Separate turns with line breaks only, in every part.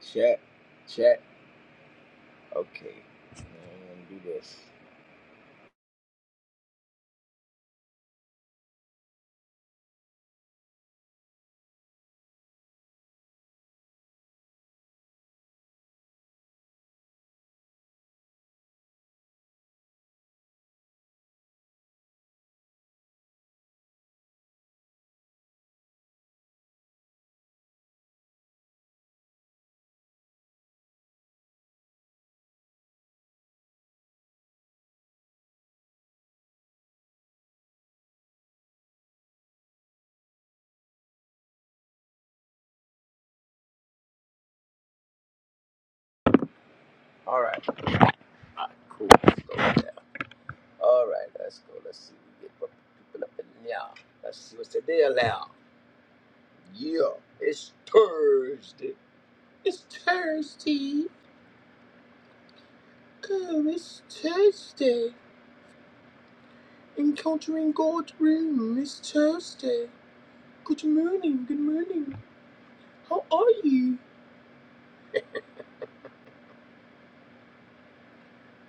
Chat, chat. Okay. I'm gonna do this. All right. All right cool. Let's go with All right. Let's go. Let's see. Get the people up in there. Let's see what's the deal now. Yeah. It's Thursday. It's Thursday. Oh, it's Thursday. Encountering God's room. It's Thursday. Good morning. Good morning. How are you?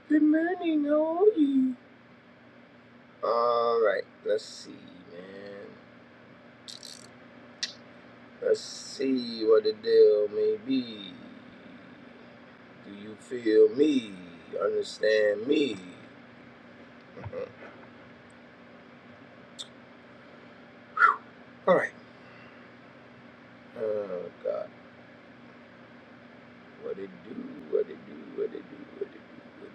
Good morning. How are you? All right. Let's see, man. Let's see what the deal may be. Do you feel me? Understand me? All right. Oh, God. What it do? What it do? What it do? What it do? What it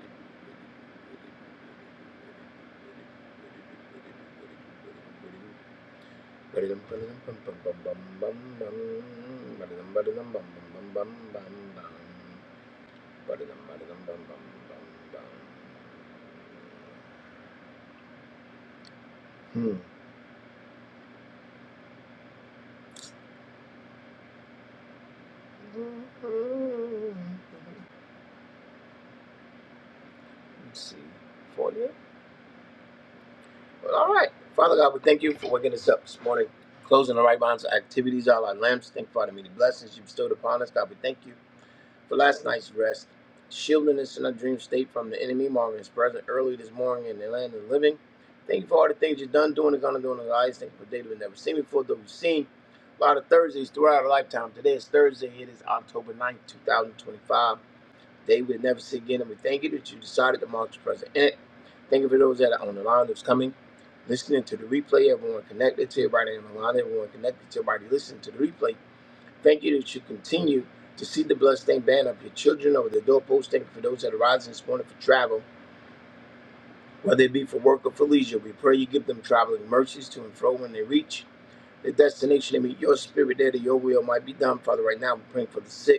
do? What it do? Hmm. Let's see. 40. Well, all right. Father God, we thank you for waking us up this morning, closing the right bonds of activities, all our lamps. Thank you for the many blessings you bestowed upon us. God, we thank you for last night's rest, shielding us in our dream state from the enemy, marking his present early this morning in the land of the living. Thank you for all the things you've done, doing, and going to do in our lives. Thank you for a day we've never seen before, though we've seen a lot of Thursdays throughout our lifetime. Today is Thursday. It is October ninth, 2025. They would never see again. And we thank you that you decided to mark the present. And thank you for those that are on the line that's coming, listening to the replay. Everyone connected to everybody on the line. Everyone connected to everybody listening to the replay. Thank you that you continue to see the bloodstained banner of your children over the doorpost. Thank you for those that are rising this morning for travel, whether it be for work or for leisure. We pray you give them traveling mercies to and fro when they reach the destination. They meet your spirit there that your will might be done. Father, right now we're praying for the sick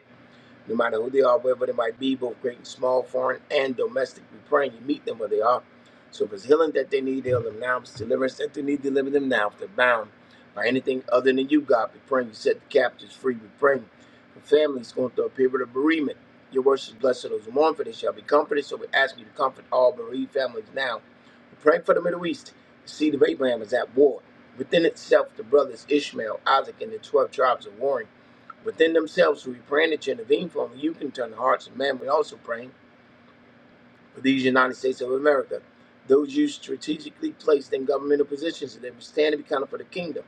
no matter who they are, wherever they might be, both great and small, foreign and domestic. We praying you meet them where they are. So if it's healing that they need, heal them now. If it's deliverance that they need, deliver them now. If they're bound by anything other than you, God, we praying you set the captives free. We praying for families going through a period of bereavement. Your words is blessed to those who mourn, for they shall be comforted. So we ask you to comfort all bereaved families now. We pray for the Middle East. The seed of Abraham is at war. Within itself, the brothers Ishmael, Isaac, and the 12 tribes are warring within themselves who we praying that you intervene for them. You can turn the hearts of men. We also praying for these United States of America, those you strategically placed in governmental positions, that they would stand and be counted for the kingdom.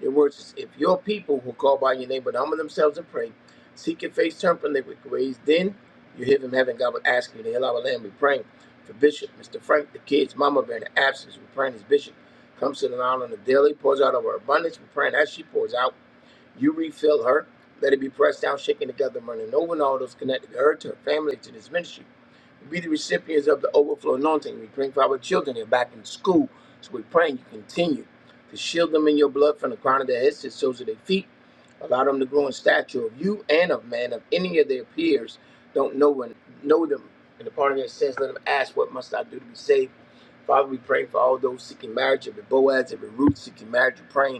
Your words is, if your people who call by your name but humble themselves and pray, seek your face, turn from their wicked ways, then you hear from heaven. God will ask you to heal our land. We praying for Bishop, Mr. Frank, the kids, Mama Bear, in the absence. We praying as Bishop comes to the line on the daily, pours out of her abundance. We praying as she pours out. You refill her. Let it be pressed down, shaken together, and running over, and all those connected to her, to her family, to this ministry. Be the recipients of the overflow anointing. We pray for our children. They're back in school. So we're praying you continue to shield them in your blood from the crown of their heads to the soles of their feet. Allow them to grow in stature of you and of man. If any of their peers don't know and know them in the part of their sins, let them ask, What must I do to be saved? Father, we pray for all those seeking marriage, every Boaz, every Ruth seeking marriage. We're praying.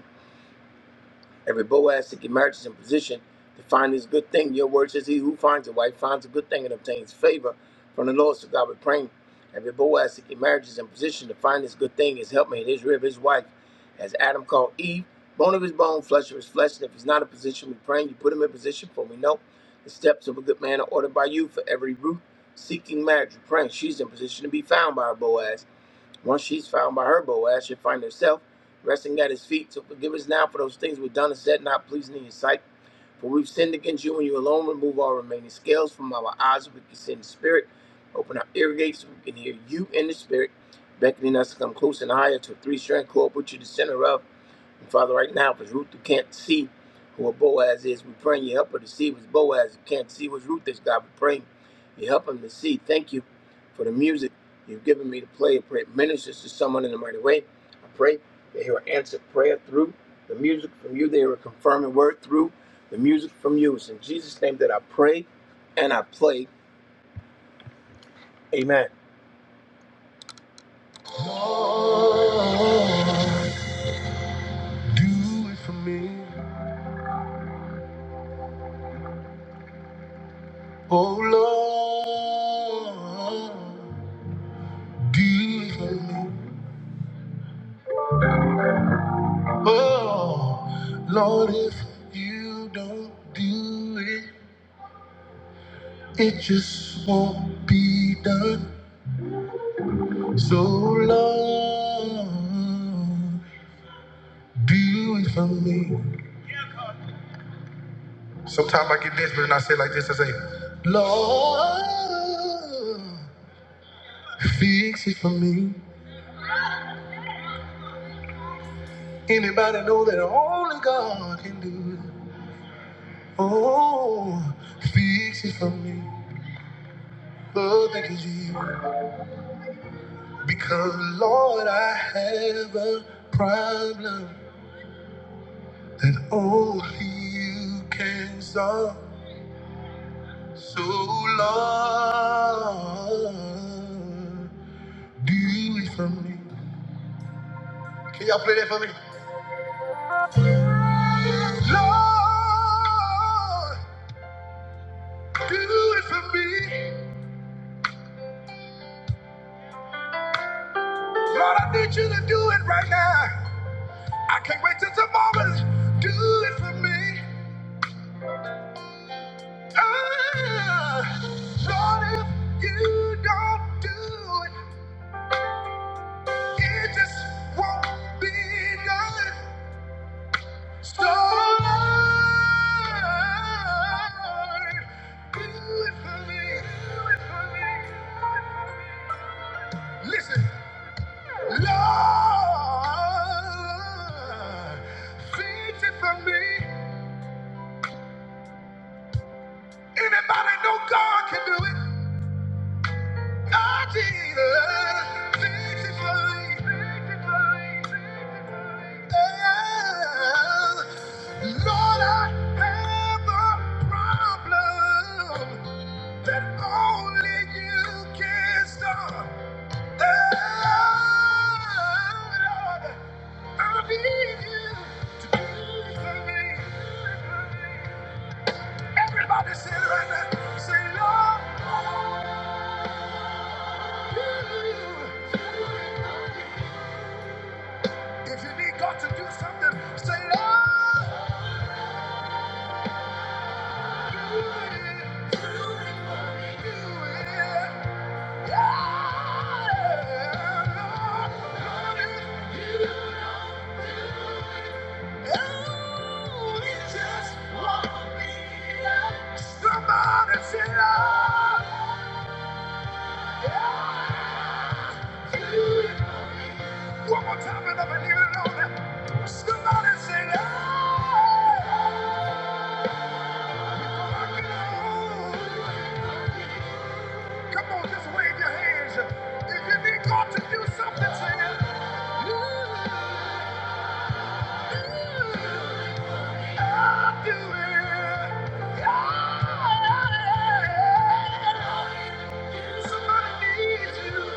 Every Boaz seeking marriage is in position to find this good thing. Your word says, He who finds a wife finds a good thing and obtains favor from the Lord. So God, we praying. Every Boaz seeking marriage is in position to find this good thing, his helpmate, his rib, his wife, as Adam called Eve, bone of his bone, flesh of his flesh. And if he's not in position, we're praying you put him in position, for we know the steps of a good man are ordered by you for every root seeking marriage. we praying she's in position to be found by her Boaz. Once she's found by her Boaz, she'll find herself resting at his feet. So forgive us now for those things we've done and said not pleasing in your sight. For we've sinned against you and you alone. Remove all remaining scales from our eyes so we can see in the spirit. Open our ear gates so we can hear you in the spirit, beckoning us to come close and higher to a three strand cord, put you the center of. And Father, right now, if it's Ruth who can't see who a Boaz is, we praying you help her to see what's Boaz. Who can't see what's Ruth is, God, we praying you help him to see. Thank you for the music you've given me to play. I pray it ministers to someone in a mighty way. I pray they hear an answered prayer through the music from you. They hear a confirming word through the music from you. It's in Jesus' name that I pray and I play. Amen. Lord, do it for me. Oh Lord, deliver me. Oh Lord, if you don't do it, it just won't be done. So Lord, do it for me. Sometimes I get desperate and I say like this, I say, Lord, fix it for me. Anybody know that only God can do it? Oh, fix it for me, Lord, thank you, Jesus. Because, Lord, I have a problem that only you can solve. So, Lord, do it for me. Can y'all play that for me? Lord, do it for me. Lord, I need you to do it right now. I can't wait till tomorrow. Do it for me. Ah, Lord, if you don't do it, it just won't be done. So, Lord, do it for me. Listen, Lord, fix it for me. Anybody know God can do it? I did victory. Lord, I have a problem that only you can solve. Oh, Lord, I need you to do it for me. Everybody say it right now. Say, Lord. If you need God to do something, say, Lord, do it. Do it. Yeah, Lord, Lord, if you know you just want me to love." Somebody say, Lord. One more time, and I'm leaving it on that. Somebody say, "Ah." Come on, just wave your hands. If you need God to do something, say it. I'll do it. God. Somebody needs you.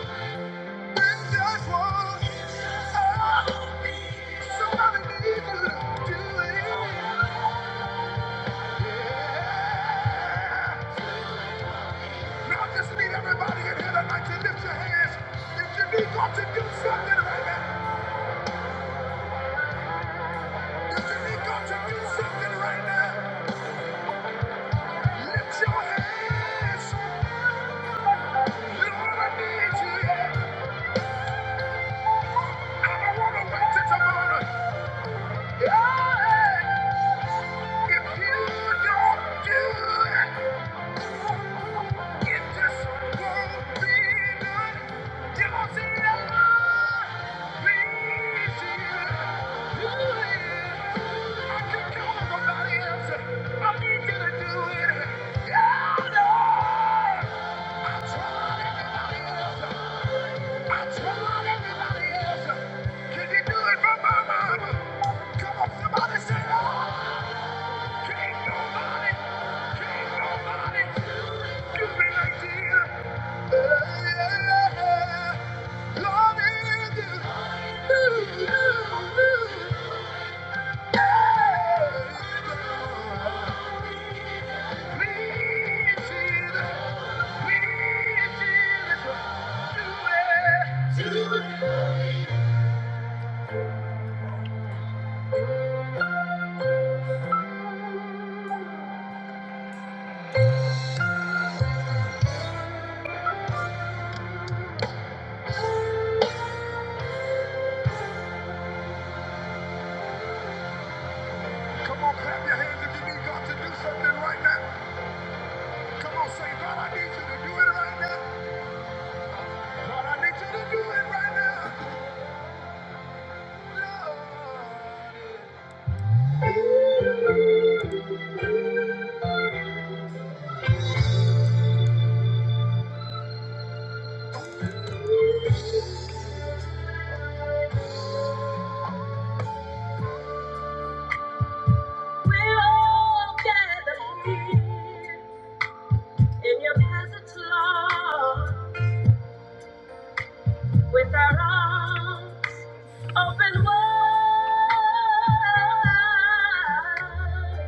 Yeah! If you don't do it, It just won't be done. Don't say I please you. You I can't count on nobody else. I need you to do it. Yeah, Lord. I tried everybody else. I tried everybody else. Can you do it for my mama? Come on, somebody say, Lord like Yeah, Come on, clap your hands if you need God to do something right now. Come on, say, God, I need you to do it right now. God, I need you to do it right now. We're all here in your presence, Lord, with our arms open wide,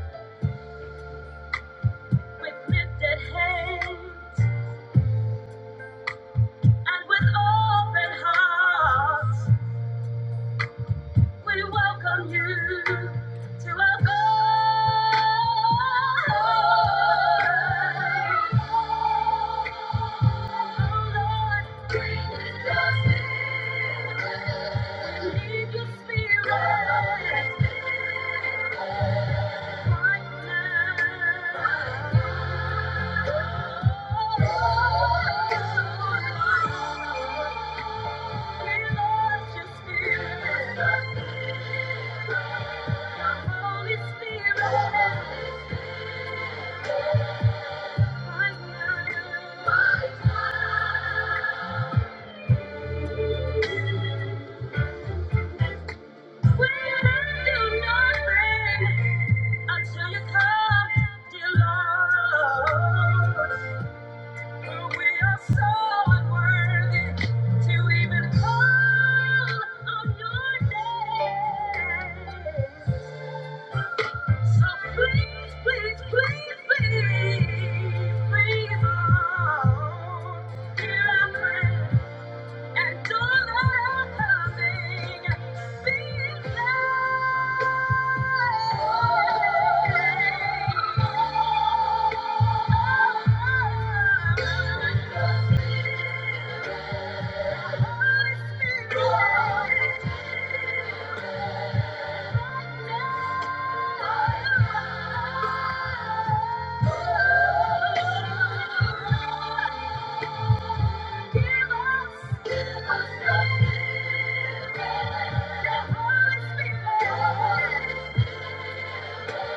with lifted hands and with open hearts. We welcome you to our God. We need your spirit. We need your spirit. Right now. Oh Lord, We lost your spirit. Holy right When I do nothing until you come, dear Lord. For we are so unworthy to even call on your name. So please, please, please, please, please, Lord, hear our prayer and do not coming. Be Thank you. Thank you.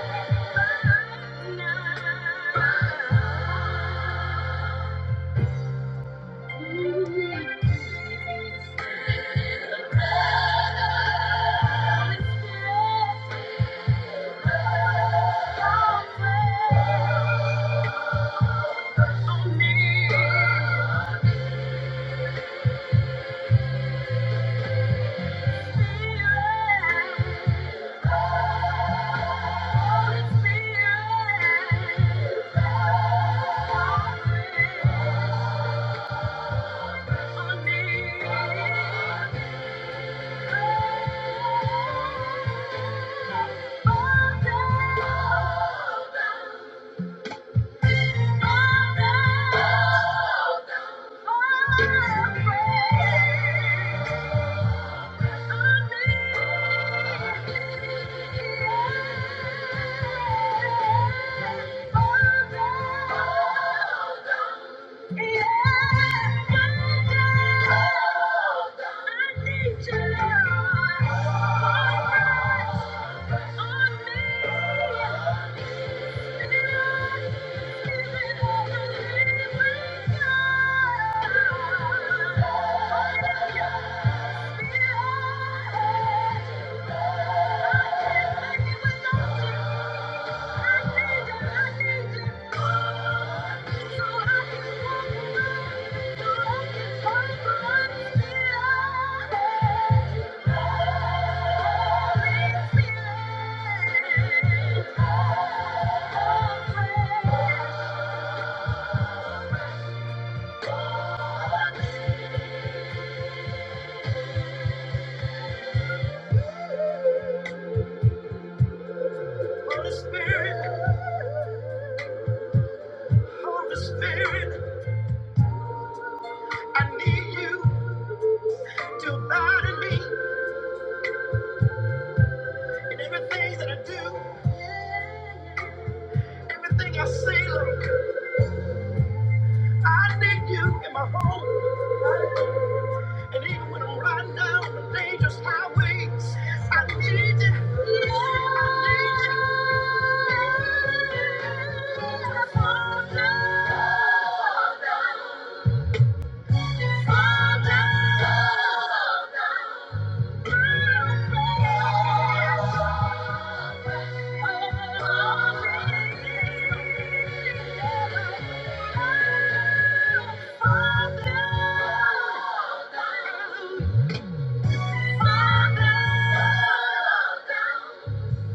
Oh, Yeah. Holy Spirit, Holy Spirit, I need you to abide in me in everything that I do, everything I say, Lord. I need you in my home. And even when I'm riding down the dangerous highways, I need you. I need you. Father,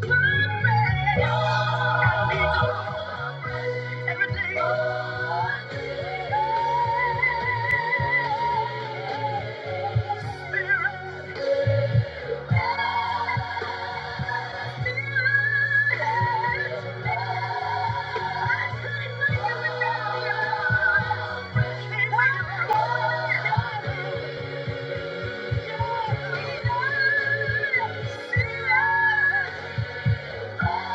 yeah. Thank you.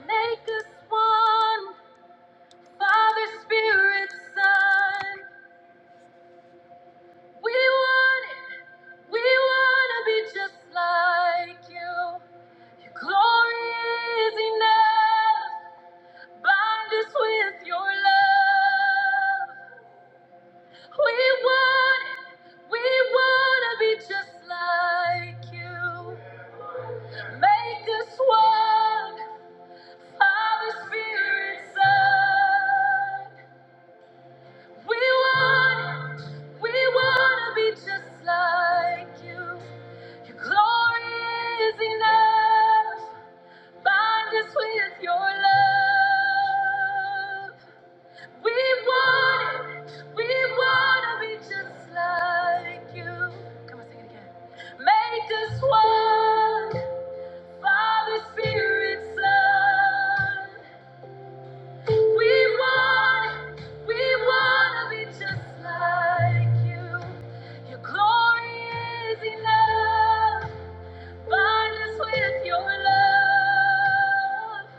Make us one, Father, Spirit, Son. We want it. We want to be just like you. Your glory is enough. Bind us with your love. We want it. We want to be just like you. Make us one, Father, Spirit, Son. We want, we want to be just like you. Your glory is enough. Bind us with your love. We want it. We want to be just like you. Come on, sing it again. Make us one. Father, Spirit, Son. We want it. We want to be just like you. Your glory is enough. Bind us with your love.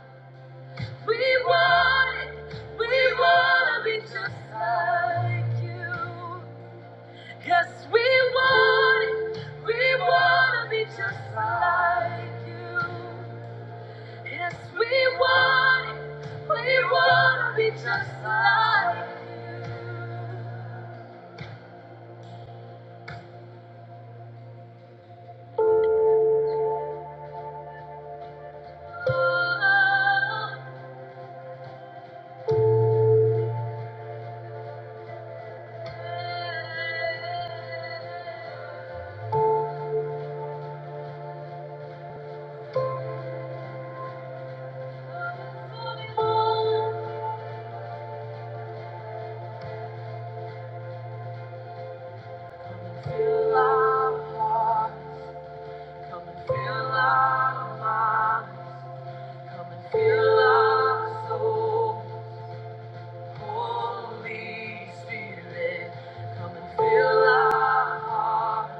We want it. We want to be just like you. Yes, we want it. We want to be just like you. Yes, we want it. We want to be just like you. Oh, yeah. Come and fill our hearts. Come and fill our minds. Come and fill our soul. Holy Spirit, come and fill our hearts.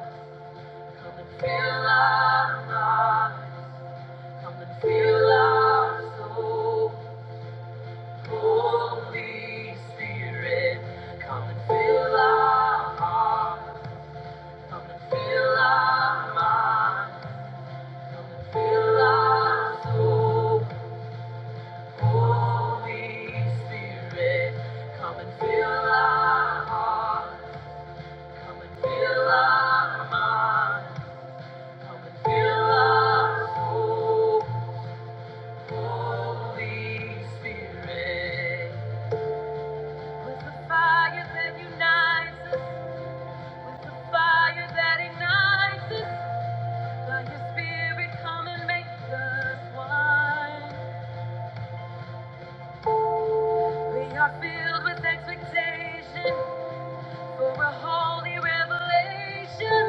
Come and fill our minds. Come and fill our soul. Holy Spirit, come and fill our hearts. Come and fill our minds. Come and fill our soul. Holy Spirit, come and fill our hearts. Come and fill our minds. Come and fill our soul. Holy Spirit, with the fire that unites us, with the fire that ignites us, by your Spirit, come and make us one. We are filled with expectation for a holy revelation.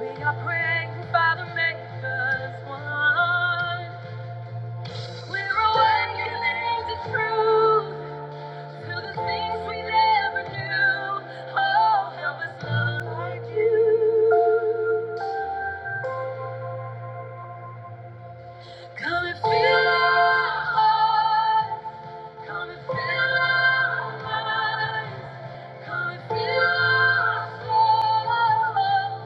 We are praying, Father, make us one. We're awakening to truth. To the things we never knew. Oh, help us love like you. Come and fill our hearts. Come and fill our minds. Come and fill our soul.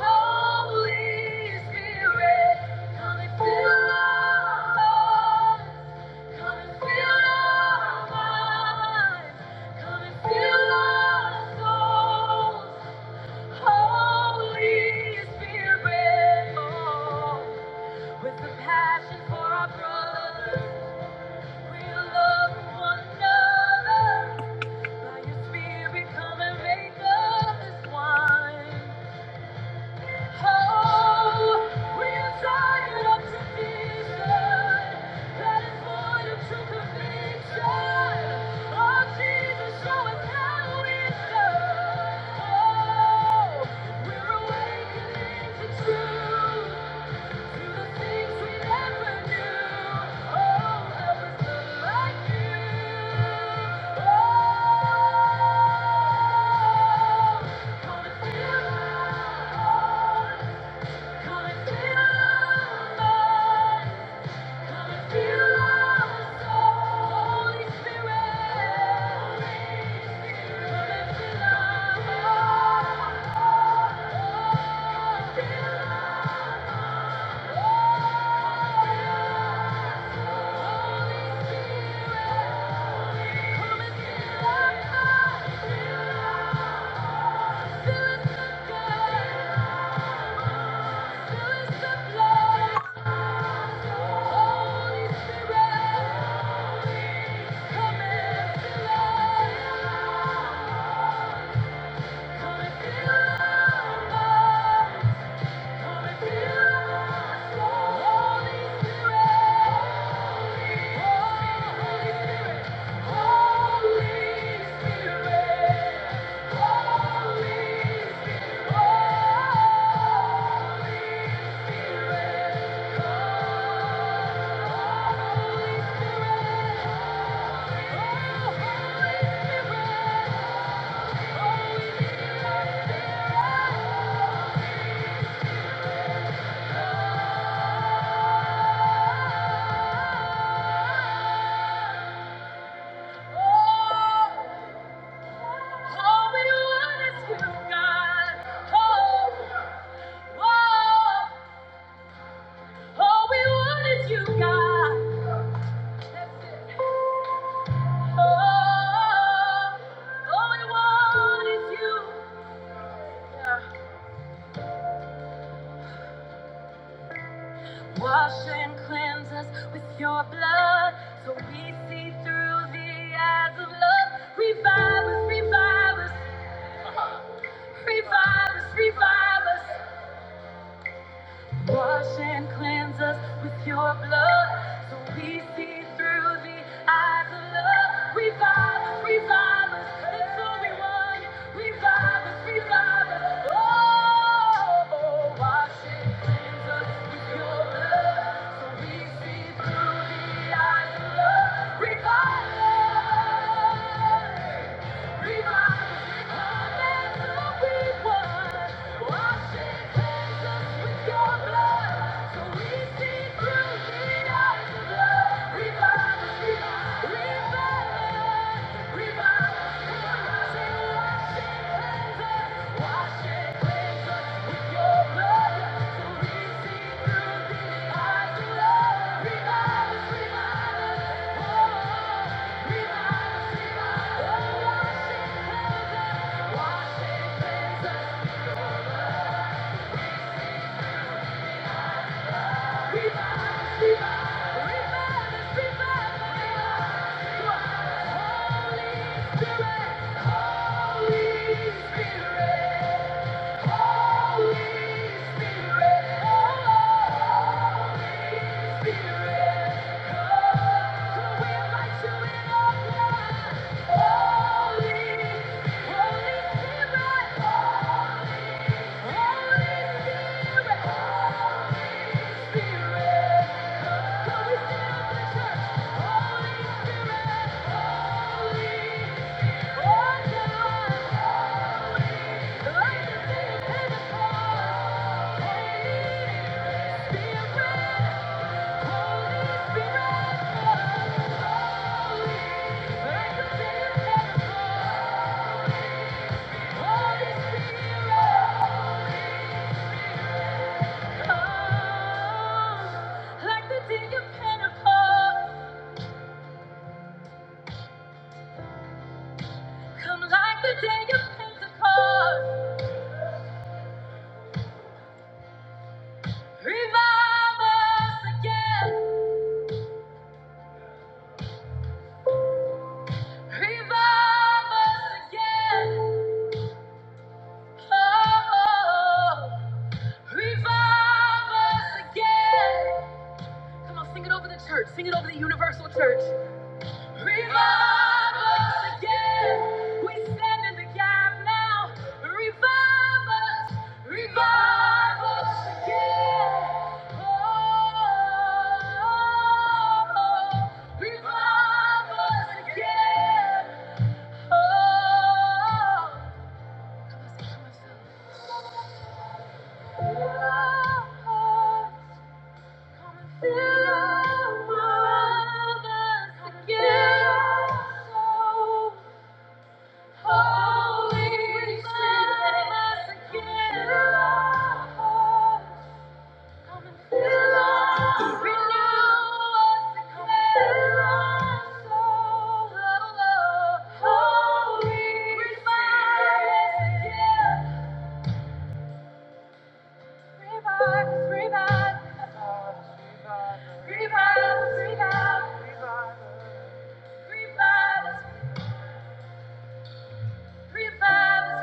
Holy Spirit, come and fill our hearts. Come and fill our minds. Come and fill our souls. Holy Spirit, oh, with compassion for our brothers. We're awakening to truth. Thank you Come and feel my soul, Holy Spirit. Oh, we want is you, God. Oh, oh. All we want is you, God. That's it. Oh, all we want is you. Yeah. Wash and cleanse us with your blood so we see through the eyes of love. Revive us, revive us, revive us, revive us. Wash and cleanse us with your blood so we see through the eyes of love. Revive us, revive us, that's all we want. Revive us, revive us. Oh, wash and cleanse us with your blood so we see through the eyes of love. Revive us, revive us, revive us, that's all we want. Revive us, revive us, oh, wash it, wash it, cleanse us. holy Spirit. Oh, Like the day of Pentecost, come like the day of Pentecost. Revive us again, revive us again. Oh, revive us again. Come on, sing it over the church, sing it over the universal church. Revive us again. We stand in the gap now. Revive us. Revive us again. Oh, revive us again. Oh, oh, come and fill us, again. So Revive us, revive us,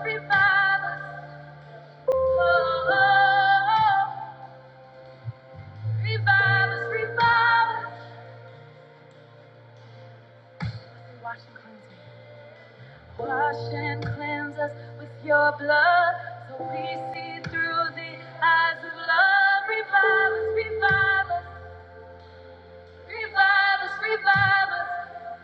revive us. Oh, oh, oh. Revive us, revive us. Wash and cleanse me. Wash and cleanse us with your blood so we see through the eyes of love. Revive us, revive us. Revive us, revive us,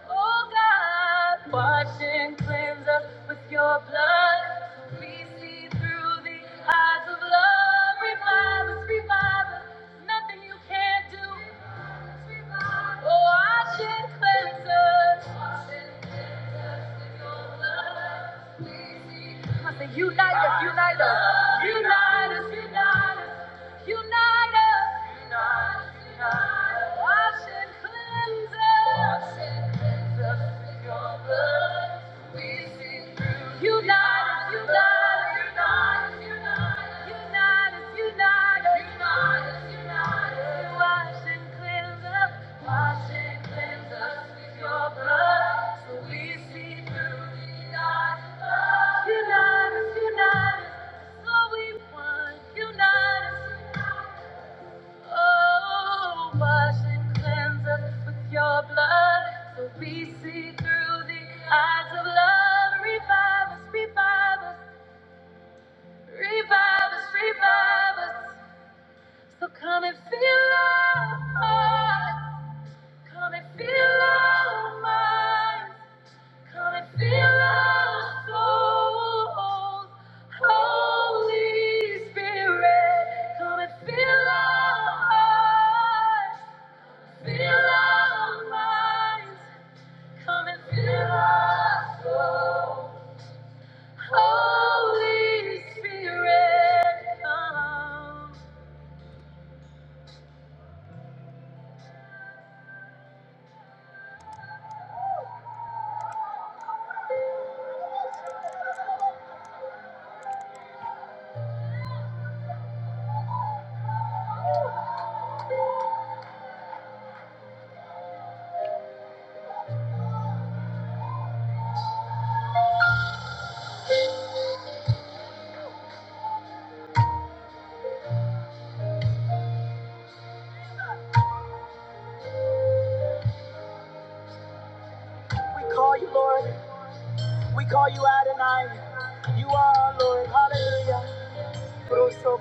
oh God. Wash and cleanse us with your blood. So we see through the eyes of love. Revive us, revive us. Nothing you can't do. Oh, wash and cleanse us. Wash and cleanse us with your blood. so We see through Come on, say, Unite us, unite us, unite us, unite us, unite us. Unite us, unite us, so we want. Unite us, Oh, wash and cleanse us with your blood, so we see through the eyes of love. Revive us, revive us, revive us, revive us. So come and fill our hearts, come and fill our minds, come and fill our souls. Holy Spirit, come and fill our hearts. Fill our minds, come and fill our soul. Holy Spirit, come. We call you Lord, we call you Adonai. You are our Lord, hallelujah. Oh, so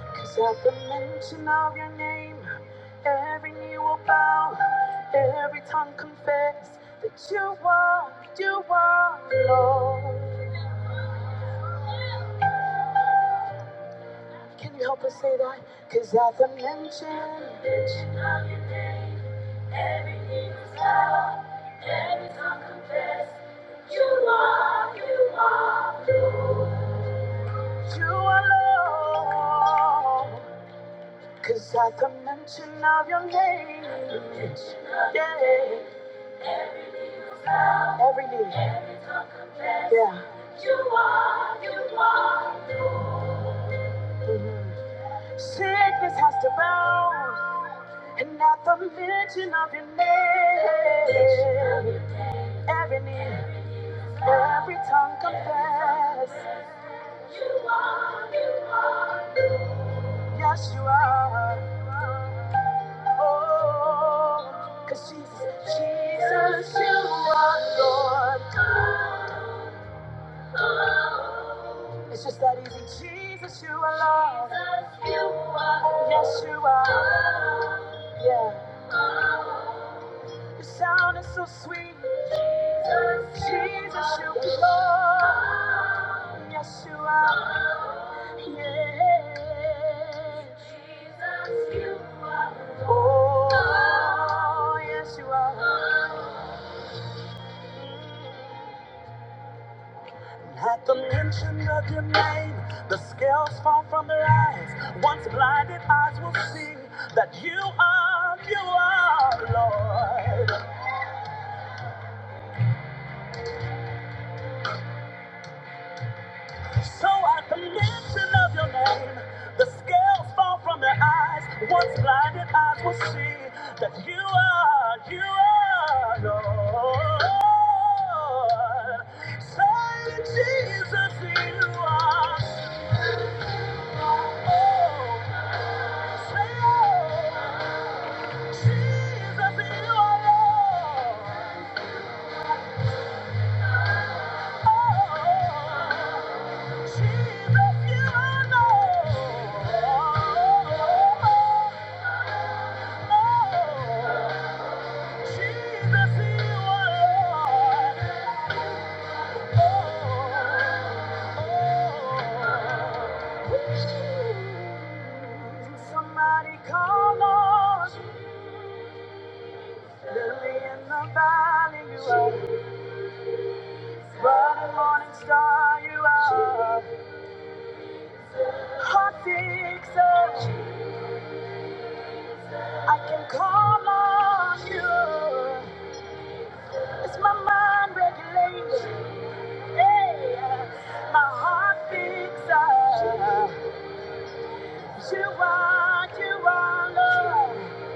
Cause at the mention of your name, every knee will bow, every tongue confess that you are, you are Lord. Can you help us say that? Cause at the mention, mention of your name, every knee is bowed, every tongue confess that you are, you are, you are Lord. Cause at the mention of your name, At the mention of your yeah, name. every knee, yeah. Mhm. Sickness has to bow, and at the mention of your name, every knee. Every tongue confess, yes, you are. Oh, cause Jesus, Jesus, you are Lord. It's just that easy. Jesus, you are Lord. Yes, you are. Yeah. Your sound is so sweet. Jesus, you are Lord. Yes, you are. Yeah. Jesus, You. are. Oh, yes, you are. At the mention of your name, the scales fall from their eyes. Once blinded eyes will see that you are, you are, Lord. So at the mention of your name, the scales fall from their eyes. Once blinded eyes will see that you are, you are, Lord. Say, Jesus, you are. Somebody call on Lily in the valley, you are. Bright morning star, you are. Hot fixer, I can call on you. It's my mind regulation. Hey, my heart fixer. You are, you are love.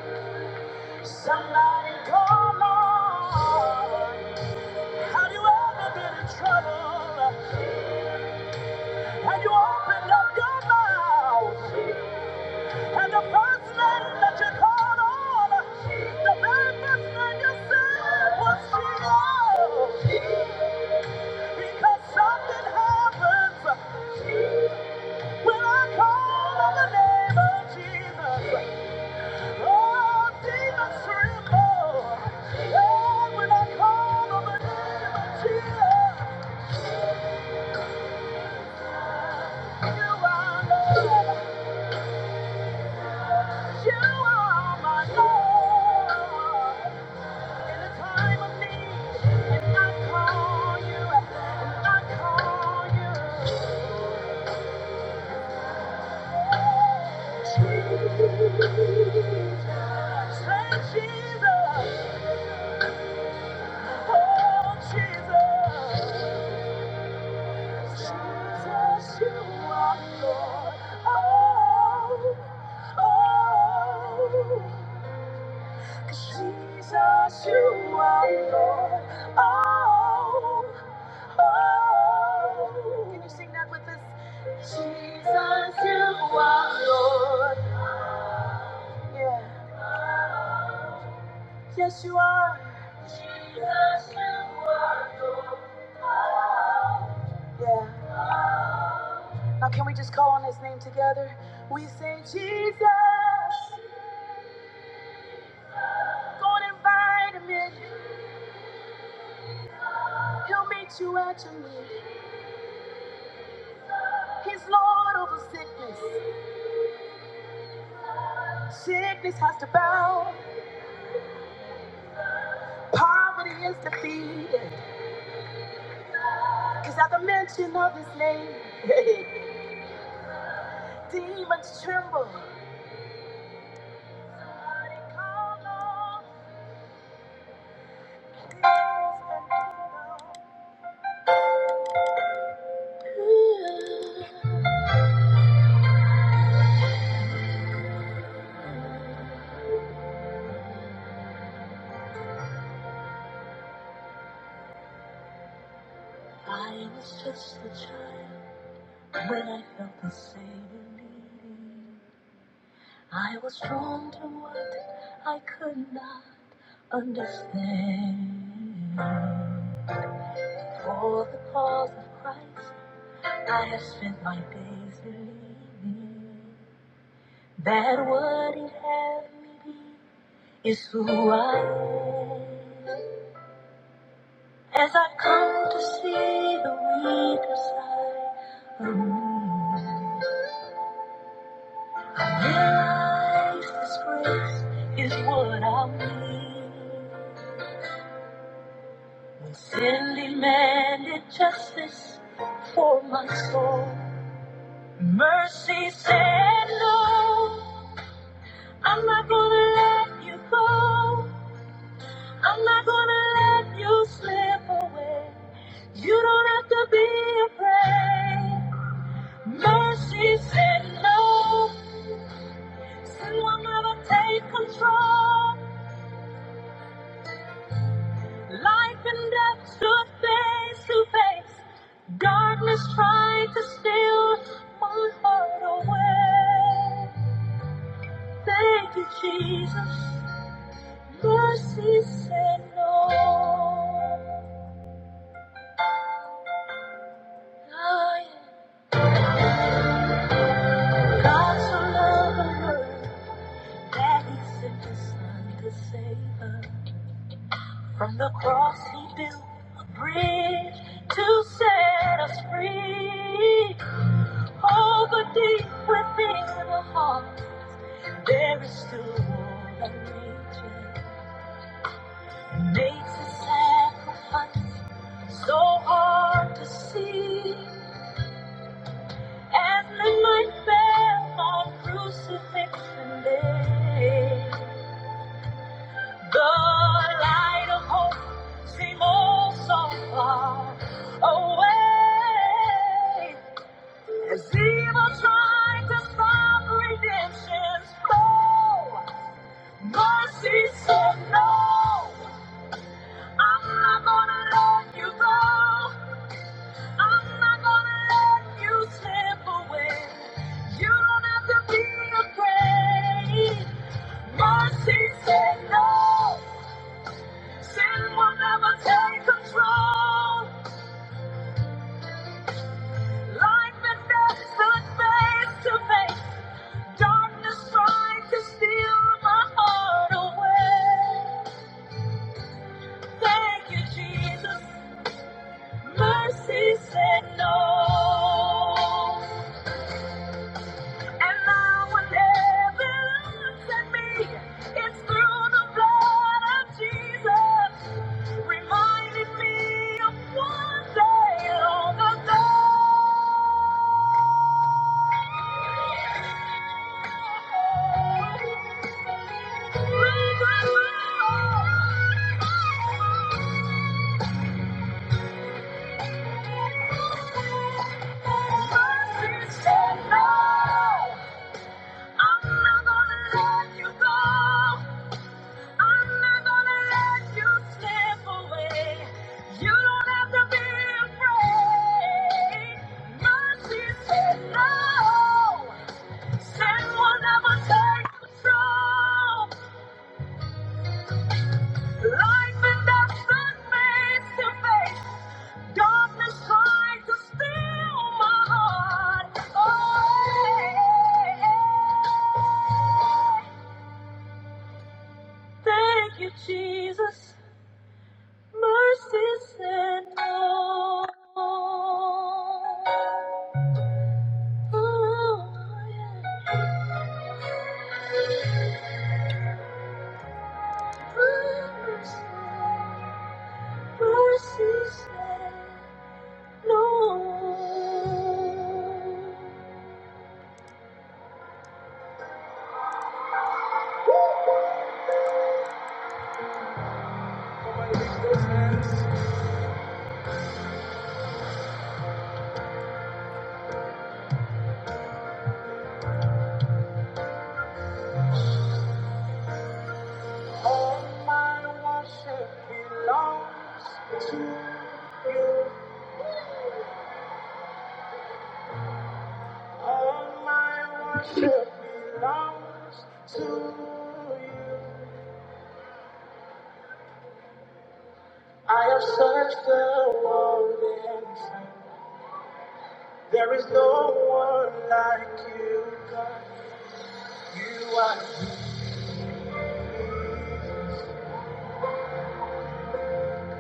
Somebody call on. Have you ever been in trouble? Have you opened up your mouth? And the first lady that you called on, the very first thing you said was she Because something happens when I call on the name of Jesus. Oh, demons tremble. Oh, when I call on the name of Jesus, you are Lord. You are my Lord. In the time of need, and I call you, and I call you. Jesus, Say Jesus, oh Jesus. oh, Jesus, you are Lord. Oh, oh. Jesus, you are Lord. Oh, oh. Can you sing that with us? Jesus, you are Lord. Yeah. Yes, you are. Jesus, you Yeah. Now, can we just call on his name together? We say, Jesus, go and invite him in. He'll meet you at your need. He's Lord over sickness. Sickness has to bow. Poverty is defeated. Cause at the mention of his name, demons tremble. For the cause of Christ, my days believe me that what he has is who I am. As I come to see the weaker side of me. Life's disgrace is what I mean. When Sin demanded justice for my soul. Mercy said no. I'm not gonna let you go. I'm not gonna let you slip away. You don't have to be afraid. Mercy said no. Sin will never take control. Life and death stood face to face. Darkness tried to steal my heart away. Thank you, Jesus. Mercy said no. I am God so loved the world that He sent His Son to save us. From the cross He built a bridge to set us free. Oh, but deep within the heart, there is still more that nature makes a sacrifice so hard to see. As midnight fell on crucifixion day, the light of hope seemed all so far away. As evil tried to stop redemption's flow, God says so no. I'm not gonna let you go. I'm not gonna let you slip away. You don't have to be afraid. Mercy said no. Sin will never take control. Life and death stood face to face. Darkness tried to steal my heart away. Thank you, Jesus. Mercy said no. And now whatever looks at me, it's through the blood of Jesus, reminding me of one day long ago. Mercy said no. I'm not gonna let you go. I'm not gonna let you slip away. You don't have to be afraid. Mercy said no. Sin will never take control. Life and death stood face to face. Darkness tried to steal my heart. Oh, hey, hey, hey. thank you, Jesus. Mercy said no. Ooh, yeah. Mercy. mercy.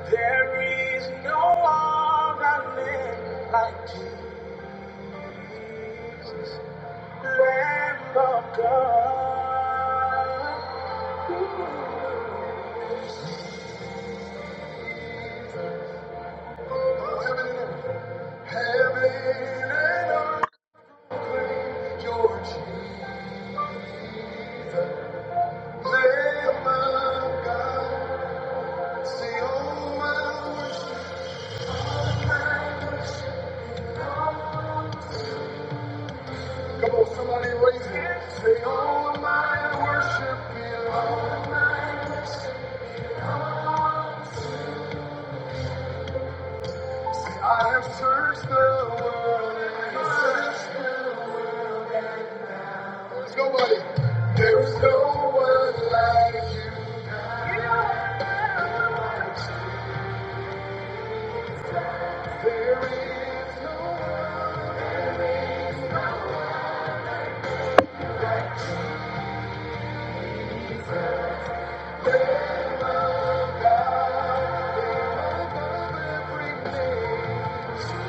There is no other name like Jesus, Lamb of God. Oh, Heaven and earth, heaven and earth, your Jesus. Searched the world and searched there's nobody. There's no one like you. There is no one above everything.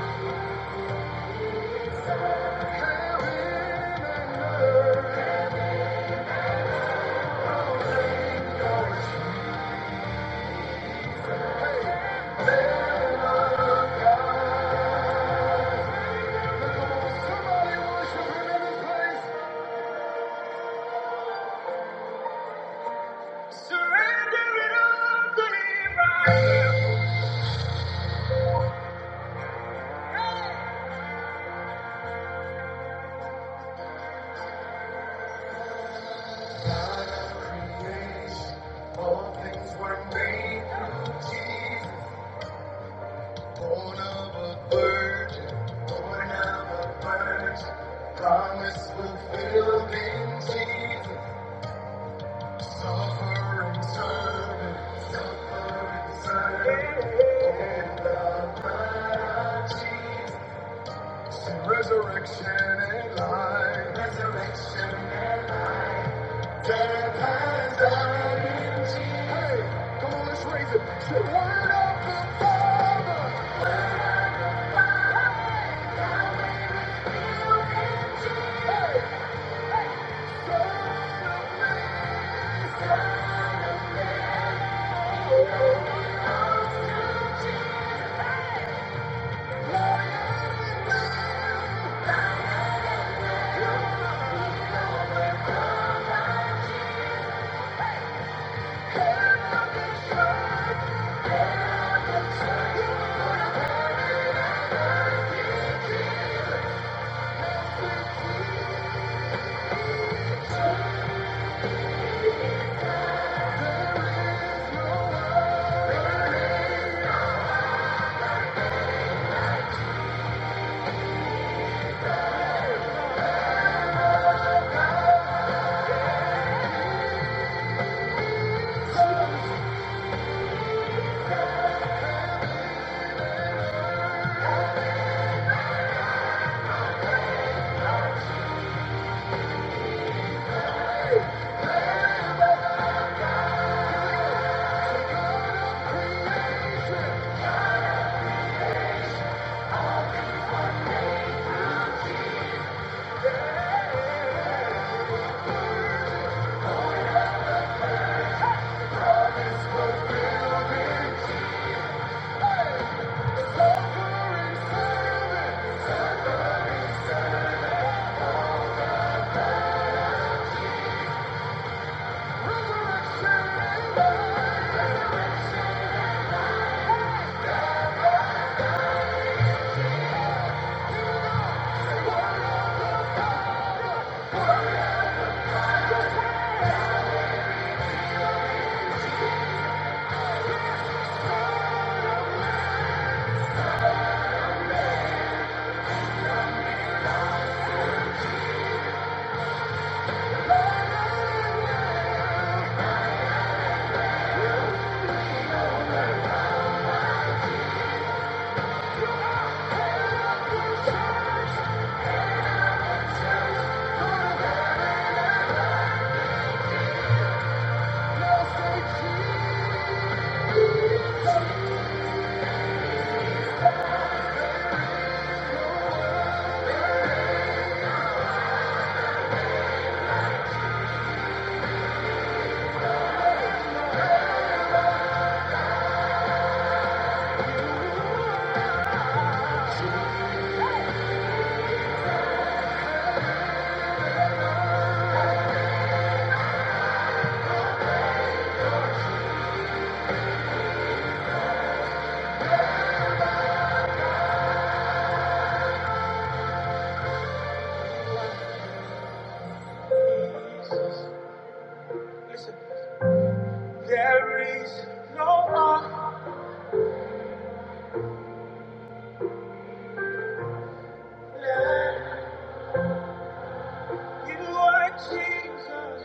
Promise fulfilled in Jesus, suffering servant, suffering servant. Resurrection and life. Resurrection and life. death has died. Hey, come on, let's raise it. Say, word of the Father. Lord, You are Jesus.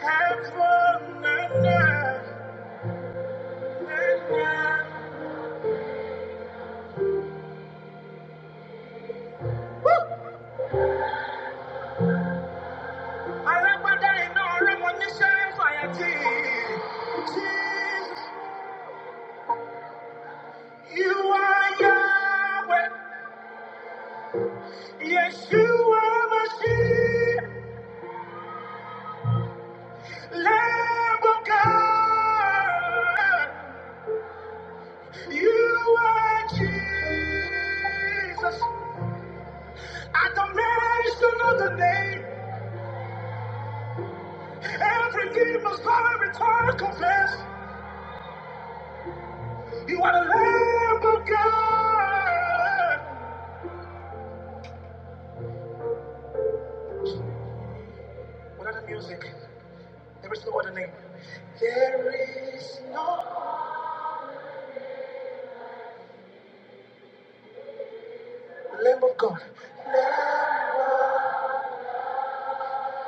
Have fun, na, na, na, na. Alágbádá iná ọlọ́mọ níṣẹ́ fàyàtì. You are Yahweh. Yes, You are my Lamb of God. You are Jesus. At the mention of the name, every knee must bow, every tongue confess. You are the Lamb of God. What are the music? There is no other name. There is no Lamb of God.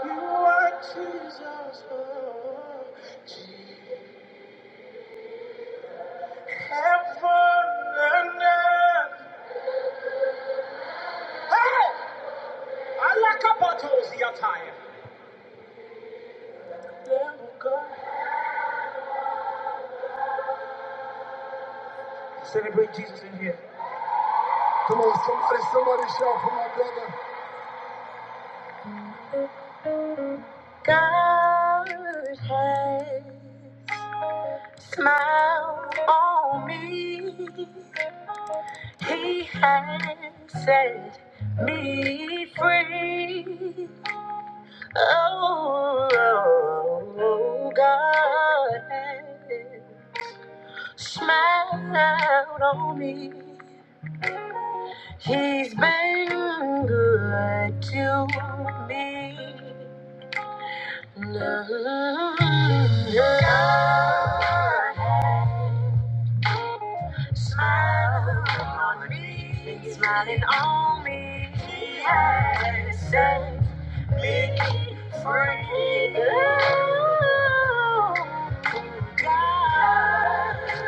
You are Jesus. oh, Heaven and earth. I like a bottle, the attire. Lamb of God. Celebrate Jesus in here. Come on, what is shout for my brother? God has smiled on me. He has set me free. Oh, God has smiled on me. He's been good to me. Lord, Smile on me, smiling on me. He has set me free. Oh, God, yes.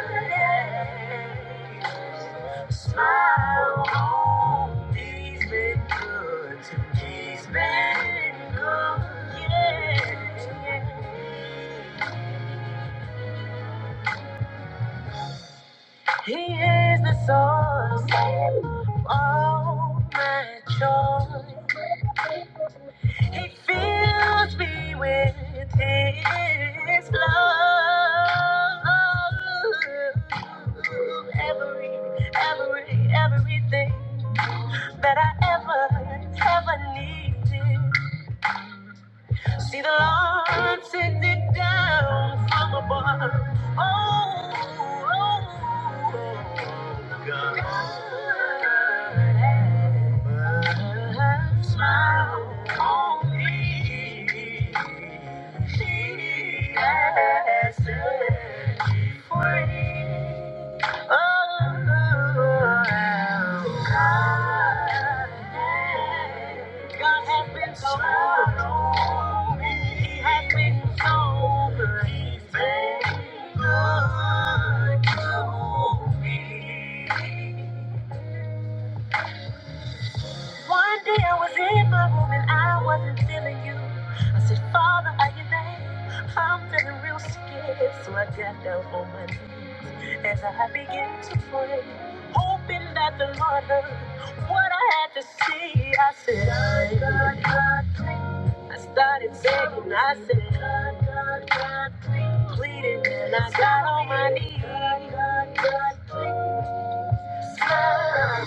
smile on me. He's been good to me. He's been good, yeah. yeah. He is the source of all my joy. He fills me with His love. Every, every, everything that I ever, ever needed. See the Lord send it down from oh, oh, oh, God. He has been so good. He's been so good. I was in my room and I wasn't feeling you. I said, Father, are you there? I'm feeling real scared. So I got down on my knees as I began to pray, hoping that the Lord heard what I had to say. I said, God, God, God, please. I started begging. I said, God, God, God, please. Pleading and I got on my knees. God, God, God, please. Smile.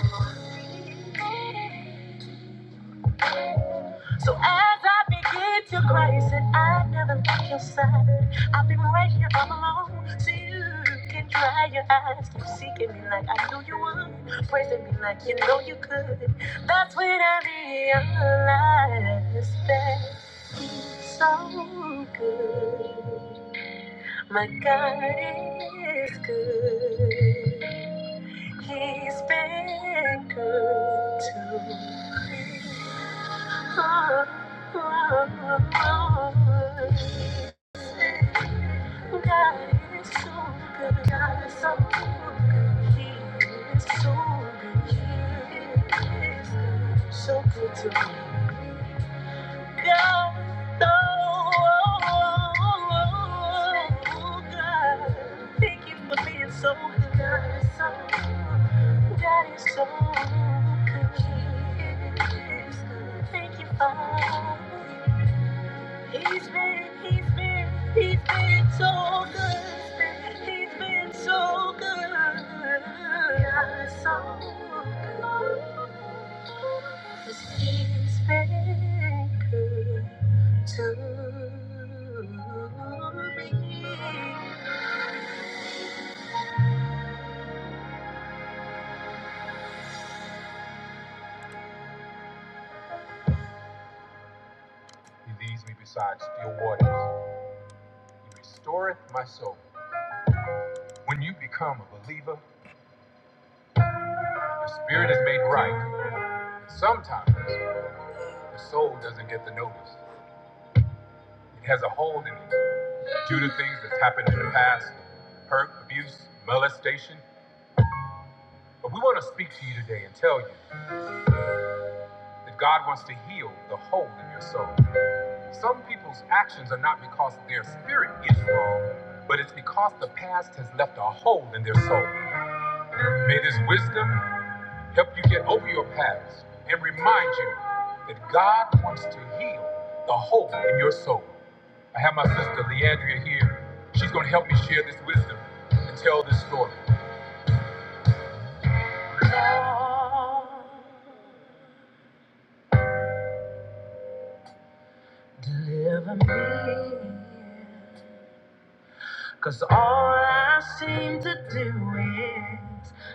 So as I begin to cry, you said I never left your side. I've been right here all alone, so you can dry your eyes. Keep seeking me like I knew you would, praising me like you know you could. That's when I realized that he's so good. My God is good. He's been good to me. Oh, oh, oh. God is so good. God is so good. He is so good. He is so good to me. Thank you for being so good. God is so good. God is so good. Thank you, Father. He's been, he's been, he's been so good. He's been so good. God is so good. He's been so good. Besides still waters, storeth my soul. You become a believer. Your spirit is made right at times. The soul doesn't get the notice. It has a hold in it due to things that's happened in the past, hurt, abuse, molestation. But we want to speak to you today and tell you that God wants to heal the hole in your soul. Some people's actions are not because their spirit is wrong, but it's because the past has left a hole in their soul. May this wisdom help you get over your past.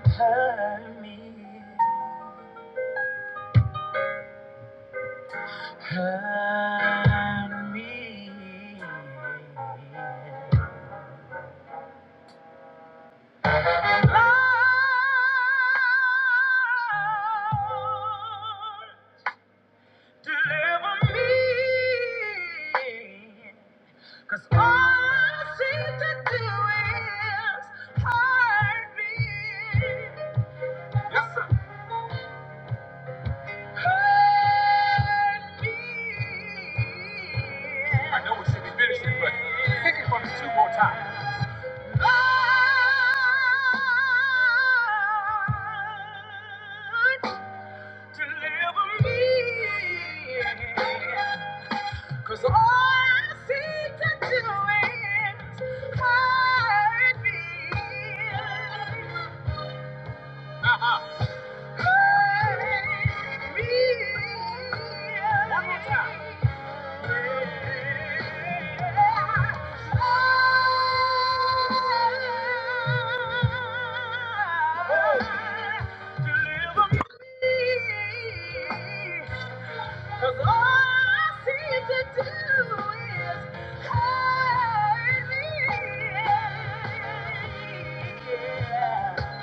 Hurt me, hurt me. Lord, deliver me. 'Cause all I seem to do is hurt me. Yes, sir. I know we should be finishing, but pick it from the two more times. Lord, deliver me, 'cause all I seek to do is hurt me. Uh-huh. Cause all I seem to do is hurt me. Yeah.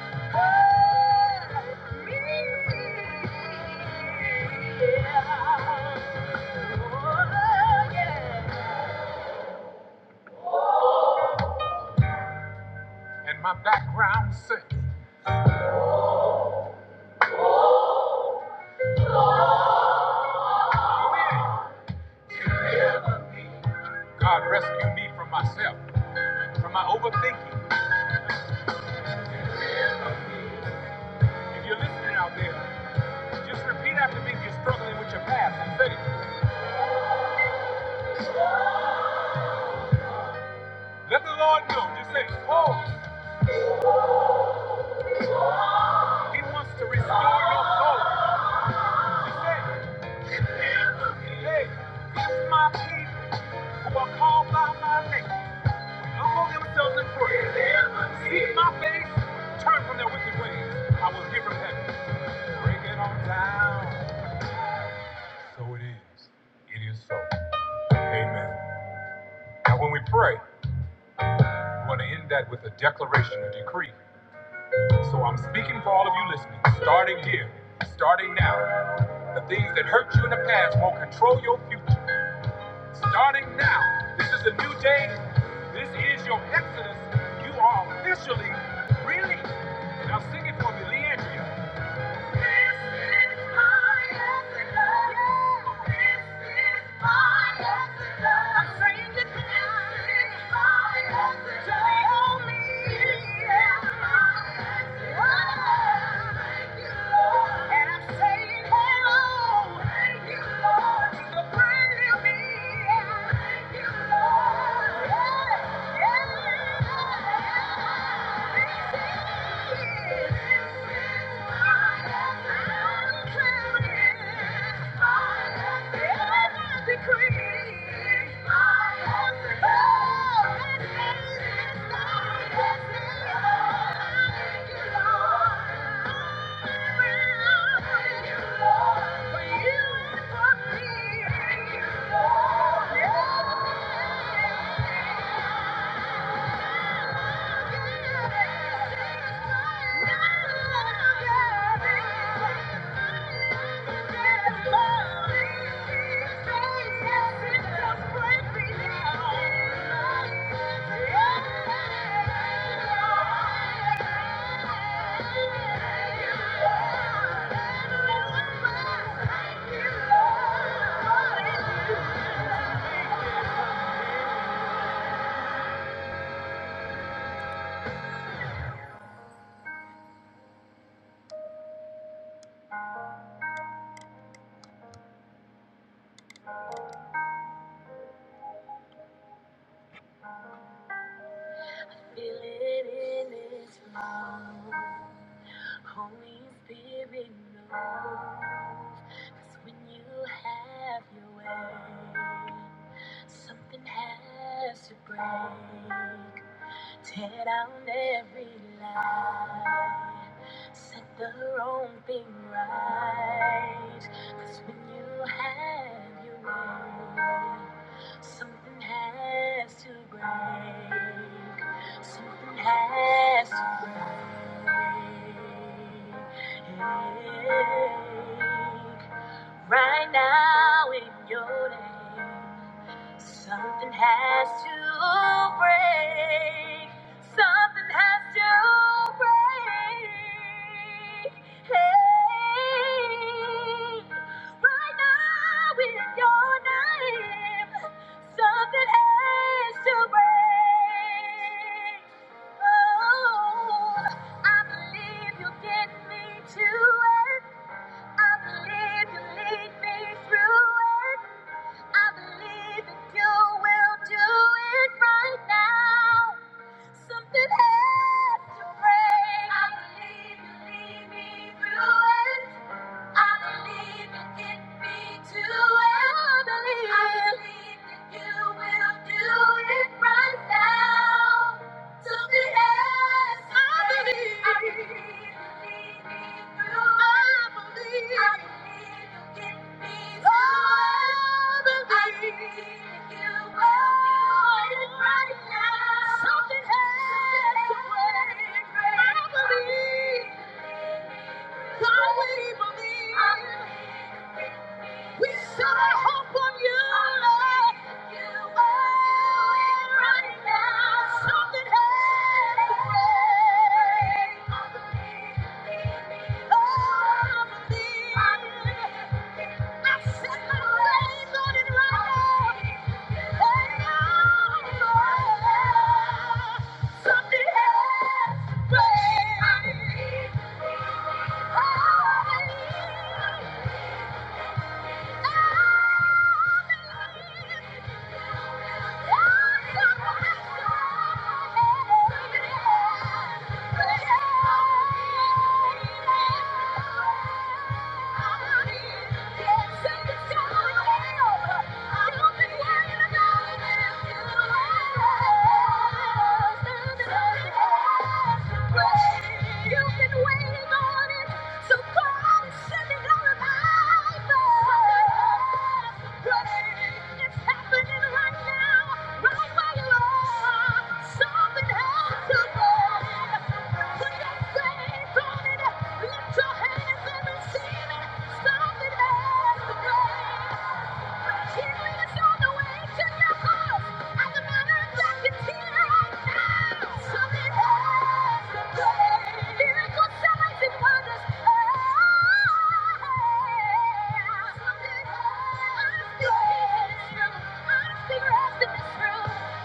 And my background sings. God rescued me from myself, from my overthinking. If you're listening out there, just repeat after me if you're struggling with your past and say, Let the Lord know. Just say, Oh, He wants to restore your soul. Just say, Hey, if my people who are called by my name Humble themselves and pray. Seek my face, turn from their wicked ways. I will give them heaven. Break it on down. So it is. It is so. Amen. Now, when we pray, we want to end that with a declaration, a decree. So I'm speaking for all of you listening, starting here, starting now. The things that hurt you in the past won't control your future. Starting now, this is a new day. This is your exodus. You are officially released. Now sing it for me, Leandria. Thank you. Thank you. Feeling in his mouth. Holy Spirit knows, 'cause when you have your way, something has to break. Tear down every lie, set the wrong thing right. 'Cause when you have your way, something has to break. Something has to Right now in your name. Something has to break. Something has to break. Hey, right now in your name, something has to break. Oh, I believe you will get me to it. I believe you lead me through it. I believe that you will do it right now. Something has to break. I believe you lead me through it. I believe it can be too. I I believe that you will do it right now. To the end. I I believe I believe. I believe you can be too. I believe. I believe that you will do it right now. Something has to break. I believe. God, we believe. We set our hope on you, Lord. You are it right now. Something has to break. I believe. Oh, I believe. I set my faith on it right now. Hey, oh, Lord. Something has to break. I believe. Oh, I believe. Yeah. Lift your hands and receive it. Something has to break.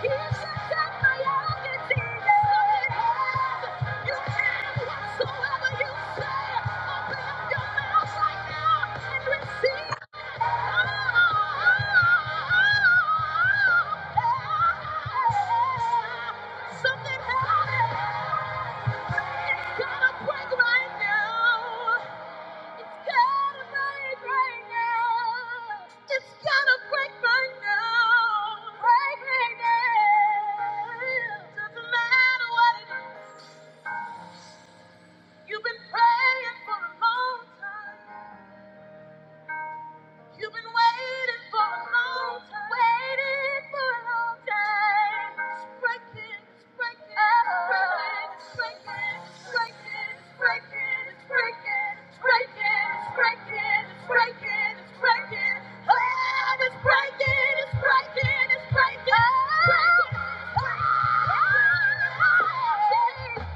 He's just at my youngest Something happened. It's gonna break right now. It's gotta break right now. It's gotta break right now. Break right now. Doesn't matter what it is. You've been praying for a long time. You've been waiting for a long time. Waiting for a long time. It's breaking, it's breaking, it's breaking, it's breaking, it's breaking, it's breaking, it's breaking, it's breaking, it's breaking, it's breaking, it's breaking. Oh, it's breaking, it's breaking, it's breaking, it's breaking. Oh, oh, oh, oh. Thank you.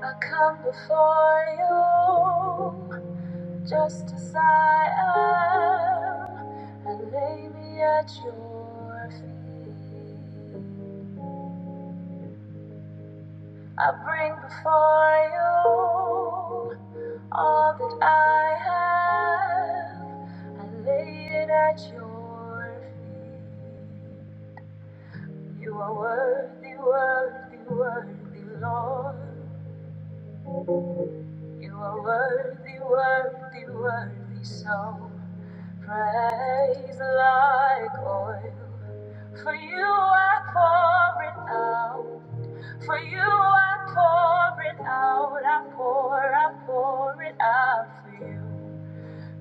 I come before you just as I am. I lay me at your feet. I bring before you all that I have. I lay it at your feet. You are worthy, worthy, worthy, Lord. You are worthy, worthy, worthy. So praise like oil. For you I pour it out. For you I pour it out, I pour, I pour it out for you.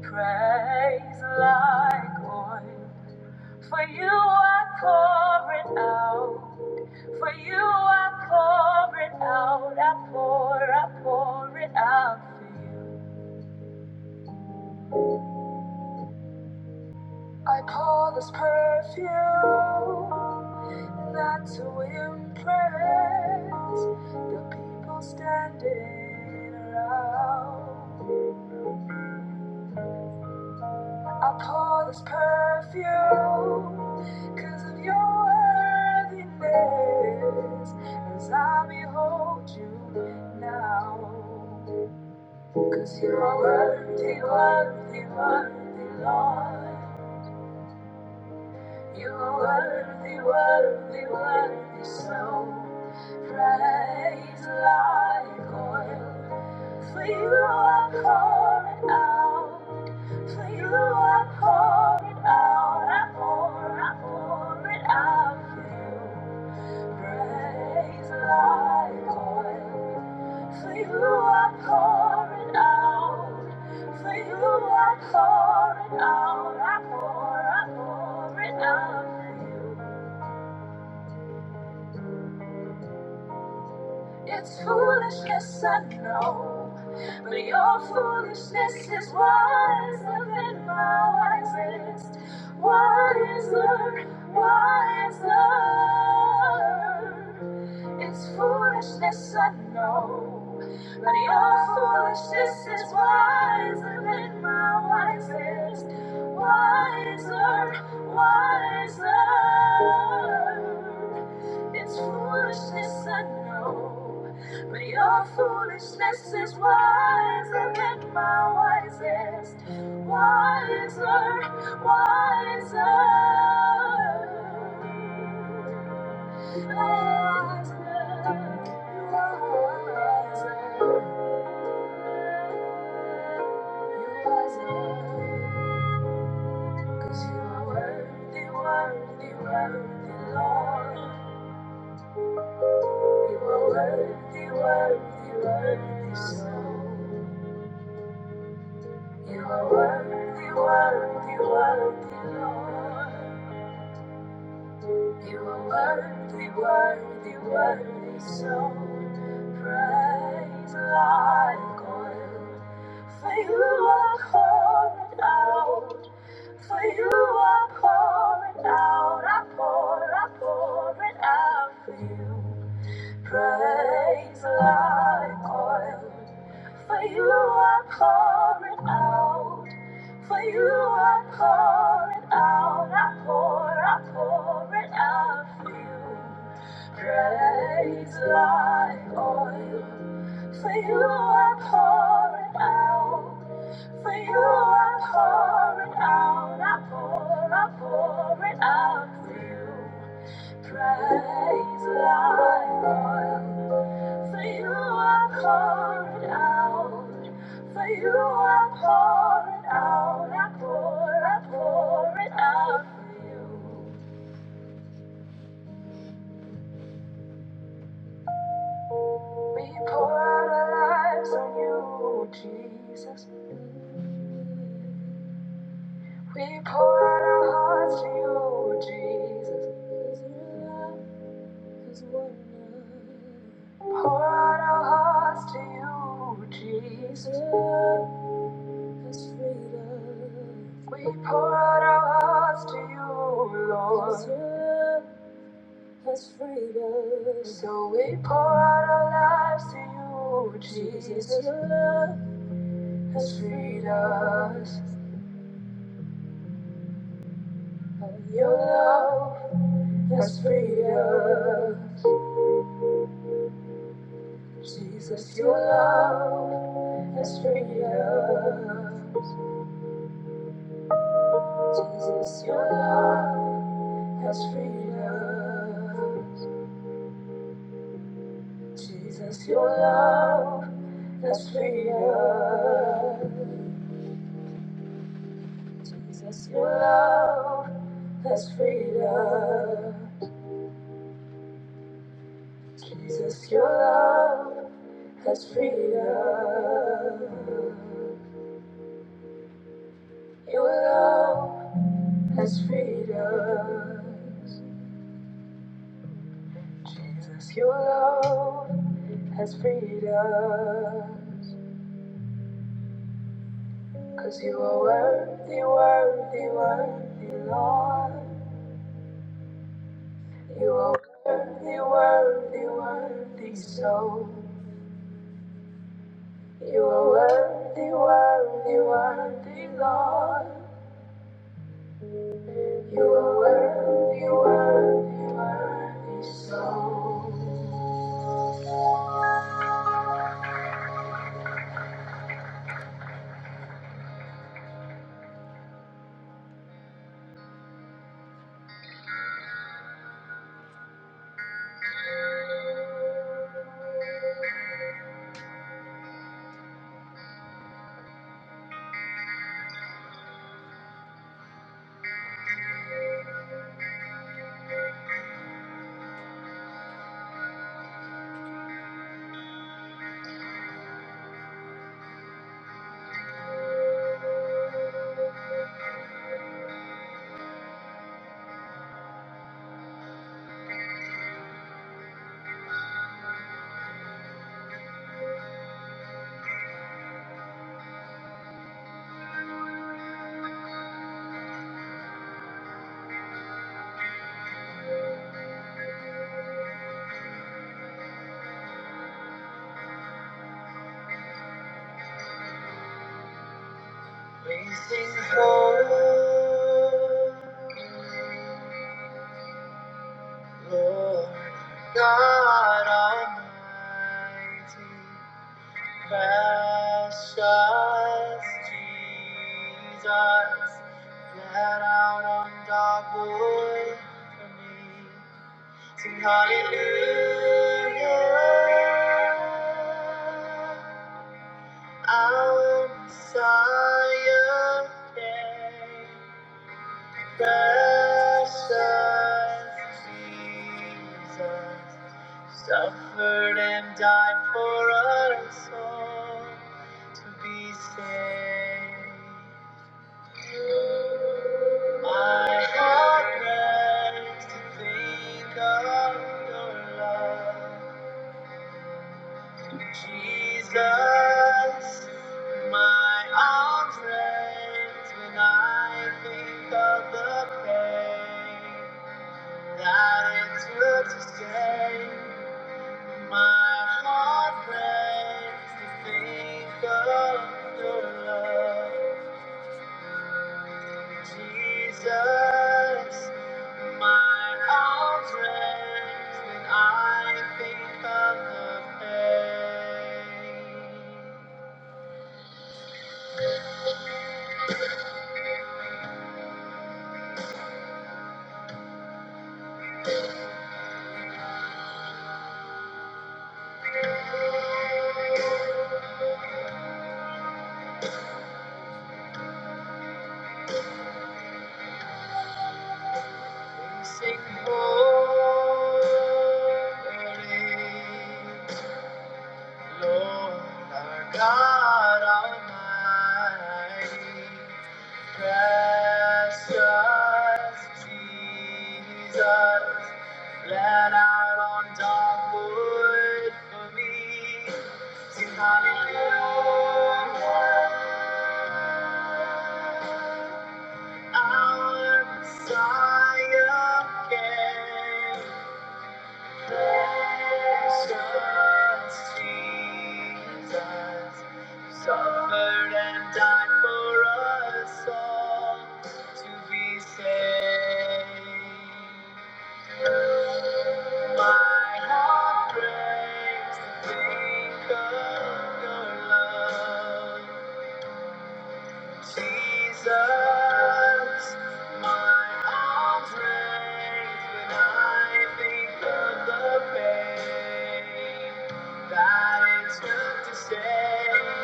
Praise like oil. For you I pour it out. For you I pour it out, I pour, I pour it out for you. I pour this perfume not to impress the people standing around. Upon his perfect goodness as I behold you now. You're the worthy, so praise like oil. For you I pour it out. For you I pour it out. I pour, I pour it out for you. Praise like oil. For you I pour it out. For you I pour it out. I pour, I pour it out. for you. It's foolishness, I know, but your foolishness is wiser than my wisest, wiser, wiser. It's foolishness, I know, but your foolishness is wiser than my wisest, wiser, wiser. It's foolishness, I know. But your foolishness is wiser than my wisest. Wiser, wiser. wiser, wiser. wiser. Cause you are worthy, worthy, worthy, Lord. You are worthy, worthy, worthy, so. You are worthy, worthy, worthy, Lord. You are worthy, worthy, worthy, so. Praise like oil. For you are pouring out. For you are pouring out. I pour, I pour it out for you. Praise like oil. For you I pour it out. For you I pour it out. I pour, I pour it out for you. Praise like oil. For you I pour it out. For you I pour it out, I pour, I pour it out for you. Praise like oil. For you I pour it out. For you I pour it out, I pour, I pour it out for you. We pour out our lives on you, Jesus. We pour out our hearts to you, Jesus. Pour out our hearts to you, Jesus. We pour out our hearts to you, Lord. Has freed us. So we pour out our lives to you, Jesus. Your love has freed us. Your love has freed us. Jesus, your love has freed us. Jesus, your love has freed us. Jesus, your love has freed us, has freed us. Your love has freed us, has freed us. Jesus, your love has freed us. Cause you are worthy, worthy, worthy, Lord. You are worthy, worthy, worthy, so. You are worthy, worthy, worthy, Lord. to say my heart breaks to think of your love. Jesus, my arms raised when I think of the pain. Patience of the pain that it's meant to stay.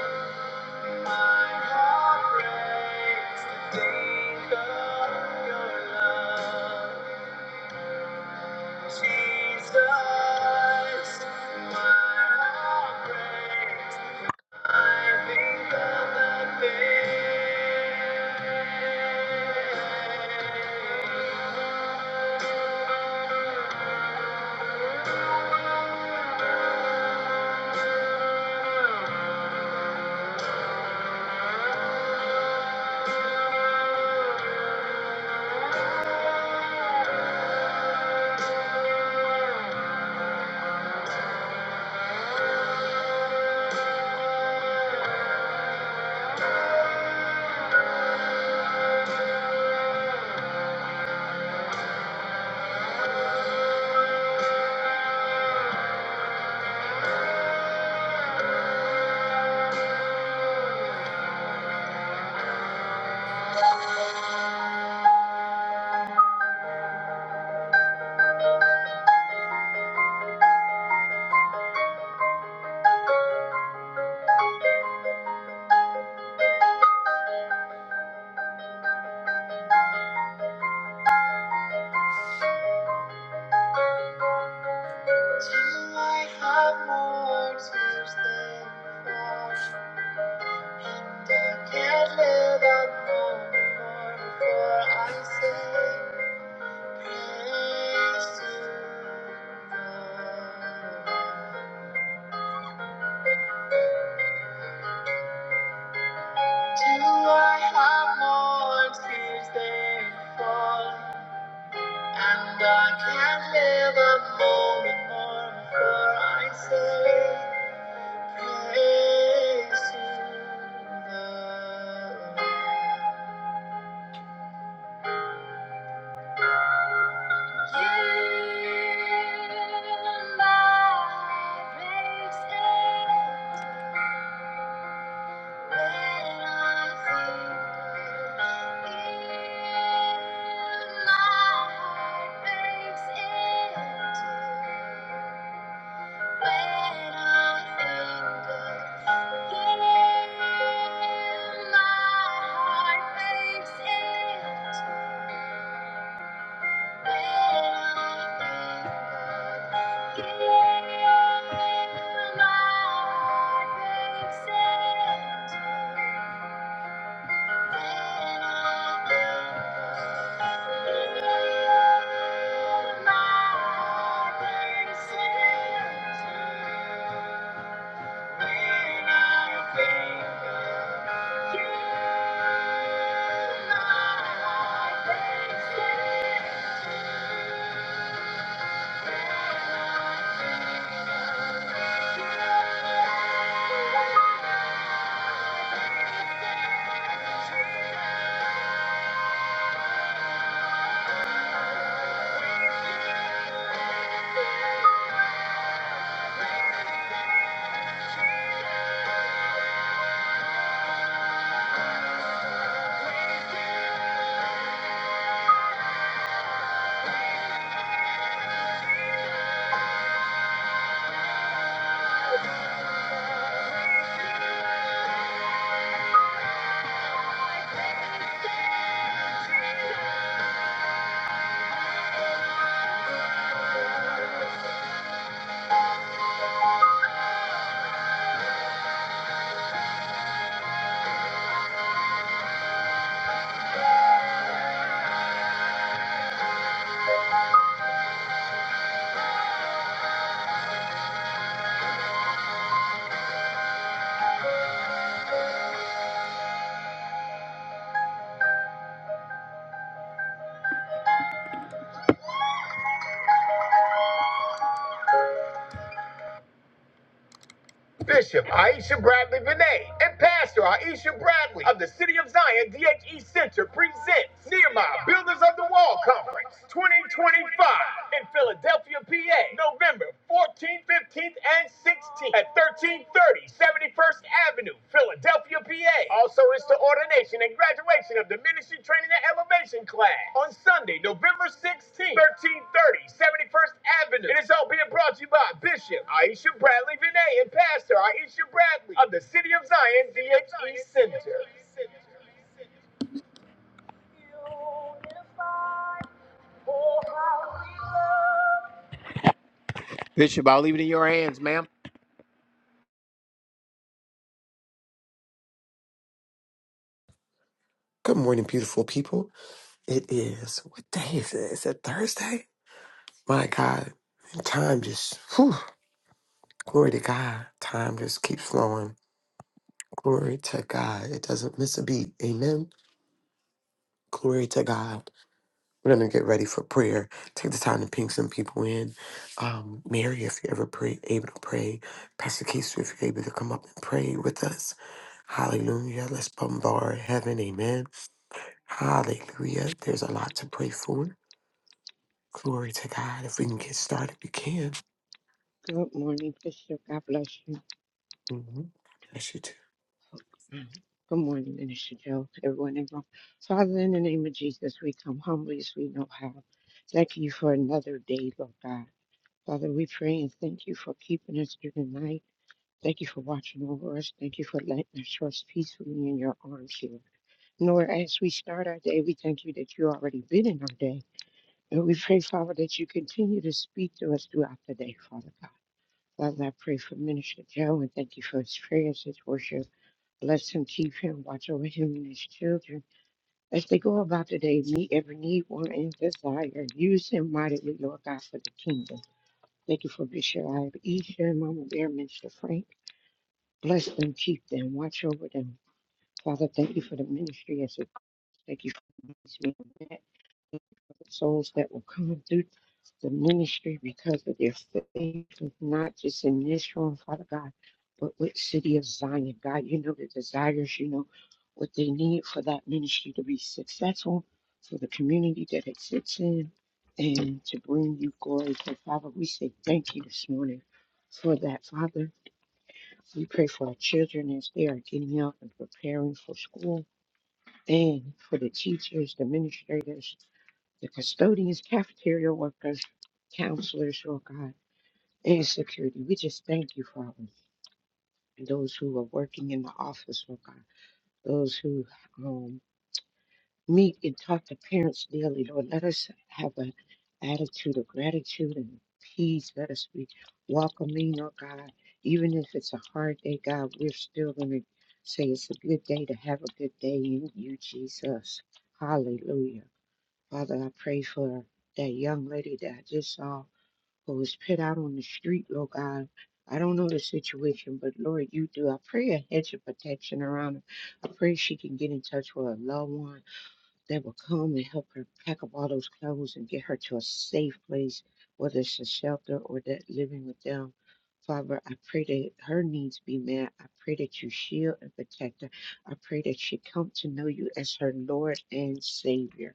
Can't live up before I say praise to the When my heart breaks when Yeah. Thank you. Bishop Aisha Bradley Vinay and Pastor Aisha Bradley of the City of Zion DHE Center presents Nehemiah Builders of the Wall Conference 2025 in Philadelphia, PA, November 14th, 15th, and 16th at 1330 71st Avenue, Philadelphia, PA. Also, it's the ordination and graduation of the Ministry Training and Elevation class on Sunday, November 16th, thirty, seventy first 71st Avenue. It is all being brought to you by Bishop Aisha Bradley Vinay and Pastor Aisha Bradley of the City of Zion DHE Center. Bishop, I'll leave it in your hands, ma'am.
Good morning, beautiful people. It is, what day is it? Is it Thursday? My God. And time just, whew, glory to God. Time just keeps flowing. Glory to God. It doesn't miss a beat. Amen. Glory to God. We're going to get ready for prayer. Take the time to ping some people in. Um, Mary, if you're ever pray, able to pray. Pastor Keith, if you're able to come up and pray with us. Hallelujah. Let's bombard heaven. Amen. Hallelujah. There's a lot to pray for. Glory to God. If we can get started, we can.
Good morning, Bishop. God bless you.
hmm Bless you too.
Good morning, Minister Joe, everyone in the room. Father, in the name of Jesus, we come humbly as we know how. Thank you for another day, Lord God. Father, we pray and thank you for keeping us through the night. Thank you for watching over us. Thank you for letting us trust peacefully in your arms, Lord. Lord, as we start our day, we thank you that you already been in our day. And we pray, Father, that you continue to speak to us throughout the day, Father God. Father, I pray for Minister Joe and thank you for his prayers, his worship. Bless him, keep him, watch over him and his children. As they go about today, meet every need, want, and desire. Use him mightily, Lord God, for the kingdom. Thank you for Bishop Aisha and Mama Bear, Minister Frank. Bless them, keep them, watch over them. Father, thank you for the ministry. As it, thank you for these men. souls that will come through the ministry because of their faith, not just in this room, Father God, but with City of Zion. God, you know the desires, you know what they need for that ministry to be successful, for the community that it sits in, and to bring you glory. So, Father, we say thank you this morning for that, Father. We pray for our children as they are getting out and preparing for school and for the teachers, the administrators, the custodians, cafeteria workers, counselors, Lord God, and security. We just thank you, Father, and those who are working in the office, Lord God, those who um, meet and talk to parents daily, Lord. Let us have an attitude of gratitude and peace. Let us be welcoming, Lord God. Even if it's a hard day, God, we're still going to say it's a good day to have a good day in you, Jesus. Hallelujah. Father, I pray for that young lady that I just saw who was put out on the street, Lord God. I don't know the situation, but Lord, you do. I pray a hedge of protection around her. I pray she can get in touch with a loved one that will come and help her pack up all those clothes and get her to a safe place, whether it's a shelter or that living with them. Father, I pray that her needs be met. I pray that you shield and protect her. I pray that she come to know you as her Lord and Savior.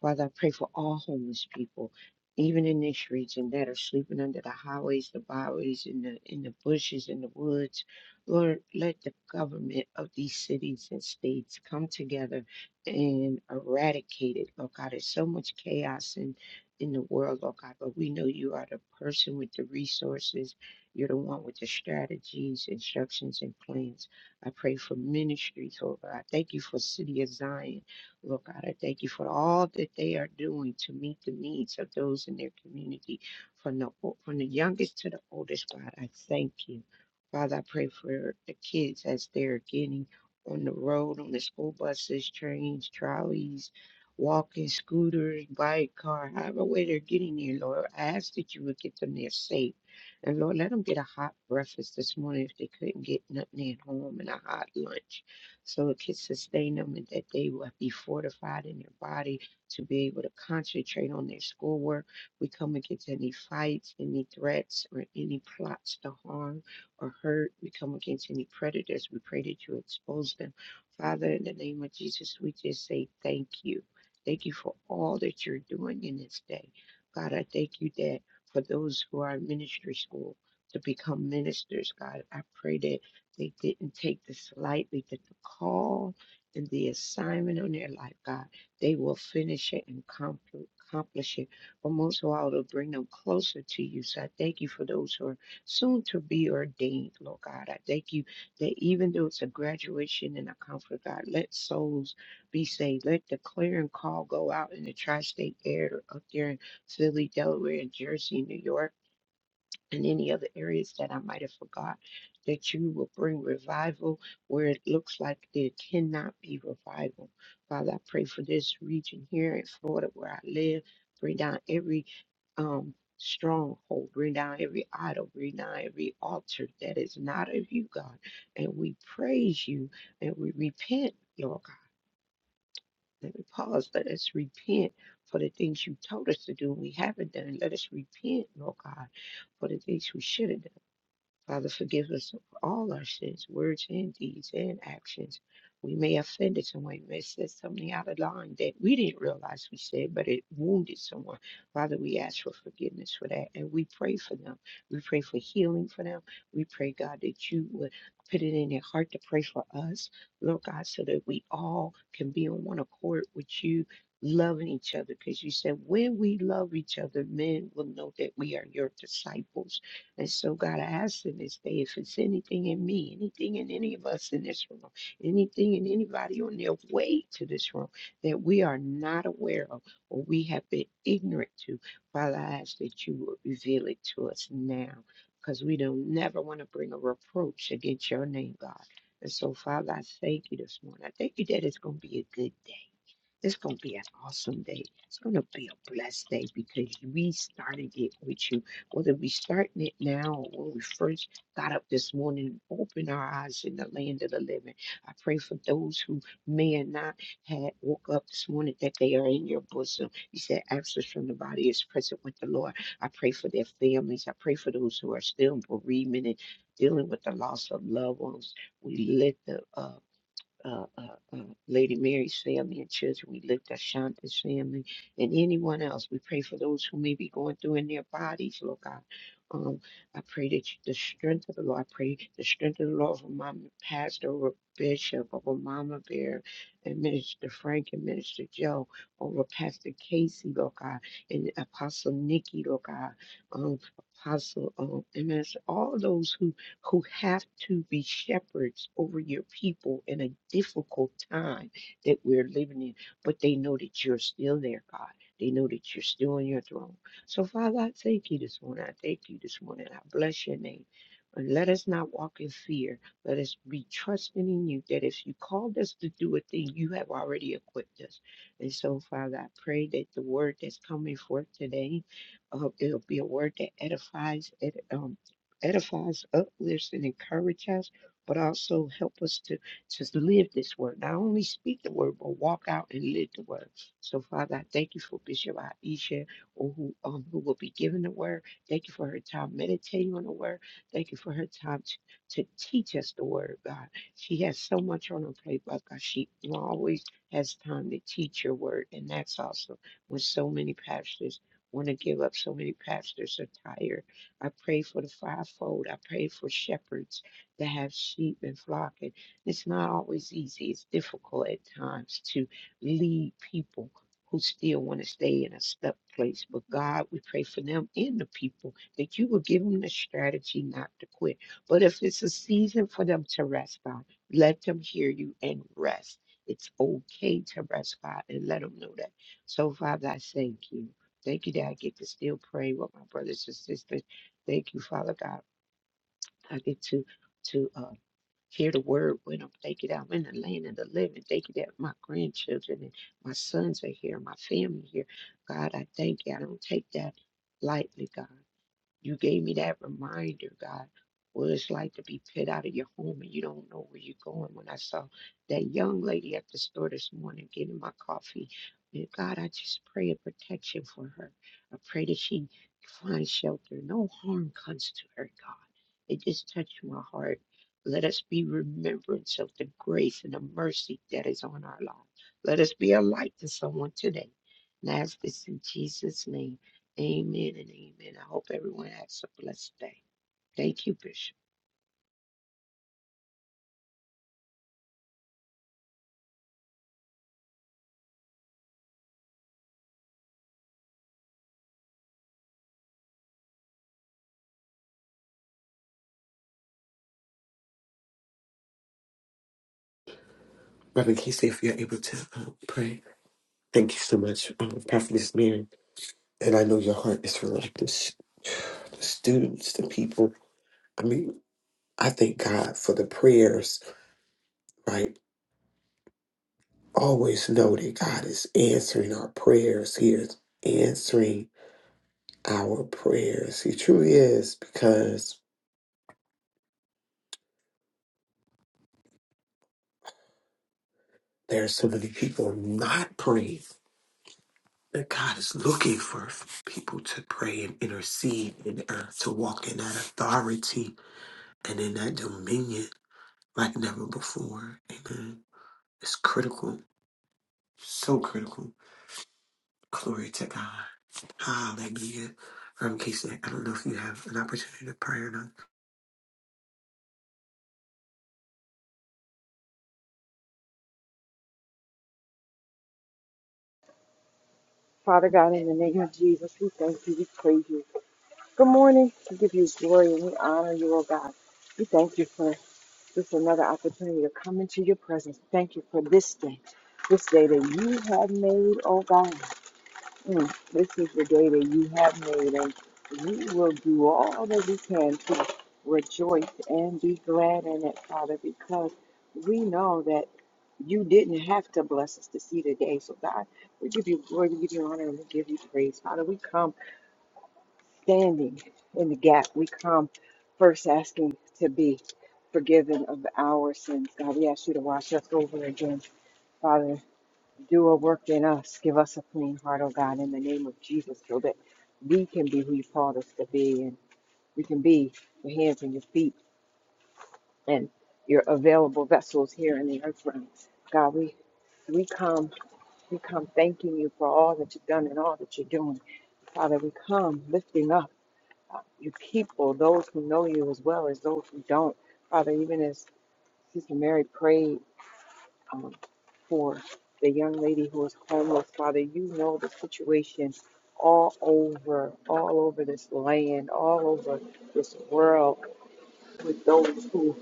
Father, I pray for all homeless people, even in this region that are sleeping under the highways, the byways, in the in the bushes, in the woods. Lord, let the government of these cities and states come together and eradicate it. Lord God, there's so much chaos in in the world, Lord God, but we know you are the person with the resources. You're the one with the strategies, instructions, and plans. I pray for ministries, Lord God. I Thank you for City of Zion. Lord God, I thank you for all that they are doing to meet the needs of those in their community, from the o- from the youngest to the oldest. God, I thank you, Father. I pray for the kids as they're getting on the road, on the school buses, trains, trolleys, walking, scooters, bike, car, however way they're getting there. Lord, I ask that you would get them there safe, and Lord, let them get a hot breakfast this morning if they couldn't get nothing at home and a hot lunch so it can sustain them and that they will be fortified in their body to be able to concentrate on their schoolwork. We come against any fights, any threats, or any plots to harm or hurt. We come against any predators. We pray that you expose them. Father, in the name of Jesus, we just say thank you. Thank you for all that you're doing in this day. God, I thank you that for those who are in ministry school to become ministers, God, I pray that they didn't take this lightly, that the call and the assignment on their life, God, they will finish it and compl- accomplish it. But most of all, it'll bring them closer to you. So I thank you for those who are soon to be ordained, Lord God. I thank you that even though it's a graduation and a comfort, God, let souls be saved. Let the clearing call go out in the tri state air up there in Philly, Delaware, and Jersey, New York and any other areas that I might have forgot, that you will bring revival where it looks like there cannot be revival. Father, I pray for this region here in Florida where I live. Bring down every um, stronghold, bring down every idol, bring down every altar that is not of you, God. And we praise you and we repent, Lord God. Let me pause. Let us repent for the things you told us to do and we haven't done. Let us repent, Lord God for the things we should have done Father, forgive us of all our sins, words and deeds and actions. We may have offended someone. We may have said something out of line that we didn't realize we said, but it wounded someone. Father, we ask for forgiveness for that and we pray for them. We pray for healing for them. We pray, God, that you would put it in their heart to pray for us, Lord God, so that we all can be on one accord with you. Loving each other because you said, when we love each other, men will know that we are your disciples. And so, God, I ask in this day if it's anything in me, anything in any of us in this room, anything in anybody on their way to this room that we are not aware of or we have been ignorant to, Father, I ask that you will reveal it to us now because we don't never want to bring a reproach against your name, God. And so, Father, I thank you this morning. I thank you that it's going to be a good day. It's going to be an awesome day. It's going to be a blessed day because we started it with you. Whether we starting it now or when we first got up this morning and opened our eyes in the land of the living, I pray for those who may have not had woke up this morning that they are in your bosom. You said absence from the body is present with the Lord. I pray for their families. I pray for those who are still in bereavement and dealing with the loss of loved ones. We lift up. uh, uh, uh, uh, Lady Mary's family and children. We lift Ashanta's family and anyone else. We pray for those who may be going through in their bodies, Lord God. Um, I pray that you, the strength of the Lord, I pray the strength of the Lord for Mama pastor, over bishop, over Mama Bear, and Minister Frank and Minister Joe, over Pastor Casey, Lord God, and Apostle Nikki, Lord God, um, Apostle um, and Minister, all those who who have to be shepherds over your people in a difficult time that we're living in. But they know that you're still there, God. They know that you're still on your throne. So, Father, I thank you this morning. I thank you this morning. I bless your name. And let us not walk in fear. Let us be trusting in you that if you called us to do a thing, you have already equipped us. And so, Father, I pray that the word that's coming forth today, uh, it'll be a word that edifies, it um, edifies, uplifts, and encourages us, but also help us to, to live this word. Not only speak the word, but walk out and live the word. So, Father, I thank you for Bishop Aisha, who, um, who will be given the word. Thank you for her time meditating on the word. Thank you for her time to, to teach us the word, God. She has so much on her plate, but God, she always has time to teach your word, and that's also When so many pastors want to give up, so many pastors are tired I pray for the fivefold. I pray for shepherds that have sheep and flocking. it's not always easy. It's difficult at times to lead people who still want to stay in a stuck place. But God, we pray for them and the people that you will give them the strategy not to quit. But if it's a season for them to rest God, let them hear you and rest. It's okay to rest, God, and let them know that. So, Father, I thank you. Thank you that I get to still pray with my brothers and sisters Thank you, Father God. I get to to uh, hear the word when I'm thank you that I'm in the land of the living. Thank you that my grandchildren and my sons are here, my family here. God, I thank you. I don't take that lightly, God. You gave me that reminder, God, what it's like to be put out of your home and you don't know where you're going. When I saw that young lady at the store this morning getting my coffee, and God, I just pray a protection for her. I pray that she finds shelter. No harm comes to her, God. It just touched my heart. Let us be remembrance of the grace and the mercy that is on our lives. Let us be a light to someone today. And I ask this in Jesus' name. Amen and amen. I hope everyone has a blessed day. Thank you, Bishop.
Reverend Casey, if you're able to um, pray. Thank you so much, um, Prophetess Mary. And I know your heart is for like this, the students, the people. I mean, I thank God for the prayers, right? Always know that God is answering our prayers. He is answering our prayers. He truly is because there are so many people not praying. that God is looking for people to pray and intercede and uh, to walk in that authority and in that dominion like never before. Amen. It's critical, so critical. Glory to God. Hallelujah. Um, Casey, I don't know if you have an opportunity to pray or not.
Father God, in the name of Jesus, we thank you, we praise you. Good morning. We give you glory and we honor you, oh God. We thank you for this another opportunity to come into your presence. Thank you for this day, this day that you have made, oh God. Mm, This is the day that you have made, and we will do all that we can to rejoice and be glad in it, Father, because we know that you didn't have to bless us to see the day. So, God, we give you glory, we give you honor, and we give you praise. Father, we come standing in the gap. We come first asking to be forgiven of our sins. God, we ask you to wash us over again, Father. Do a work in us. Give us a clean heart, oh God, in the name of Jesus, so that we can be who you called us to be and we can be your hands and your feet and your available vessels here in the earth realm. God, we we come, we come thanking you for all that you've done and all that you're doing. Father, we come lifting up uh, your people, those who know you as well as those who don't. Father, even as Sister Mary prayed um, for the young lady who is homeless. Father, you know the situation all over, all over this land, all over this world with those who,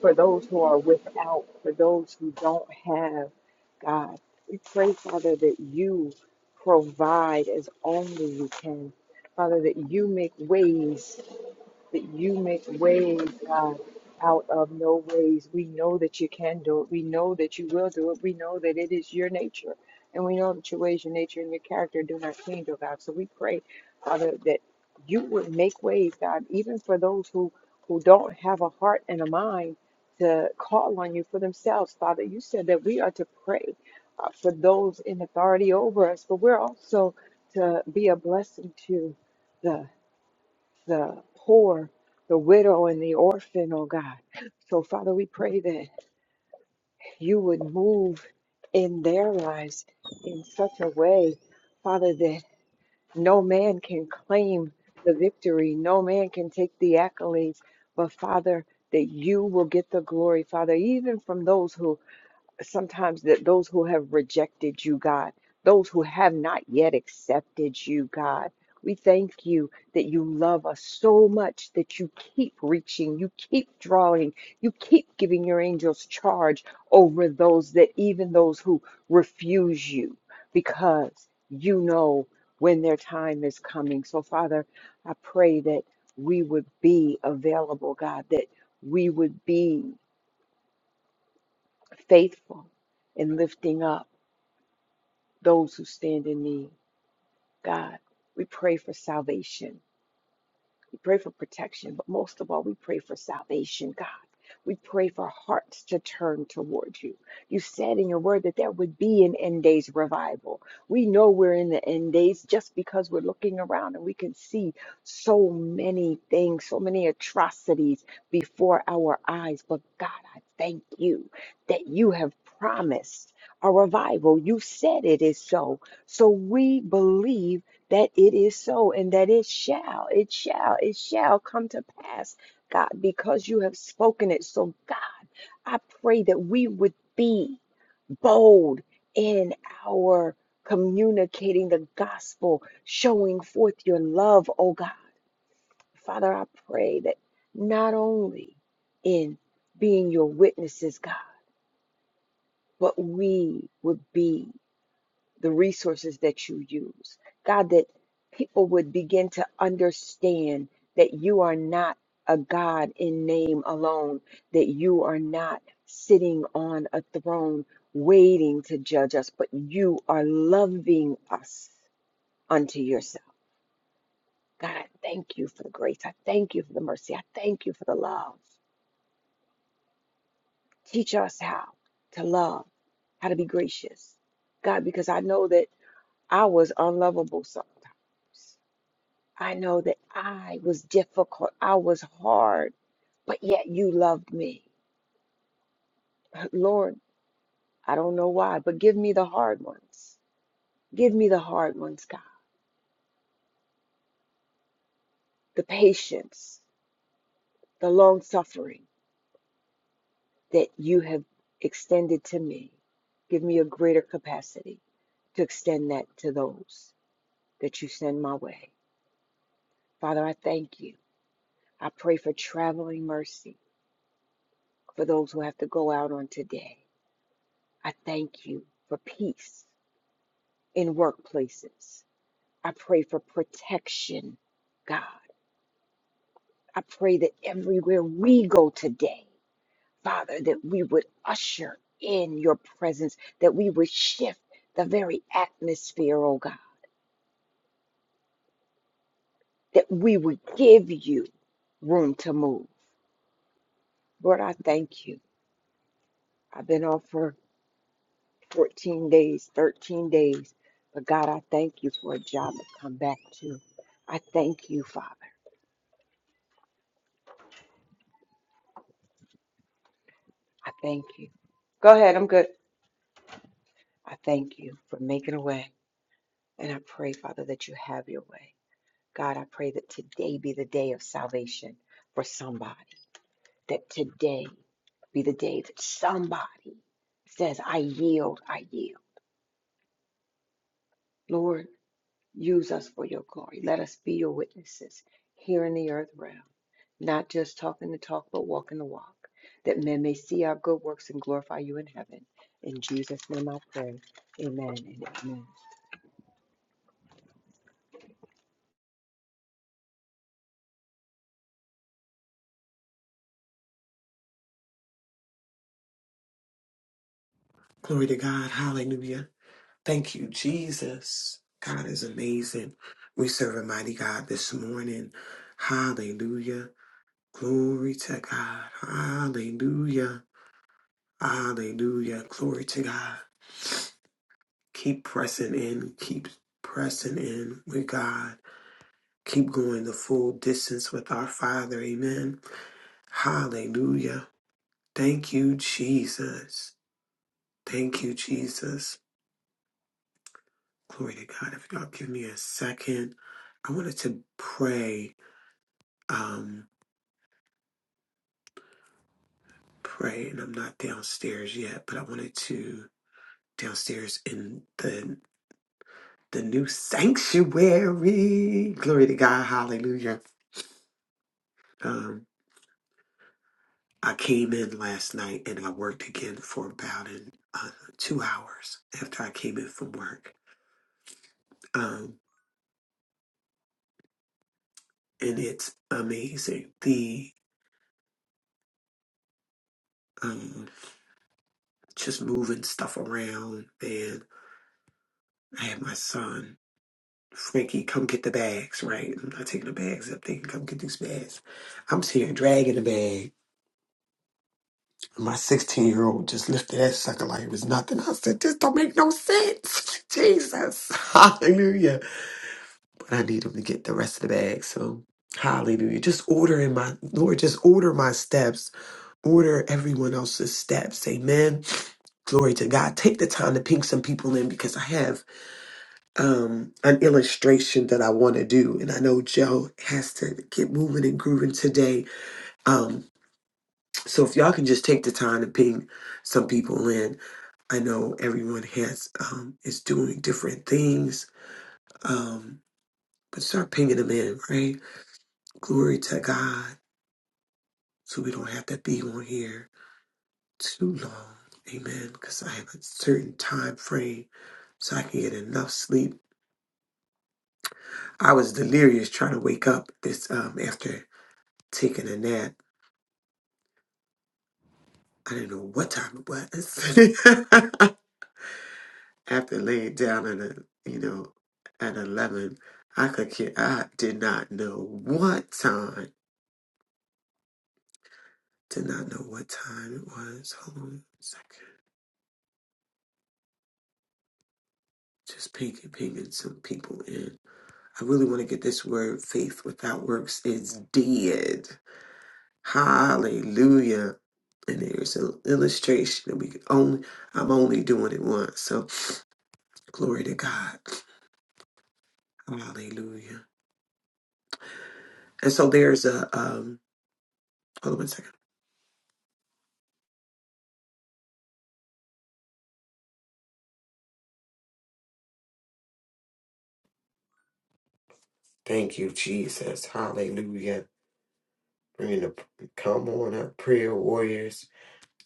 for those who are without, for those who don't have, God. We pray, Father, that you provide as only you can. Father, that you make ways that you make ways, God, out of no ways. We know that you can do it. We know that you will do it. We know that it is your nature. And we know that your ways, your nature, and your character do not change, oh God. So we pray, Father, that you would make ways, God, even for those who, who don't have a heart and a mind to call on you for themselves, Father. You said that we are to pray uh, for those in authority over us, but we're also to be a blessing to. the the poor, the widow, and the orphan, oh God. So, Father, we pray that you would move in their lives in such a way, Father, that no man can claim the victory, no man can take the accolades, but Father, that you will get the glory, Father, even from those who sometimes that those who have rejected you, God, those who have not yet accepted you, God, we thank you that you love us so much that you keep reaching, you keep drawing, you keep giving your angels charge over those that even those who refuse you because you know when their time is coming. So, Father, I pray that we would be available, God, that we would be faithful in lifting up those who stand in need. God, we pray for salvation. We pray for protection, but most of all, we pray for salvation, God. We pray for hearts to turn towards you. You said in your word that there would be an end days revival. We know we're in the end days just because we're looking around and we can see so many things, so many atrocities before our eyes. But God, I thank you that you have promised a revival. You said it is so. So we believe that it is so and that it shall, it shall, it shall come to pass, God, because you have spoken it. So, God, I pray that we would be bold in our communicating the gospel, showing forth your love, oh God. Father, I pray that not only in being your witnesses, God, but we would be. the resources that you use. God, that people would begin to understand that you are not a God in name alone, that you are not sitting on a throne waiting to judge us, but you are loving us unto yourself. God, I thank you for the grace. I thank you for the mercy. I thank you for the love. Teach us how to love, how to be gracious. God, because I know that I was unlovable sometimes. I know that I was difficult, I was hard, but yet you loved me. Lord, I don't know why, but give me the hard ones. Give me the hard ones, God. The patience, the long suffering that you have extended to me. Give me a greater capacity to extend that to those that you send my way. Father, I thank you. I pray for traveling mercy for those who have to go out on today. I thank you for peace in workplaces. I pray for protection, God. I pray that everywhere we go today, Father, that we would usher in your presence, that we would shift the very atmosphere, oh God, that we would give you room to move. Lord, I thank you. I've been off for 14 days, 13 days, but God, I thank you for a job to come back to. I thank you, Father. I thank you. Go ahead. I'm good. I thank you for making a way. And I pray, Father, that you have your way. God, I pray that today be the day of salvation for somebody. That today be the day that somebody says, I yield, I yield. Lord, use us for your glory. Let us be your witnesses here in the earth realm, not just talking the talk, but walking the walk, that men may see our good works and glorify you in heaven. In Jesus' name I pray. Amen and amen.
Glory to God. Hallelujah. Thank you, Jesus. God is amazing. We serve a mighty God this morning. Hallelujah. Glory to God. Hallelujah. Hallelujah. Glory to God. Keep pressing in. Keep pressing in with God. Keep going the full distance with our Father. Amen. Hallelujah. Thank you, Jesus. Thank you, Jesus. Glory to God. If y'all give me a second, I wanted to pray. Um, pray, and I'm not downstairs yet, but I wanted to downstairs in the the new sanctuary. Glory to God. Hallelujah Um, I came in last night and I worked again for about an, uh, two hours after I came in from work. Um, and it's amazing. The um, just moving stuff around, man. I had my son, Frankie, come get the bags, right? I'm not taking the bags up. They can come get these bags. I'm sitting here dragging the bag. My 16 year old just lifted that sucker like it was nothing. I said, This don't make no sense. Jesus. Hallelujah I need him to get the rest of the bag. So, hallelujah. Just order in my, Lord, just order my steps. Order everyone else's steps. Amen. Glory to God. Take the time to ping some people in because I have um, an illustration that I want to do. And I know Joe has to get moving and grooving today. Um, so, if y'all can just take the time to ping some people in. I know everyone has um, is doing different things, um, but start pinging them in, right? Glory to God. So we don't have to be on here too long. Amen. Because I have a certain time frame so I can get enough sleep. I was delirious trying to wake up this um after taking a nap. I didn't know what time it was. after laying down at a you know at eleven, I could care I did not know what time. Did not know what time it was. Hold on a second. Just pinging pinging some people in. I really want to get this word faith without works is dead. Hallelujah. And there's an illustration that we can only I'm only doing it once. So glory to God. Hallelujah. And so there's a um hold on one second. Thank you, Jesus. Hallelujah. Bringing the come on up, prayer warriors.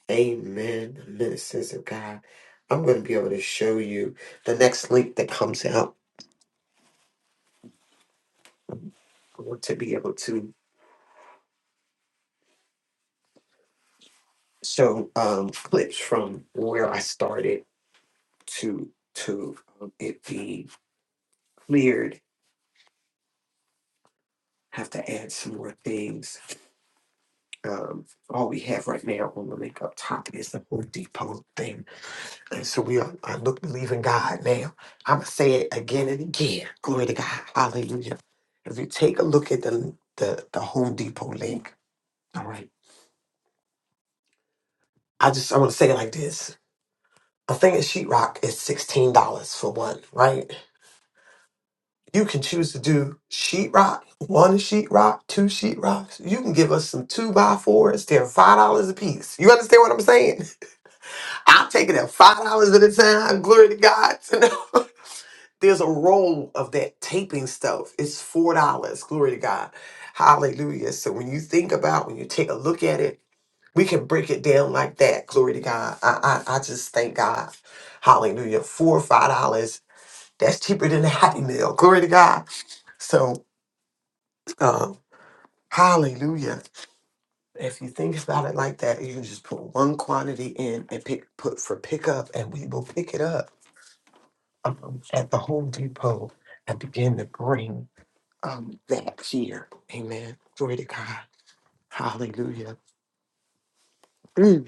Amen. The ministers of God. I'm going to be able to show you the next link that comes out. I want to be able to show um, clips from where I started to to um, it being cleared. Have to add some more things. Um, all we have right now on the link up top is the Home Depot thing, and so we are. I look believe in God now. I'm gonna say it again and again. Glory to God. Hallelujah. If you take a look at the the, the Home Depot link, all right. I just I want to say it like this. I think a thing of sheetrock is sixteen dollars for one, right? You can choose to do sheetrock, one sheetrock, two sheetrocks. You can give us some two by fours. They're five dollars a piece. You understand what I'm saying? I'll take it at five dollars at a time. Glory to God. You know, There's a roll of that taping stuff. It's four dollars. Glory to God. Hallelujah. So when you think about, when you take a look at it, we can break it down like that. Glory to God. I I, I just thank God. Hallelujah. Four or five dollars. That's cheaper than a happy meal. Glory to God. So um, Hallelujah. If you think about it like that, you can just put one quantity in and pick put for pickup, and we will pick it up um, at the Home Depot and begin to bring um, that here. Amen. Glory to God. Hallelujah. Mm.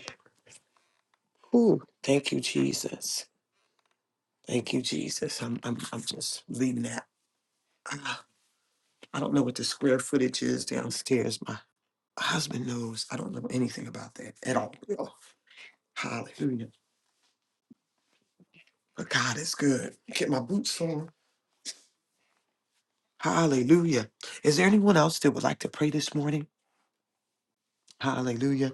Ooh. Thank you, Jesus. Thank you, Jesus. I'm, I'm, I'm just leaving that. Ah, I don't know what the square footage is downstairs. My husband knows. I don't know anything about that at all. Hallelujah. But God is good. Get my boots on. Hallelujah. Is there anyone else that would like to pray this morning? Hallelujah.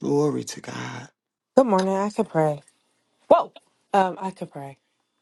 Glory to God.
Good morning. I could pray. Whoa. Um, I could pray.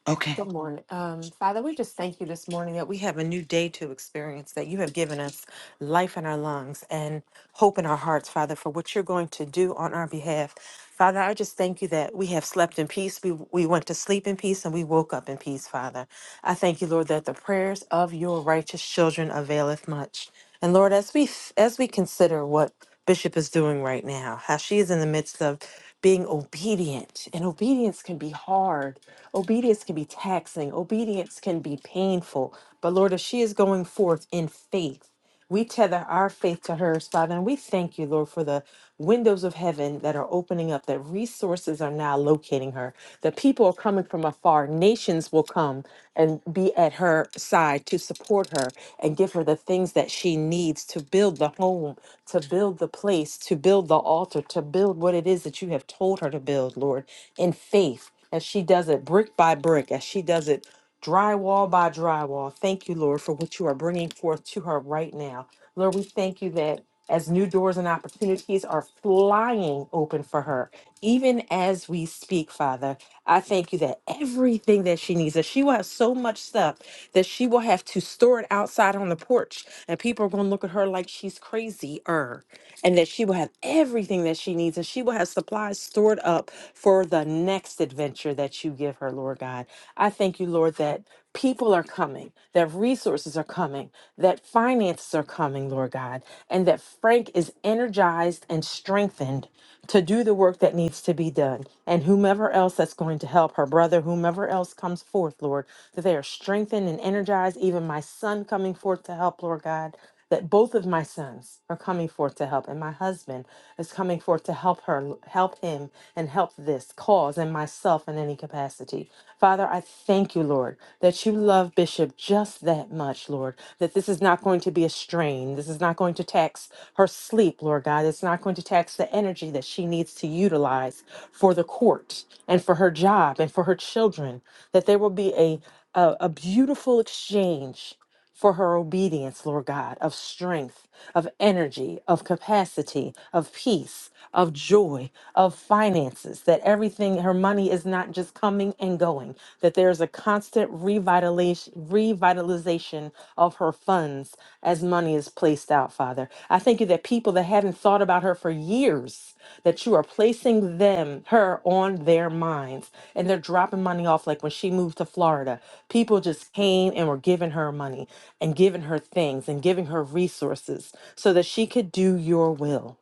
Okay.
Good morning. Um, Father, we just thank you this morning that we have a new day to experience, that you have given us life in our lungs and hope in our hearts, Father, for what you're going to do on our behalf. Father, I just thank you that we have slept in peace. We, we went to sleep in peace and we woke up in peace, Father. I thank you, Lord, that the prayers of your righteous children availeth much. And Lord, as we as we consider what Bishop is doing right now, how she is in the midst of being obedient. And obedience can be hard. Obedience can be taxing. Obedience can be painful. But Lord, as she is going forth in faith, we tether our faith to hers, Father. And we thank you, Lord, for the windows of heaven that are opening up, that resources are now locating her, that people are coming from afar. Nations will come and be at her side to support her and give her the things that she needs to build the home, to build the place, to build the altar, to build what it is it is that you have told her to build, Lord, in faith as she does it brick by brick, as she does it drywall by drywall. Thank you, Lord, for what you are bringing forth to her right now. Lord, we thank you that as new doors and opportunities are flying open for her, even as we speak, Father, I thank you that everything that she needs, that she will have so much stuff that she will have to store it outside on the porch, and people are going to look at her like she's crazy, er, and that she will have everything that she needs needs, and she will have supplies stored up for the next adventure that you give her, Lord God. I thank you, Lord, that people are coming, that resources are coming, that finances are coming, Lord God, and that Frank is energized and strengthened to do the work that needs to be done. And whomever else that's going to help her brother, whomever else comes forth, Lord, that they are strengthened and energized, even my son coming forth to help, Lord God that both of my sons are coming forth to help and my husband is coming forth to help her help him and help this cause and myself in any capacity father i thank you lord that you love bishop just that much lord that this is not going to be a strain this is not going to tax her sleep lord god it's not going to tax the energy that she needs to utilize for the court and for her job and for her children that there will be a a, a beautiful exchange for her obedience, Lord God, of strength, of energy, of capacity, of peace, of joy, of finances, that everything, her money is not just coming and going, that there is a constant revitalization, revitalization of her funds as money is placed out, Father. I thank you that people that haven't thought about her for years, that you are placing them, her on their minds. And they're dropping money off. Like when she moved to Florida, people just came and were giving her money and giving her things and giving her resources so that she could do your will.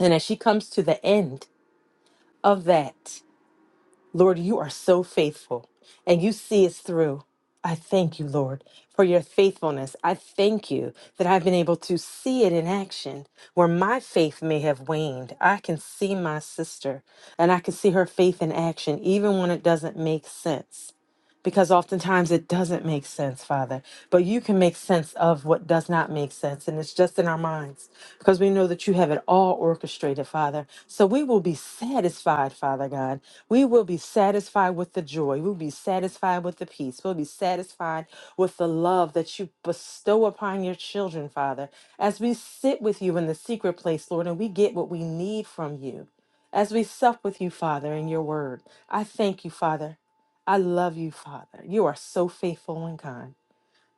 And as she comes to the end of that, Lord, you are so faithful and you see us through. I thank you, Lord, for your faithfulness. I thank you that I've been able to see it in action where my faith may have waned. I can see my sister and I can see her faith in action even when it doesn't make sense because oftentimes it doesn't make sense, Father. But you can make sense of what does not make sense, and it's just in our minds because we know that you have it all orchestrated, Father. So we will be satisfied, Father God. We will be satisfied with the joy. We'll be satisfied with the peace. We'll be satisfied with the love that you bestow upon your children, Father, as we sit with you in the secret place, Lord, and we get what we need from you. As we sup with you, Father, in your word, I thank you, Father. I love you, Father. You are so faithful and kind.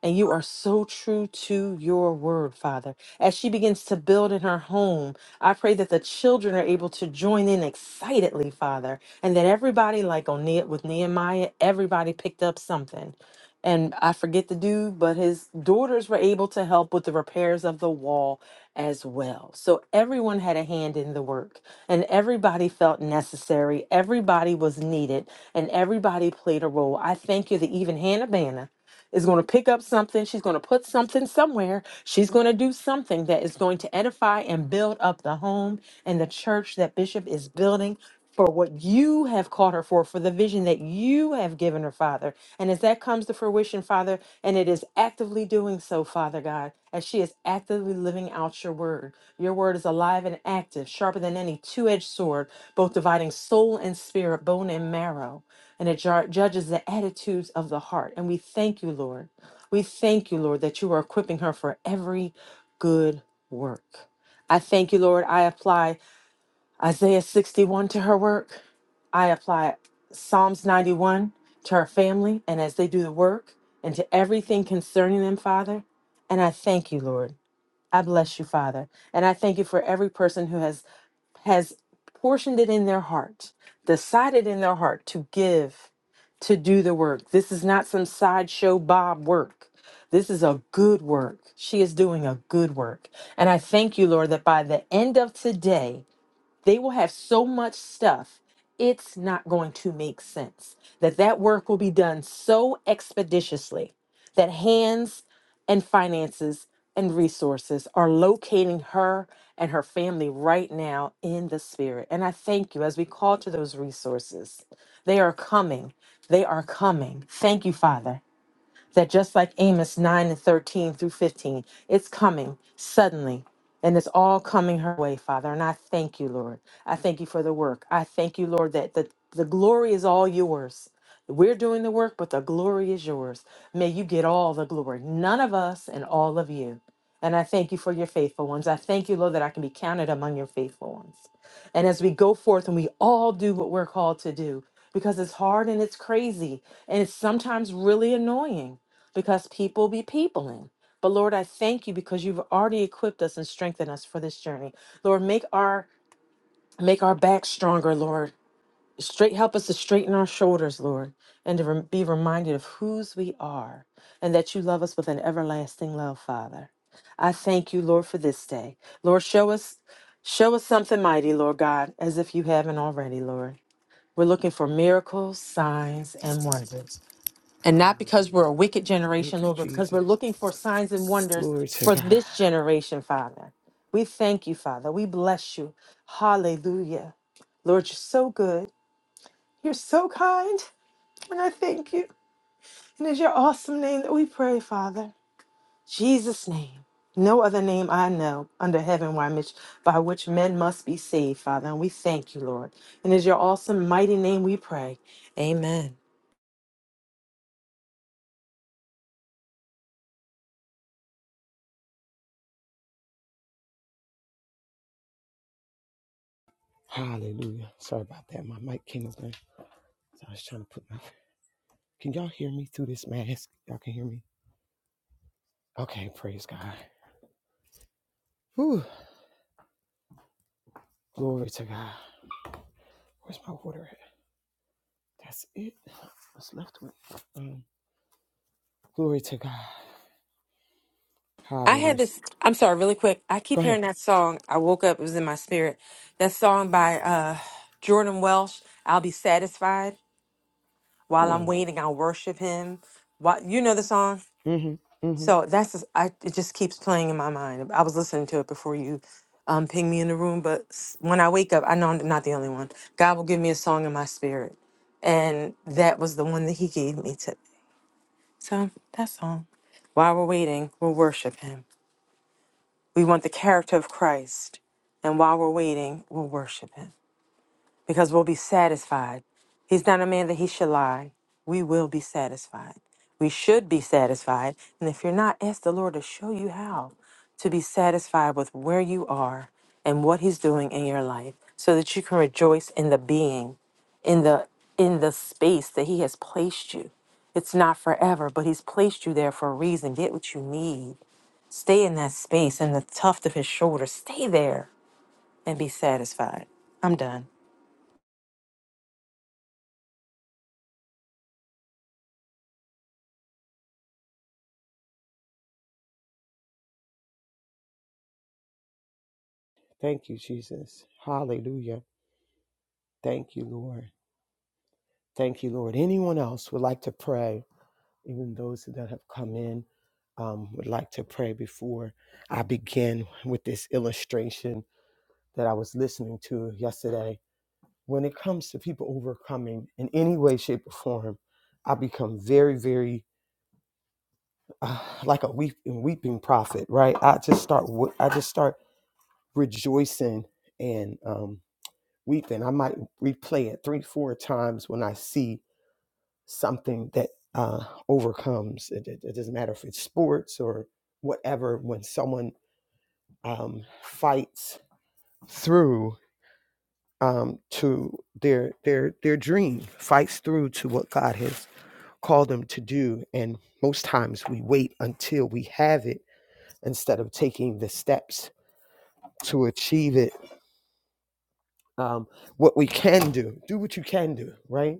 And you are so true to your word, Father. As she begins to build in her home, I pray that the children are able to join in excitedly, Father, and that everybody, like on Ne- with Nehemiah, everybody picked up something. And I forget the dude, but his daughters were able to help with the repairs of the wall as well. So everyone had a hand in the work, and everybody felt necessary. Everybody was needed, and everybody played a role. I thank you that even Hannah Banna is going to pick up something. She's going to put something somewhere. She's going to do something that is going to edify and build up the home and the church that Bishop is building for what you have called her for, for the vision that you have given her, Father. And as that comes to fruition, Father, and it is actively doing so, Father God, as she is actively living out your word. Your word is alive and active, sharper than any two edged sword, both dividing soul and spirit, bone and marrow and it jar- judges the attitudes of the heart. And we thank you, Lord. We thank you, Lord, that you are equipping her for every good work. I thank you, Lord. I apply Isaiah 61 to her work. I apply Psalms 91 to her family and as they do the work and to everything concerning them, Father. And I thank you, Lord. I bless you, Father. And I thank you for every person who has has portioned it in their heart, decided in their heart to give, to do the work. This is not some sideshow Bob work. This is a good work. She is doing a good work. And I thank you, Lord, that by the end of today, they will have so much stuff it's not going to make sense that that work will be done so expeditiously that hands and finances and resources are locating her and her family right now in the spirit and i thank you as we call to those resources they are coming they are coming thank you father that just like Amos 9 and 13 through 15, it's coming suddenly. And it's all coming her way, Father. And I thank you, Lord. I thank you for the work. I thank you, Lord, that the, the glory is all yours. We're doing the work, but the glory is yours. May you get all the glory, none of us and all of you. And I thank you for your faithful ones. I thank you, Lord, that I can be counted among your faithful ones. And as we go forth and we all do what we're called to do, because it's hard and it's crazy and it's sometimes really annoying because people be peopling. But Lord, I thank you because you've already equipped us and strengthened us for this journey. Lord, make our make our back stronger, Lord. Straight help us to straighten our shoulders, Lord, and to rem- be reminded of whose we are and that you love us with an everlasting love, Father. I thank you, Lord, for this day. Lord, show us show us something mighty, Lord God, as if you haven't already, Lord. We're looking for miracles, signs, and wonders. And not because we're
Hallelujah.
a wicked
Thank
generation,
you,
Lord, but because
Jesus.
we're looking for signs and wonders
Glory to
for
God.
this generation, Father. We thank you, Father. We bless you. Hallelujah. Lord, you're so good. You're so kind. And I thank you. And it's your awesome name that we pray, Father. Jesus' name. No other name I know under heaven why which, by which men must be saved, Father. And we thank you, Lord. And it's your awesome, mighty name we pray. Amen.
Hallelujah. Sorry about that. My mic came open. So I was trying to put my. Can y'all hear me through this mask? Y'all can hear me? Okay. Praise God. Whew. Glory to God. Where's my water at? That's it. What's left with it? Um, glory to God.
I had
Hallelujah.
this. I'm sorry, really quick. I
Go
keep
ahead.
hearing that song. I woke up. It was in my spirit. That song by uh, Jordan Welsh. I'll be satisfied while I'm waiting. I'll worship Him. Why, you know the song.
Mm, hmm
So that's. just- I. It just keeps playing in my mind. I was listening to it before you, um, ping me in the room. But s- when I wake up, I know I'm not the only one. God will give me a song in my spirit, and that was the one that He gave me today. So that song. While we're waiting, we'll worship Him. We want the character of Christ. And while we're waiting, we'll worship him because we'll be satisfied. He's not a man that he should lie. We will be satisfied. We should be satisfied. And if you're not, ask the Lord to show you how to be satisfied with where you are and what he's doing in your life so that you can rejoice in the being, in the in the space that he has placed you. It's not forever, but he's placed you there for a reason. Get what you need Stay in that space in the tuft of his shoulder. Stay there and be satisfied. I'm done.
Thank you, Jesus. Hallelujah. Thank you, Lord. Thank you, Lord. Anyone else would like to pray, even those that have come in um, would like to pray before I begin with this illustration that I was listening to yesterday. When it comes to people overcoming in any way, shape, or form, I become very, very uh, like a weep, weeping prophet, right? I just start, wo- I just start rejoicing and um, Weep, and I might replay it three, four times when I see something that uh, overcomes. It, it, it doesn't matter if it's sports or whatever. When someone um, fights through um, to their their their dream, fights through to what God has called them to do, and most times we wait until we have it instead of taking the steps to achieve it. Um, what we can do, do what you can do, right?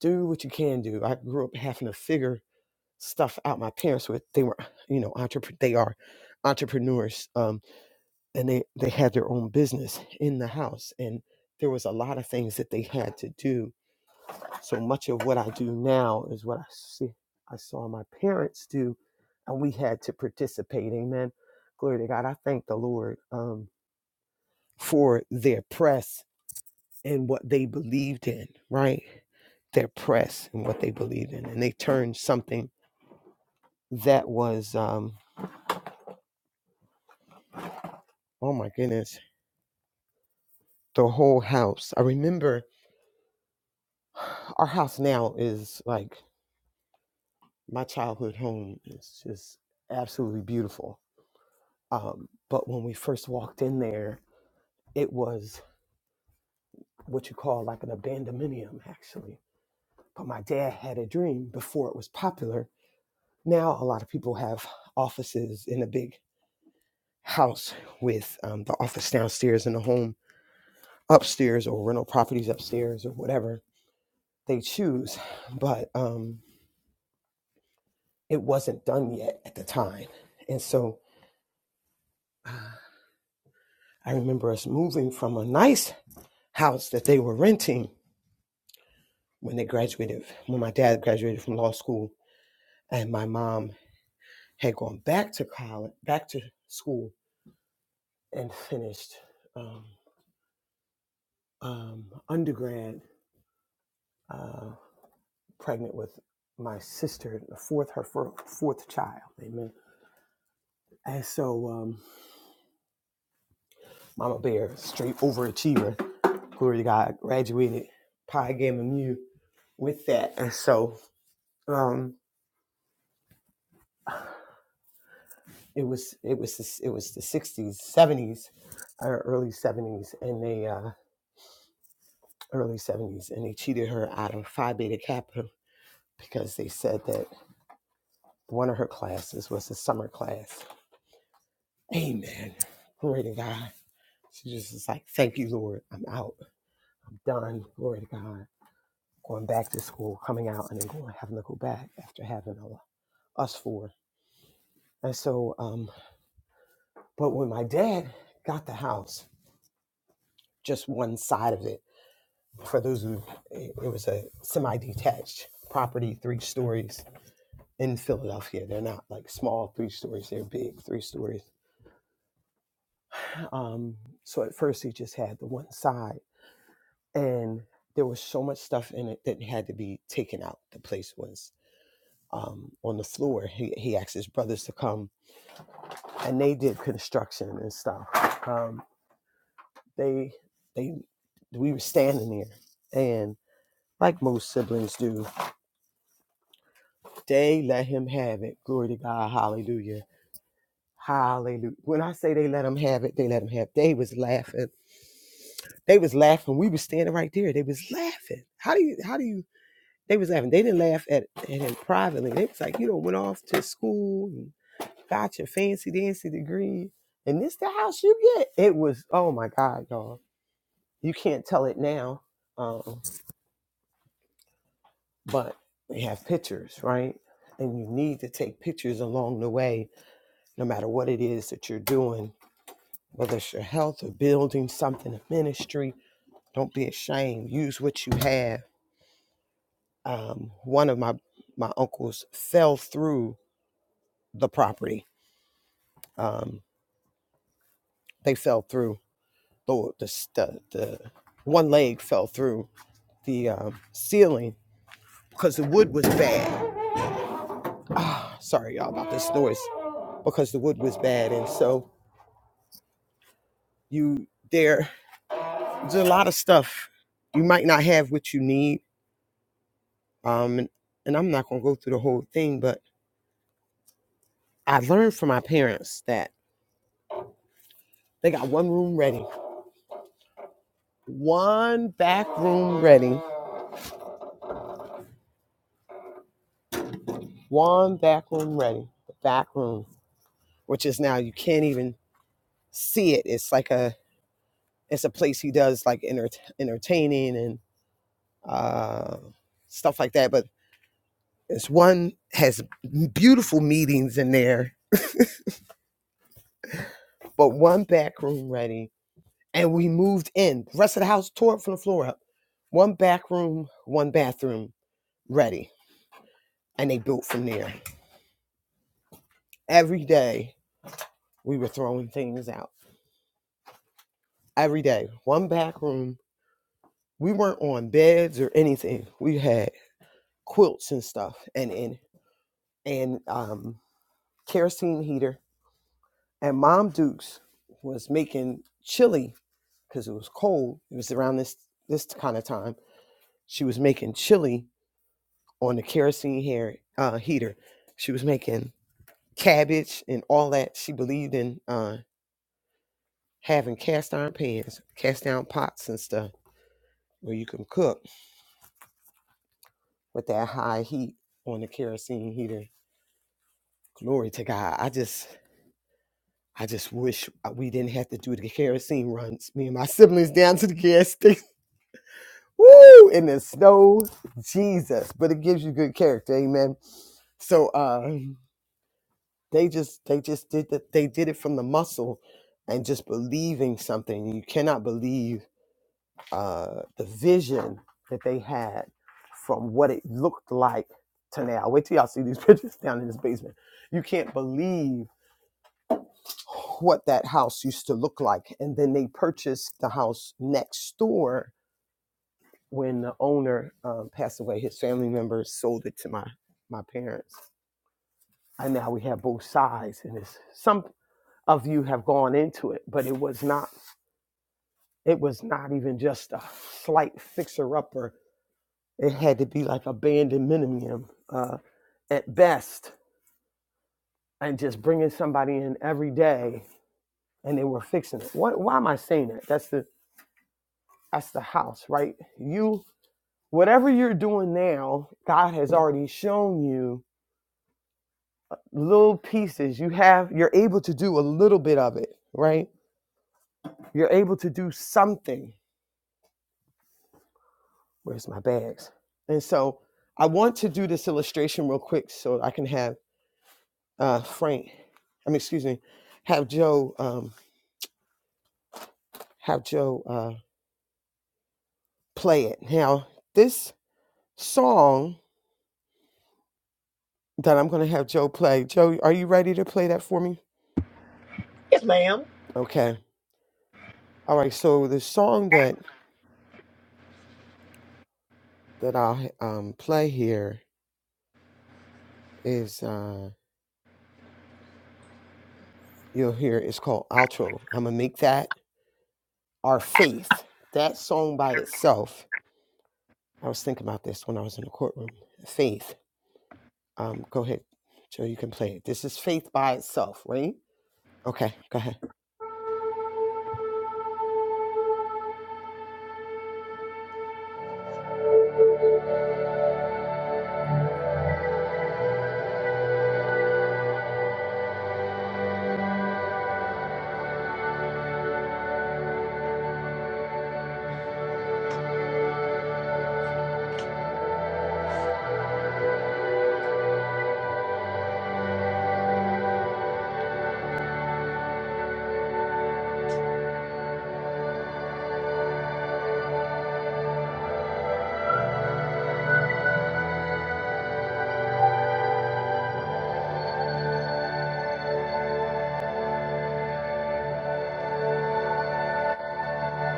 do what you can do. I grew up having to figure stuff out. My parents were they were you know entrepre- they are entrepreneurs, um, and they they had their own business in the house, and there was a lot of things that they had to do. So much of what I do now is what I see I saw my parents do, and we had to participate. Amen. Glory to God. I thank the Lord um, for their press and what they believed in. Right, their press and what they believed in, and they turned something that was um oh my goodness the whole house i remember our house now is like my childhood home it's just absolutely beautiful um but when we first walked in there it was what you call like an abandonmenium actually but my dad had a dream before it was popular now a lot of people have offices in a big house with um, the office downstairs and the home upstairs or rental properties upstairs or whatever they choose, but um, it wasn't done yet at the time. And so uh, I remember us moving from a nice house that they were renting when they graduated, when my dad graduated from law school, and my mom had gone back to college, back to school, and finished um, um, undergrad, uh, pregnant with my sister, the fourth, her fourth child. Amen. And so, um, Mama Bear, straight overachiever, Glory to God, graduated Pi Gamma Mu with that. And so um, it was it was the, it was the 60s, 70s, or early 70s, and they uh, early 70s, and they cheated her out of Phi Beta Kappa because they said that one of her classes was a summer class. Amen. Glory to God. She just was like, "Thank you, Lord. I'm out. I'm done. Glory to God. Going back to school, coming out, and then going having to go back after having all, us four, And so um, But when my dad got the house, just one side of it, for those who, it was a semi detached property, three stories in Philadelphia. They're not like small three stories, they're big three stories. Um, so at first, he just had the one side, and there was so much stuff in it that had to be taken out. The place was um, on the floor. He, he asked his brothers to come, and they did construction and stuff. Um, they, they, we were standing there and. like most siblings do. They let him have it. Glory to God. Hallelujah. Hallelujah. When I say they let him have it, they let him have. It. They was laughing. They was laughing. We was standing right there. They was laughing. How do you how do you they was laughing. They didn't laugh at, at him privately. They was like, you know, went off to school and got your fancy dancy degree. And this the house you get. It was, oh my God, y'all. You can't tell it now. Um, but they have pictures, right? And you need to take pictures along the way no matter what it is that you're doing, whether it's your health or building something, a ministry, don't be ashamed. Use what you have. Um, one of my my uncles fell through the property. Um, they fell through the the, st- the one leg fell through the um, ceiling because the wood was bad. Ah, sorry y'all about this noise because the wood was bad, and so you there. There's a lot of stuff you might not have what you need Um, and, and I'm not going to go through the whole thing, but I learned from my parents that they got one room ready, one back room ready, one back room ready, the back room, which is now you can't even see it. It's like a it's a place he does like enter- entertaining and uh, stuff like that. But it's one has beautiful meetings in there, but one back room ready and we moved in. The rest of the house tore it from the floor up. One back room, one bathroom ready. And they built from there. Every day we were throwing things out. Every day, one back room. We weren't on beds or anything. We had quilts and stuff and and, and um, kerosene heater. And Mom Dukes was making chili because it was cold. It was around this this kind of time. She was making chili on the kerosene hair, uh, heater. She was making cabbage and all that. She believed in uh, having cast iron pans, cast iron pots and stuff where you can cook with that high heat on the kerosene heater. Glory to God. I just. I just wish uh, we didn't have to do the kerosene runs. Me and my siblings down to the gas station. Woo! In the snow, Jesus. But it gives you good character, amen. So, uh, They just they just did that. They did it from the muscle and just believing something. You cannot believe uh, the vision that they had from what it looked like to now. Wait till y'all see these pictures down in this basement. You can't believe what that house used to look like. And then they purchased the house next door when the owner um, passed away. His family members sold it to my my parents. And now we have both sides, and it's some. of you have gone into it, but it was not it was not even just a slight fixer upper. It had to be like abandoned minimum uh, at best, and just bringing somebody in every day, and they were fixing it. What, why am I saying that? That's the that's the house, right? You whatever you're doing now, God has already shown you little pieces. You have you're able to do a little bit of it, right? You're able to do something where's my bags? And so I want to do this illustration real quick so I can have uh, Frank, I mean, excuse me, have Joe, um, have Joe uh, play it. Now, this song that I'm going to have Joe play, Joe, are you ready to play that for me? Okay. All right. So the song that that I'll um, play here is uh, you'll hear it's called Outro. I'm gonna make that our faith. That song by itself I was thinking about this when I was in the courtroom. Faith. Um, go ahead, Joe. You can play it. This is faith by itself, right? Okay, go ahead.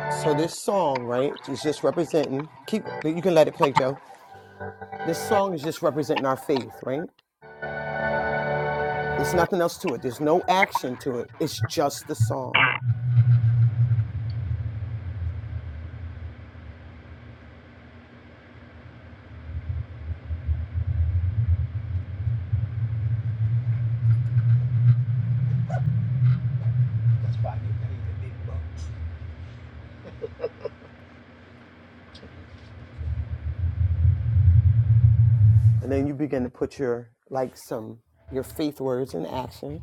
So this song, right, is just representing. Keep. You can let it play, Joe. This song is just representing our faith, right? There's nothing else to it. There's no action to it. It's just the song, and then you begin to put your like some your faith words in action.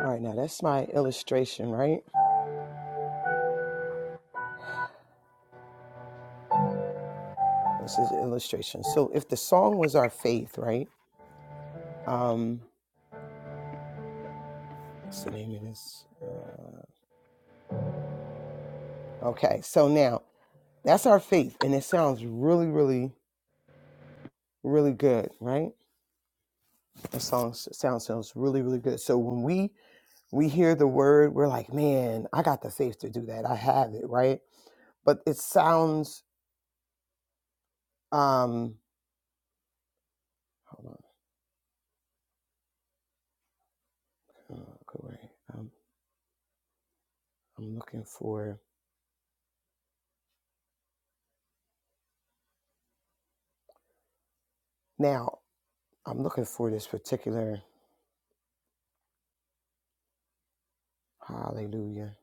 All right, now that's my illustration, right? This is illustration. So if the song was our faith, right? Um, what's the name of this? Uh, okay, so now that's our faith, and it sounds really, really, really good, right? The song s- sound sounds really, really good. So when we we hear the word, we're like, man, I got the faith to do that. I have it, right? But it sounds um, hold on, uh, go away. Um, I'm looking for now. I'm looking for this particular hallelujah.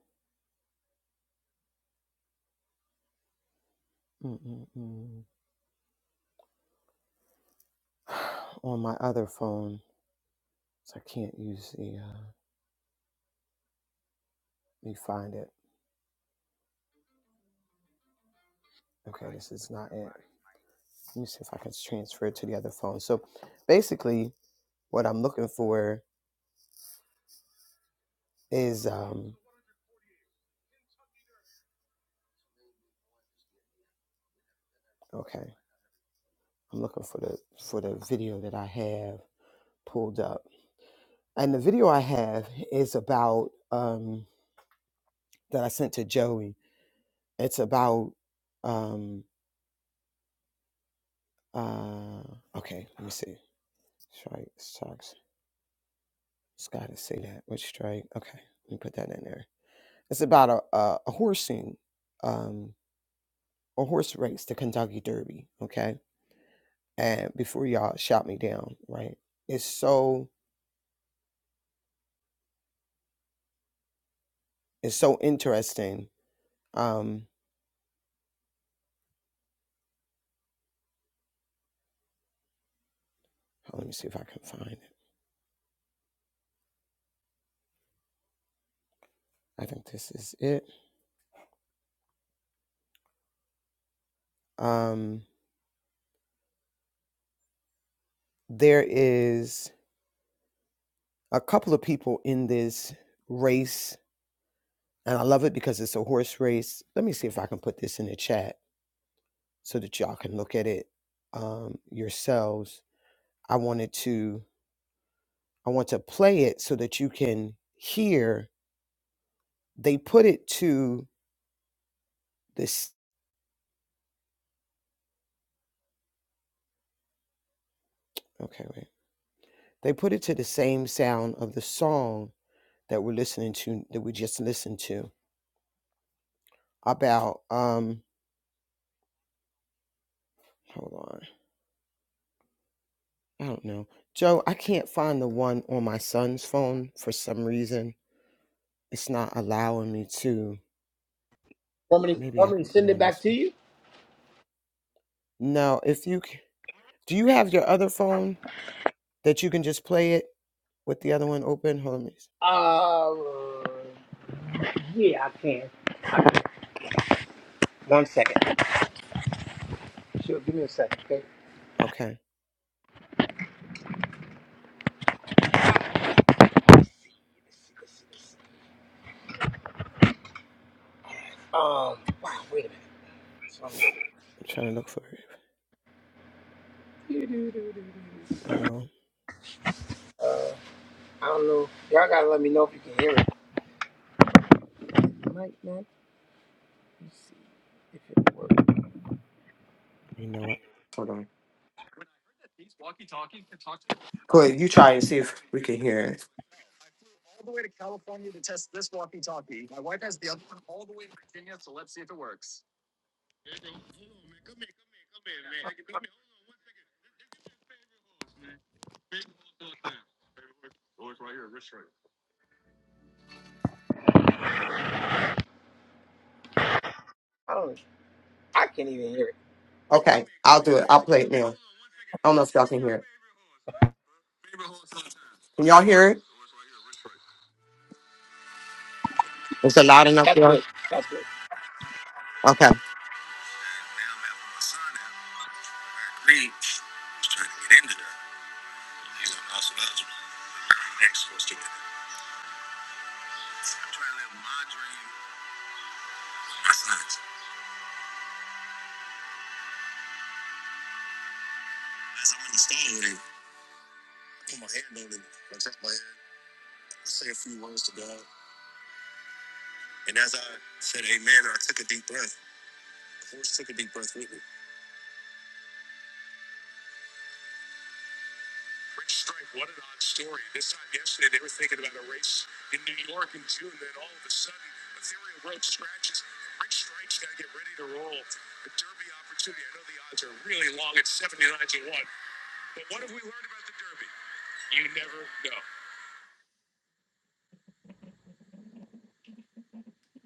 Mm-mm-mm. On my other phone, so I can't use the. uh, Let me find it. Okay, this is not it. Let me see if I can transfer it to the other phone. So basically what I'm looking for is um okay, I'm looking for the for the video that I have pulled up. And the video I have is about um that I sent to Joey. It's about um uh okay, let me see. Strike sucks. It's gotta say that. Which strike? Okay, let me put that in there. It's about a, a, a horsing. um, a horse race, the Kentucky Derby, okay? And before y'all shout me down, right? It's so it's so interesting. Um let me see if I can find it. I think this is it. Um there is a couple of people in this race and I love it because it's a horse race. Let me see if I can put this in the chat so that y'all can look at it um yourselves. I wanted to I want to play it so that you can hear they put it to this okay wait they put it to the same sound of the song that we're listening to that we just listened to about um hold on i don't know joe i can't find the one on my son's phone for some reason it's not allowing me to
Want me to,
maybe i
want me
can
to
put it
send it
on
back
this
to
one
you?
no if you c- do you have your other phone that you can just play it with the other one open hold on a minute.
Uh,
okay
um, wow, wait a minute.
i'm trying to look for it well
I don't know. Y'all gotta let me know if you can hear it. Might not. Let me see if it works.
you know what hold on go ahead you try and see if we can hear it
I don't. I can't even hear it.
Okay, I'll do it. I'll play it now. I don't know if y'all can hear it. Can y'all hear it? Is it loud enough
That's
there?
good. That's good.
Okay.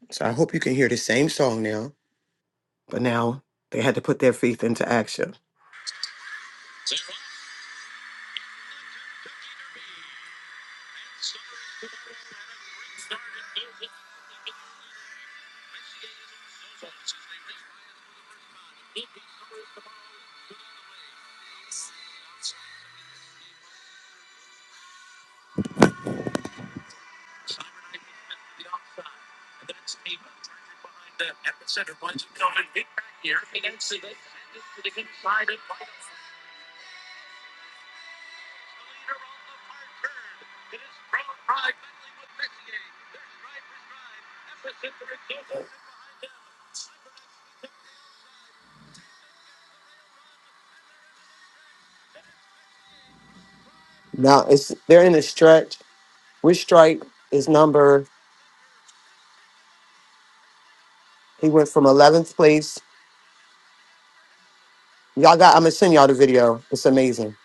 So I hope you can hear the same song now. But now they had to put their faith into action. Now it's they're in a stretch. Which strike is number? He went from eleventh place. Y'all got I'm gonna send y'all the video. It's amazing.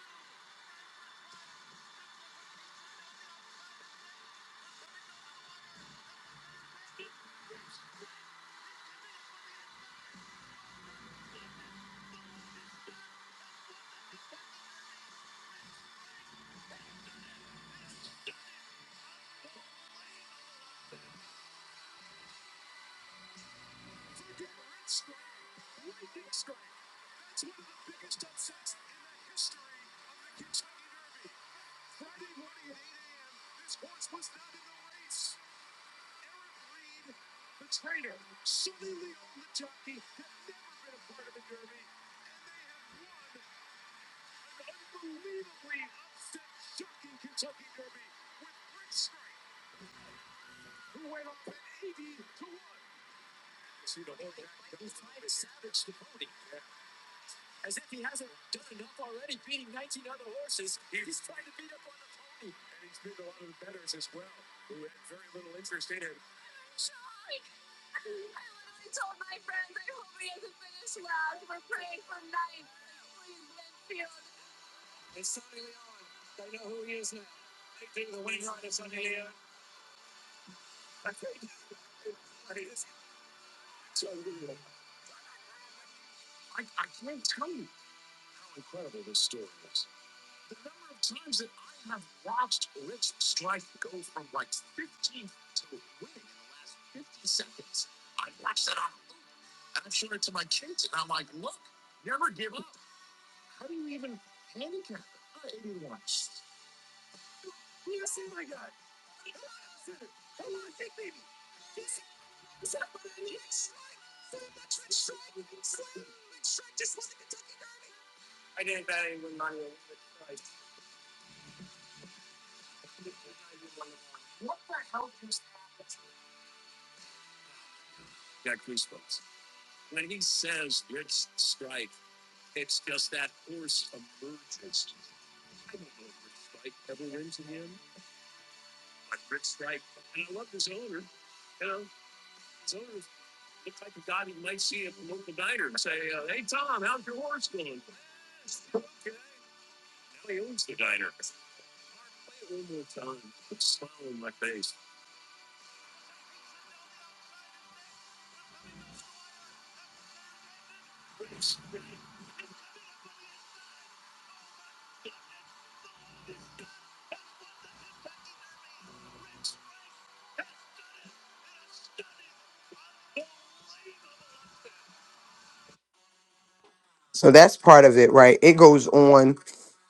So that's part of it, right? It goes on.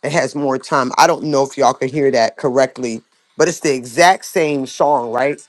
It has more time. I don't know if y'all can hear that correctly, but it's the exact same song, right?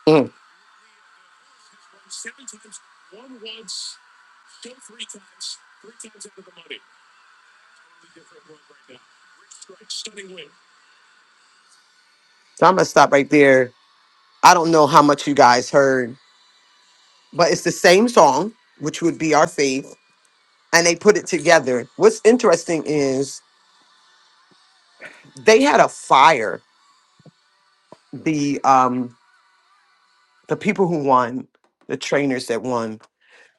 Mm. So I'm gonna stop right there. I don't know how much you guys heard, but it's the same song, which would be our faith, and they put it together. What's interesting is they had a fire. The um the people who won, the trainers that won.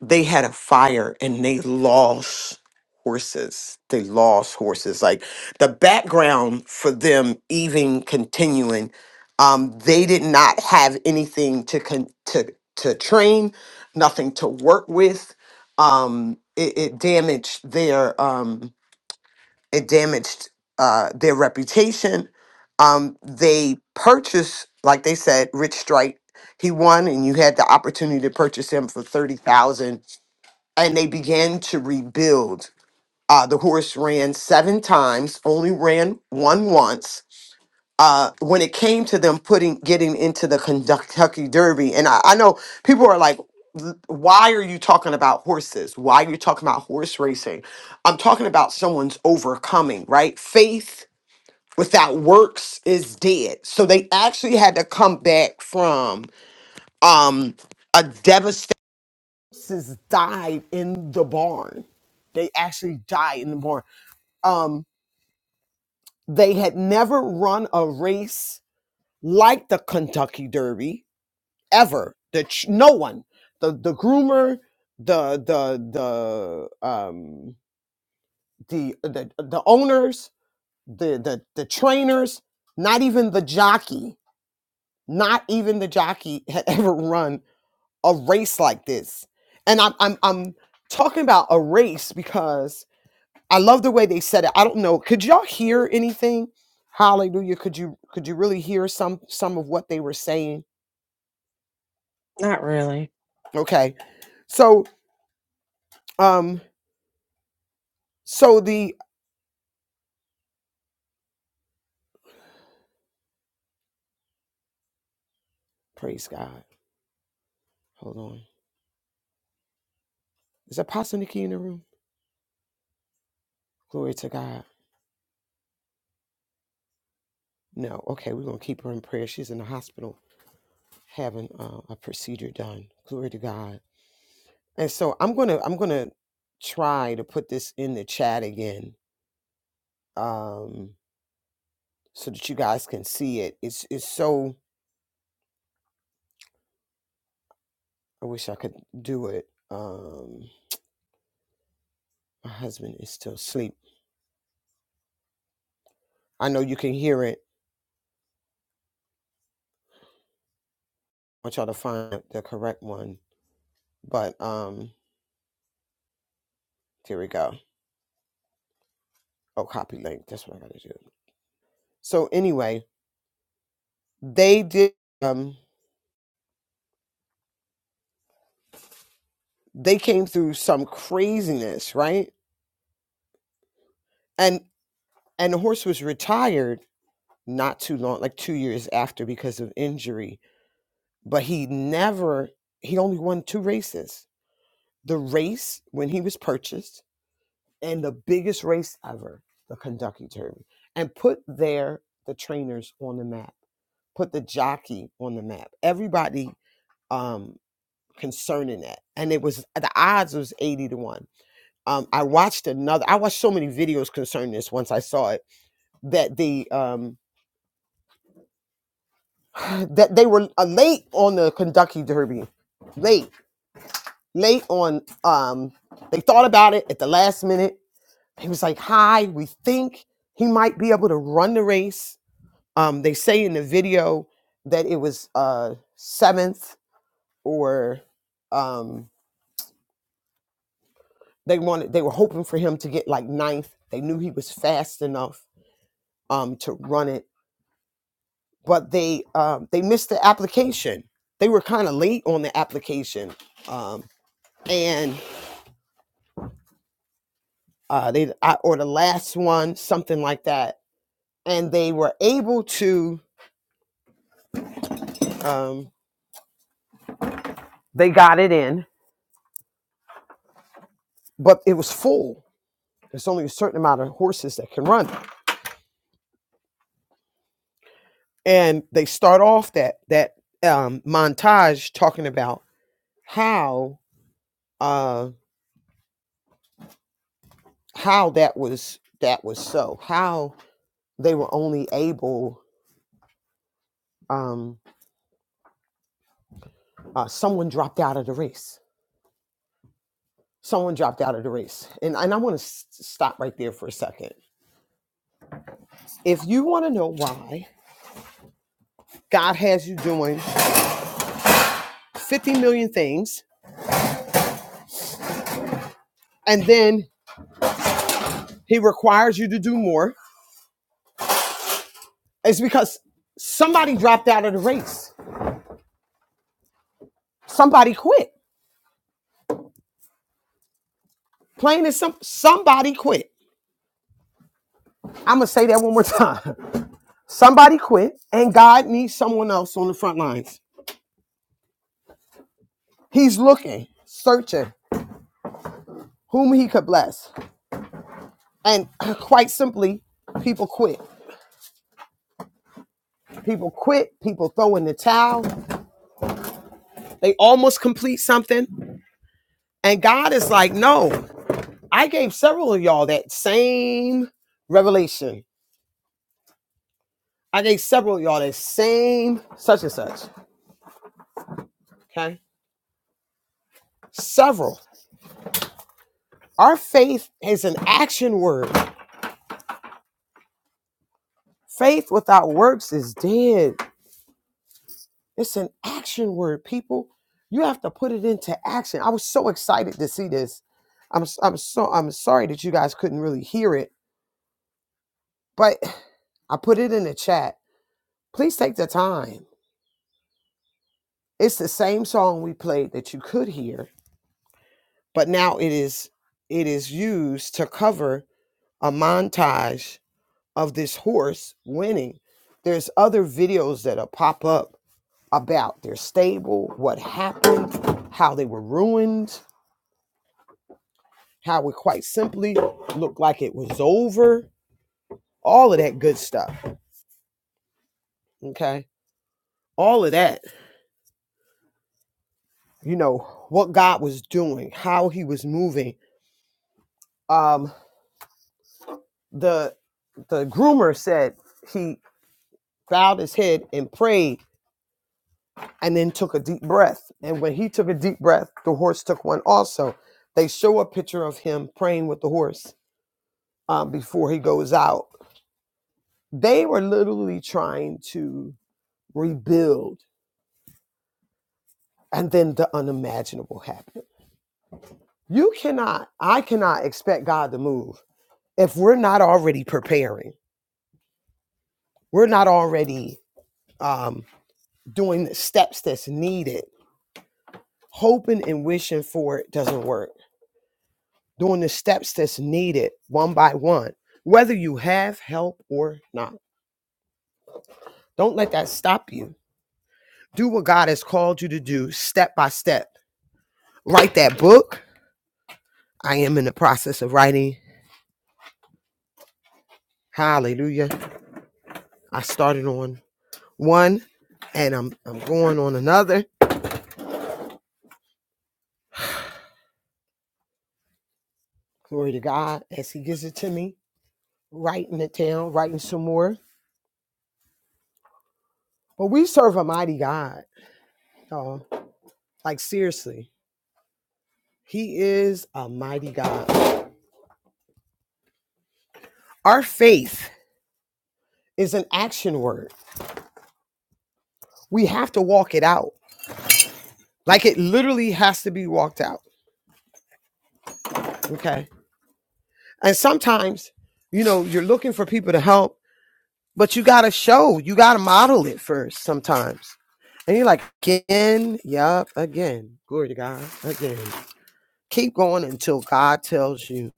they had a fire and they lost horses. They lost horses. Like the background for them even continuing, um, they did not have anything to con- to to train, nothing to work with. Um, it, it damaged their um, it damaged uh, their reputation. Um, they purchased, like they said, Rich Strike. He won, and you had the opportunity to purchase him for thirty thousand and they began to rebuild. Uh, the horse ran seven times, only ran one once. Uh, when it came to them putting getting into the Kentucky Derby, and I, I know people are like, "Why are you talking about horses? Why are you talking about horse racing?" I'm talking about someone's overcoming, right? Faith without works is dead. So they actually had to come back from um, a devastating horses died in the barn. They actually died in the barn. Um, they had never run a race like the Kentucky Derby ever. The ch- no one, the the groomer, the the the um the the, the owners, the, the the trainers, not even the jockey, not even the jockey had ever run a race like this. And I'm I'm I'm talking about a race because I love the way they said it. I don't know. Could y'all hear anything? Hallelujah. Could you could you really hear some some of what they were saying?
Not really.
Okay. So um so the praise God. Hold on. Is Apostle Nikki in the room? Glory to God. No. Okay, we're gonna keep her in prayer. She's in the hospital having uh, a procedure done. Glory to God. And so I'm gonna I'm gonna try to put this in the chat again. Um so that you guys can see it. It's it's so I wish I could do it. Um, my husband is still asleep. I know you can hear it. I try to find the correct one, but um, here we go. Oh, copy link. That's what I gotta do. So anyway, they did. Um, they came through some craziness, right? And and the horse was retired not too long, like two years after, because of injury. But he never. He only won two races. The race when he was purchased and the biggest race ever, the Kentucky Derby, and put there the trainers on the map, put the jockey on the map, everybody um, concerning that. And it was the odds was eighty to one. Um, I watched another. I watched so many videos concerning this once I saw it that the um, that they were uh, late on the Kentucky Derby, late, late on. Um, they thought about it at the last minute. He was like, "Hi, we think he might be able to run the race." Um, they say in the video that it was uh, seventh, or um, they wanted they were hoping for him to get like ninth. They knew he was fast enough um, to run it, but they um, they missed the application. They were kind of late on the application, um, and uh, they I, or the last one, something like that. And they were able to um, they got it in, but it was full. There's only a certain amount of horses that can run and they start off that that um, montage talking about how uh, how that was that was so how they were only able um, uh, someone dropped out of the race someone dropped out of the race and and I want to s- stop right there for a second if you want to know why God has you doing 50 million things and then he requires you to do more it's because somebody dropped out of the race somebody quit Plain as some somebody quit. I'm gonna say that one more time. Somebody quit, and God needs someone else on the front lines. He's looking, searching whom he could bless. And quite simply, people quit. People quit, people throw in the towel, they almost complete something. And God is like, no, I gave several of y'all that same revelation. I gave several of y'all that same such and such. Okay. Several. Our faith is an action word. Faith without works is dead. It's an action word, people. You have to put it into action. I was so excited to see this. I'm s- I'm so I'm sorry that you guys couldn't really hear it, but I put it in the chat. Please take the time. It's the same song we played that you could hear, but now it is it is used to cover a montage of this horse winning. There's other videos that'll pop up about their stable, what happened, how they were ruined, how it quite simply looked like it was over, all of that good stuff. Okay. All of that, you know, what God was doing, how he was moving. Um, the the groomer said he bowed his head and prayed and then took a deep breath. And when he took a deep breath, the horse took one also. They show a picture of him praying with the horse um, before he goes out They were literally trying to rebuild, and then the unimaginable happened. You cannot, I cannot expect God to move if we're not already preparing, we're not already um, doing the steps that's needed. Hoping and wishing for it doesn't work. Doing the steps that's needed one by one, whether you have help or not. Don't let that stop you. Do what God has called you to do step by step. Write that book I am in the process of writing. Hallelujah. I started on one and I'm I'm going on another. Glory to God as he gives it to me, writing it down, writing some more. But we serve a mighty God, y'all. Like seriously, he is a mighty God. Our faith is an action word. We have to walk it out. Like it literally has to be walked out. Okay. And sometimes, you know, you're looking for people to help But you gotta show, you gotta model it first sometimes. And you're like, again, yup, again. Glory to God, again. Keep going until God tells you.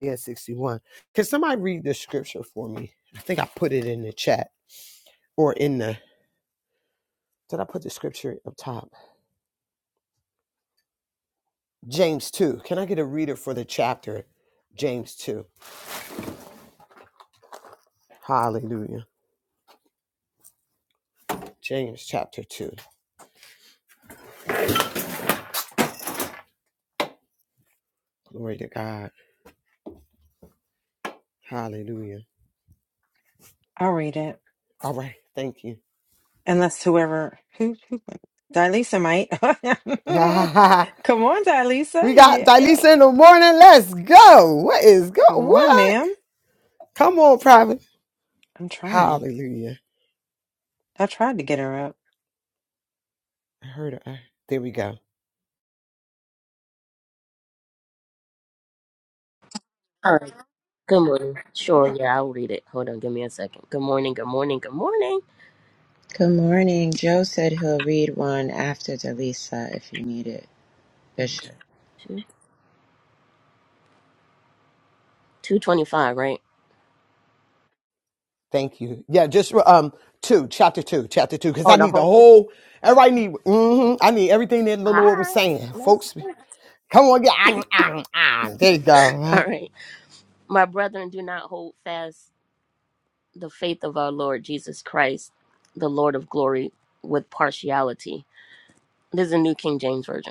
Yeah, 61. Can somebody read the scripture for me? I think I put it in the chat or in the, did I put the scripture up top? James 2. Can I get a reader for the chapter? James 2. Hallelujah. James chapter 2. Glory to God. Hallelujah.
I'll read it.
All right. Thank you.
Unless whoever who who Dilisa might. Come on, Dilisa.
We got
Yeah.
Dilisa in the morning. Let's go. What is go?
Come on,
What?
ma'am.
Come on, private.
I'm trying.
Hallelujah.
I tried to get her up.
I heard her. I- There we go.
All right. Good morning. Sure.
Mm.
Yeah, I'll read it. Hold on. Give me a second. Good morning. Good morning. Good morning.
Good morning. Joe said he'll read one after Delisa if you need it, Bishop.
Two two twenty five. Right.
Thank you. Yeah, just um two, chapter two, chapter two, because I
Oh, the
need the
whole thing.
whole. Everybody need. hmm I need everything that the
All
Lord was
right.
saying,
Let's do
folks.
it.
Come on, yeah. ah, ah, ah. There you
All
go.
right. My brethren, do not hold fast the faith of our Lord Jesus Christ, the Lord of glory, with partiality. This is a New King James Version.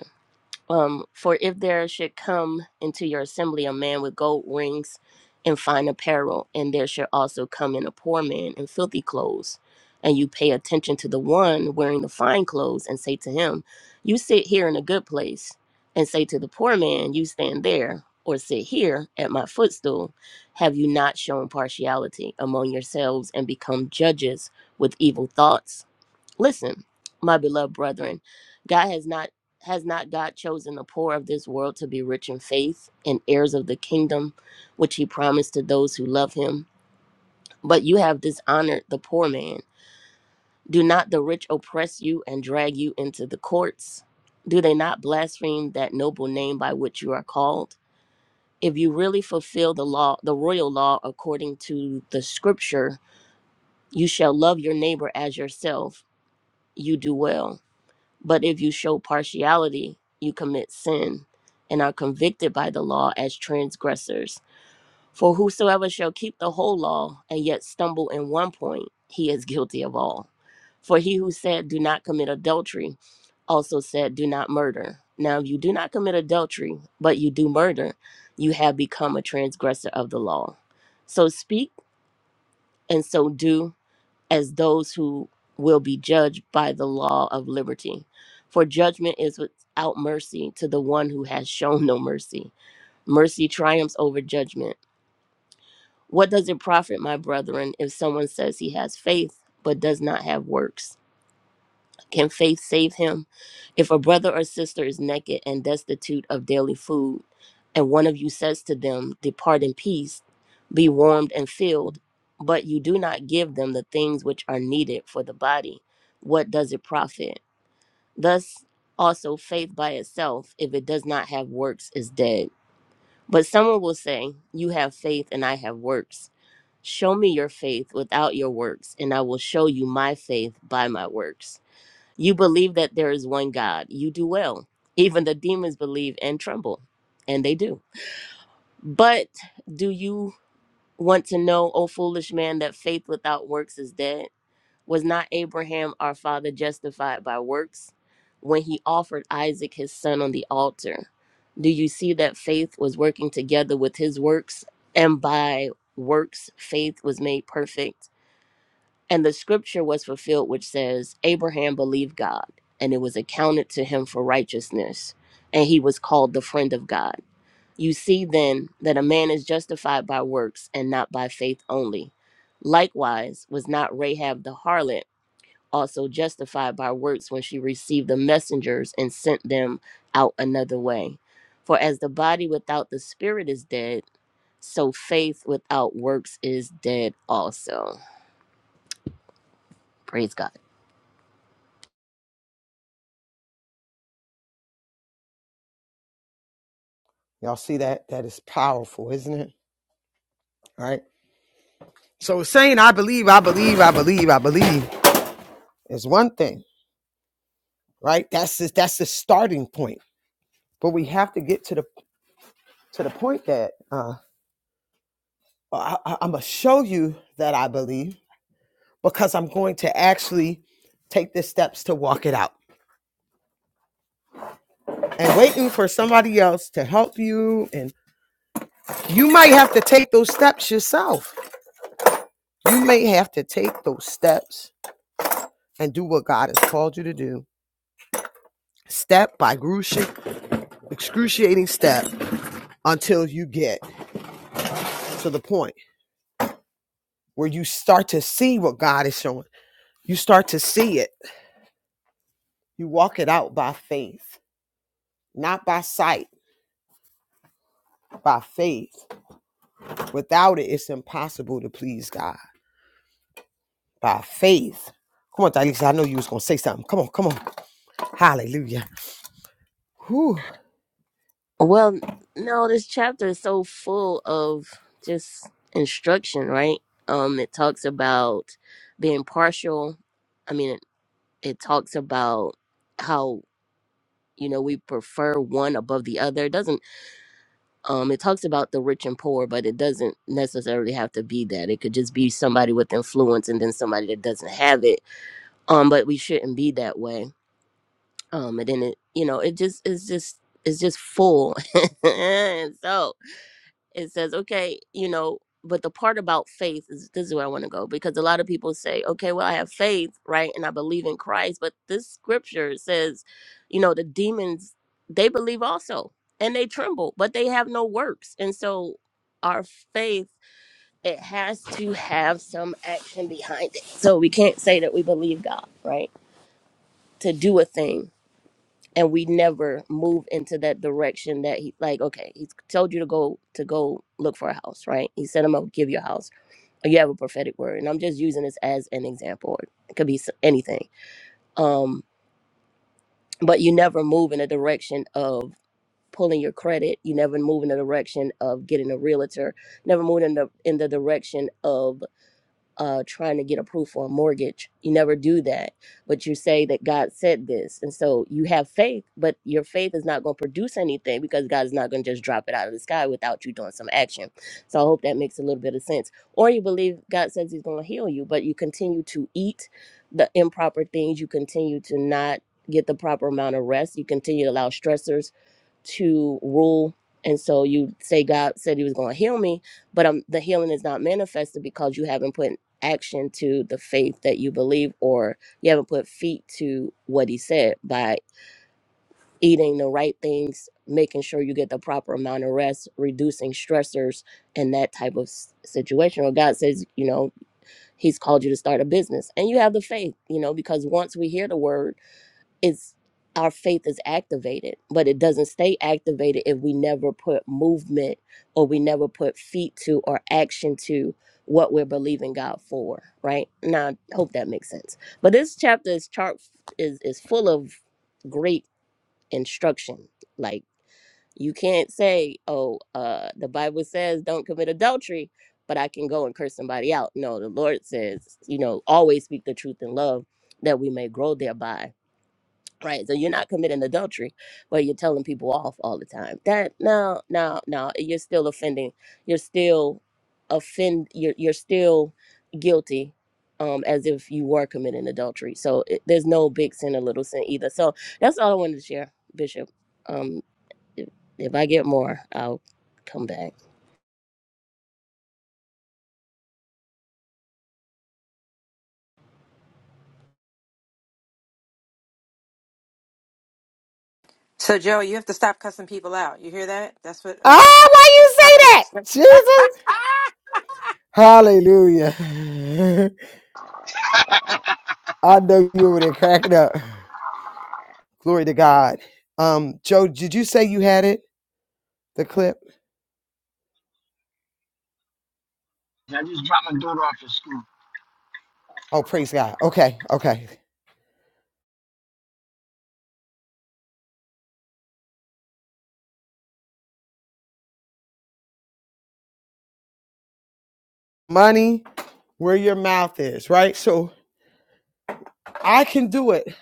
Um, for if there should come into your assembly a man with gold rings and fine apparel, and there should also come in a poor man in filthy clothes, and you pay attention to the one wearing the fine clothes and say to him, You sit here in a good place, and say to the poor man, You stand there or sit here at my footstool, have you not shown partiality among yourselves and become judges with evil thoughts? Listen, my beloved brethren, God has not has not God chosen the poor of this world to be rich in faith and heirs of the kingdom which he promised to those who love him. But you have dishonored the poor man. Do not the rich oppress you and drag you into the courts? Do they not blaspheme that noble name by which you are called? If you really fulfill the law, the royal law according to the scripture, you shall love your neighbor as yourself. You do well. But if you show partiality, you commit sin and are convicted by the law as transgressors. For whosoever shall keep the whole law and yet stumble in one point, he is guilty of all. For he who said, Do not commit adultery, also said, Do not murder. Now, if you do not commit adultery, but you do murder, you have become a transgressor of the law. So speak and so do as those who will be judged by the law of liberty. For judgment is without mercy to the one who has shown no mercy. Mercy triumphs over judgment. What does it profit, my brethren, if someone says he has faith but does not have works? Can faith save him? If a brother or sister is naked and destitute of daily food, and one of you says to them, Depart in peace, be warmed and filled, but you do not give them the things which are needed for the body, what does it profit? Thus also faith by itself, if it does not have works, is dead. But someone will say, You have faith and I have works. Show me your faith without your works, and I will show you my faith by my works. You believe that there is one God. You do well. Even the demons believe and tremble, and they do. But do you want to know, O foolish man, that faith without works is dead? Was not Abraham our father justified by works when he offered Isaac his son on the altar? Do you see that faith was working together with his works, and by works, faith was made perfect? And the scripture was fulfilled, which says, Abraham believed God, and it was accounted to him for righteousness, and he was called the friend of God. You see then that a man is justified by works and not by faith only. Likewise, was not Rahab the harlot also justified by works when she received the messengers and sent them out another way? For as the body without the spirit is dead, so faith without works is dead also. Praise God.
Y'all see that? That is powerful, isn't it? All right. So saying, I believe, I believe, I believe, I believe is one thing. right? That's the, that's the starting point. But we have to get to the to the point that uh, I, I, I'm gonna show you that I believe because I'm going to actually take the steps to walk it out. And waiting for somebody else to help you, and you might have to take those steps yourself. You may have to take those steps and do what God has called you to do, step by grucia- excruciating step, until you get to the point where you start to see what God is showing You start to see it. You walk it out by faith, not by sight, by faith. Without it, it's impossible to please God. By faith. Come on, Dalisa. I know you was gonna say something. Come on, come on. Hallelujah. Whew.
Well, no, this chapter is so full of just instruction, right? Um, it talks about being partial. I mean, it, it talks about how you know we prefer one above the other. It doesn't um, it talks about the rich and poor, but it doesn't necessarily have to be that. It could just be somebody with influence and then somebody that doesn't have it. Um, but we shouldn't be that way. Um, and then it, you know, it just it's just it's just full. so it says, okay, you know, but the part about faith is this is where I want to go because a lot of people say, okay, well, I have faith, right? And I believe in Christ. But this scripture says, you know, the demons, they believe also and they tremble, but they have no works. And so our faith, it has to have some action behind it. So we can't say that we believe God, right? To do a thing and we never move into that direction that he like okay he's told you to go to go look for a house right he said i'm gonna give you a house or you have a prophetic word and i'm just using this as an example it could be s- anything um but you never move in a direction of pulling your credit you never move in the direction of getting a realtor never move in the in the direction of uh, trying to get approved for a mortgage. You never do that, but you say that God said this. And so you have faith, but your faith is not going to produce anything because God is not going to just drop it out of the sky without you doing some action. So I hope that makes a little bit of sense. Or you believe God says He's going to heal you, but you continue to eat the improper things, you continue to not get the proper amount of rest, you continue to allow stressors to rule. And so you say God said he was going to heal me, but um, the healing is not manifested because you haven't put action to the faith that you believe or you haven't put feet to what he said by eating the right things, making sure you get the proper amount of rest, reducing stressors and that type of s- situation. Or God says, you know, he's called you to start a business and you have the faith, you know, because once we hear the word, is our faith is activated, but it doesn't stay activated if we never put movement or we never put feet to or action to what we're believing God for, right? Now, I hope that makes sense. But this chapter is chart is is full of great instruction. Like you can't say, "Oh, uh, the Bible says don't commit adultery," but I can go and curse somebody out. No, the Lord says, you know, always speak the truth in love that we may grow thereby right so you're not committing adultery but you're telling people off all the time that no no no you're still offending you're still offend you're, you're still guilty um as if you were committing adultery so it, there's no big sin or little sin either so that's all i wanted to share bishop um if, if i get more i'll come back
So, Joe, you have to stop cussing people out. You hear that? That's what uh,
Ah, why you say
Prophet
that?
is.
Jesus. Hallelujah. I know you were there cracking up. Glory to God. Um, Joe, did you say you had it? The clip? Oh, praise God. Okay, okay. Money where your mouth is, right? So I can do it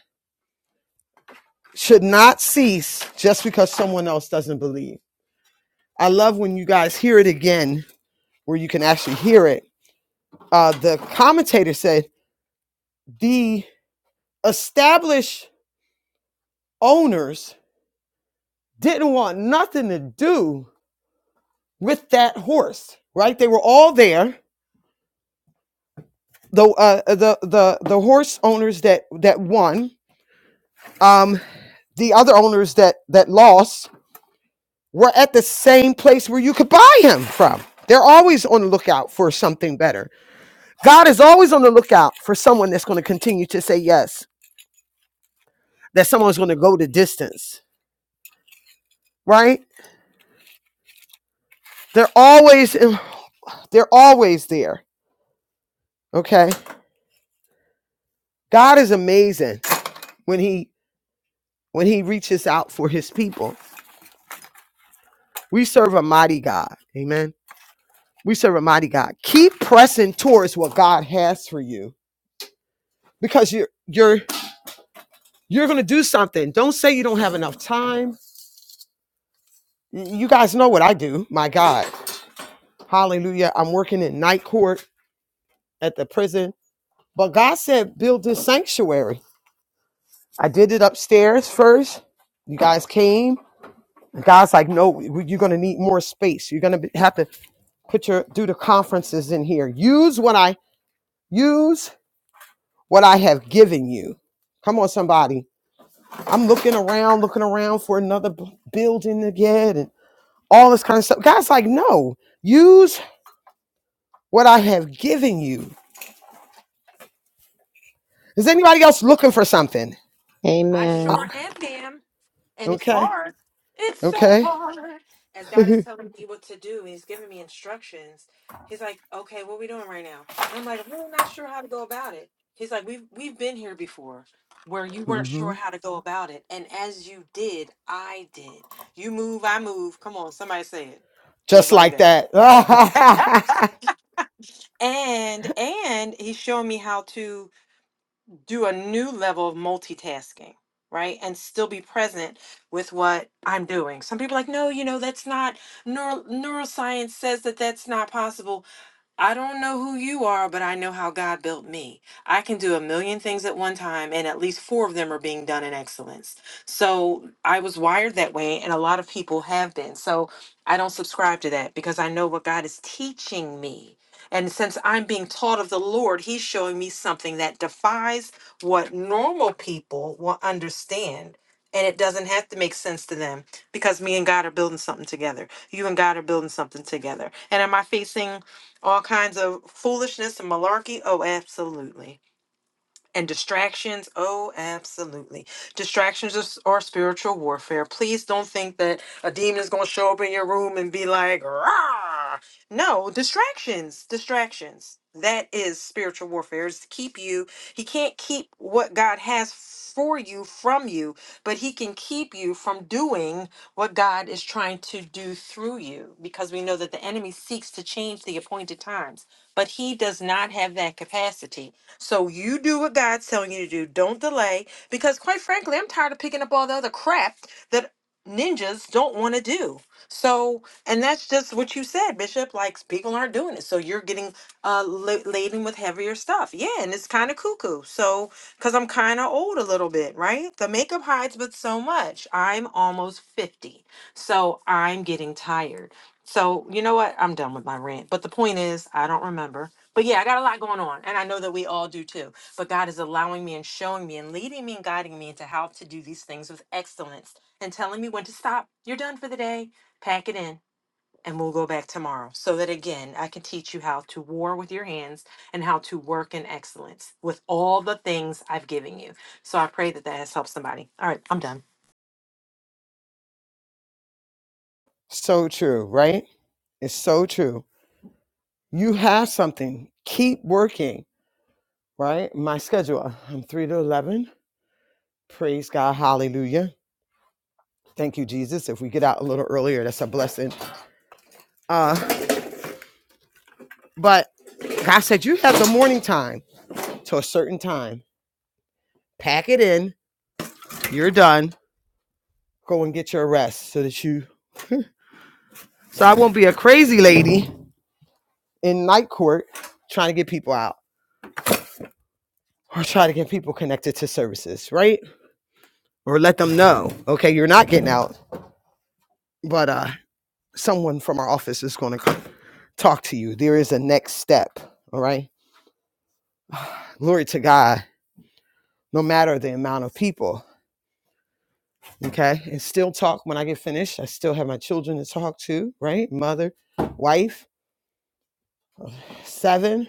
should not cease just because someone else doesn't believe. I love when you guys hear it again, where you can actually hear it. Uh, the commentator said the established owners didn't want nothing to do with that horse, right? They were all there. The uh, the the the horse owners that that won, um, the other owners that that lost, were at the same place where you could buy him from. They're always on the lookout for something better. God is always on the lookout for someone that's going to continue to say yes, that someone's going to go the distance, right? They're always they're always there. Okay? God is amazing when he when he reaches out for his people. We serve a mighty God. Amen. We serve a mighty God. Keep pressing towards what God has for you because you're you're you're going to do something. Don't say you don't have enough time You guys know what I do. My God. Hallelujah. I'm working in night court at the prison. But God said, build this sanctuary. I did it upstairs first. You guys came. And God's like, no, you're going to need more space. You're going to have to put your, do the conferences in here. Use what I, use what I have given you. Come on, somebody. I'm looking around, looking around for another b- building to get and all this kind of stuff. God's like, no, use what I have given you. Is anybody else looking for something?
I
Uh,
sure
Amen.
am, ma'am. And it's
okay.
hard. It's so
Okay.
hard. As God is telling me what to do, He's giving me instructions. He's like, "Okay, what are we doing right now?" And I'm like, "Well, "I'm really not sure how to go about it." He's like, "We've we've been here before, where you weren't
hmm
sure how to go about it, and as you did, I did. You move, I move. Come on, somebody say it, just
Just
like
like that.
that." and and he's showing me how to do a new level of multitasking, right? And still be present with what I'm doing. Some people are like, no, you know, that's not neuro- neuroscience says that that's not possible I don't know who you are, but I know how God built me. I can do a million things at one time, and at least four of them are being done in excellence. So I was wired that way, and a lot of people have been. So I don't subscribe to that because I know what God is teaching me. And since I'm being taught of the Lord, He's showing me something that defies what normal people will understand. And it doesn't have to make sense to them because me and God are building something together. You and God are building something together. And am I facing all kinds of foolishness and malarkey. Oh, absolutely. And distractions, oh, absolutely. Distractions is- are spiritual warfare. Please don't think that a demon is going to show up in your room and be like, Rah! no, distractions, distractions. That is spiritual warfare. Is to keep you. He can't keep what God has for you from you, but he can keep you from doing what God is trying to do through you because we know that the enemy seeks to change the appointed times, but he does not have that capacity. So you do what God's telling you to do. Don't delay. Because quite frankly, I'm tired of picking up all the other crap that ninjas don't want to do. So, and that's just what you said, Bishop. Like people aren't doing it. So you're getting uh la- laden with heavier stuff. Yeah, and it's kind of cuckoo. So, because I'm kind of old a little bit, right? The makeup hides but so much. I'm almost 50. So I'm getting tired. So, you know what? I'm done with my rant. But the point is, I don't remember. But yeah, I got a lot going on, and I know that we all do too. But God is allowing me and showing me and leading me and guiding me into how to do these things with excellence and telling me when to stop. You're done for the day. Pack it in, and we'll go back tomorrow. So that again, I can teach you how to war with your hands and how to work in excellence with all the things I've given you. So I pray that that has helped somebody. All right, I'm done.
so true, right? It's so true. You have something. Keep working, right? My schedule, I'm 3 to 11. Praise God. Hallelujah. Thank you, Jesus. If we get out a little earlier, that's a blessing. Uh, but God said, you have the morning time to a certain time. Pack it in. You're done. Go and get your rest so that you So I won't be a crazy lady in night court trying to get people out or try to get people connected to services, right? Or let them know, okay, you're not getting out, but uh someone from our office is going to talk to you. There is a next step, all right? Glory to God, no matter the amount of people, okay? And still talk when I get finished. I still have my children to talk to, right? Mother, wife, seven,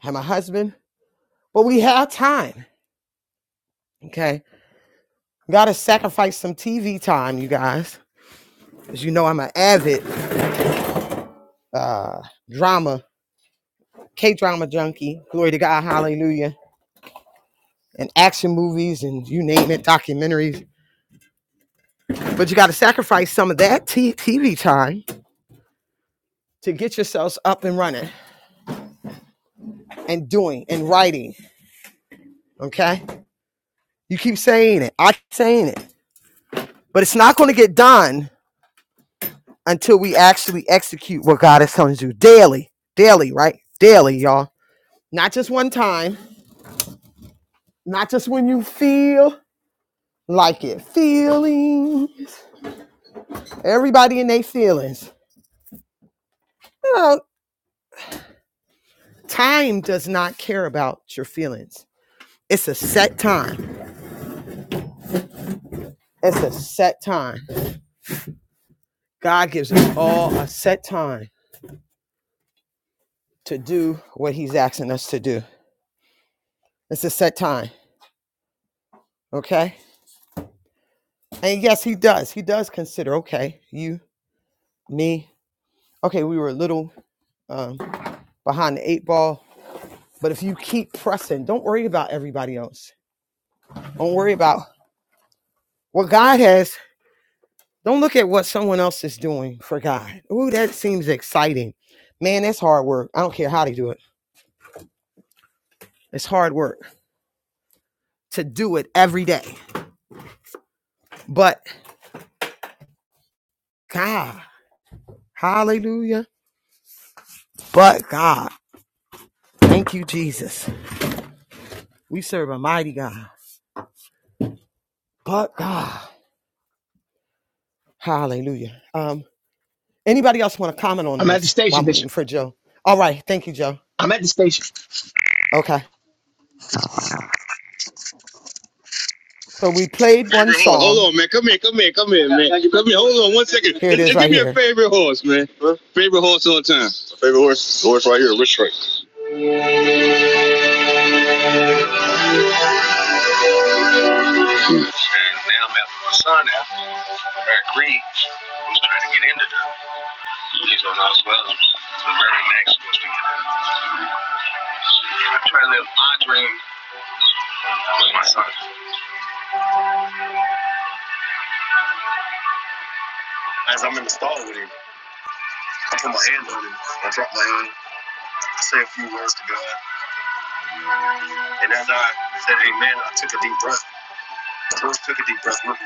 have my husband, but we have time, okay? Gotta sacrifice some TV time, you guys. As you know, I'm an avid uh, drama, K drama junkie. Glory to God, hallelujah. And action movies and you name it, documentaries. But you gotta sacrifice some of that t- TV time to get yourselves up and running and doing and writing, okay? You keep saying it. I keep saying it. But it's not gonna get done until we actually execute what God is telling you daily, daily, right? Daily, y'all. Not just one time Not just when you feel like it. Feelings. Everybody in their feelings. No, time does not care about your feelings. It's a set time. It's a set time. God gives us all a set time to do what He's asking us to do. It's a set time. Okay. And yes, He does. He does consider, okay, you, me. Okay, we were a little um, behind the eight ball. But if you keep pressing, don't worry about everybody else. Don't worry about What God has, don't look at what someone else is doing for God. Ooh, that seems exciting. Man, that's hard work. I don't care how they do it. It's hard work to do it every day. But God, hallelujah. But God, thank you, Jesus. We serve a mighty God. But God, hallelujah. Um, anybody else want to comment on
I'm at the
this while
station,
I'm waiting
Bishop.
for Joe? All right, thank you, Joe.
I'm at the station.
Okay. So we played one
Favorite horse. Hold
song.
on, man. Come here. Come here. Come here, man. Come here. Hold on one second.
Here it
Just,
is
just
right
give me a
here.
favorite horse, man. Huh? Favorite horse all the time. My favorite horse. The horse right here, Rich Strike. And now I'm after my son now. Eric Green. Who's trying to get into that. He's on us well. So very next. supposed to get in. I try to live my dream with my son. As I'm in the stall with him, I put my hand on him. I drop my hand. I say a few words to God. And as I said amen, I took a deep breath. Rose took a deep breath with her.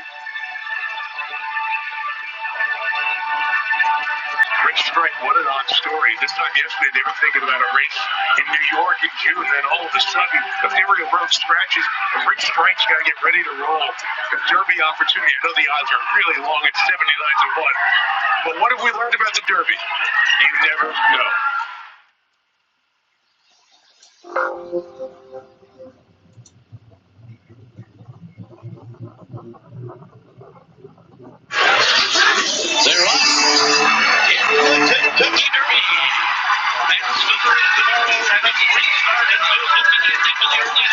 They're off. They really are off.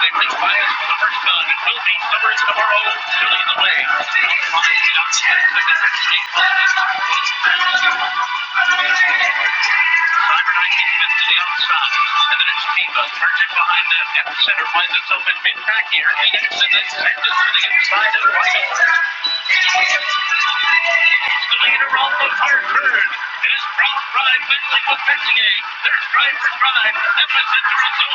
They bring bias for the first time. It will be numbers tomorrow to lead the way. Cyber 19 fits to the outside, and then it's Tebow turns it behind them. At the center, finds itself in mid-pack here. He exits and sends it to the inside of White. The leader, on, the car turns. It is Brown Pride battling with Bensier. There's drive for drive. And with and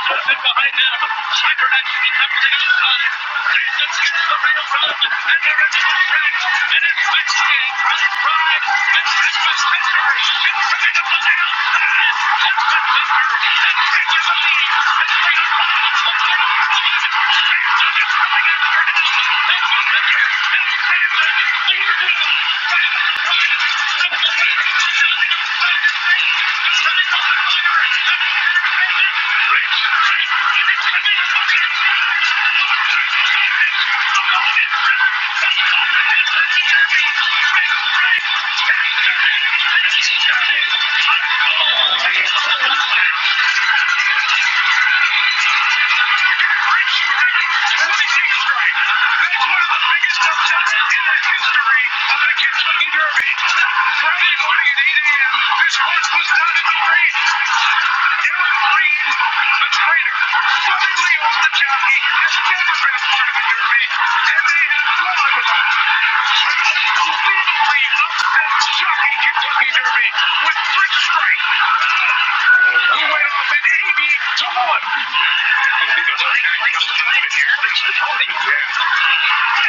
Zozo's in behind them. Slacker actually comes to the outside. Jesus hits the rail run. And they're into the stretch. It is Bensier, Brown Pride, and Christmas Messenger. It's coming up on the outside. I'm a fighter, I'm a fighter, I'm a fighter, I'm a fighter. Lightning strike. That's one of the biggest upsets in the history of the Kentucky Derby. Friday morning at 8 a.m., this horse was not in the race. Aaron Reed, the trainer, lovingly owned the jockey, has never been a part of the Derby, and they have won. An unbelievably Jockey Kentucky Derby with Trick Strike. We went off at 80 to 1. As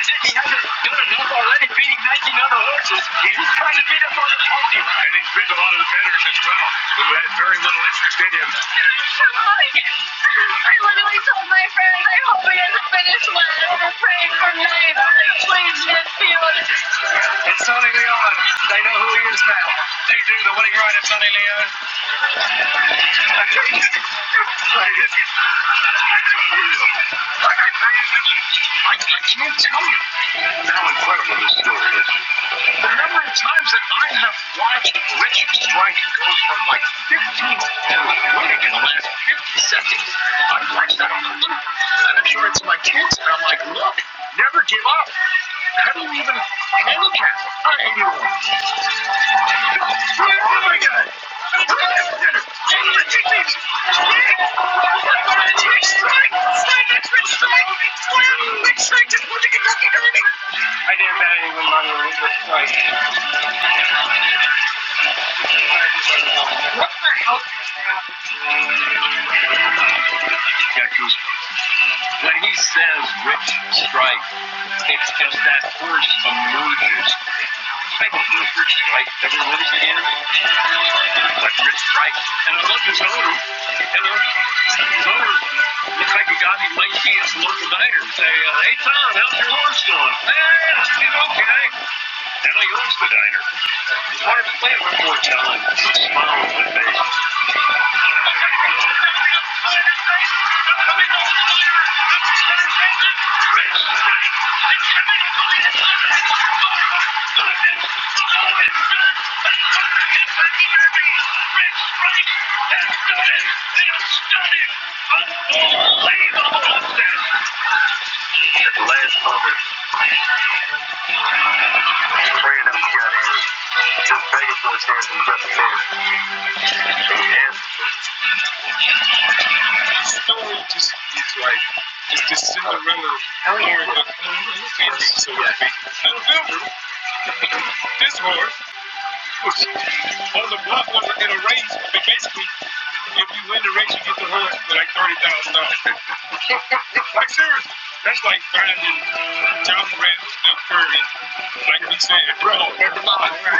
if he hasn't done enough already beating 19 other horses, he's trying to beat up on the pony. And he's beat a lot of the betters as well, who had very little interest in him. I literally told my friends, I hope he doesn't finish last. We're praying for ninth. Like, please, Miss It's unbelievable they do the way I, I can't tell you how incredible this story is. The number of times that I have watched Richard Strike go from like 15 to winning in the last 50 seconds. I've watched that on YouTube. And I'm showing it to my kids, and I'm like, look, never give up. How do you even handicap? I ain't even I didn't bet anyone money on this strike. What the hell just happened? When he says rich strike, it's just that first emerges. I don't know if Rich Strike ever wins again, but Rich Strike, and I love his owner. Hello, his owner looks like a guy who might be his local diner. and Say, uh, hey Tom, how's your horse doing? Man, it's doing okay. And I owns the diner. I want to play it one more time. Smile on my face. At the last moment, praying that we got in. Just begging for a chance and we got the chance. Like seriously, that's like finding John Morant, Steph Curry, like we said, bro.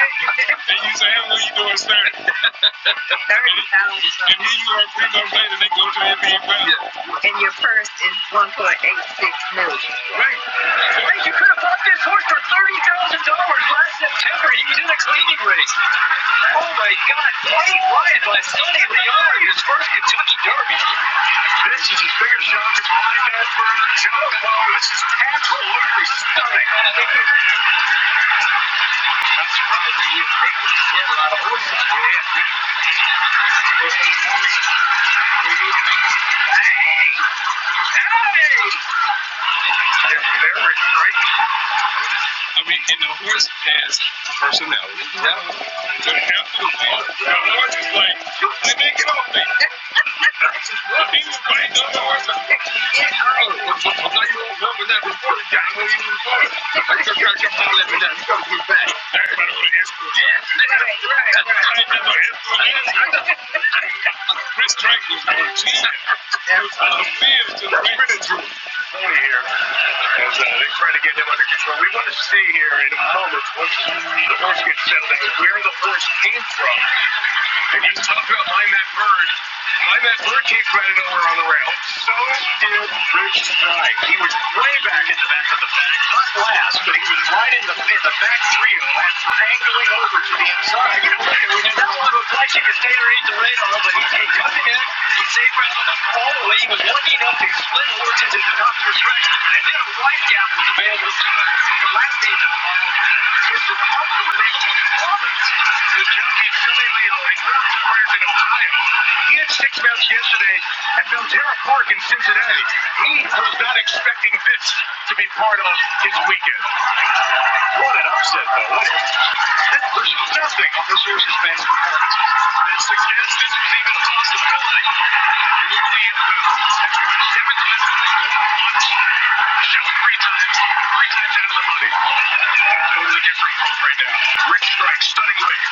They use a hammer when you doing 30. 30 pounds. And here you are three months later, they go to the NBA finals. Yeah. And your purse is 1.86 million. dollars. Right. Wait, you could have bought this horse for $30,000 last September. He was in a cleaning race. Oh my God, Blake Ryan by Sonny Leon in his first Kentucky Derby. This is his bigger shot as my best friend Joe. This is absolutely stunning. I'm surprised that you had a lot of horses. You had me. There's a woman. We need to be. Hey! Hey! That's very strange. I mean, and the horse has a personality. Now, after the the horse is like, let me get off me. Chris Drake was going cheating. I was feeling to the County here as uh, they try to get him under control. We want to see here in a moment once the horse gets settled where the horse came from. And you talk about mind that bird. Mind that bird came from out of nowhere on the rail. So did Rich Strike. He was way back at the back of the pack, not last, but he was right in the in the back trio after angling over to the inside. You know, we did not want to apply. She could stay underneath the radar, but. he Zay Brown on the way. he was lucky enough to split Horton to the top of the stretch, and then a wide gap was available to him in the last days of the ball. This was also related to Roberts, who jumped in Philly Leo and grabbed the players in Ohio. He had six bounce yesterday at Belterra Park in Cincinnati. He was not expecting this to be part of his weekend. What an upset, though. What a this nothing on this horse's bad That suggests this was even a possibility. You would lead with strike, stunning weight.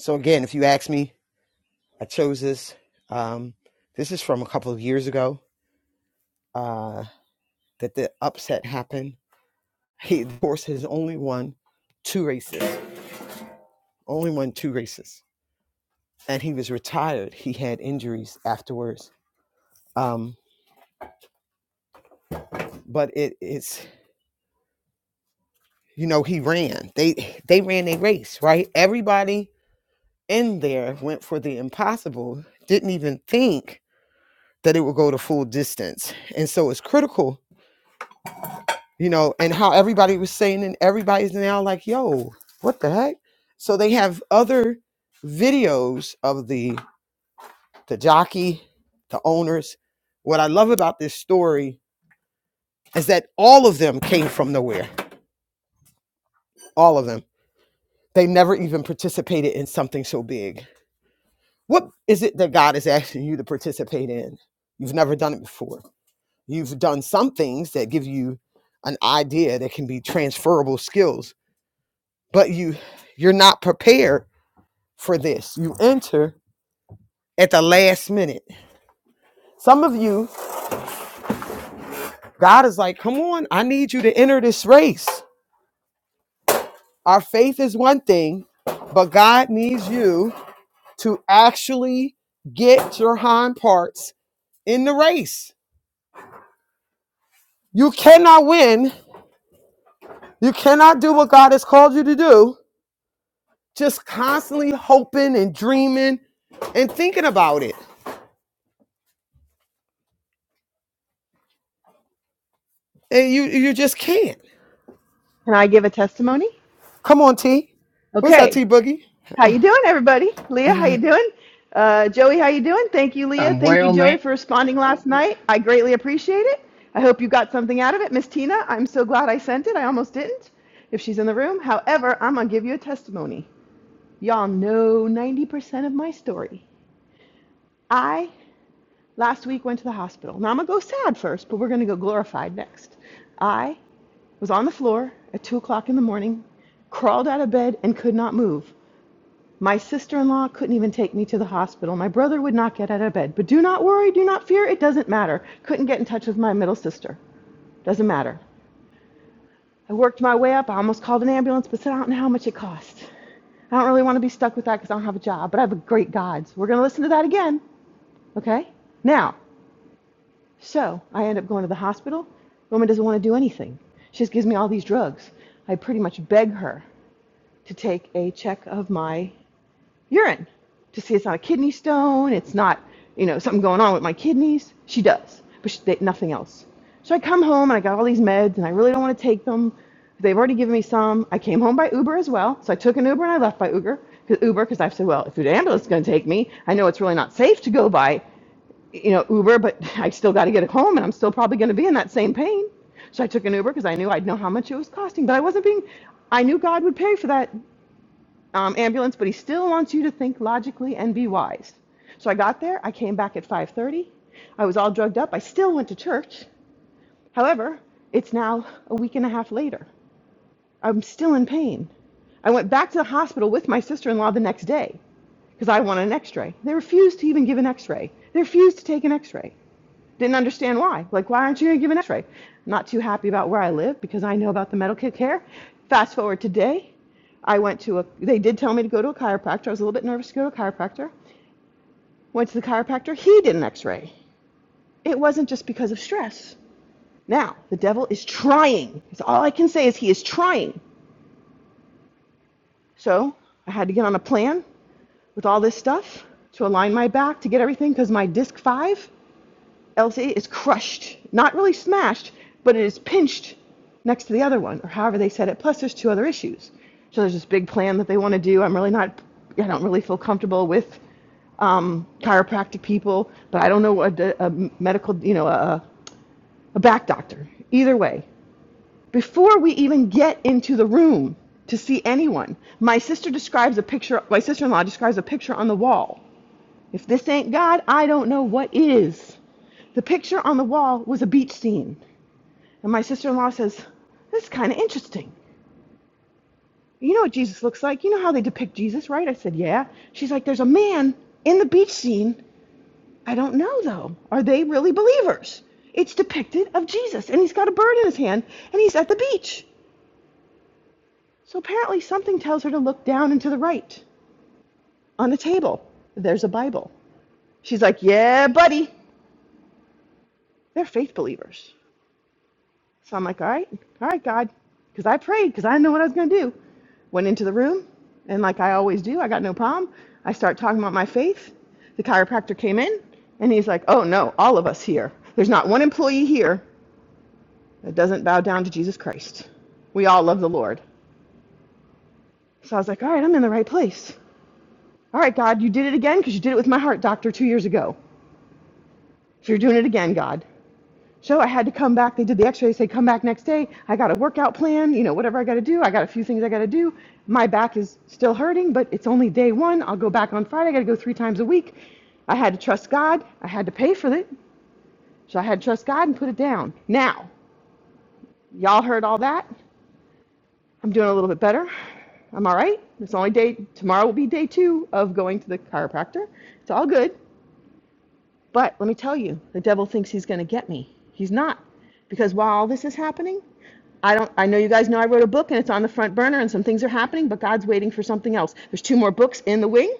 So again, if you ask me, I chose this. Um, this is from a couple of years ago uh, that the upset happened. He, of course, has only won two races, only won two races, and he was retired. He had injuries afterwards, um, but it, it's you know he ran. They they ran a race, right? Everybody in there went for the impossible. Didn't even think that it would go to full distance, and so it's critical you know, and how everybody was saying, and everybody's now like, yo, what the heck? So they have other videos of the the jockey, the owners. What I love about this story is that all of them came from nowhere. All of them. They never even participated in something so big. What is it that God is asking you to participate in? You've never done it before. You've done some things that give you an idea that can be transferable skills, but you you're not prepared for this. You enter at the last minute. Some of you, God is like, come on, I need you to enter this race. Our faith is one thing, but God needs you to actually get your hind parts in the race. You cannot win. You cannot do what God has called you to do. Just constantly hoping and dreaming and thinking about it. And you you just can't.
Can I give a testimony?
Come on, T. What's that,
Okay.
T Boogie?
How you doing, everybody? Leah, how you doing? Uh, Joey, how you doing? Thank you, Leah.
I'm
Thank you,
well, man.
Joey, for responding last night. I greatly appreciate it. I hope you got something out of it. Miss Tina, I'm so glad I sent it. I almost didn't if she's in the room. However, I'm going to give you a testimony. Y'all know 90% of my story. I last week went to the hospital. Now I'm going to go sad first, but we're going to go glorified next. I was on the floor at 2 o'clock in the morning, crawled out of bed, and could not move. My sister in law couldn't even take me to the hospital. My brother would not get out of bed. But do not worry, do not fear, it doesn't matter. Couldn't get in touch with my middle sister. Doesn't matter. I worked my way up. I almost called an ambulance, but said, I don't know how much it cost. I don't really want to be stuck with that because I don't have a job, but I have a great God. So we're going to listen to that again. Okay? Now, so I end up going to the hospital. The Woman doesn't want to do anything. She just gives me all these drugs. I pretty much beg her to take a check of my urine to see it's not a kidney stone, it's not, you know, something going on with my kidneys. She does, but she, they, nothing else. So I come home and I got all these meds and I really don't want to take them. They've already given me some. I came home by Uber as well. So I took an Uber and I left by Uber because Uber because I said, well, if the ambulance is going to take me, I know it's really not safe to go by, you know, Uber, but I still got to get it home and I'm still probably going to be in that same pain. So I took an Uber because I knew I'd know how much it was costing, but I wasn't being, I knew God would pay for that um, ambulance, but he still wants you to think logically and be wise. So I got there. I came back at 5:30. I was all drugged up. I still went to church. However, it's now a week and a half later. I'm still in pain. I went back to the hospital with my sister-in-law the next day because I wanted an X-ray. They refused to even give an X-ray. They refused to take an X-ray. Didn't understand why. Like, why aren't you going to give an x-ray? Not too happy about where I live because I know about the medical care. Fast forward today, I went to a, they did tell me to go to a chiropractor. I was a little bit nervous to go to a chiropractor. Went to the chiropractor. He did an x-ray. It wasn't just because of stress. Now, the devil is trying. That's all I can say is he is trying. So I had to get on a plan with all this stuff to align my back, to get everything because my disc five Elsie is crushed, not really smashed, but it is pinched next to the other one, or however they said it. Plus, there's two other issues. So there's this big plan that they want to do. I'm really not, I don't really feel comfortable with um, chiropractic people, but I don't know what a, a medical, you know, a, a back doctor. Either way, before we even get into the room to see anyone, my sister describes a picture. My sister-in-law describes a picture on the wall if this ain't God, I don't know what is. The picture on the wall was a beach scene. And my sister in law says, This is kind of interesting. You know what Jesus looks like. You know how they depict Jesus, right? I said, Yeah. She's like, There's a man in the beach scene. I don't know, though. Are they really believers? It's depicted of Jesus, and he's got a bird in his hand, and he's at the beach. So apparently, something tells her to look down and to the right on the table. There's a Bible. She's like, Yeah, buddy. They're faith believers. So I'm like, all right, all right, God, because I prayed because I didn't know what I was going to do. Went into the room, and like I always do, I got no problem. I start talking about my faith. The chiropractor came in, and he's like, oh no, all of us here. There's not one employee here that doesn't bow down to Jesus Christ. We all love the Lord. So I was like, all right, I'm in the right place. All right, God, you did it again because you did it with my heart doctor two years ago. So you're doing it again, God. So I had to come back. They did the x-ray, say come back next day. I got a workout plan, you know, whatever I got to do. I got a few things I got to do. My back is still hurting, but it's only day 1. I'll go back on Friday. I got to go 3 times a week. I had to trust God. I had to pay for it. So I had to trust God and put it down. Now, y'all heard all that? I'm doing a little bit better. I'm all right. It's only day tomorrow will be day 2 of going to the chiropractor. It's all good. But let me tell you, the devil thinks he's going to get me. He's not. Because while all this is happening, I don't I know you guys know I wrote a book and it's on the front burner and some things are happening, but God's waiting for something else. There's two more books in the wing.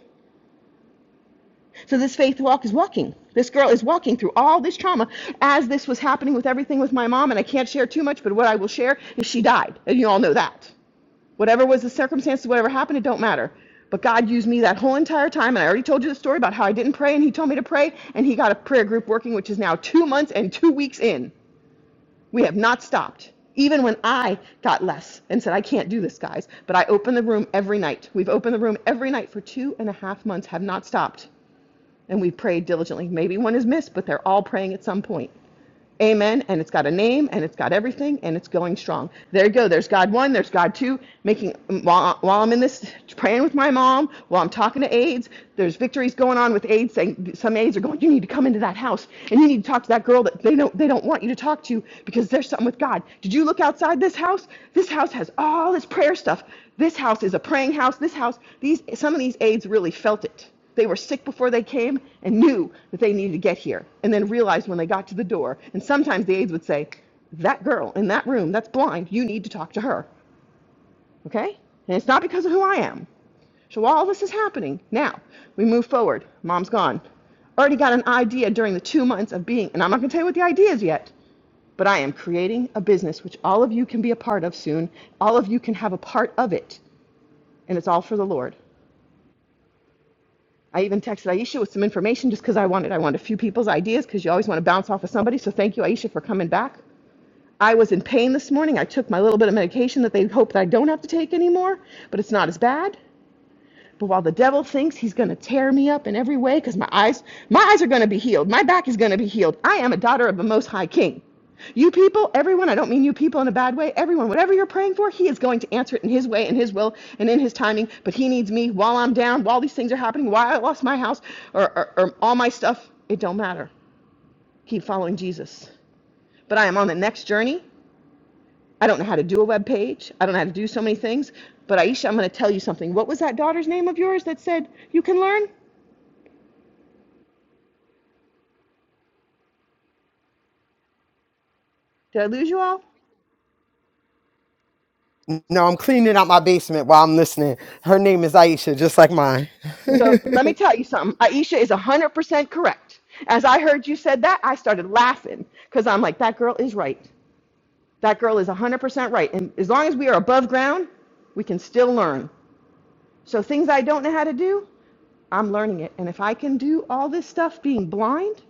So this faith walk is walking. This girl is walking through all this trauma as this was happening with everything with my mom, and I can't share too much, but what I will share is she died. And you all know that. Whatever was the circumstances, whatever happened, it don't matter. But God used me that whole entire time, and I already told you the story about how I didn't pray, and He told me to pray, and He got a prayer group working, which is now two months and two weeks in. We have not stopped, even when I got less and said, I can't do this, guys. But I open the room every night. We've opened the room every night for two and a half months, have not stopped. And we prayed diligently. Maybe one is missed, but they're all praying at some point. Amen. And it's got a name and it's got everything and it's going strong. There you go. There's God one, there's God two. Making while, while I'm in this praying with my mom, while I'm talking to aides, there's victories going on with aides saying some aides are going, You need to come into that house and you need to talk to that girl that they don't they don't want you to talk to because there's something with God. Did you look outside this house? This house has all this prayer stuff. This house is a praying house. This house, these some of these aides really felt it. They were sick before they came and knew that they needed to get here and then realized when they got to the door. And sometimes the aides would say, That girl in that room that's blind, you need to talk to her. Okay? And it's not because of who I am. So while all this is happening, now we move forward. Mom's gone. Already got an idea during the two months of being, and I'm not going to tell you what the idea is yet, but I am creating a business which all of you can be a part of soon. All of you can have a part of it. And it's all for the Lord. I even texted Aisha with some information just because I wanted I wanted a few people's ideas because you always want to bounce off of somebody. So thank you, Aisha, for coming back. I was in pain this morning. I took my little bit of medication that they hope that I don't have to take anymore, but it's not as bad. But while the devil thinks he's going to tear me up in every way because my eyes, my eyes are going to be healed. My back is going to be healed. I am a daughter of the Most High King. You people, everyone, I don't mean you people in a bad way, everyone, whatever you're praying for, he is going to answer it in his way, in his will, and in his timing. But he needs me while I'm down, while these things are happening, while I lost my house or, or, or all my stuff. It don't matter. Keep following Jesus. But I am on the next journey. I don't know how to do a web page. I don't know how to do so many things. But Aisha, I'm going to tell you something. What was that daughter's name of yours that said you can learn? Did I lose you all?
No, I'm cleaning out my basement while I'm listening. Her name is Aisha, just like mine.
So let me tell you something. Aisha is 100% correct. As I heard you said that, I started laughing because I'm like, that girl is right. That girl is 100% right. And as long as we are above ground, we can still learn. So things I don't know how to do, I'm learning it. And if I can do all this stuff being blind,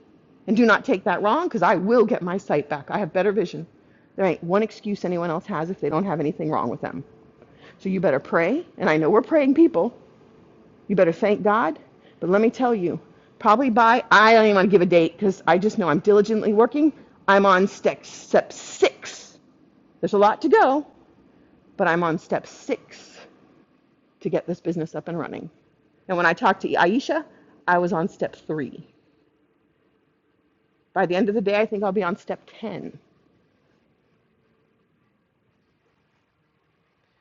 and do not take that wrong because I will get my sight back. I have better vision. There ain't one excuse anyone else has if they don't have anything wrong with them. So you better pray. And I know we're praying people. You better thank God. But let me tell you, probably by, I don't even want to give a date because I just know I'm diligently working. I'm on step, step six. There's a lot to go, but I'm on step six to get this business up and running. And when I talked to Aisha, I was on step three. By the end of the day, I think I'll be on step 10.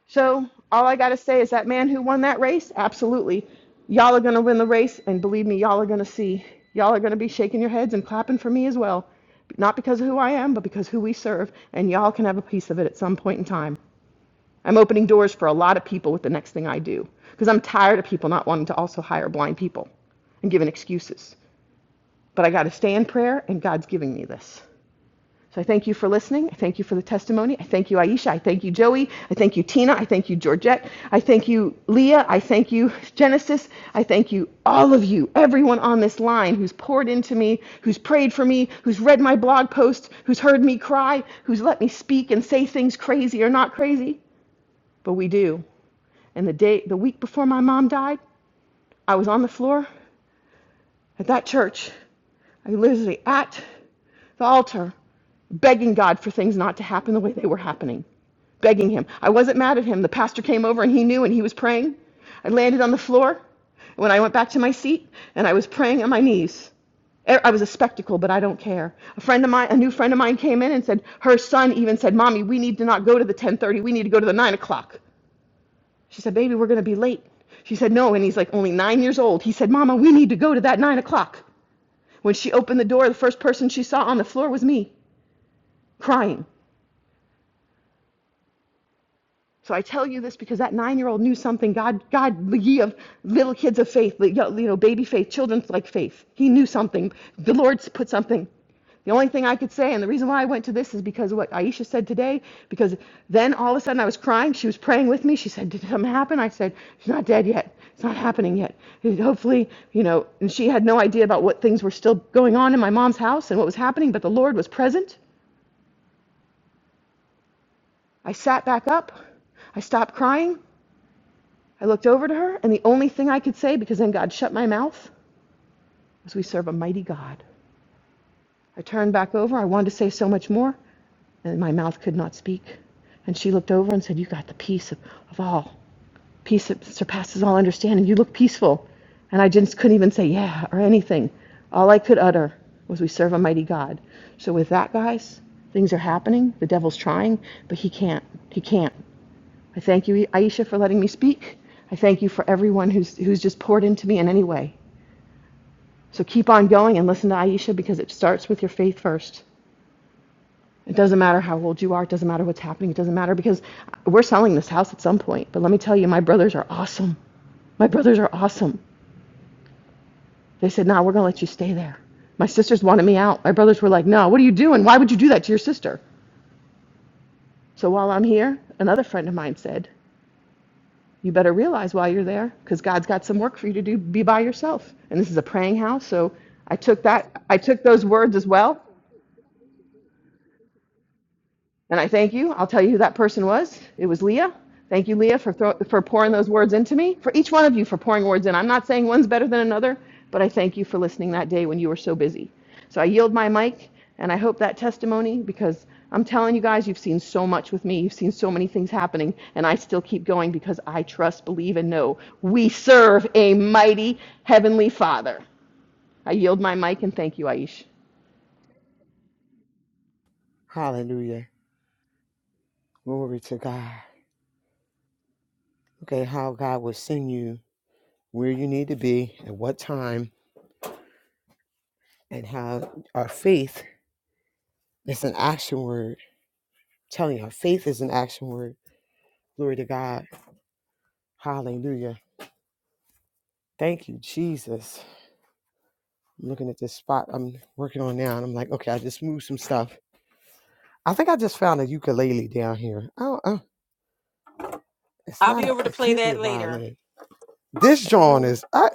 So all I gotta say is that man who won that race, absolutely. Y'all are gonna win the race, and believe me, y'all are gonna see. Y'all are gonna be shaking your heads and clapping for me as well. Not because of who I am, but because who we serve, and y'all can have a piece of it at some point in time. I'm opening doors for a lot of people with the next thing I do, because I'm tired of people not wanting to also hire blind people and giving excuses. But I gotta stay in prayer, and God's giving me this. So I thank you for listening. I thank you for the testimony. I thank you, Aisha. I thank you, Joey. I thank you, Tina. I thank you, Georgette. I thank you, Leah. I thank you, Genesis. I thank you, all of you, everyone on this line who's poured into me, who's prayed for me, who's read my blog post, who's heard me cry, who's let me speak and say things crazy or not crazy. But we do. And the day, the week before my mom died, I was on the floor at that church, I literally at the altar, begging God for things not to happen the way they were happening, begging Him. I wasn't mad at Him. The pastor came over and he knew and he was praying. I landed on the floor when I went back to my seat and I was praying on my knees. er, I was a spectacle, but I don't care. A friend of mine, a new friend of mine came in and said, her son even said, Mommy, we need to not go to the 1030. We need to go to the 9 o'clock. She said, Baby, we're going to be late. She said, No. And he's like only nine years old. He said, Mama, we need to go to that 9 o'clock. When she opened the door, the first person she saw on the floor was me, crying. So I tell you this because that nine-year-old knew something. God, God, ye of little kids of faith, you know, baby faith, children like faith. He knew something. The Lord put something. The only thing I could say, and the reason why I went to this is because of what Aisha said today, because then all of a sudden I was crying. She was praying with me. She said, Did something happen? I said, She's not dead yet. It's not happening yet. Hopefully, you know, and she had no idea about what things were still going on in my mom's house and what was happening, but the Lord was present. I sat back up. I stopped crying. I looked over to her, and the only thing I could say, because then God shut my mouth, was, We serve a mighty God. I turned back over. I wanted to say so much more, and my mouth could not speak. And she looked over and said, You got the peace of, of all, peace that surpasses all understanding. You look peaceful. And I just couldn't even say, Yeah, or anything. All I could utter was, We serve a mighty God. So, with that, guys, things are happening. The devil's trying, but he can't. He can't. I thank you, Aisha, for letting me speak. I thank you for everyone who's, who's just poured into me in any way. So keep on going and listen to Aisha because it starts with your faith first. It doesn't matter how old you are, it doesn't matter what's happening, it doesn't matter because we're selling this house at some point. But let me tell you, my brothers are awesome. My brothers are awesome. They said, No, we're going to let you stay there. My sisters wanted me out. My brothers were like, No, what are you doing? Why would you do that to your sister? So while I'm here, another friend of mine said, you better realize while you're there because god's got some work for you to do be by yourself and this is a praying house so i took that i took those words as well and I thank you. I'll tell you who that person was. It was Leah. Thank you, Leah, for, throw, for pouring those words into me, for each one of you for pouring words in. I'm not saying one's better than another, but I thank you for listening that day when you were so busy. So I yield my mic, and I hope that testimony, because I'm telling you guys, you've seen so much with me. You've seen so many things happening, and I still keep going because I trust, believe, and know we serve a mighty heavenly Father. I yield my mic, and thank you, Aish.
Hallelujah. Glory to God. Okay, how God will send you where you need to be, at what time, and how our faith is an action word. Telling you, our faith is an action word. Glory to God. Hallelujah. Thank you, Jesus. I'm looking at this spot I'm working on now, and I'm like, okay, I just moved some stuff. I think I just found a ukulele down here. I don't, uh, it's
I'll
not
be
a,
over to
it
play
can't be
that
a
later.
violin. This John
Mhm.
is, I,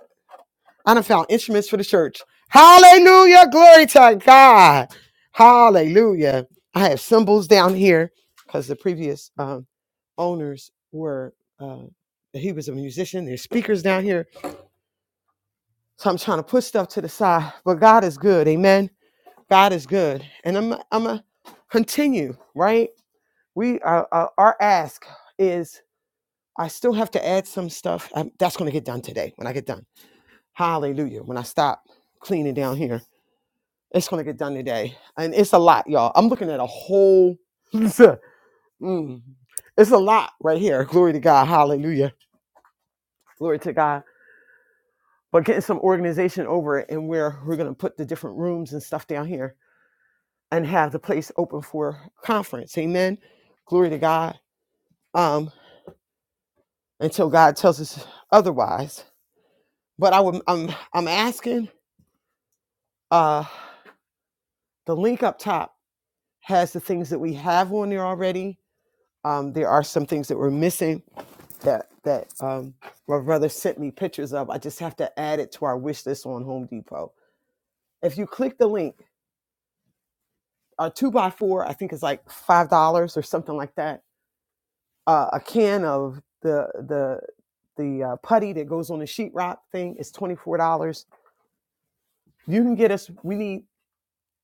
I done found instruments for the church. Hallelujah. Glory to God. Hallelujah. I have symbols down here because the previous um, owners were, uh, he was a musician. There's speakers down here. So I'm trying to put stuff to the side, but God is good. Amen. God is good. And I'm, I'm going to continue, right? We, uh, uh, our ask is, I still have to add some stuff. Um that's going to get done today when I get done. Hallelujah. When I stop cleaning down here, it's going to get done today. And it's a lot, y'all. I'm looking at a whole. Mm. it's a lot right here. Glory to God. Hallelujah. Glory to God. But getting some organization over it and where we're going to put the different rooms and stuff down here and have the place open for conference. Amen. Glory to God. Um, until God tells us otherwise. But I would, I'm, I'm asking. Uh, The link up top has the things that we have on there already. Um, there are some things that we're missing that that um, my brother sent me pictures of. I just have to add it to our wish list on Home Depot. If you click the link, a two by four, I think is like five dollars or something like that. Uh, a can of the the the uh, putty that goes on the sheetrock thing is twenty four dollars. You can get us. We need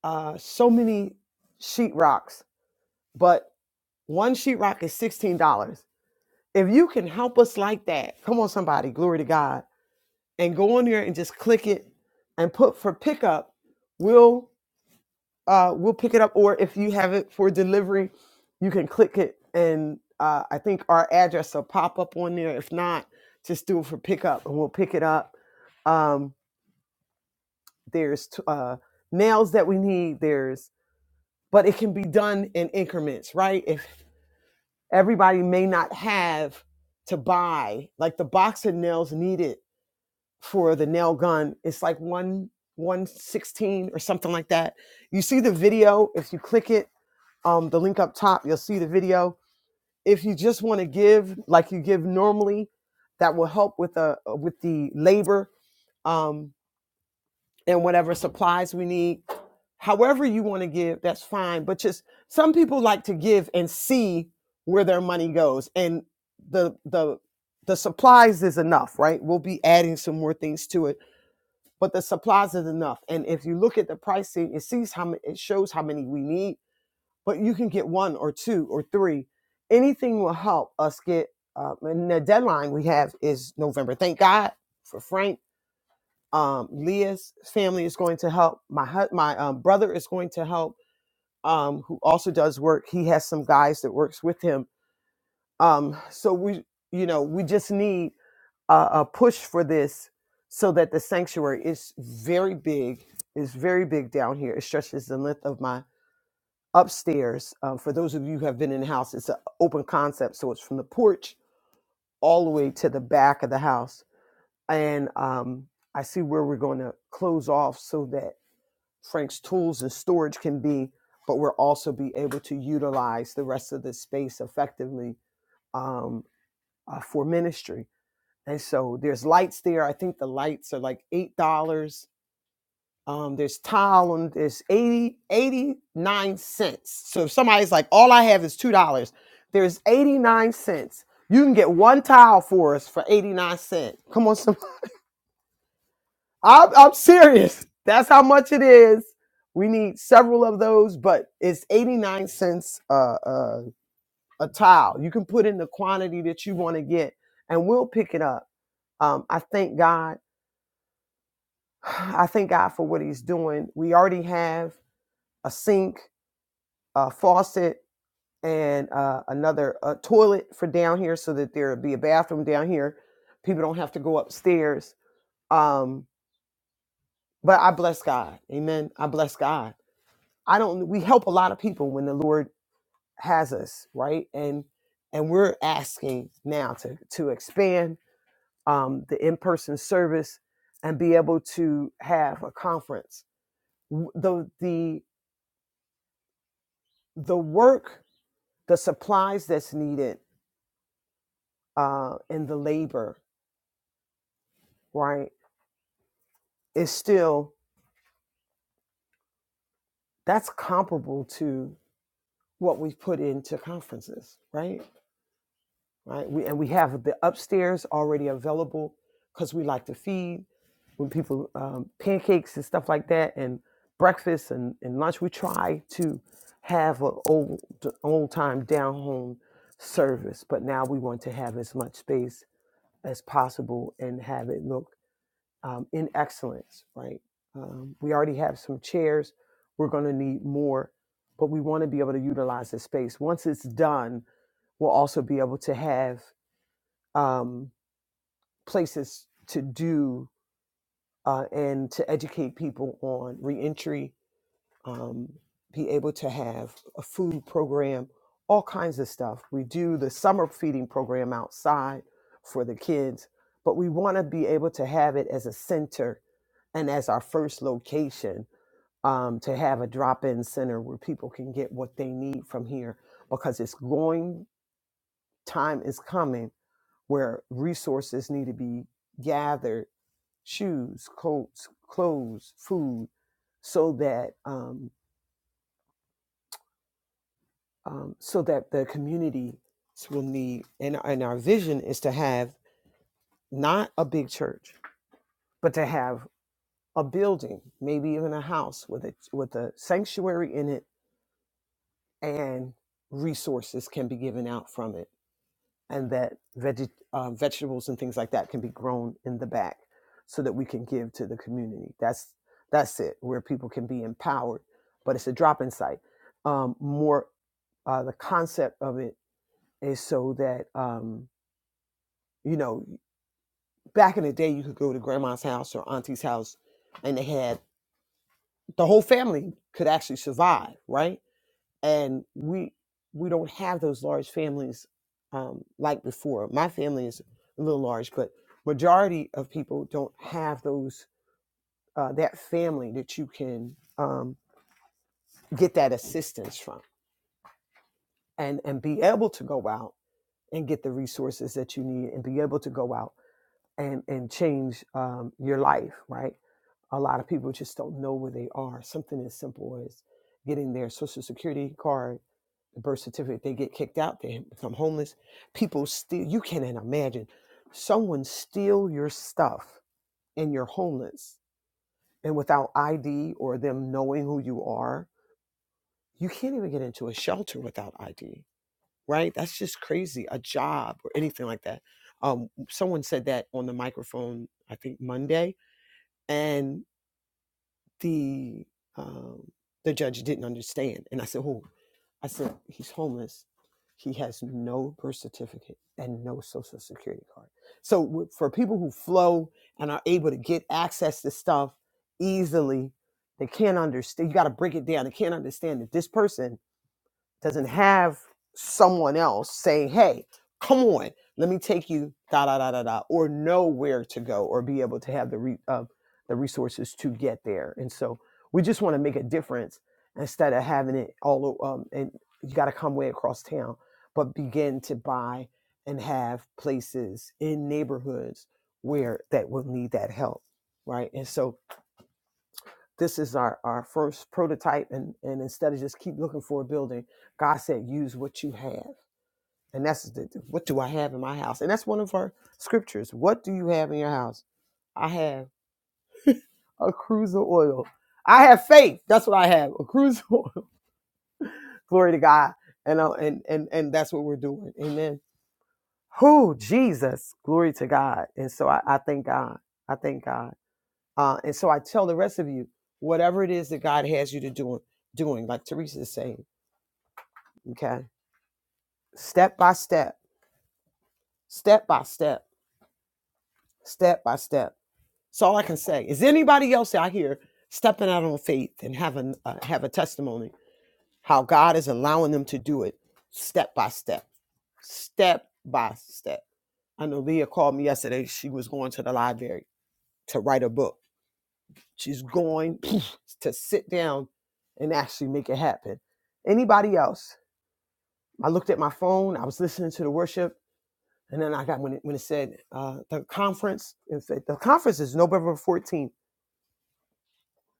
uh, so many sheetrocks, but one sheetrock is sixteen dollars. If you can help us like that, come on, somebody, glory to God, and go on there and just click it and put for pickup, we'll uh, we'll pick it up. Or if you have it for delivery, you can click it, and uh, I think our address will pop up on there. If not, just do it for pickup, and we'll pick it up. Um, there's t- uh, nails that we need. There's, but it can be done in increments, right? If everybody may not have to buy like the box of nails needed for the nail gun it's like one one sixteen or something like that. You see the video if you click it, um, the link up top, you'll see the video. If you just want to give like you give normally, that will help with the uh, with the labor um, and whatever supplies we need. However you want to give, that's fine. But just some people like to give and see where their money goes, and the the the supplies is enough, right? We'll be adding some more things to it but the supplies is enough. And if you look at the pricing, it sees how many, it shows how many we need, but you can get one or two or three. Anything will help us get. Uh, and the deadline we have is November. Thank God for Frank. Um, Leah's family is going to help. My hu- my um, brother is going to help. Um, who also does work. He has some guys that works with him. Um, so we, you know, we just need uh, a push for this so that the sanctuary is very big is very big down here it stretches the length of my upstairs um, for those of you who have been in the house it's an open concept so it's from the porch all the way to the back of the house and um, i see where we're going to close off so that frank's tools and storage can be but we'll also be able to utilize the rest of the space effectively um, uh, for ministry And so there's lights there. I think the lights are like eight dollars. Um, there's tile on there's 80 89 cents. So if somebody's like, all I have is two dollars, there's 89 cents. You can get one tile for us for 89 cents. Come on, some I'm, I'm serious. That's how much it is. We need several of those, but it's 89 cents uh, uh, a tile. You can put in the quantity that you want to get, and we'll pick it up. Um, I thank God. I thank God for what He's doing. We already have a sink, a faucet, and uh, another a toilet for down here, so that there'll be a bathroom down here. People don't have to go upstairs. Um, but I bless God, Amen. I bless God. I don't. We help a lot of people when the Lord has us, right? And and we're asking now to to expand um, the in person service and be able to have a conference. W- The the the work, the supplies that's needed, uh, and the labor, right, is still that's comparable to what we put into conferences, right? Right. We and we have the upstairs already available because we like to feed when people um, pancakes and stuff like that, and breakfast and, and lunch. We try to have an old old time down home service, but now we want to have as much space as possible and have it look um, in excellence, right? Um, we already have some chairs. We're going to need more, but we want to be able to utilize this space. Once it's done, we'll also be able to have um, places to do uh, and to educate people on reentry um, be able to have a food program, all kinds of stuff. We do the summer feeding program outside for the kids, but we want to be able to have it as a center and as our first location um, to have a drop in center where people can get what they need from here because it's going, time is coming where resources need to be gathered shoes, coats, clothes, food, so that um, um, so that the community will need and, and our vision is to have not a big church but to have a building maybe even a house with a with a sanctuary in it and resources can be given out from it and that veg, uh, vegetables and things like that can be grown in the back so that we can give to the community that's that's it where people can be empowered but it's a drop-in site um, more uh, the concept of it is so that um, you know, back in the day, you could go to grandma's house or auntie's house, and they had the whole family could actually survive, right? And we we don't have those large families um, like before. My family is a little large, but majority of people don't have those uh, that family that you can um, get that assistance from, and and be able to go out and get the resources that you need, and be able to go out and and change um, your life, right? a lot of people just don't know where they are. Something as simple as getting their social security card, the birth certificate, they get kicked out, they become homeless. People steal, you cannot imagine someone steal your stuff and you're homeless and without ID or them knowing who you are. You can't even get into a shelter without ID, right? That's just crazy. A job or anything like that. Um, someone said that on the microphone, I think Monday. and. the um, the judge didn't understand. And I said, "Oh, I said he's homeless. He has no birth certificate and no social security card. So w- for people who flow and are able to get access to stuff easily, they can't understand. You got to break it down. They can't understand that this person." doesn't have someone else saying, "Hey, come on, let me take you da da da da da," or know where to go, or be able to have the re- uh, the resources to get there. And so we just want to make a difference instead of having it all. o- Um, and you got to come way across town, but begin to buy and have places in neighborhoods where that will need that help, right? And so this is our, our first prototype and, and instead of just keep looking for a building god said use what you have and that's the, what do i have in my house and that's one of our scriptures what do you have in your house i have a cruise of oil i have faith that's what i have a cruise of oil glory to god and, uh, and and and that's what we're doing amen who jesus glory to god and so i, I thank god i thank god uh, and so i tell the rest of you whatever it is that god has you to do doing like teresa is saying Okay. Step by step, step by step, step by step. That's all I can say. Is anybody else out here stepping out on faith and having uh, have a testimony how God is allowing them to do it step by step, step by step? I know Leah called me yesterday. She was going to the library to write a book. She's going to sit down and actually make it happen. Anybody else? I looked at my phone. I was listening to the worship And then I got when it, when it said uh, the conference, it said the conference is November 14th.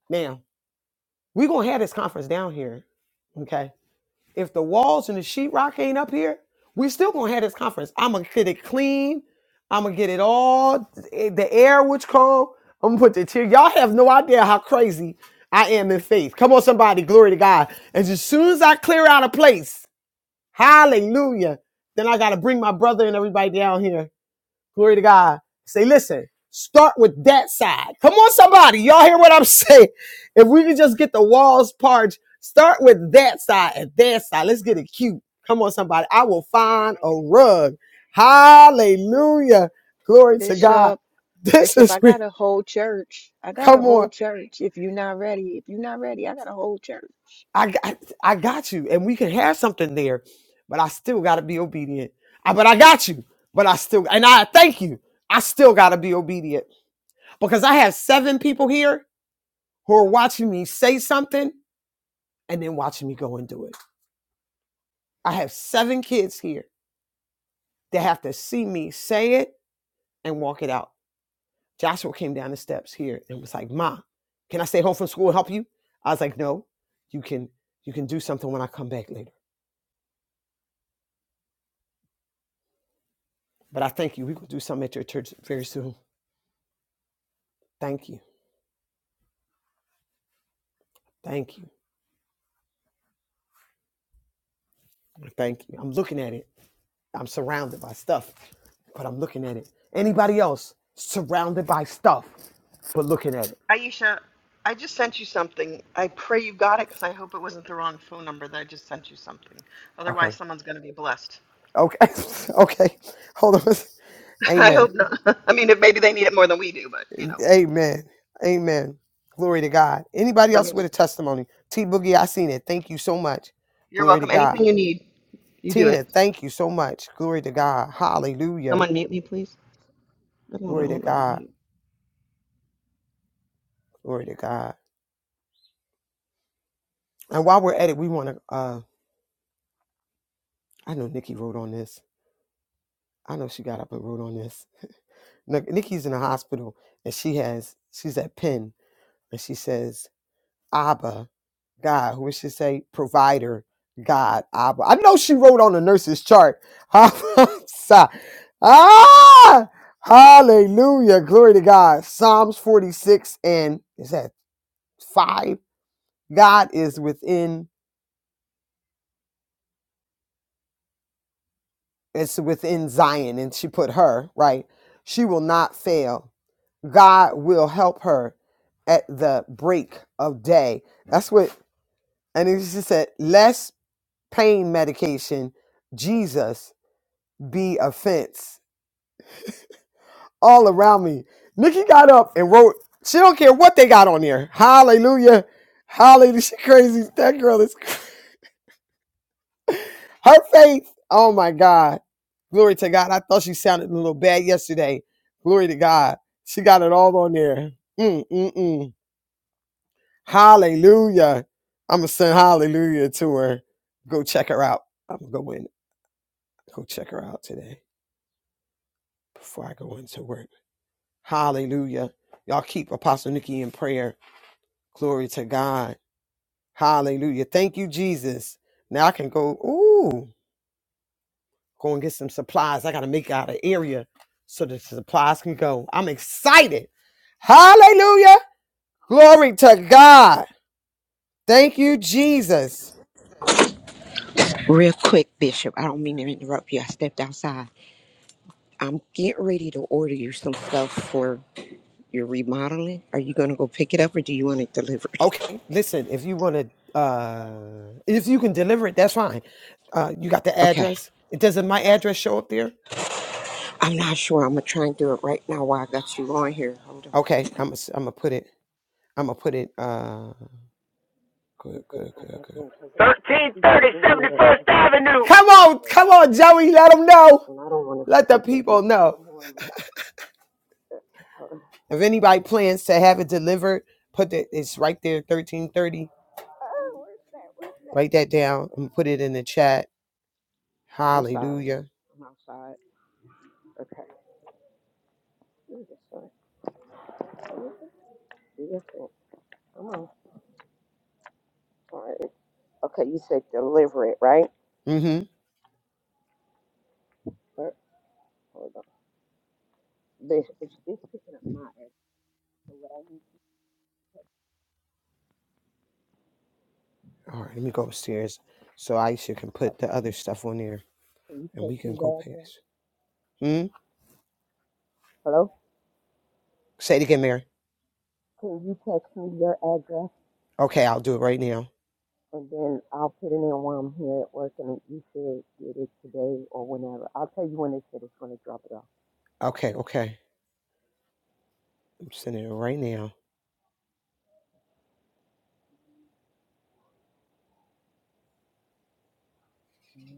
Now, we're going to have this conference down here. Okay. If the walls and the sheetrock ain't up here, we still going to have this conference. I'm going to get it clean. I'm going to get it all, eh, the air which come. I'm going to put the tear. Y'all have no idea how crazy I am in faith. Come on, somebody. Glory to God. And as soon as I clear out a place, hallelujah, then I got to bring my brother and everybody down here Glory to God. Say, listen, start with that side. Come on, somebody. Y'all hear what I'm saying? If we can just get the walls parched, start with that side and that side. Let's get it cute. Come on, somebody. I will find a rug. Hallelujah. Glory to God.
Bishop.
This
Bishop,
is
I
where,
got a whole church. I got a
come
whole
on.
church. If you're not ready, if you're not ready, I got a whole church.
I got, I got you. And we can have something there, but I still got to be obedient. I- but I got you. But I still, and I thank you. I still got to be obedient because I have seven people here who are watching me say something and then watching me go and do it. I have seven kids here that have to see me say it and walk it out. Joshua came down the steps here and was like, Ma, can I stay home from school and help you? I was like, No, you can you can do something when I come back later. But I thank you. We can do something at your church very soon. Thank you. Thank you. Thank you. I'm looking at it. I'm surrounded by stuff, but I'm looking at it. Anybody else surrounded by stuff, but looking at it. Okay. Okay. okay. Hold on. Amen. Amen. Amen. Glory to God. Anybody else with a testimony? T Boogie, I seen it. Thank you so much. Glory to God.
You do.
Tina, thank you so much. Glory to God. Hallelujah. Glory to God. Glory to God. And while we're at it, we want to uh I know Nikki wrote on this. I know she got up and wrote on this. Nic- Nikki's in the hospital and she has she's at Penn and she says Abba, God. What should say? Provider, God, Abba. I know she wrote on the nurse's chart. ah, hallelujah. Glory to God. Psalms 46 and is that five? God is within, it's within Zion. And she put her, right? She will not fail. God will help her at the break of day. That's what, and she said, lest pain medication, Jesus be offense all around me. Nikki got up and wrote, she don't care what they got on there. Hallelujah. Hallelujah. She crazy. That girl is cra- her faith. Oh my God. Glory to God. I thought she sounded a little bad yesterday. Glory to God. She got it all on there. Mm, mm, mm. Hallelujah. I'm going to send hallelujah to her. Go check her out. I'm going to go in, go check her out today before I go into work. Hallelujah. Y'all keep Apostle Nikki in prayer. Glory to God. Hallelujah. Thank you, Jesus. Now I can go, ooh, go and get some supplies. I got to make out an area so the supplies can go. I'm excited. Hallelujah. Glory to God. Thank you, Jesus.
Real quick, Bishop, I don't mean to interrupt you. I stepped outside. I'm getting ready to order you some stuff for your remodeling. Are you going to go pick it up or do you want it delivered?
Okay, listen, if you want to, uh, if you can deliver it, that's fine. Uh, you got the
Okay.
address? It doesn't my address show up there?
I'm not sure. I'm going to try and do it right now while I got you on here. Hold on.
Okay, I'm gonna I'm gonna put it. I'm gonna put it. Uh, Good,
I'm going to
good,
go
good,
back
good.
in because this stupid internet at my school just
Come
don't
on,
operate
come on,
sometimes.
Joey. Let them know.
And I don't want to
Let the
forget to do
people
it.
know.
Good morning. Okay, hold on.
If anybody plans to have it delivered, put that it's right there, 1330.
Oh, where's that? Where's that?
Write that down and put it in the chat.
I'm sorry.
Hallelujah.
I'm outside. Okay. Ooh, this one. Ooh, Different. Come on. All right. Okay, you said deliver it, right?
Mm-hmm.
But hold on. This it's just picking up my address. So what I need
All right, let me go upstairs so Aisha can put
to
the other stuff on there
can you
and we
text
can
me
go
the address?
past. Hmm?
Hello?
Say it again, Mary.
Can you text me your address?
Okay, I'll do it right now.
And then I'll put it in while I'm here at work and you should get it today or whenever. I'll tell you when they said it's gonna drop it
Okay, okay. I'm sending it right now.
off.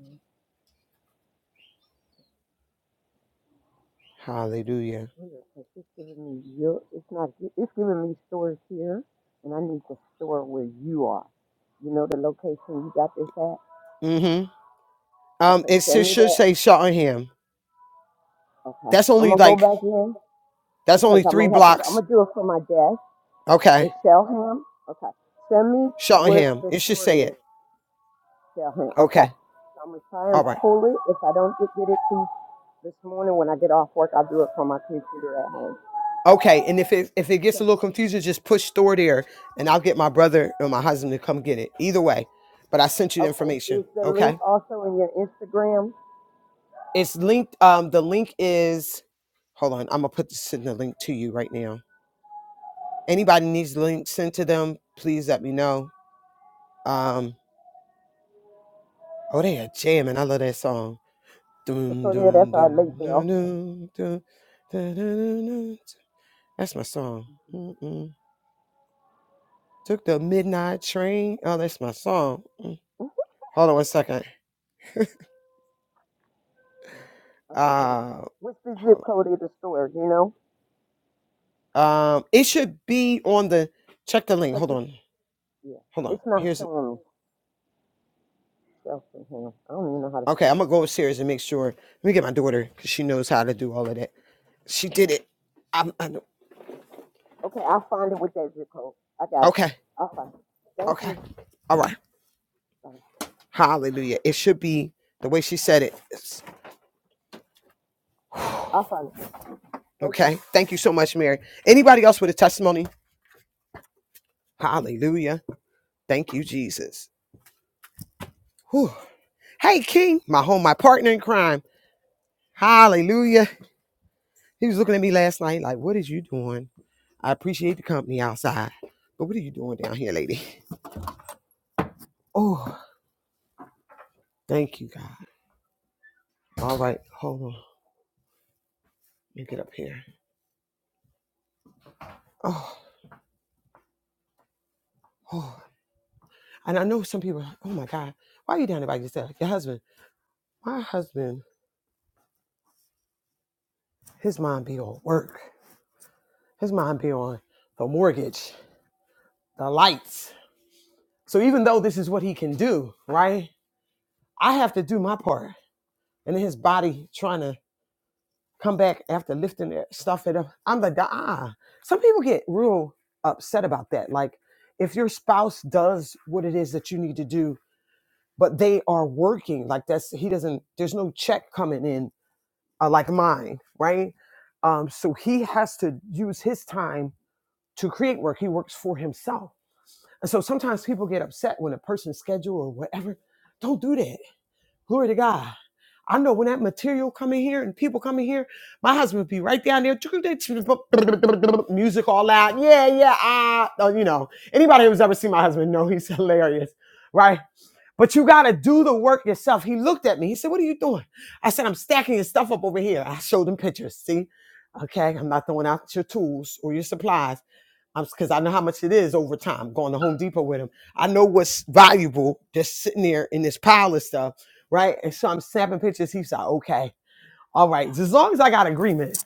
It's
Hallelujah.
weird because it's giving me your. It's not. It's giving me stores here, and I need the store where you are. You know the location you got this at.
Mm-hmm. Um,
Okay,
it s-
send me
should
that.
say Shottingham.
Okay,
That's
I'm
only
gonna go
like
back in
that's
because
only
I
three
might have to. I'm
blocks.
gonna do it for my desk. It's
Okay.
Shellham. Okay, send me where
Shottingham.
the
It should
store
say it.
is. Shellham. Okay,
Okay.
so I'm gonna try and
All right.
pull it. If I don't get, get it to this morning when I get off work, I'll do it from my computer at home.
Okay. And if it if it gets a
'Cause-
little confusing, just push store there and I'll get my brother or my husband to come get it. Either way. But I sent you the
Okay,
information.
is the link
Okay.
also in your Instagram?
It's linked. Um, the link is hold on. I'm gonna put this in the link to you right now. Anybody needs the link sent to them, please let me know. Um. Oh, they are jamming. I love that song.
So
Doom,
yeah,
doom,
that's our
doom,
late
doom,
bell.
doom, doom, da, da, da, da. da. That's my song. Mm-mm. Took the midnight train. Oh, that's my song. Mm. Hold on one second.
Okay, hold on.
Uh,
What's the zip
hold
code of the store? You know?
on. Um, it should be on the. Check the link.
'Cause
Hold
it's,
on.
yeah,
Hold on.
it's not
Here's. it.
showing me. Cheltenham. I don't even know how to
Okay,
spell
I'm gonna
that.
go upstairs and make sure. Let me get my daughter because she knows how to do all of that. She did
All right.
it. I'm, I know.
Okay, I'll find it with that zip code. I got it.
Okay.
I'll find it. Thank
Okay.
you.
All right.
All right,
Hallelujah. It should be the way she said it. It's-
I'll find it. Thank you.
Okay. Thank you so much, Mary. Anybody else with a testimony? Hallelujah. Thank you, Jesus. Whew. Hey, King, my home, my partner in crime. Hallelujah. He was looking at me last night like, what is you doing? I appreciate the company outside, but what are you doing down here, lady? Oh, thank you, God. All right. Hold on. Let me get up here. Oh, oh. And I know some people are like, oh my God, why are you down there by yourself? Your husband. My husband, his mind be on work. His mind be on the mortgage. the lights. So even though this is what he can do, right? I have to do my part. And then his body trying to come back after lifting that stuff it up. I'm like, ah. Some people get real upset about that. Like if your spouse does what it is that you need to do, but they are working, like that's he doesn't. There's no check coming in uh, like mine, right? Um, so he has to use his time to create work. He works for himself And so sometimes people get upset when a person's schedule or whatever. Don't do that. Glory to God. I know when that material come in here and people come in here, my husband would be right down there, music all out. Yeah, yeah, ah, oh, you know. Anybody who's ever seen my husband know he's hilarious, right? But you gotta do the work yourself. He looked at me. He said, "What are you doing?" I said, "I'm stacking your stuff up over here." I showed him pictures. See, okay, I'm not throwing out your tools or your supplies. I'm because I know how much it is over time going to Home Depot with them. I know what's valuable just sitting there in this pile of stuff, right? And so I'm snapping pictures. He's like, okay, all right. As long as I got agreement, as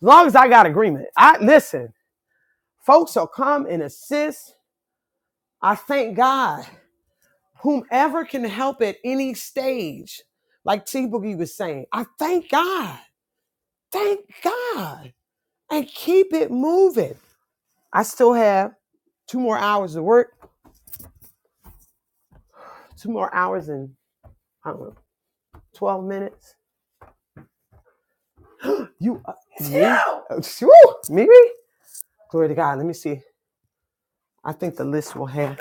long as I got agreement, I listen. Folks will come and assist. I thank God, whomever can help at any stage, like T Boogie was saying. I thank God, thank God, and keep it moving. I still have two more hours to work, two more hours and I don't know, 12 minutes. You, uh, It's me? you! Uh, me? Glory to God. Let me see. I think the list will have.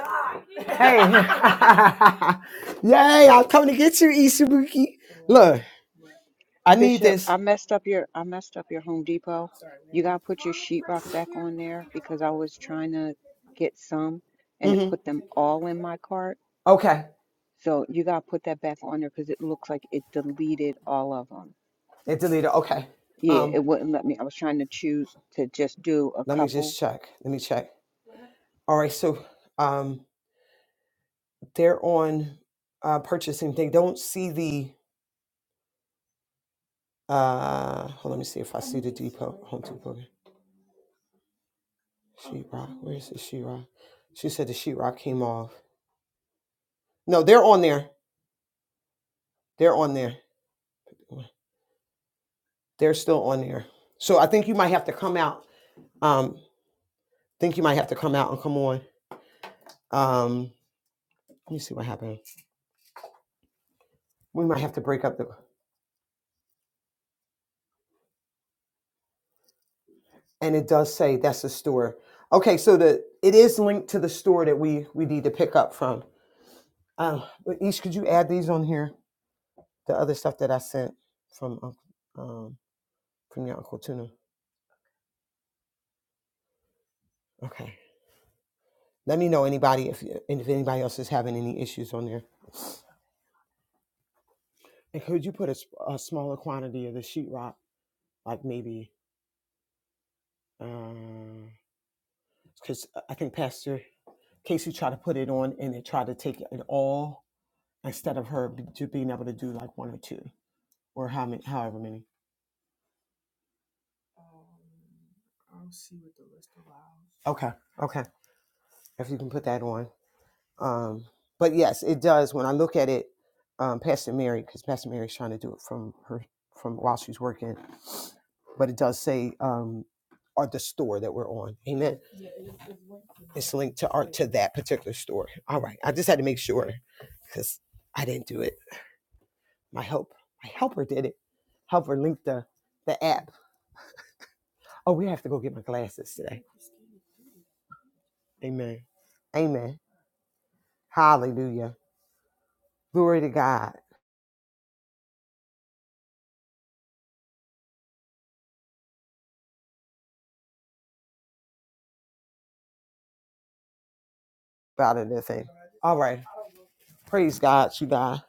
Hey, yay! I'm coming to get you, Isabuki. Look, I need
Bishop,
this.
I messed up your I messed up your Home Depot. You gotta put your sheetrock back on there because I was trying to get some and it
hmm
put them all in my cart.
okay,
So you gotta put that back on there because it looks like it deleted all of them.
it deleted. Okay,
Yeah,
um,
it wouldn't let me. I was trying to choose to just do a
let me
couple.
just check. Let me check. All right, so um, they're on uh, purchasing. They don't see the uh. Hold on, let me see if I see the depot, Home Depot. Sheetrock, Where's the sheetrock? She said the sheetrock came off. No, they're on there. They're on there. They're still on there. So I think you might have to come out. Um, think you might have to come out and come on. Um, let me see what happened. We might have to break up the. And it does say that's the store. Okay, so the it is linked to the store that we we need to pick up from. Um, but Ish, could you add these on here? The other stuff that I sent from Unc- um from your uncle Tuna. Okay. Let me know anybody if and if anybody else is having any issues on there. And could you put a, s- a smaller quantity of the sheetrock, like maybe, because I think Pastor Casey tried to put it on and they tried to take it all instead of her be- to being able to do like one or two or how many, however many. Okay, okay. If you can put that on, Um, but yes, it does. When I look at it, um, Pastor Mary, because Pastor Mary's trying to do it from her from while she's working, but it does say um, or the store that we're on. Amen. It's linked to art to that particular store. All right, I just had to make sure because I didn't do it. My help, my helper did it. Helper linked the the app. Oh, we have to go get my glasses today. Amen. Amen. Hallelujah. Glory to God. About another thing. All right. Praise God, you guys.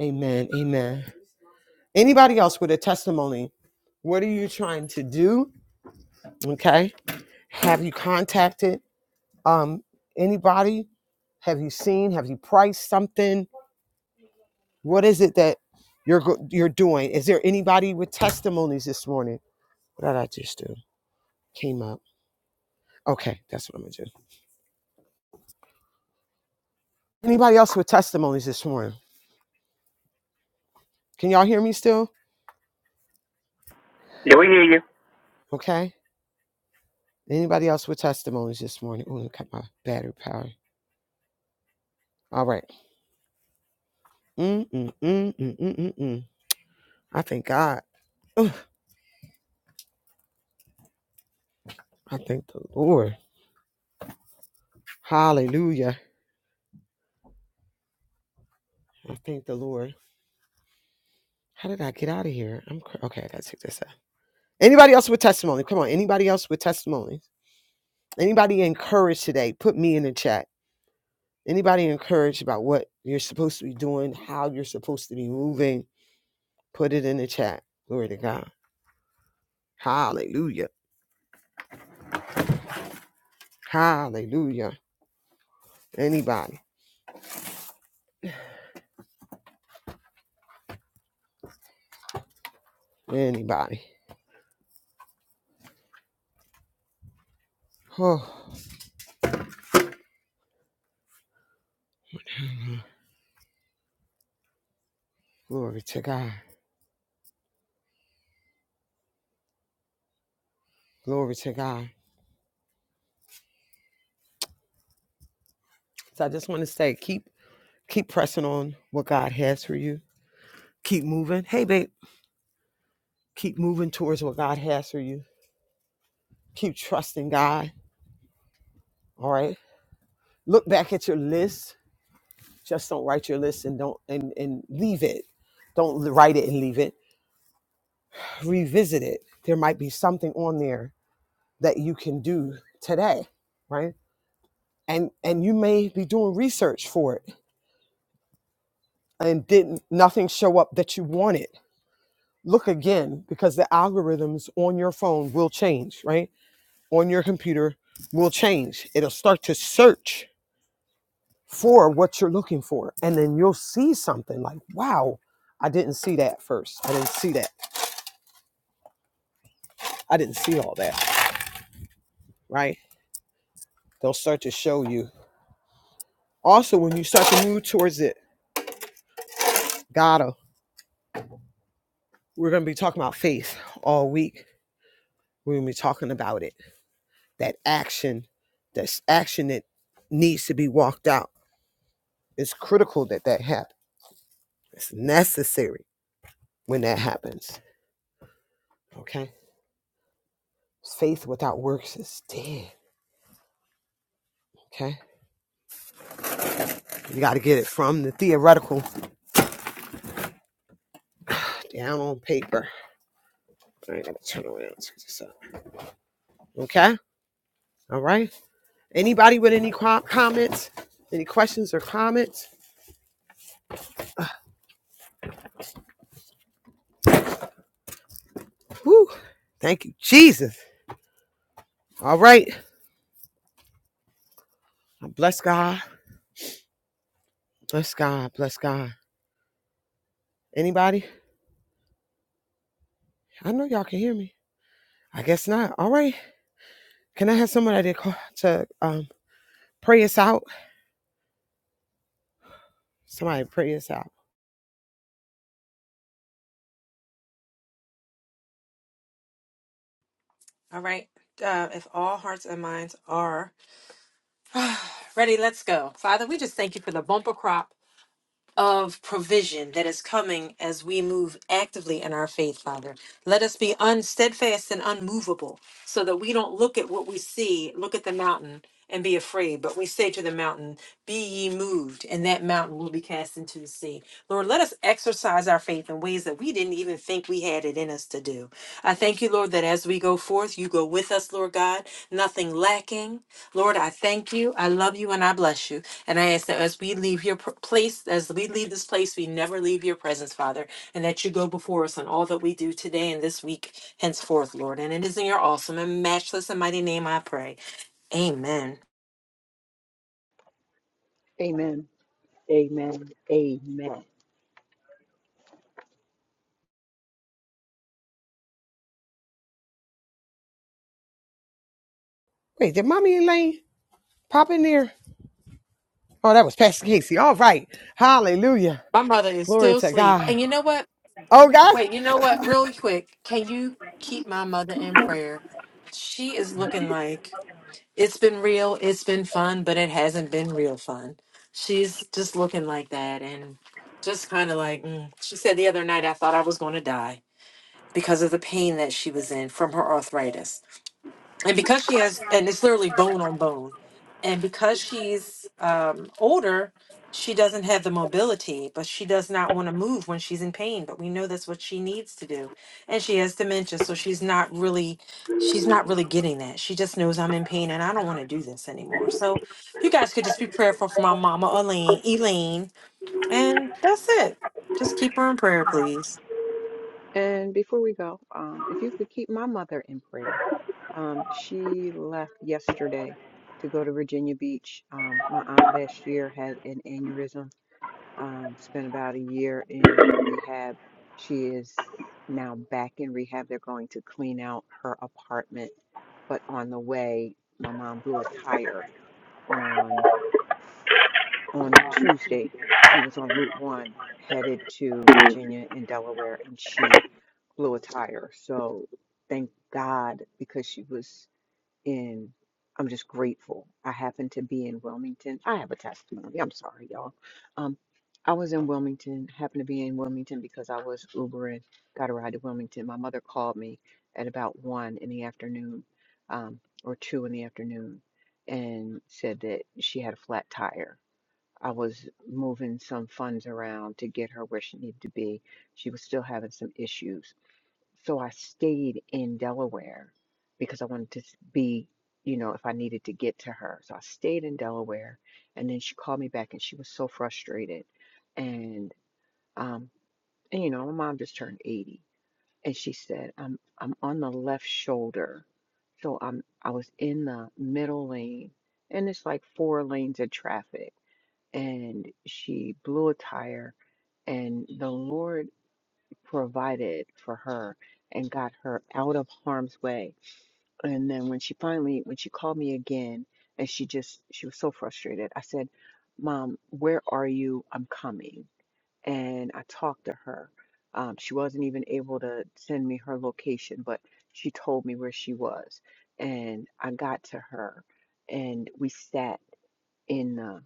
Amen. Amen. Anybody else with a testimony? What are you trying to do? Okay. Have you contacted um anybody? Have you seen? Have you priced something? What is it that you're go- you're doing? Is there anybody with testimonies this morning? What did I just do? Came up. Okay, that's what I'm gonna do. Anybody else with testimonies this morning? Can y'all hear me still? Okay. Anybody else with testimonies this morning? Oh, look at my battery power. All right. Mm, mm, mm, mm, mm, mm, mm. I thank God. Ugh, I thank the Lord. Hallelujah. I thank the Lord. How did I get out of here? I'm cr- okay. I gotta take this out. Anybody else with testimony? Come on. Anybody else with testimony? Anybody encouraged today? Put me in the chat. Anybody encouraged about what you're supposed to be doing, how you're supposed to be moving? Put it in the chat. Glory to God. Hallelujah. Hallelujah. Anybody? Anybody? Oh, glory to God. Glory to God. So I just want to say, keep keep pressing on what God has for you. Keep moving. Hey, babe, keep moving towards what God has for you. Keep trusting God. All right. Look back at your list. Just don't write your list and don't and and leave it. Don't write it and leave it. Revisit it. There might be something on there that you can do today, right? And and you may be doing research for it and didn't nothing show up that you wanted look again because the algorithms on your phone will change, right? On your computer will change. It'll start to search for what you're looking for. And then you'll see something like, wow, I didn't see that first. I didn't see that. I didn't see all that, right? They'll start to show you. Also, when you start to move towards it, gotta, we're going to be talking about faith all week. We're going to be talking about it. That action, that's action that needs to be walked out. It's critical that that happens It's necessary when that happens. Okay? Faith without works is dead. Okay? You got to get it from the theoretical down on paper. I ain't got to turn around. Okay? All right? Anybody with any comments? Any questions or comments? Whew. Thank you, Jesus. All right. Bless God. Bless God. Bless God. Anybody? I know y'all can hear me. I guess not. All right. Can I have somebody to, call, to um, pray us out? Somebody pray us out.
All right. Uh, if all hearts and minds are ready, let's go. Father, we just thank you for the bumper crop of provision that is coming as we move actively in our faith, Father. Let us be unsteadfast and unmovable so that we don't look at what we see, look at the mountain and be afraid, but we say to the mountain, Be ye moved, and that mountain will be cast into the sea. Lord, let us exercise our faith in ways that we didn't even think we had it in us to do. I thank you, Lord, that as we go forth, you go with us, Lord God, nothing lacking. Lord, I thank you, I love you, and I bless you. And I ask that as we leave your pr- place, as we leave this place, we never leave your presence, Father, and that you go before us in all that we do today and this week henceforth, Lord. And it is in your awesome and matchless and mighty name I pray. Amen.
Amen. Amen. Amen.
Wait, did mommy Elaine pop in there? Oh, that was Pastor Casey. All right. Hallelujah.
My mother is
Glory
still
to
asleep.
God.
And you know what?
Oh
Wait,
God.
you know what? Really quick, can you keep my mother in prayer? She is looking like It's been real. It's been fun, but it hasn't been real fun. She's just looking like that and just kind of like, mm. she said the other night, I thought I was going to die because of the pain that she was in from her arthritis and because she has and it's literally bone on bone and because she's um older she doesn't have the mobility but she does not want to move when she's in pain but we know that's what she needs to do and she has dementia so she's not really she's not really getting that she just knows i'm in pain and i don't want to do this anymore so if you guys could just be prayerful for my mama elaine elaine and that's it just keep her in prayer please
And before we go, um, if you could keep my mother in prayer. Um, she left yesterday to go to Virginia Beach. Um, my aunt last year had an aneurysm, um, spent about a year in rehab. She is now back in rehab. They're going to clean out her apartment, but on the way, my mom blew a tire on on Tuesday. She was on Route One headed to Virginia and Delaware, and she blew a tire. So thank God because she was in. I'm just grateful. I happened to be in Wilmington. I have a testimony. I'm sorry, y'all. Um, I was in Wilmington. Happened to be in Wilmington because I was Ubering. Got a ride to Wilmington. My mother called me at about one in the afternoon, um, or two in the afternoon, and said that she had a flat tire. I was moving some funds around to get her where she needed to be. She was still having some issues so I stayed in Delaware because I wanted to s- be, you know, if I needed to get to her. So I stayed in Delaware. And then she called me back and she was so frustrated. And, um, and you know, my mom just turned 80. And she said, I'm, I'm on the left shoulder. So I'm, I was in the middle lane and it's like four lanes of traffic. And she blew a tire and the Lord provided for her and got her out of harm's way. And then when she finally, when she called me again and she just, she was so frustrated, I said, Mom, where are you? I'm coming. And I talked to her. Um, she wasn't even able to send me her location, but she told me where she was. And I got to her and we sat in. the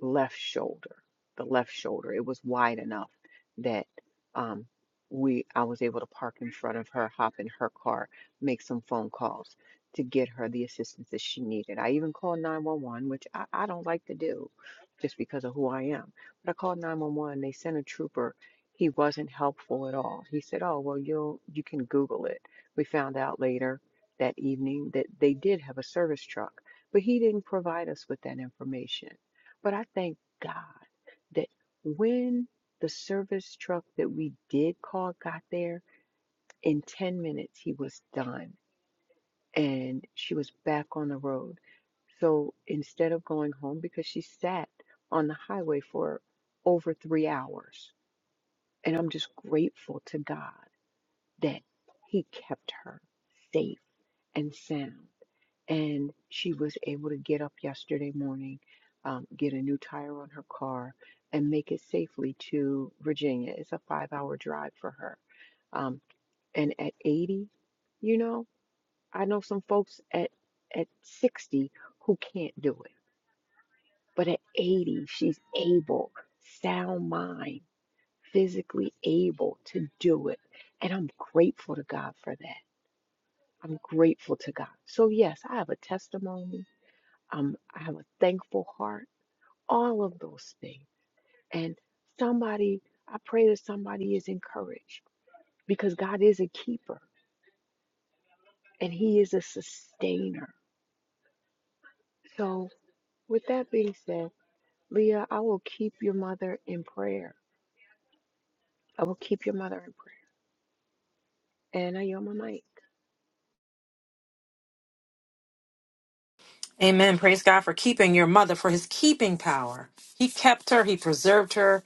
left shoulder, the left shoulder. It was wide enough that um, we I was able to park in front of her, hop in her car, make some phone calls to get her the assistance that she needed. I even called 911, which I, I don't like to do just because of who I am. But I called 911, they sent a trooper. He wasn't helpful at all. He said, "Oh, well, you'll you can Google it." We found out later that evening that they did have a service truck, but he didn't provide us with that information. But I thank God that when the service truck that we did call got there, in 10 minutes he was done and she was back on the road. So instead of going home, because she sat on the highway for over three hours, and I'm just grateful to God that he kept her safe and sound. and she was able to get up yesterday morning, um, get a new tire on her car, and make it safely to Virginia. It's a five hour drive for her. Um, and at 80, you know, I know some folks at, at 60 who can't do it, but at 80, she's able, sound mind, physically able to do it. And I'm grateful to God for that. I'm grateful to God. So, yes, I have a testimony um, I have a thankful heart, all of those things. And somebody, I pray that somebody is encouraged because God is a keeper and He is a sustainer. So, with that being said, Leah, I will keep your mother in prayer. I will keep your mother in prayer. And I yield my mic.
amen praise god for keeping your mother for his keeping power he kept her he preserved her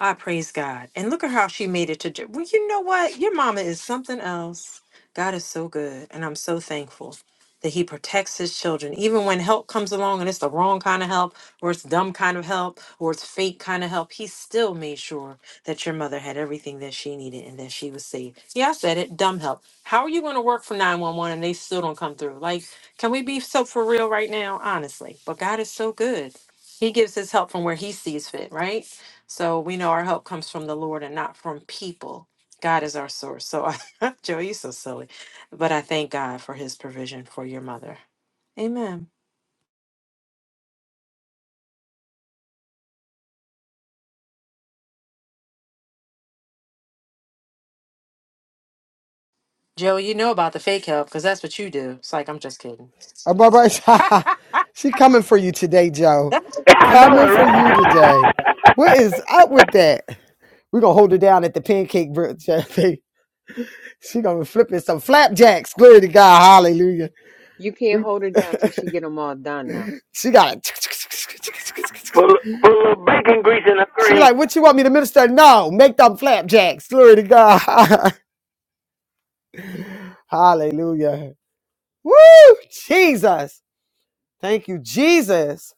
I praise God. And look at how she made it to. Jer- Well, you know what? Your mama is something else. God is so good. And I'm so thankful that He protects His children. Even when help comes along and it's the wrong kind of help, or it's dumb kind of help, or it's fake kind of help, He still made sure that your mother had everything that she needed and that she was safe. Yeah, I said it. Dumb help. How are you going to work for 911 and they still don't come through? Like, can we be so for real right now? Honestly. But God is so good. He gives His help from where He sees fit, right? So we know our help comes from the Lord and not from people. God is our source. So, I, Joey, you're so silly. But I thank God for his provision for your mother. Amen. Joey, you know about the fake help because that's what you do. It's like, I'm just kidding.
Uh, Barbara, she coming for you today, Joe. Coming for you today. What is up with that? We're gonna hold her down at the pancake brunch. I think. she gonna be flipping some flapjacks. Glory to God, hallelujah.
You can't
We-
hold her down till she get them all done now.
she got a She like, what you want me to minister? No, make them flapjacks. Glory to God. Hallelujah. Woo! Jesus. Thank you, Jesus.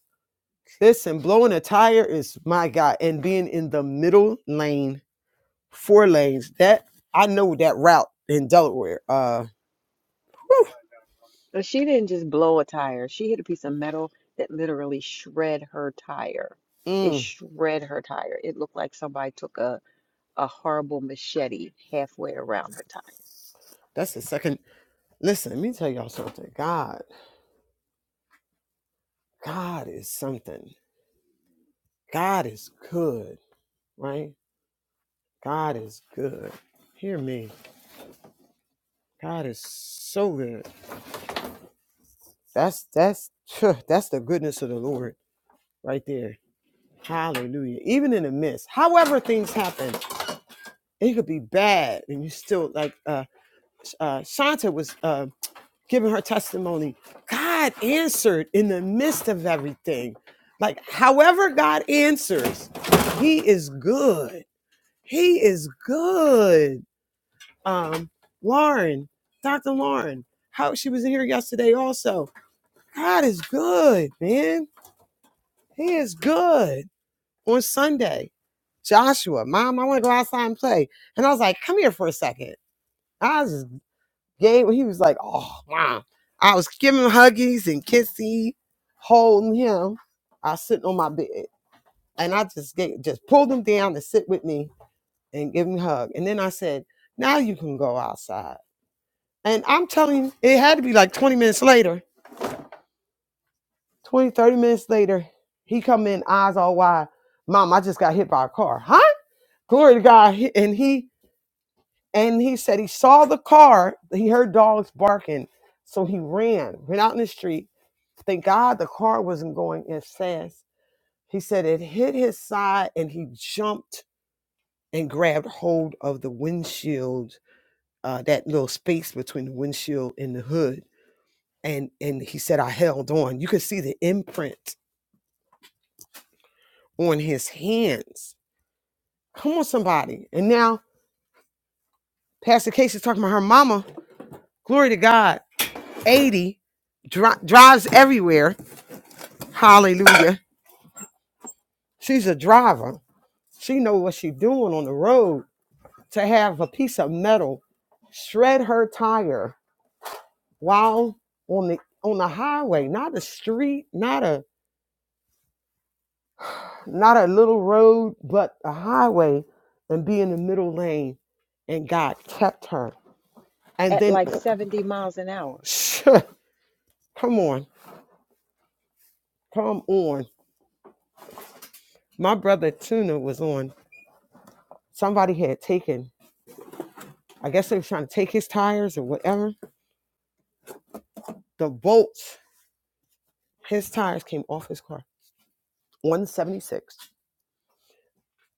Listen, blowing a tire is my God. And being in the middle lane, four lanes, that I know that route in Delaware. Uh whew,
But she didn't just blow a tire. She hit a piece of metal that literally shred her tire. It
mm,
shred her tire. It looked like somebody took a a horrible machete halfway around her time
that's the second. Listen, let me tell y'all something. God, God is something. God is good, right? God is good. Hear me. God is so good. That's that's that's the goodness of the Lord right there. Hallelujah. Even in the midst, however things happen, it could be bad, and you still like uh, uh, Shanta was uh, giving her testimony. God answered in the midst of everything. Like however God answers, He is good. He is good. Um, Lauren, Dr. Lauren, how she was in here yesterday also. God is good, man. He is good. On Sunday, Joshua, Mom, I want to go outside and play. And I was like, Come here for a second. I was just gave. He was like, Oh, I was giving him huggies and kissy, holding him. I was sitting on my bed, and I just gave, just pulled him down to sit with me and give him a hug. And then I said, Now you can go outside. And I'm telling you, it had to be like 20 minutes later. 20 30 minutes later, he come in, eyes all wide. Mom, I just got hit by a car. Huh? Glory to God. He- And he and he said he saw the car. He heard dogs barking. So he ran, ran out in the street. Thank God the car wasn't going as fast. He said it hit his side and he jumped and grabbed hold of the windshield, uh, that little space between the windshield and the hood. And and he said, I held on. You could see the imprint on his hands Come on, somebody. And now Pastor Casey's talking about her mama. Glory to God. 80 dri- drives everywhere. Hallelujah. She's a driver. She knows what she's doing on the road. To have a piece of metal shred her tire while on the on the highway, not a street, not a not a little road, but a highway, and be in the middle lane. And God kept her. And
at
then,
like 70 miles an hour.
come on, come on. my brother Tuna was on. Somebody had taken, I guess they were trying to take his tires or whatever. The bolts, his tires came off his car. 176.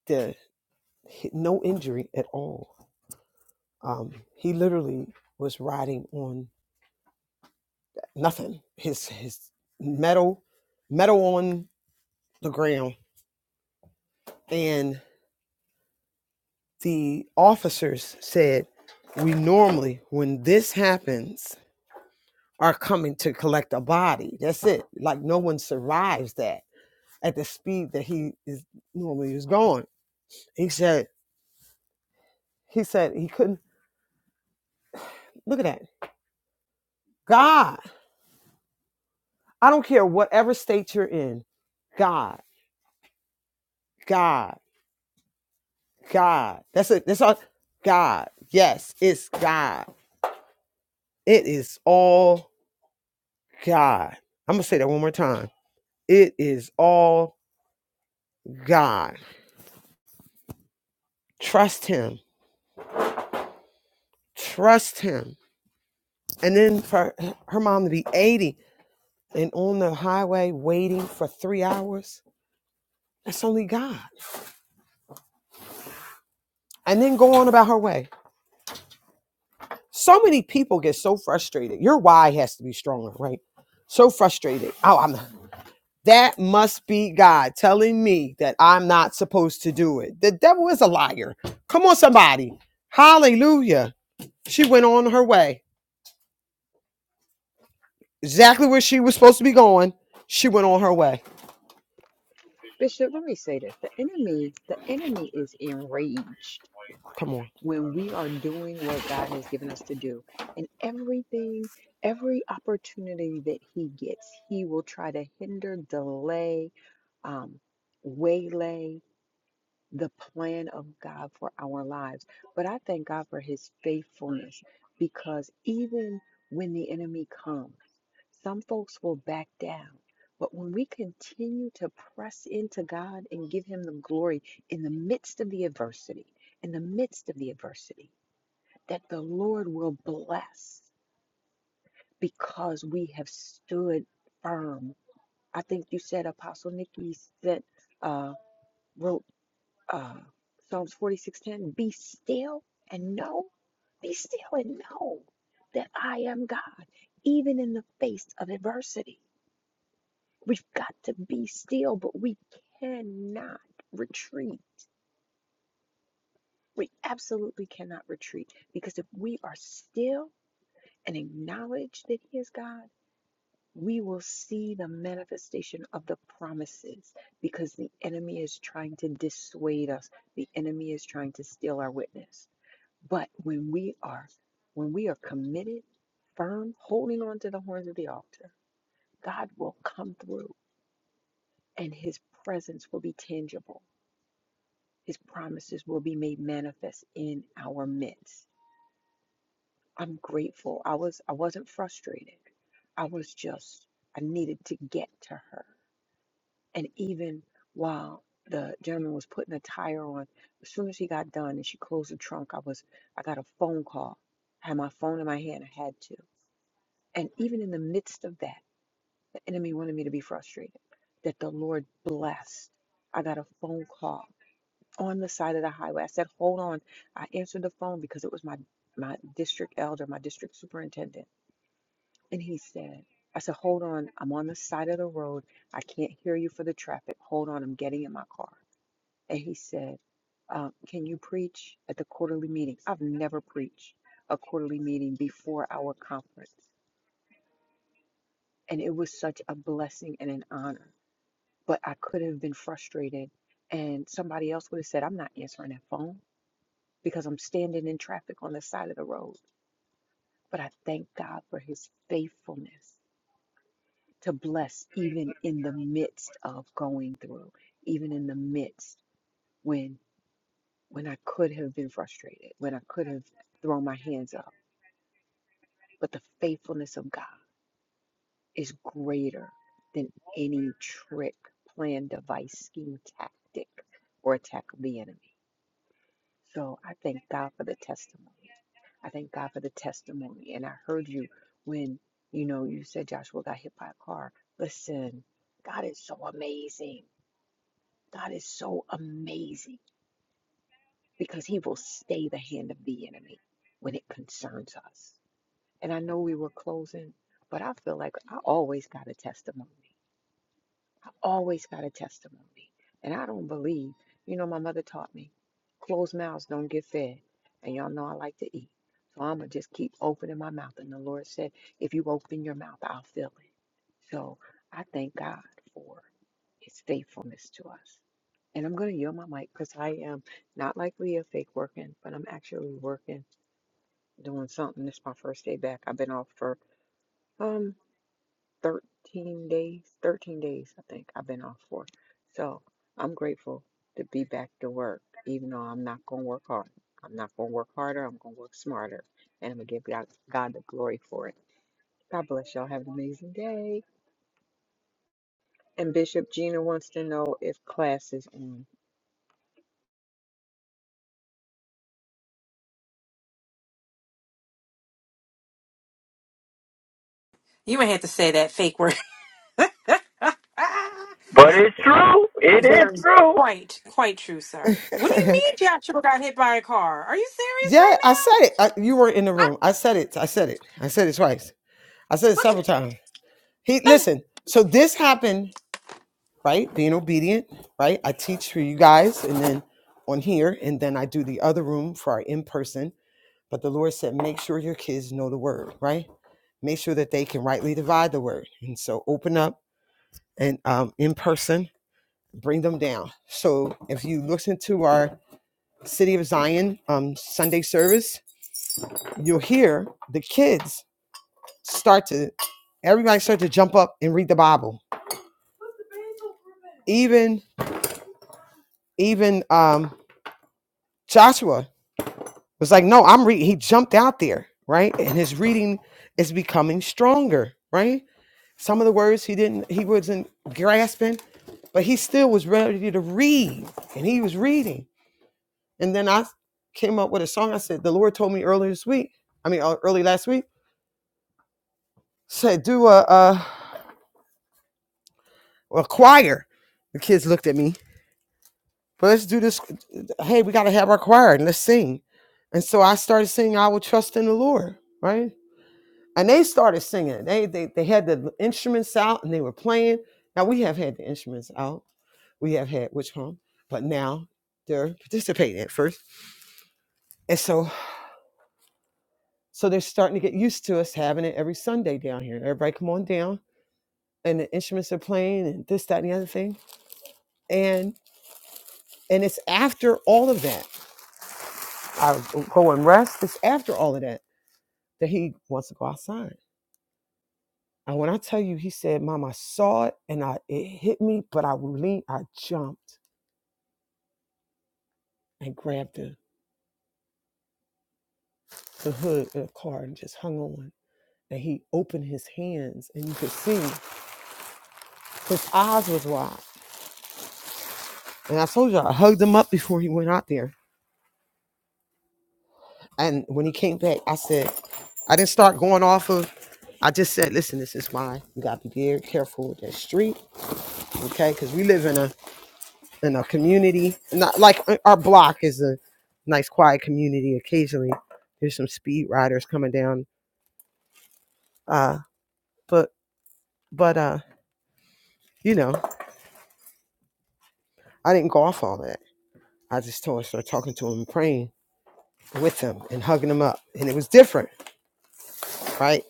The, no injury at all. Um, he literally was riding on nothing. His his metal, metal on the ground. And the officers said, we normally, when this happens, are coming to collect a body. That's it. Like no one survives that at the speed that he is normally is going. He said, he said he couldn't look at that. God, I don't care whatever state you're in, God, God, God. That's it. That's all God. Yes, it's God. It is all God. I'm gonna say that one more time. It is all God. Trust him. Trust him. And then for her mom to be 80 and on the highway waiting for three hours, that's only God. and then go on about her way. So many people get so frustrated. Your why has to be stronger, right? So frustrated. Oh, I'm that must be God telling me that I'm not supposed to do it. The devil is a liar. Come on, somebody. Hallelujah. She went on her way. Exactly where she was supposed to be going. She went on her way.
Bishop, let me say this. The enemy, the enemy is enraged
Come on.
when we are doing what God has given us to do. And everything, every opportunity that he gets, he will try to hinder, delay, um, waylay the plan of God for our lives. But I thank God for his faithfulness because even when the enemy comes, Some folks will back down. But when we continue to press into God and give Him the glory in the midst of the adversity, in the midst of the adversity, that the Lord will bless because we have stood firm. I think you said, Apostle Nikki said, uh, wrote uh, Psalms 46:10, be still and know, be still and know that I am God, even in the face of adversity. We've got to be still, but we cannot retreat. We absolutely cannot retreat because if we are still and acknowledge that He is God, we will see the manifestation of the promises because the enemy is trying to dissuade us. The enemy is trying to steal our witness. But when we are when we are committed, firm, holding on to the horns of the altar, God will come through and his presence will be tangible His promises will be made manifest in our midst. I'm grateful. I was I wasn't frustrated. I was just I needed to get to her. And even while the gentleman was putting a tire on, as soon as he got done and she closed the trunk, I was I got a phone call. I had my phone in my hand. I had to. And even in the midst of that, the enemy wanted me to be frustrated. That the Lord blessed. I got a phone call on the side of the highway. I said, "Hold on." I answered the phone because it was my my district elder, my district superintendent, and he said, "I said, hold on. I'm on the side of the road. I can't hear you for the traffic. Hold on. I'm getting in my car." And he said, um, "Can you preach at the quarterly meeting?" I've never preached a quarterly meeting before our conference, and it was such a blessing and an honor. But I could have been frustrated, and somebody else would have said, "I'm not answering that phone." because I'm standing in traffic on the side of the road. But I thank God for his faithfulness to bless even in the midst of going through, even in the midst when when I could have been frustrated, when I could have thrown my hands up. But the faithfulness of God is greater than any trick, plan, device, scheme, tactic, or attack of the enemy. So I thank God for the testimony. I thank God for the testimony. And I heard you when, you know, you said Joshua got hit by a car. Listen, God is so amazing. God is so amazing because he will stay the hand of the enemy when it concerns us. And I know we were closing, but I feel like I always got a testimony. always got a testimony. And I don't believe, you know, my mother taught me closed mouths don't get fed. And y'all know I like to eat. So I'm going to just keep opening my mouth. And the Lord said, if you open your mouth, I'll fill it. So I thank God for his faithfulness to us. And I'm going to yield my mic because I am not like Leah fake working, but I'm actually working, doing something. This is my first day back. I've been off for um. 13 days, 13 days, I think I've been off for. So I'm grateful to be back to work, even though I'm not going to work hard. I'm not going to work harder. I'm going to work smarter. And I'm going to give God, God the glory for it. God bless y'all. Have an amazing day. And Bishop Gina wants to know if class is on.
You may have to say that fake word. Very. Quite, quite true, sir. What do you mean Joshua got hit by a car? Are you serious
yeah, I said it. I, you were in the
right now?
room. I said it. I said it. I said it twice. I said
I,
it
what
several times. He listen. So this happened right? Being obedient, right? I teach for you guys and then on here, and then I do the other room for our in person. But the Lord said, make sure your kids know the word, right? Make sure that they can rightly divide the word. And so open up and um, in person, bring them down. So if you listen to our City of Zion um, Sunday service, you'll hear the kids start to, everybody start to jump up and read the Bible. Even, even um, Joshua was like, no, I'm reading. He jumped out there, right? And his reading is becoming stronger, right? Some of the words he didn't, he wasn't grasping, but he still was ready to read and he was reading. And then I came up with a song. I said, the Lord told me earlier this week, I mean, uh, early last week, said, do a, a, a choir. The kids looked at me, but let's do this. Hey, we got to have our choir and let's sing. And so I started singing, I will trust in the Lord, right? and they started singing. They they they had the instruments out and they were playing. Now we have had the instruments out. We have had which home, but now they're participating at first. And so so they're starting to get used to us having it every Sunday down here. Everybody come on down and the instruments are playing and this, that, and the other thing. And and it's after all of that. I go and rest. It's after all of that that he wants to go outside. And when I tell you, he said, Mom, I saw it and I it hit me, but I leaned, I jumped and grabbed the, the hood of the car and just hung on. And he opened his hands and you could see his eyes was wide. And I told you I hugged him up before he went out there. And when he came back, I said, I didn't start going off of I just said, listen, this is why you gotta be very careful with that street, okay? Because we live in a in a community, not like uh, our block is a nice quiet community. Occasionally, there's some speed riders coming down, uh, but but uh, you know, I didn't go off all that. I just told her, started talking to him, praying with him, and hugging him up, and it was different, right?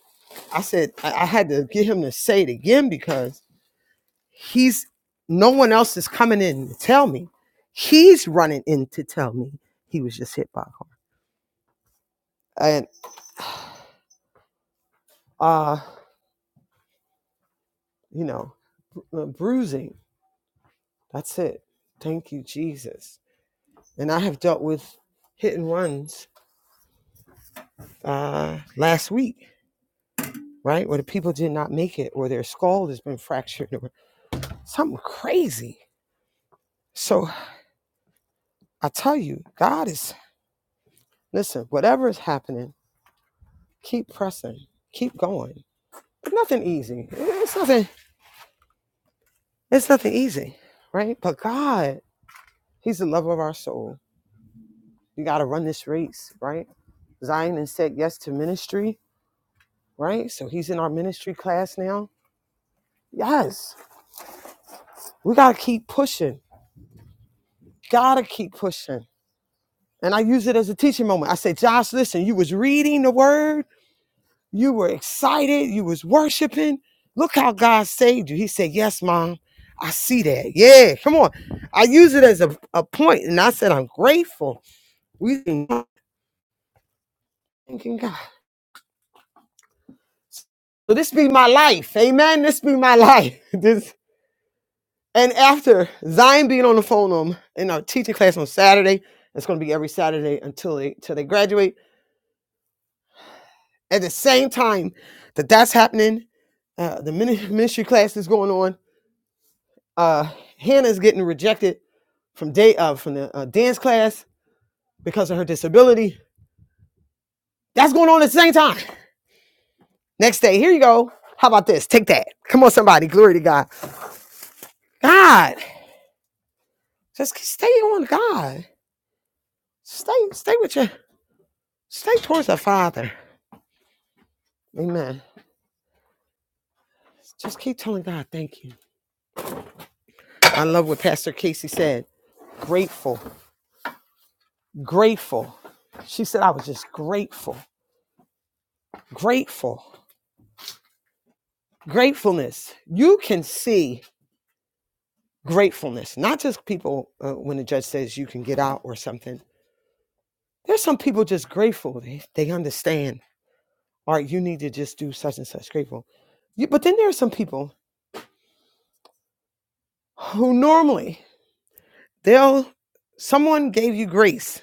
I said I, I had to get him to say it again because he's no one else is coming in to tell me. He's running in to tell me he was just hit by a car, and uh, you know, uh, bruising. That's it. Thank you, Jesus. And I have dealt with hit and runs uh, last week, right? Where the people did not make it, or their skull has been fractured, or. Something crazy. So I tell you, God is, listen, whatever is happening, keep pressing, keep going. It's nothing easy. It's nothing, it's nothing easy, right? But God, He's the lover of our soul. You got to run this race, right? Zion and said yes to ministry, right? So he's in our ministry class now. Yes, we gotta keep pushing. Gotta keep pushing. And I use it as a teaching moment. I say, Josh, listen, you was reading the word You were excited. You was worshiping. Look how God saved you. He said, Yes, mom. I see that. Yeah, come on. I use it as a, a point, and I said, I'm grateful. We thanking God. So this be my life. Amen. This be my life. This and after Zion being on the phone um, in our teaching class on Saturday, it's gonna be every Saturday until they until they graduate. At the same time that that's happening, uh, the mini- ministry class is going on. Uh, Hannah's getting rejected from day uh, from the uh, dance class because of her disability. That's going on at the same time. Next day, here you go. How about this? Take that. Come on, somebody. Glory to God. God, just stay on God. Stay, stay with your, stay towards the Father. Amen. Just keep telling God, thank you. I love what Pastor Casey said. Grateful, grateful. She said, I was just grateful, grateful, gratefulness. You can see gratefulness, not just people uh, when the judge says you can get out or something. There's some people just grateful. They, they understand, all right, you need to just do such and such grateful. You, but then there are some people who normally they'll, someone gave you grace.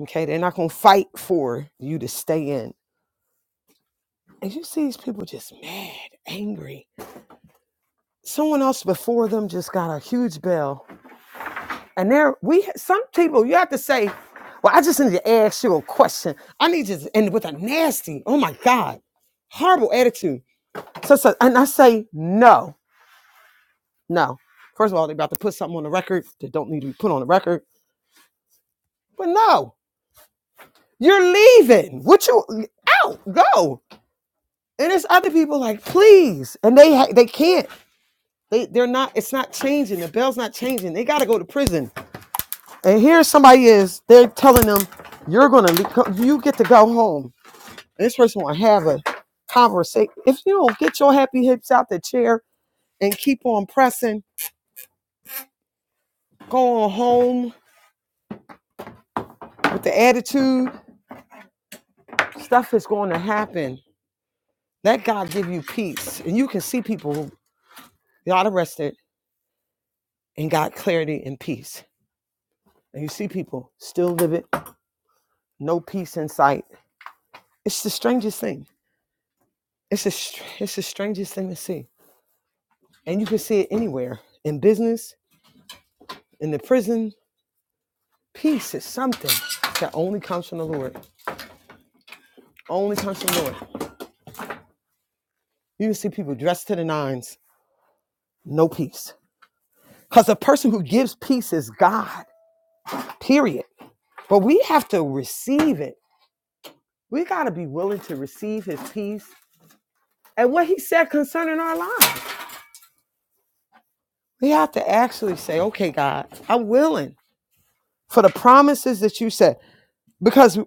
Okay. They're not going to fight for you to stay in. And you see these people just mad, angry. Someone else before them just got a huge bell And there we some people you have to say, Well, I just need to ask you a question. I need you to end with a nasty, oh my God, horrible attitude. So, so and I say, no, no. First of all, they're about to put something on the record that don't need to be put on the record. But no, you're leaving. What you out, go. And there's other people like, please. And they ha- they can't. They they're not, it's not changing. The bell's not changing. They gotta go to prison. And here somebody is, they're telling them, you're gonna le- you get to go home This person want to have a conversation. If you don't get your happy hips out the chair and keep on pressing, going home with the attitude, stuff is going to happen. Let God give you peace. And you can see people who got arrested and got clarity and peace. And you see people still live it, no peace in sight. It's the strangest thing. It's the, it's the strangest thing to see. And you can see it anywhere in business, in the prison. Peace is something that only comes from the Lord. Only comes from the Lord. You see people dressed to the nines, no peace. Because the person who gives peace is God, period. But we have to receive it. We got to be willing to receive his peace and what he said concerning our lives. We have to actually say, okay, God, I'm willing for the promises that you said. Because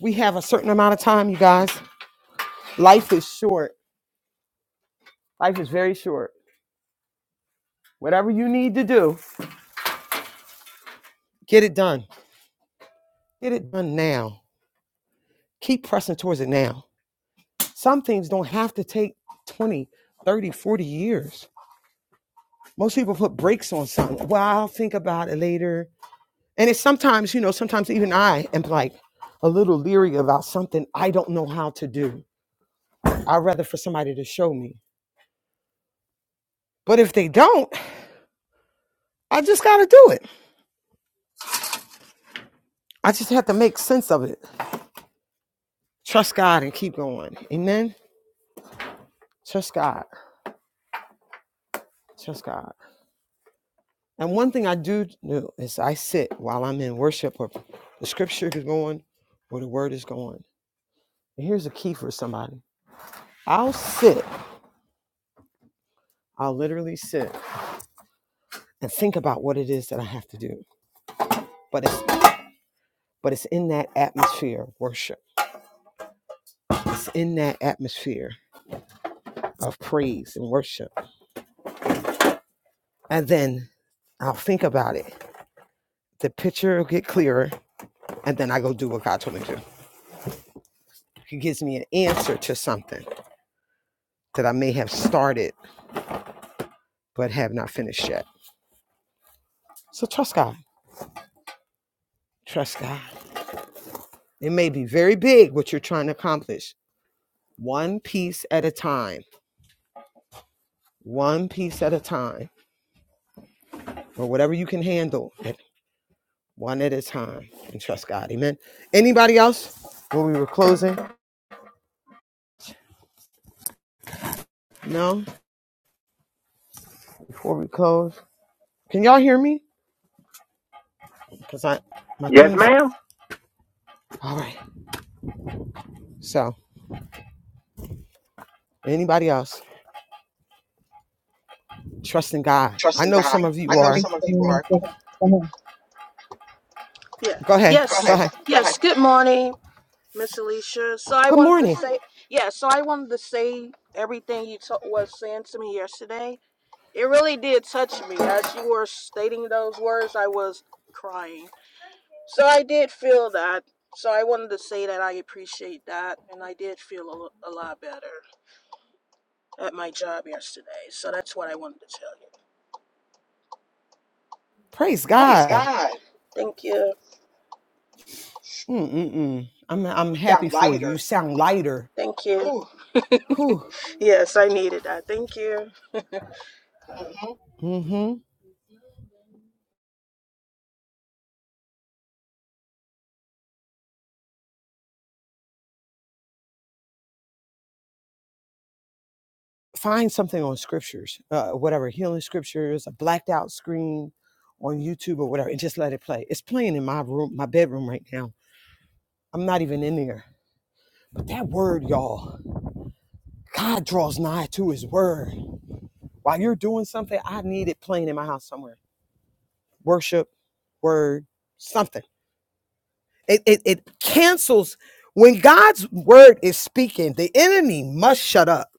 we have a certain amount of time, you guys. Life is short. Life is very short. Whatever you need to do, get it done. Get it done now. Keep pressing towards it now Some things don't have to take 20, 30, forty years. Most people put brakes on something. Well, I'll think about it later. And it's sometimes, you know, sometimes even I am like a little leery about something I don't know how to do. I'd rather for somebody to show me. But if they don't, I just got to do it. I just have to make sense of it. Trust God and keep going. Amen. Trust God. Trust God. And one thing I do do is I sit while I'm in worship or the scripture is going where the word is going. And here's a key for somebody I'll sit, I'll literally sit and think about what it is that I have to do. But it's, but it's in that atmosphere of worship, it's in that atmosphere of praise and worship. And then I'll think about it. The picture will get clearer, and then I go do what God told me to do. He gives me an answer to something that I may have started but have not finished yet. So trust God. Trust God. It may be very big what you're trying to accomplish, one piece at a time. one piece at a time or whatever you can handle it one at a time and trust god amen anybody else when we were closing no before we close can y'all hear me because i my things all right so anybody else trust in god i
trusting
know
God.
some of you
I
Good
know
are
morning,
some of
good
people
morning.
are.
Thank
Go
you.
Yeah.
go ahead
Yes. ahead.
go
Go
ahead
ahead. Go Yes. ahead. Good morning, Miss Alicia. So I
good
wanted Good to
morning
morning. say, yeah. So I wanted to say everything you t- was saying to me yesterday. It really did touch me. As you were stating those words, I was crying. So I did feel that. So I wanted to say that I appreciate that, and I did feel a, lo- a lot better at my job yesterday. So that's what I wanted to tell you.
praise
Praise
god
God. Thank you.
Mm-mm-mm. i'm i'm
Sound
happy for you you
lighter.
sound lighter
Thank you.
Whew.
Yes, I needed that. Thank you. Mhm.
Mm-hmm. find something on scriptures, uh, whatever healing scriptures, a blacked out screen on YouTube or whatever, and just let it play. It's playing in my room, my bedroom right now. I'm not even in there. But that word, y'all, God draws nigh to his word. While you're doing something, I need it playing in my house somewhere. Worship, word, something. It, it, it cancels. When God's word is speaking, the enemy must shut up.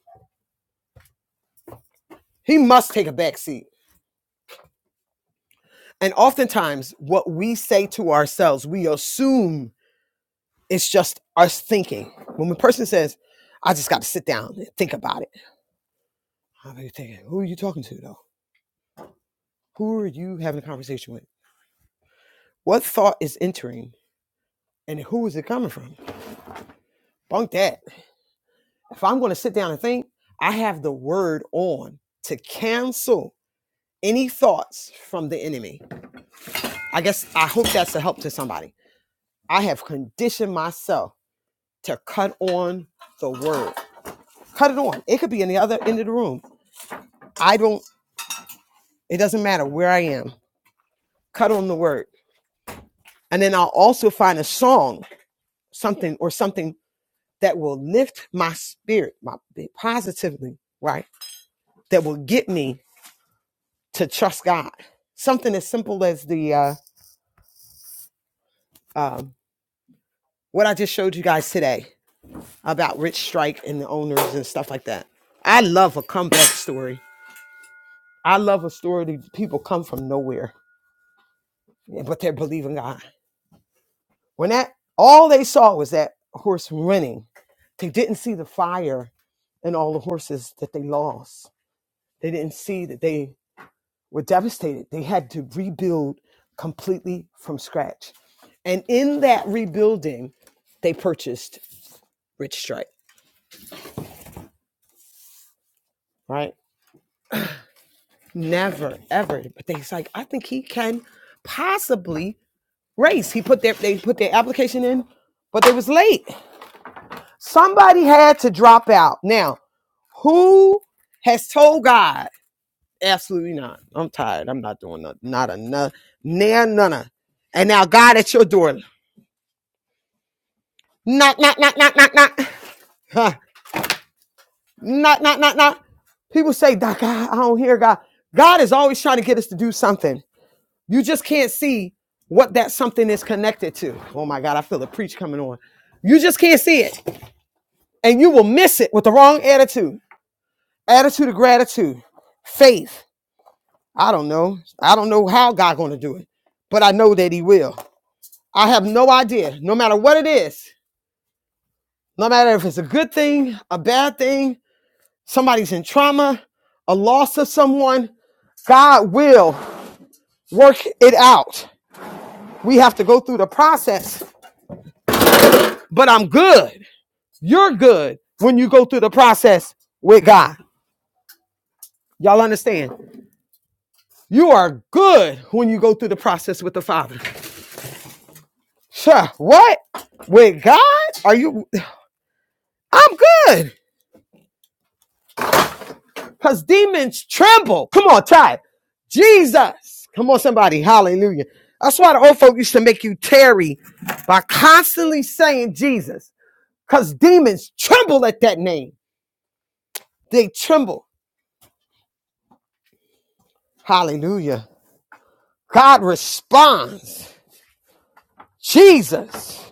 He must take a back seat. And oftentimes, what we say to ourselves, we assume It's just us thinking. When a person says, I just got to sit down and think about it, I'm like thinking, who are you talking to though? Who are you having a conversation with? What thought is entering and who is it coming from? Bunk that. If I'm going to sit down and think, I have the word on to cancel any thoughts from the enemy. I guess I hope that's a help to somebody. I have conditioned myself to cut on the word. Cut it on. It could be in the other end of the room. I don't, it doesn't matter where I am. cut on the word. And then I'll also find a song, something or something that will lift my spirit, my positively, right? That will get me to trust God. Something as simple as the uh, um, what I just showed you guys today about Rich Strike and the owners and stuff like that. I love a comeback story. I love a story that people come from nowhere, yeah, but they're believing God. When that all they saw was that horse running, they didn't see the fire and all the horses that they lost. They didn't see that they were devastated. They had to rebuild completely from scratch. And in that rebuilding, they purchased Rich Strike, right? Never, ever. But they was like, I think he can possibly race. He put their they put their application in, but they was late. Somebody had to drop out. Now, who has told God? Absolutely not. I'm tired. I'm not doing nothing. Not enough. Near none. And now God at your door. Knock, knock, knock, knock, knock, knock. Huh. knock, knock, knock, knock. People say, "Doc, I I don't hear God. God is always trying to get us to do something. You just can't see what that something is connected to. Oh my God, I feel the preach coming on. You just can't see it. And you will miss it with the wrong attitude. Attitude of gratitude. Faith. I don't know. I don't know how God gonna do it, but I know that he will. I have no idea. No matter what it is, no matter if it's a good thing, a bad thing, somebody's in trauma, a loss of someone, God will work it out. We have to go through the process, but I'm good. You're good when you go through the process with God. Y'all understand? You are good when you go through the process with the Father. Sure. What? With God? Are you? I'm good. because demons tremble. Come on, try it. Jesus. Come on, somebody. Hallelujah. That's why the old folk used to make you tarry by constantly saying Jesus because demons tremble at that name. They tremble. Hallelujah. God responds. Jesus.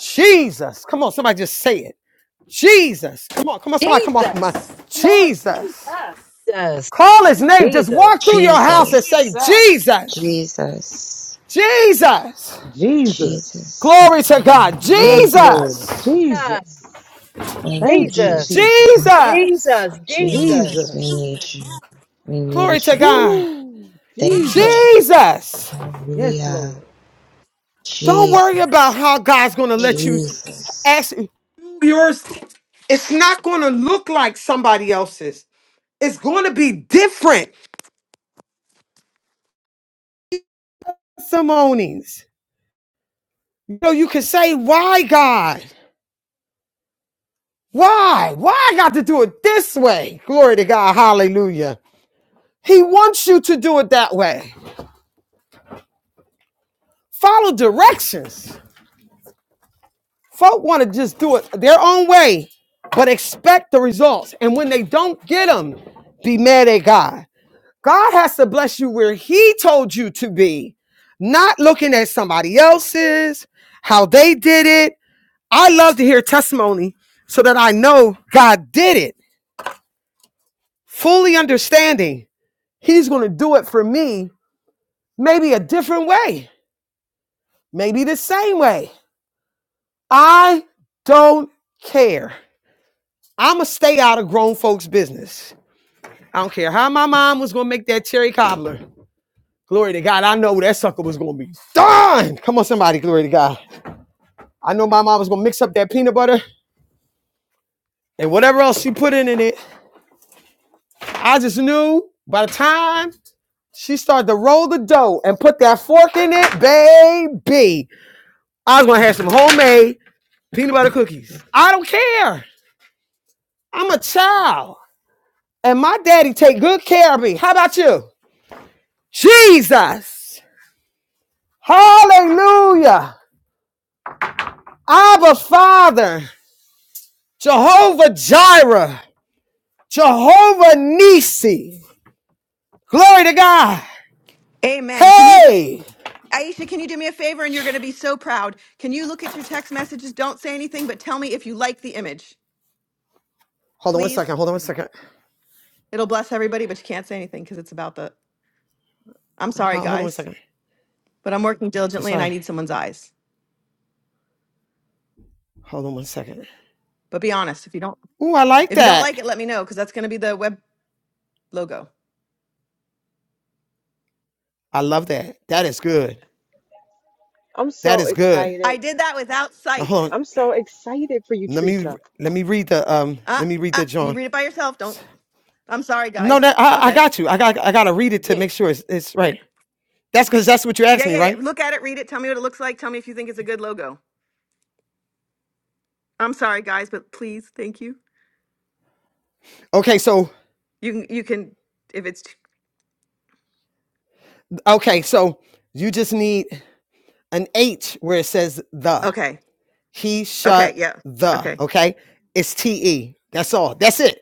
Jesus. Come on, somebody just say it. Jesus. Come on, come on, somebody come
the,
off my
Jesus. Come on,
Jesus.
Jesus.
Jesus,
Call his name. Just
Jesus.
Jesus,
walk through your house and say,
Jesus,
Jesus.
Jesus.
Jesus,
Jesus.
Jesus.
Jesus,
Glory to
hallelujah.
God.
Yes,
Jesus,
Lord.
Jesus.
God,
Jesus.
thank you,
Thank you,
Jesus,
Jesus.
Jesus.
Jesus.
Jesus, Jesus.
Jesus, we
Jesus.
need you. We
Glory
need
to
you.
God.
Woo.
Thank
Thank
you,
Jesus.
Jesus.
Jesus.
Yes,
Hallelujah.
Lord.
Don't
Jesus,
worry about how God's going to
Thank
let
you,
you
Jesus.
Jesus.
ask yours. It's not going to look like somebody else's. It's going to be different testimonies. You know, you can say, why God? Why? Why I got to do it this way? Glory to God. Hallelujah. He wants you to do it that way. Follow directions. Folk want to just do it their own way, but expect the results. And when they don't get them, be mad at God. God has to bless you where He told you to be, not looking at somebody else's, how they did it. I love to hear testimony so that I know God did it, fully understanding He's going to do it for me, maybe a different way, maybe the same way. I don't care. I'm going to stay out of grown folks' business. I don't care how my mom was gonna make that cherry cobbler. Glory to God. I know that sucker was gonna be done. Come on, somebody, glory to God. I know my mom was gonna mix up that peanut butter and whatever else she put in in it. I just knew by the time she started to roll the dough and put that fork in it, baby, I was gonna have some homemade peanut butter cookies. I don't care. I'm a child. And my daddy take good care of me. How about you? Jesus. Hallelujah. Abba Father, Jehovah Jireh, Jehovah Nisi. Glory to God.
Amen. Can you do?
Hey.
Aisha, can you do me a favor? And you're going to be so proud. Can you look at your text messages? Don't say anything, but tell me if you like the image,
Hold on one
please.
second. Hold on one second.
It'll bless everybody, but you can't say anything because it's about the. I'm sorry,
Hold on one
guys,
second.
but I'm working diligently and I
Sorry.
need someone's eyes.
Hold on one second.
But be honest, if you don't,
Ooh, I like
if you don't
that.
like it, let me know because that's going to be the web logo.
I love that. That is good.
I'm
That
so
is good.
I
excited.
did that without
Now,
sight.
Hold on.
I'm so excited for you,
Let me
Teresa.
let me read the um.
Uh,
Let me read
uh,
that
you
John.
read it by yourself. Don't. I'm sorry,
No,
guys.
that I, I
Okay.
got you. I got I gotta read it to
Yeah, yeah,
make sure it's, it's
yeah,
right. That's because that's what you asked
yeah,
me,
yeah. yeah.
right?
Look at it, read it. Tell me what it looks like. Tell me if you think it's a good logo. I'm sorry, guys, but please, thank you.
Okay, so
You can you can if it's
okay, so you just need an H where it says the.
okay.
He
Okay,
shut
yeah.
the.
Okay.
Okay, it's T E. That's all. That's it.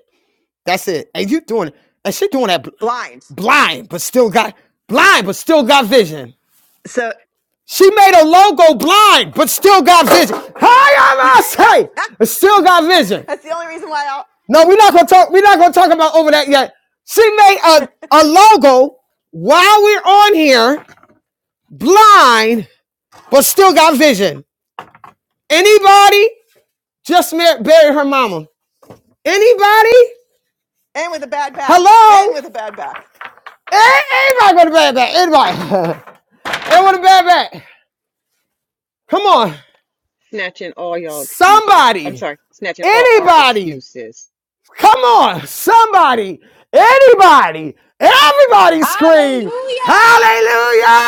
That's it. And you doing And she doing that
Blind.
blind, but still got blind, but still got vision.
So
She made a logo blind, but still got vision. Hi, I
that's
must say, still got vision.
the only reason why I'll
No, we're not gonna talk. We're not gonna talk about over that yet. She made a, a logo while we're on here, blind, but still got vision. Anybody? Just buried her mama. Anybody?
and with a bad back.
Hello?
And with a bad back.
Hey, Anybody want a bad back? Anybody? Anyone want a bad back? Come on.
Snatching all y'all excuses. I'm
Somebody.
sorry, snatching all our
Anybody.
excuses.
Come on. Somebody. Anybody. Everybody scream.
Hallelujah.
Hallelujah.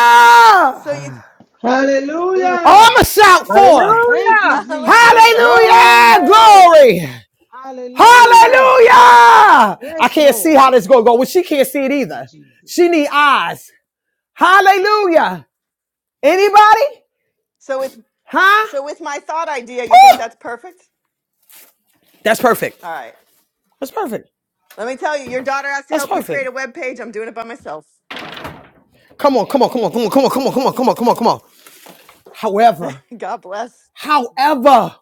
So you
Ooh,
Oh, I'm
Hallelujah.
going to shout for.
Thank you,
Hallelujah.
Jesus.
hallelujah.
Hallelujah.
Glory.
Glory.
Hallelujah.
Hallelujah. I
Yes,
can't see
Lord.
how this is going to go. Well, she can't see it
Thank you,
either.
Jesus.
She need eyes. Hallelujah. Anybody?
So with
Huh?
so with my thought idea, you think that's perfect?
That's perfect.
All right.
That's perfect.
Let me tell you, your daughter has to
That's
help you
perfect.
create a web page. I'm doing it by myself.
Come on, come on, come on, come on, come on, come on, come on, come on, come on, come on. However,
God bless.
however,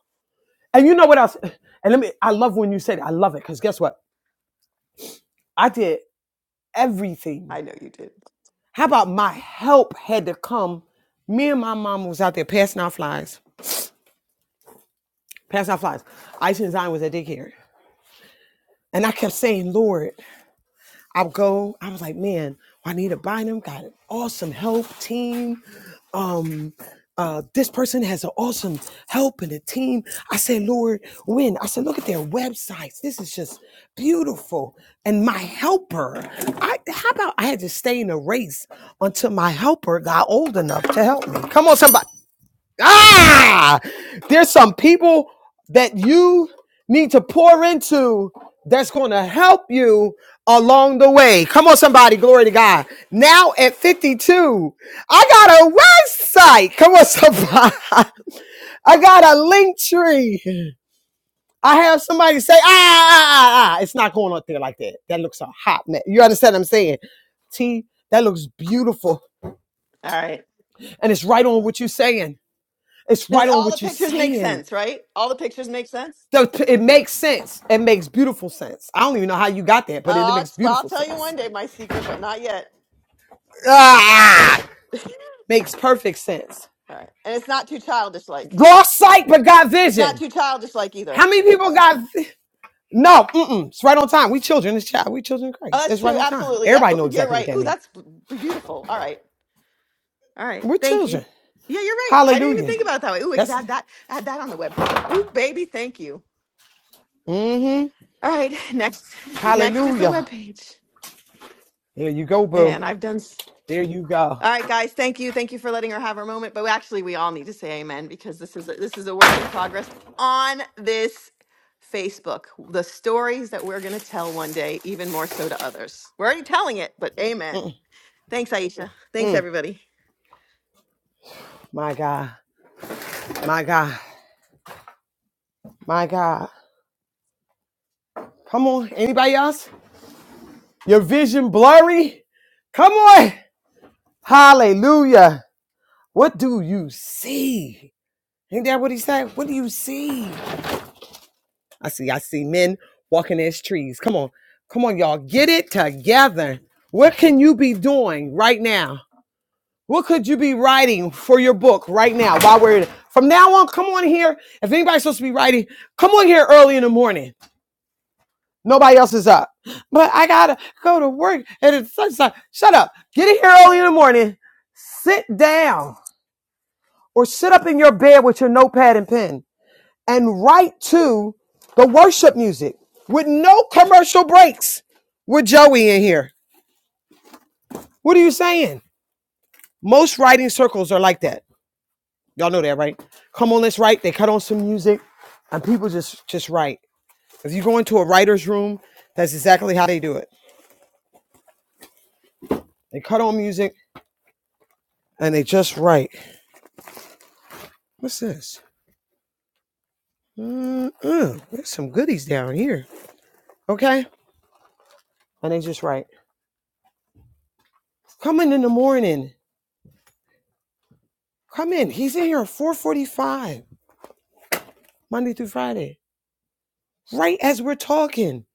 and you know what else? And let me, I love when you said, I love it, because guess what? I did everything.
I know you did.
How about my help had to come? Me and my mom was out there passing out flies, passing out flies. Ice and Zion was at daycare. And I kept saying, Lord, I'll go. I was like, man, I need to buy them. Got an awesome help team. um, uh, this person has an awesome help and a team. I said, Lord, when? I said, look at their websites. This is just beautiful. And my helper, I how about I had to stay in a race until my helper got old enough to help me? Come on, somebody. Ah, there's some people that you need to pour into that's going to help you along the way. Come on, somebody, glory to God. Now at 52, I got a website. Come on, somebody. I got a link tree. I have somebody say, ah, ah, ah, ah. ah, ah." It's not going up there like that. That looks a hot mess. You understand what I'm saying? T, that looks beautiful.
All right.
And it's right on what you're saying. It's
Does
right on
all the
what you're
pictures make
saying.
sense, right? All the pictures make sense?
So it makes sense. It makes beautiful sense. I don't even know how you got that, but it
Oh, I'll,
makes
I'll
beautiful
tell you one
sense.
day my secret, but not yet.
Ah, makes perfect sense.
All right. And it's not too childish like.
Lost sight but got
It's not
vision.
too childish like either.
How many people got? vi- no, mm-mm, it's right on time. We children, it's child. We children of
Oh,
Christ.
that's
That's right
true.
on time.
Absolutely. Yep.
Everybody know
Ooh, you're
exactly what
right.
that
Ooh,
means.
that's b- beautiful. All right. All right.
We're
Thank you.
children.
Yeah, you're right. I didn't even
Hallelujah.
think about it that way. Ooh, we could
That's
add that add that on the webpage. Ooh, baby, thank you.
mm-hmm.
All right. Next next is the
Hallelujah.
webpage.
There you go, boo.
Man, I've done. s-
There you go.
All right, guys. Thank you. Thank you for letting her have her moment. But actually, we all need to say amen because this is a, this is a work in progress on this Facebook. The stories that we're going to tell one day, even more so to others. We're already telling it, but amen. Thanks, Aisha. Thanks,
Mm,
everybody.
my God. My God. My God. Come on. Anybody else? Your vision blurry? Come on. Hallelujah. What do you see? Ain't that what he said? What do you see? I see, I see men walking as trees. Come on. Come on, y'all. Get it together. What can you be doing right now? What could you be writing for your book right now? While we're from now on, come on here. If anybody's supposed to be writing, come on here early in the morning. Nobody else is up. But I gotta go to work and it's sunshine. Shut up. Get in here early in the morning. Sit down or sit up in your bed with your notepad and pen and write to the worship music with no commercial breaks with Joey in here. What are you saying? Most writing circles are like that. Y'all know that, right? Come on, let's write. They cut on some music and people just just write. If you go into a writer's room, that's exactly how they do it. They cut on music and they just write. What's this? Mm-mm. There's some goodies down here. Okay. And they just write, come in in the morning. Come in. He's in here at 445, Monday through Friday. Right as we're talking.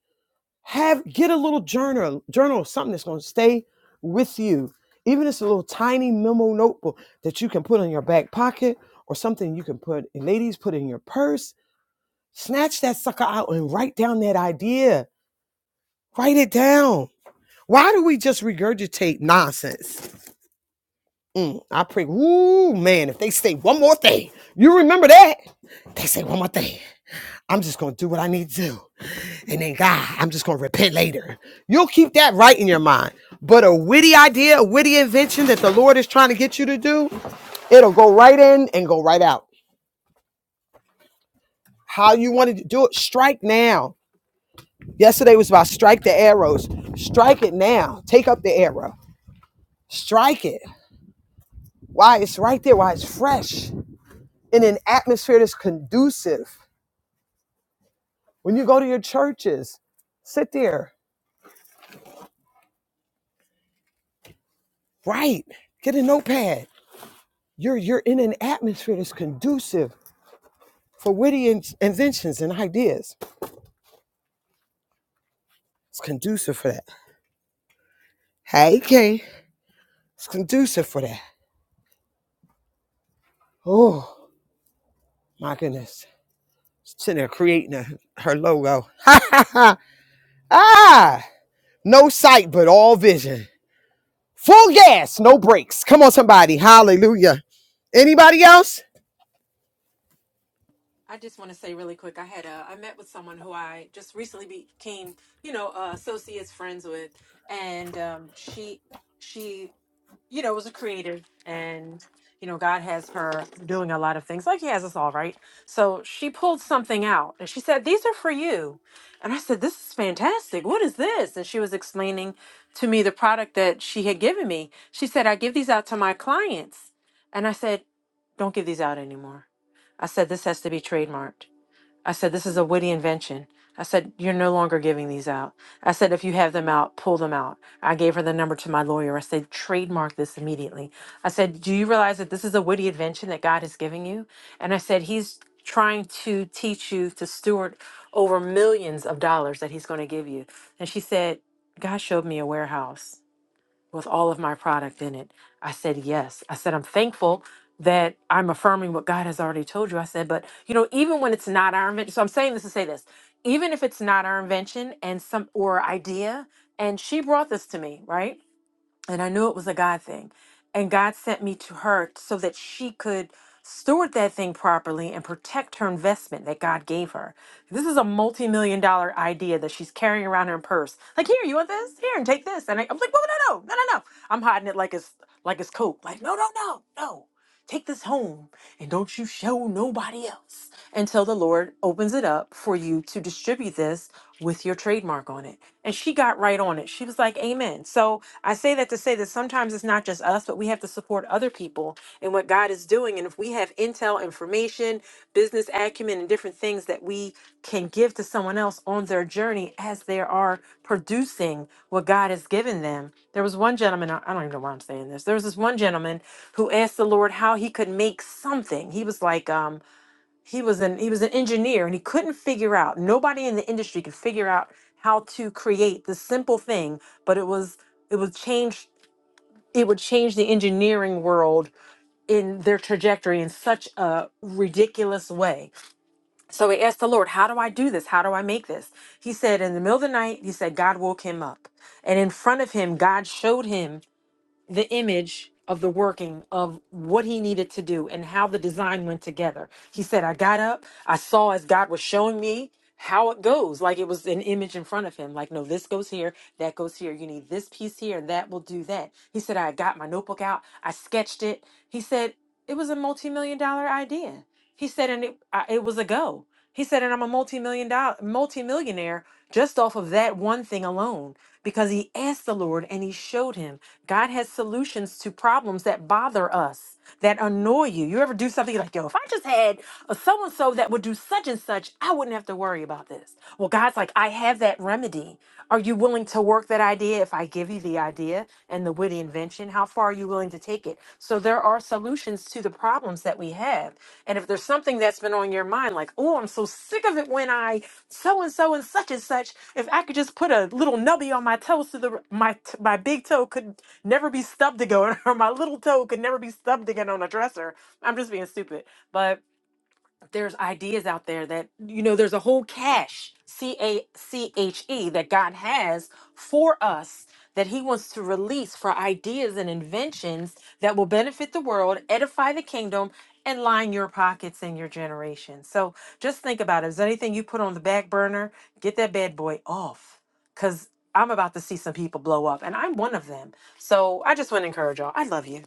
Have get a little journal, journal, something that's gonna stay with you. Even if it's a little tiny memo notebook that you can put in your back pocket or something you can put and ladies, put in your purse. Snatch that sucker out and write down that idea. Write it down. Why do we just regurgitate nonsense? Mm, I pray, ooh, man, if they say one more thing, you remember that? They say one more thing. I'm just going to do what I need to do. And then, God, I'm just going to repent later. You'll keep that right in your mind. But a witty idea, a witty invention that the Lord is trying to get you to do, it'll go right in and go right out. How you wanted to do it, strike now. Yesterday was about strike the arrows. Strike it now. Take up the arrow. Strike it. Why? It's right there. Why? It's fresh in an atmosphere that's conducive When you go to your churches, sit there, write, get a notepad. You're you're in an atmosphere that's conducive for witty in- inventions and ideas. It's conducive for that. Hey, King. It's conducive for that. Oh my goodness. Sitting there creating a, her logo. Ha, ha, ha. ah, no sight but all vision. Full gas, no brakes. Come on, somebody. Hallelujah. Anybody else?
I just want to say really quick. I had a I met with someone who I just recently became, you know, uh, associates friends with, and um, she she, you know, was a creative, and you know, God has her doing a lot of things, like He has us all, right? So she pulled something out, and she said, "These are for you," and I said, "This is fantastic. What is this?" And she was explaining to me the product that she had given me. She said, "I give these out to my clients," and I said, "Don't give these out anymore." I said, this has to be trademarked. I said, this is a witty invention. I said, you're no longer giving these out. I said, if you have them out, pull them out. I gave her the number to my lawyer. I said, trademark this immediately. I said, do you realize that this is a witty invention that God is giving you? And I said, he's trying to teach you to steward over millions of dollars that he's going to give you. And she said, God showed me a warehouse with all of my product in it. I said, Yes. I said, I'm thankful that I'm affirming what God has already told you. I said, But, you know, even when it's not our invention, so I'm saying this to say this, even if it's not our invention and some or idea, and she brought this to me, right? and I knew it was a God thing. And God sent me to her so that she could steward that thing properly and protect her investment that God gave her. This is a multi million dollar idea that she's carrying around her purse. Like, here, you want this? Here, and take this. And I, I was like, well, no, no, no, no, no. no." I'm hiding it like it's like it's coke. Like, no, no, no, no. Take this home and don't you show nobody else until the Lord opens it up for you to distribute this with your trademark on it. And she got right on it. She was like, Amen. So I say that to say that sometimes it's not just us, but we have to support other people in what God is doing. And if we have intel, information, business acumen, and different things that we can give to someone else on their journey as they are producing what God has given them. There was one gentleman, I I don't even know why I'm saying this. There was this one gentleman who asked the Lord how he could make something. He was like, um, he was an he was an engineer and he couldn't figure out nobody in the industry could figure out how to create this simple thing but it was it would change it would change the engineering world in their trajectory in such a ridiculous way so he asked the lord how do i do this how do i make this he said in the middle of the night he said god woke him up and in front of him god showed him the image of the working of what he needed to do and how the design went together. He said, I got up, I saw as God was showing me how it goes. Like it was an image in front of him. Like, no, this goes here, that goes here. You need this piece here, and that will do that. He said, I got my notebook out, I sketched it. He said, it was a multi million dollar idea. He said, and it, I, it was a go. He said, and I'm a multi million dollar, multi millionaire just off of that one thing alone because he asked the Lord and he showed him. God has solutions to problems that bother us, that annoy you. You ever do something like, yo, if I just had a so and so that would do such and such, I wouldn't have to worry about this. Well, God's like, I have that remedy. Are you willing to work that idea if I give you? give you the idea and the witty invention. How far are you willing to take it? So there are solutions to the problems that we have. And if there's something that's been on your mind, like, oh, I'm so sick of it when I so and so and such and such, if I could just put a little nubby on my toes to the my t- my big toe could never be stubbed again, or my little toe could never be stubbed again on a dresser. I'm just being stupid, but there's ideas out there that you know there's a whole cache c-a-c-h-e that god has for us that he wants to release for ideas and inventions that will benefit the world edify the kingdom and line your pockets and your generation so just think about it is there anything you put on the back burner get that bad boy off because i'm about to see some people blow up and i'm one of them so i just want to encourage y'all i love you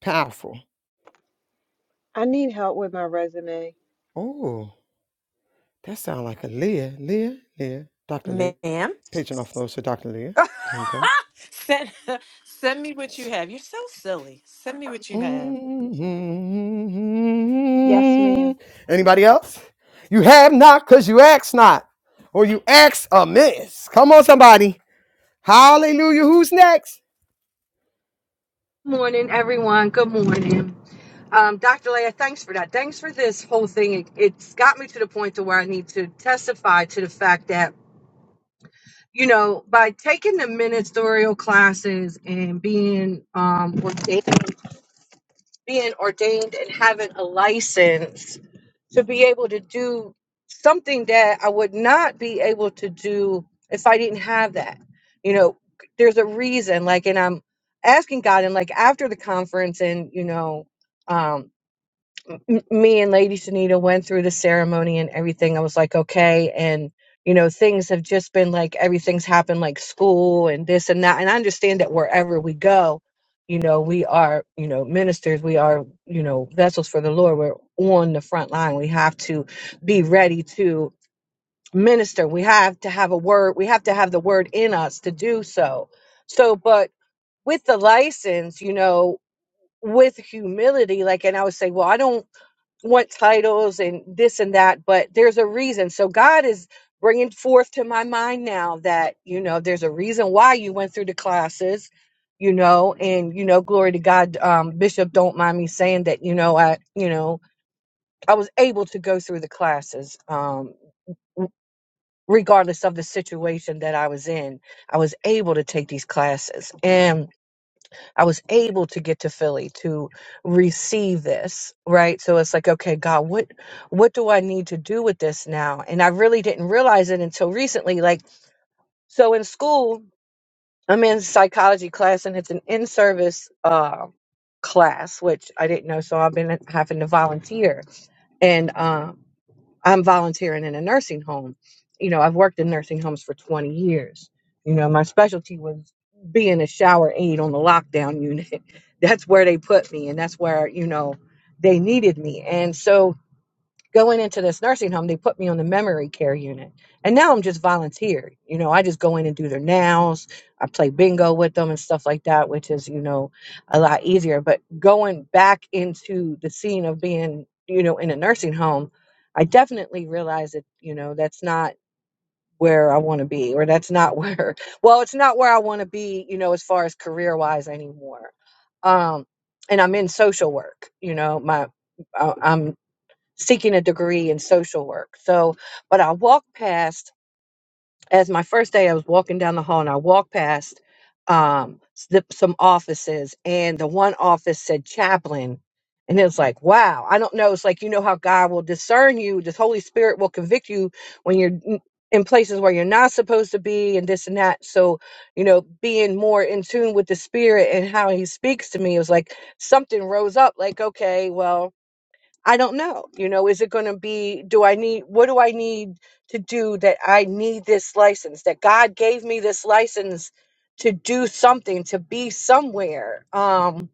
Powerful.
I need help with my resume.
Oh. That sounds like a Leah, Leah, Leah, Dr. Leah.
ma'am
Pigeon off those to Dr. Leah. Here we go.
send send me what you have. You're so silly. Send me what you have.
Yes, ma'am.
hmm Anybody else? You have not because you ask not, or you ask amiss. Come on, somebody. Hallelujah. Who's next?
Good morning, everyone. Good morning. Um, Dr. Leah, thanks for that. Thanks for this whole thing. It, it's got me to the point to where I need to testify to the fact, you know, by taking the ministerial classes and being um, ordained being ordained and having a license to be able to do something that I would not be able to do if I didn't have that. You know, there's a reason, like, and I'm asking God, and like after the conference, and you know, um, m- me and Lady Sanita went through the ceremony and everything. I was like, okay. And, you know, things have just been like everything's happened, like school and this and that. And I understand that wherever we go, you know, we are, you know, ministers, we are, you know, vessels for the Lord. We're on the front line. We have to be ready to minister. We have to have a word. We have to have the word in us to do so. So, but with the license, you know, with humility, like, and I would say, well, I don't want titles and this and that, but there's a reason. So God is bringing forth to my mind now that, you know, there's a reason why you went through the classes, you know, and, you know, glory to God, um, Bishop, don't mind me saying that, you know, I, you know, I was able to go through the classes, um, r- regardless of the situation that I was in, I was able to take these classes. I was able to get to Philly to receive this, right? So it's like, okay, God, what what do I need to do with this now? And I really didn't realize it until recently. Like, so in school, I'm in psychology class, and it's an in-service uh, class, which I didn't know. So I've been having to volunteer, and um, I'm volunteering in a nursing home. You know, I've worked in nursing homes for 20 years. You know, my specialty was being a shower aide on the lockdown unit. that's where they put me, and that's where, you know, they needed me. And so, going into this nursing home, they put me on the memory care unit. And now I'm just volunteer. You know, I just go in and do their nails. I play bingo with them and stuff like that, which is, you know, a lot easier. But going back into the scene of being, you know, in a nursing home, I definitely realized that, you know, that's not where I want to be or that's not where well, it's not where I want to be, you know, as far as career wise anymore. Um and I'm in social work, you know, my I- I'm seeking a degree in social work. So, but I walked past, as my first day, I was walking down the hall and I walked past um, s- the, some offices, and the one office said chaplain. And it was like, wow, I don't know. It's like, you know how God will discern you, this Holy Spirit will convict you when you're n- in places where you're not supposed to be and this and that. So, you know, being more in tune with the Spirit and how He speaks to me, it was like something rose up, like, okay, well, I don't know. You know, is it going to be, do I need, what do I need to do that I need this license, that God gave me this license to do something, to be somewhere, um,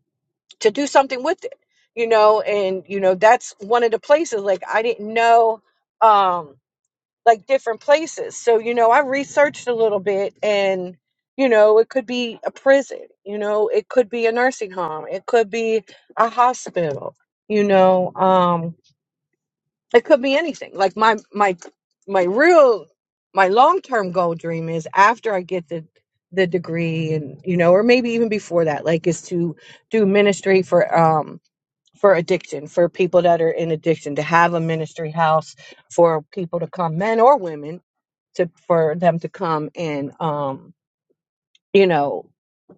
to do something with it, you know? And, you know, that's one of the places, like, I didn't know, um, like different places. So, you know, I researched a little bit and, you know, it could be a prison, you know, it could be a nursing home, it could be a hospital, you know, um, it could be anything like my my my real my long-term goal dream is after i get the the degree and you know or maybe even before that like is to do ministry for um for addiction for people that are in addiction to have a ministry house for people to come men or women to for them to come and um you know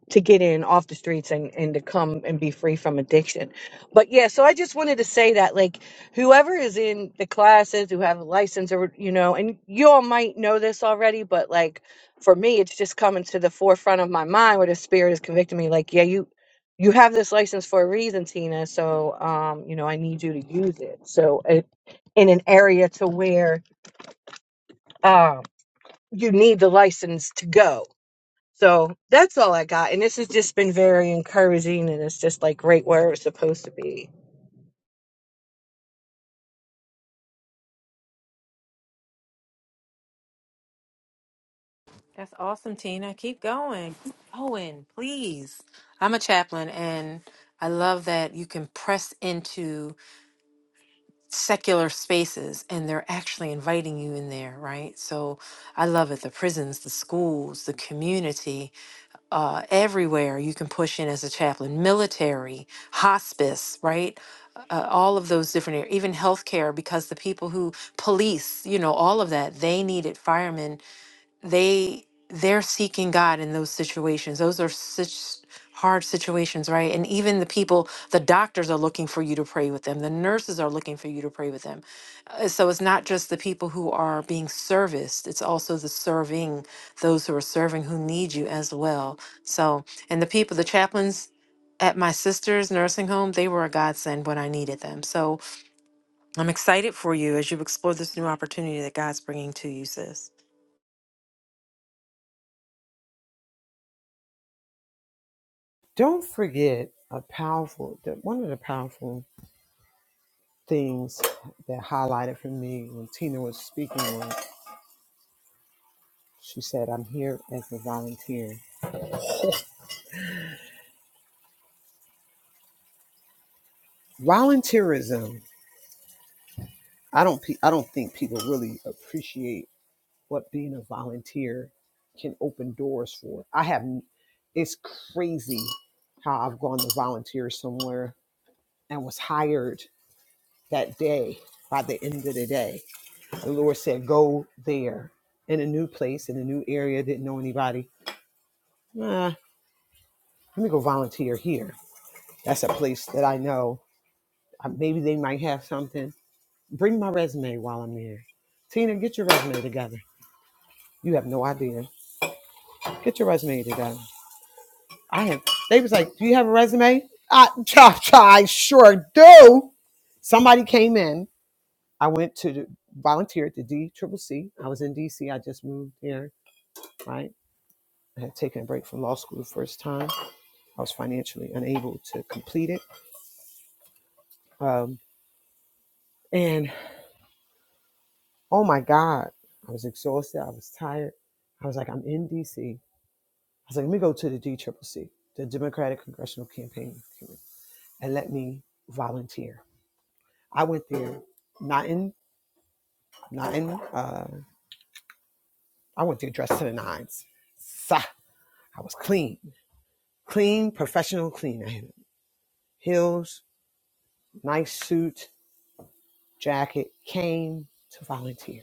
to get in off the streets and, and to come and be free from addiction. But yeah, so I just wanted to say that like whoever is in the classes who have a license or you know, and you all might know this already, but like for me it's just coming to the forefront of my mind where the spirit is convicting me like, yeah, you you have this license for a reason, Tina. So um, you know, I need you to use it. So it in an area to where um you need the license to go so that's all I got. And this has just been very encouraging and it's just like right where it's supposed to be.
That's awesome, Tina. Keep going. Keep going, please. I'm a chaplain and I love that you can press into secular spaces and they're actually inviting you in there, right? So I love it. The prisons, the schools, the community uh, everywhere you can push in as a chaplain military hospice right uh, uh, all of those different areas even healthcare because the people who police you know all of that they needed firemen they they're seeking God in those situations. Those are such hard situations, right? And even the people, the doctors are looking for you to pray with them. The nurses are looking for you to pray with them. Uh, So it's not just the people who are being serviced, it's also the serving, those who are serving who need you as well. So, and the people, the chaplains at my sister's nursing home, they were a godsend when I needed them. So I'm excited for you as you explore this new opportunity that God's bringing to you, sis.
Don't forget a powerful, the- one of the powerful things that highlighted for me when Tina was speaking was she said, I'm here as a volunteer. Volunteerism I don't pe- I don't think people really appreciate what being a volunteer can open doors for. I have n- it's crazy how I've gone to volunteer somewhere and was hired that day by the end of the day. The Lord said, Go there in a new place, in a new area, didn't know anybody. Nah, let me go volunteer here. That's a place that I know. uh, Maybe they might have something. Bring my resume while I'm there. Tina, get your resume together. You have no idea Get your resume together. I have. They was like, "Do you have a resume?" I, cha, cha, I sure do. Somebody came in. I went to the- volunteer at the D Triple C. C. I was in D C. I just moved here. Right. I had taken a break from law school the first time. I was financially unable to complete it. Um, and oh my God, I was exhausted. I was tired. I was like, I'm in DC. I was like, let me go to the D Triple C, C, the Democratic Congressional Campaign Committee, and let me volunteer I went there not in not in uh I went there dressed to the nines. Sa I was clean. Clean, professional clean. I had heels, nice suit, jacket, came to volunteer.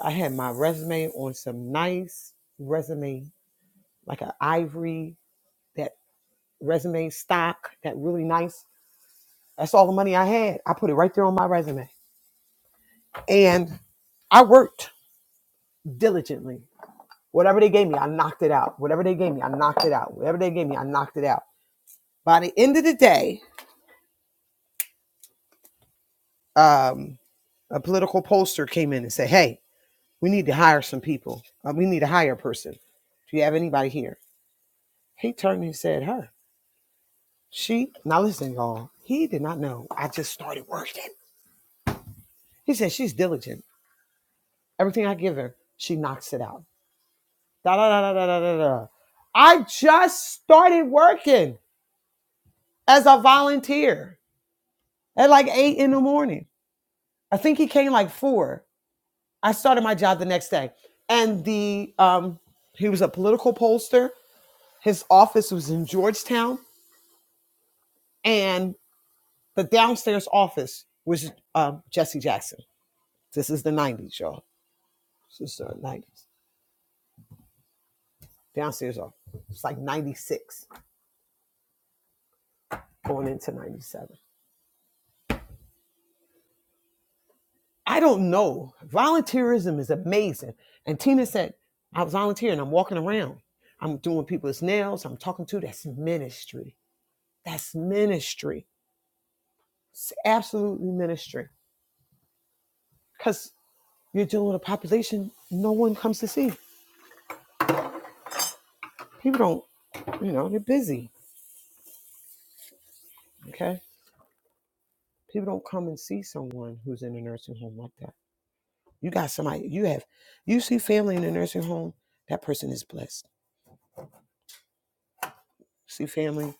I had my resume on some nice resume, like an ivory, that resume stock, that really nice. That's all the money I had. I put it right there on my resume. And I worked diligently. Whatever they gave me, I knocked it out. Whatever they gave me, I knocked it out. Whatever they gave me, I knocked it out. By the end of the day, um, a political pollster came in and said, "Hey, we need to hire some people. Uh, we need to hire a person. Do you have anybody here?" He turned and said, "Her." She now listen, y'all. He did not know. I just started working. He said she's diligent. Everything I give her, she knocks it out. Da da da da da da da. da. I just started working as a volunteer at like eight in the morning. I think he came like four. I started my job the next day, and the um, he was a political pollster. His office was in Georgetown, and the downstairs office was um, Jesse Jackson. This is the '90s, y'all. This is the '90s. Downstairs office. It's like '96 going into '97. I don't know. Volunteerism is amazing. And Tina said, I was volunteering. I'm walking around. I'm doing people's nails. I'm talking to. That's ministry. That's ministry It's absolutely ministry because you're dealing with a population no one comes to see. People don't, you know, they're busy. Okay. People don't come and see someone who's in a nursing home like that. You got somebody, you have, you see family in a nursing home, that person is blessed. see family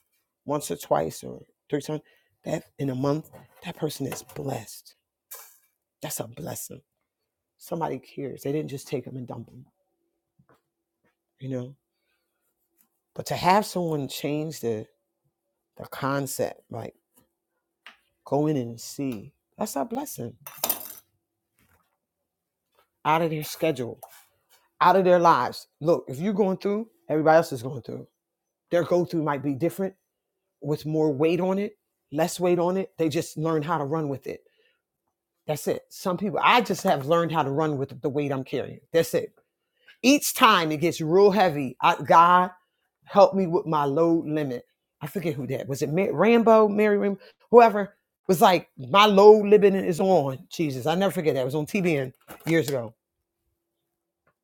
once or twice or three times, that in a month, that person is blessed. That's a blessing. Somebody cares. They didn't just take them and dump them, you know? But to have someone change the, the concept, like, Go in and see. That's our blessing. Out of their schedule, out of their lives. Look, if you're going through, everybody else is going through. Their go through might be different with more weight on it, less weight on it. They just learn how to run with it. That's it. Some people, I just have learned how to run with the weight I'm carrying. That's it. Each time it gets real heavy, I, God help me with my load limit. I forget who that was. It Ma- Rambo, Mary Rambo, whoever was like, my load limit is on. Jesus, I never forget that. It was on TBN years ago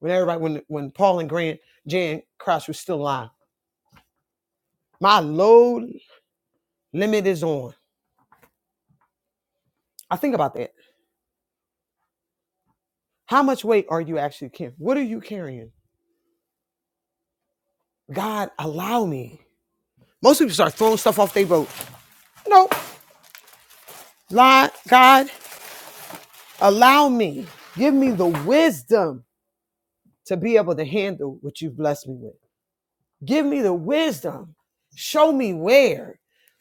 when everybody when when Paul and Grant Jan Crouch was still alive. My load limit is on. I think about that. How much weight are you actually carrying? What are you carrying? God, allow me. Most people start throwing stuff off their boat. Nope. Lie, God, allow me. Give me the wisdom to be able to handle what you've blessed me with. Give me the wisdom. Show me where.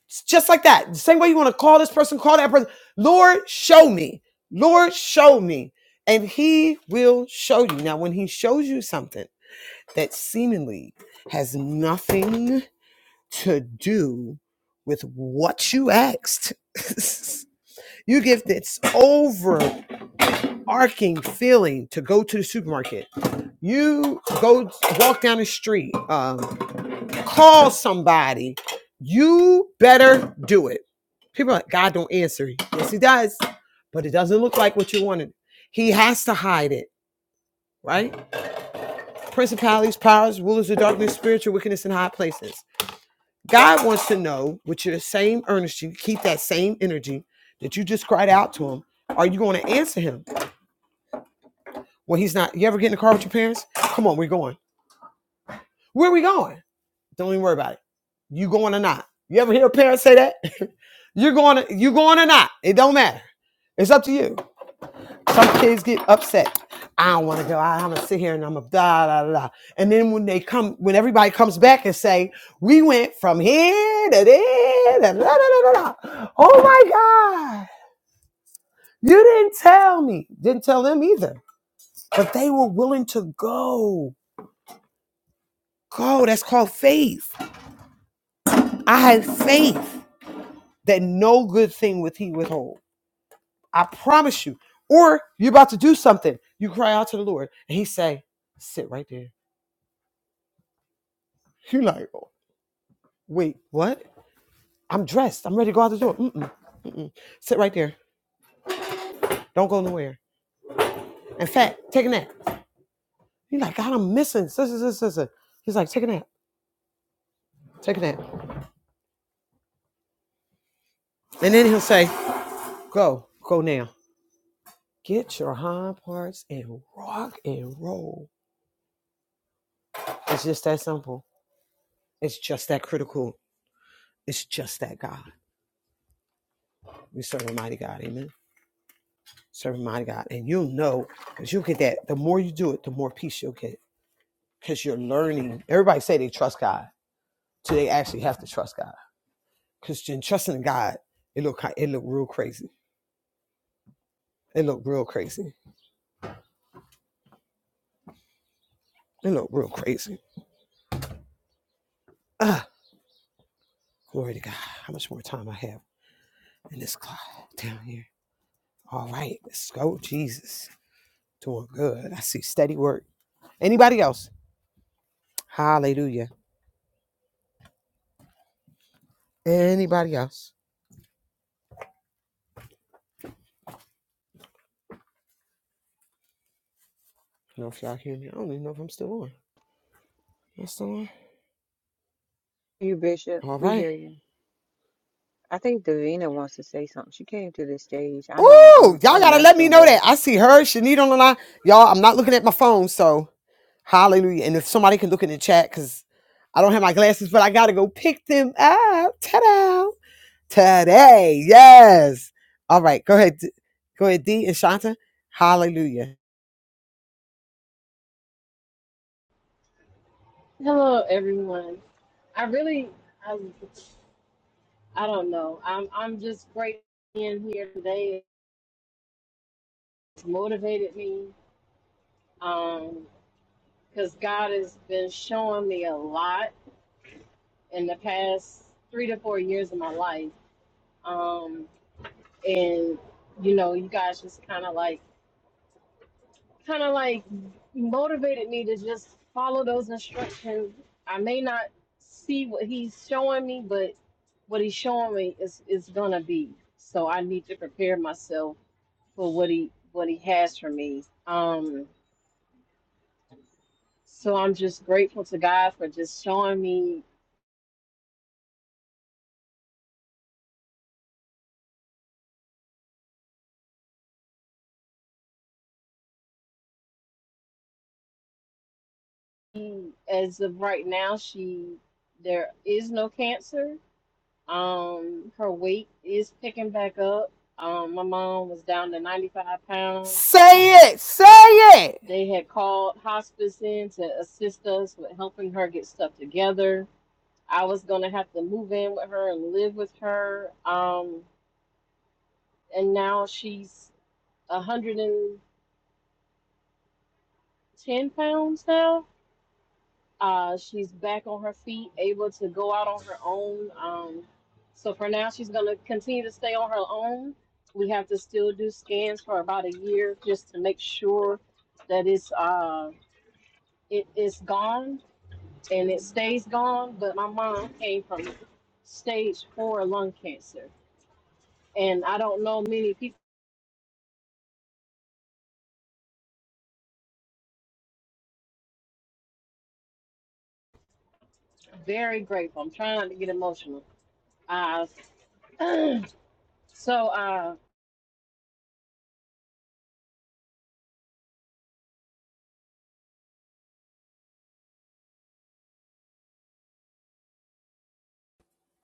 It's just like that. The same way you want to call this person, call that person. Lord, show me. Lord, show me. And he will show you. Now, when he shows you something that seemingly has nothing to do with what you asked, you give this overarching feeling to go to the supermarket. You go walk down the street. Um, call somebody, you better do it. People are like, God don't answer. Yes, he does, but it doesn't look like what you wanted. He has to hide it, right? Principalities, powers, rulers of darkness, spiritual wickedness in high places. God wants to know with your same earnestness, keep that same energy that you just cried out to him. Are you going to answer him? Well, he's not. You ever get in the car with your parents? Come on, we're going. Where are we going? Don't even worry about it. You going or not. You ever hear a parent say that? you're going you going or not. It don't matter. It's up to you. Some kids get upset. I don't want to go. I, I'm gonna sit here and I'm gonna da da da. da." And then when they come, when everybody comes back and say, "We went from here to there," to da da da da da. Oh my God! You didn't tell me. Didn't tell them either. But they were willing to go. Go. That's called faith. I had faith. that no good thing would he withhold. I promise you. Or you're about to do something. You cry out to the Lord and he say, sit right there. You're like, "Oh, wait, what? I'm dressed. I'm ready to go out the door. Mm-mm. Sit right there. Don't go nowhere. In fact, take a nap. You're like, God, I'm missing. Sis, sis, sis, sis." He's like, take a nap. Take a nap. And then he'll say, go, go now. Get your hind parts and rock and roll. It's just that simple. It's just that critical. It's just that God. We serve a mighty God. Amen. Serve a mighty God. And you'll know because you'll get that. The more you do it, the more peace you'll get because you're learning. Everybody say they trust God. So they actually have to trust God. Because in trusting God, it look, it look real crazy. It look real crazy. It look real crazy. Ah, glory to God. How much more time I have in this clock down here. All right, let's go. Jesus. Doing good. I see steady work. Anybody else? Hallelujah. Anybody else? I don't know if y'all hear me. I don't even know if I'm still on. That's the one.
You, Bishop,
All
we
right.
hear you. I think Davina wants to say something. She came to the stage. I
Ooh,
know I'm
y'all
I'm
gotta let me
messing
know
with her.
that. I see her, Shanita on the line. Y'all, I'm not looking at my phone, so hallelujah. And if somebody can look in the chat, because I don't have my glasses, but I gotta go pick them up. Ta-da! Today. Yes. All right, go ahead. D- Go ahead, D and Shanta. Hallelujah.
Hello, everyone. I really, I, I don't know. I'm, I'm just grateful being here today. It's motivated me um, because God has been showing me a lot in the past three to four years of my life. Um, and you know, you guys just kind of like. kind of like motivated me to just follow those instructions. I may not see what he's showing me, but what he's showing me is is gonna be. So I need to prepare myself for what he what he has for me. Um, so I'm just grateful to God for just showing me. He, as of right now, she there is no cancer. Um, her weight is picking back up. Um, my mom was down to 95 pounds.
Say it. Say it.
They had called hospice in to assist us with helping her get stuff together. I was going to have to move in with her and live with her. Um, and now she's 110 pounds now. Uh, she's back on her feet, able to go out on her own. Um, so for now, she's going to continue to stay on her own. We have to still do scans for about a year just to make sure that it's uh, it, it's gone and it stays gone. But my mom came from stage four lung cancer, and I don't know many people. Very grateful. I'm trying not to get emotional. Uh, so uh,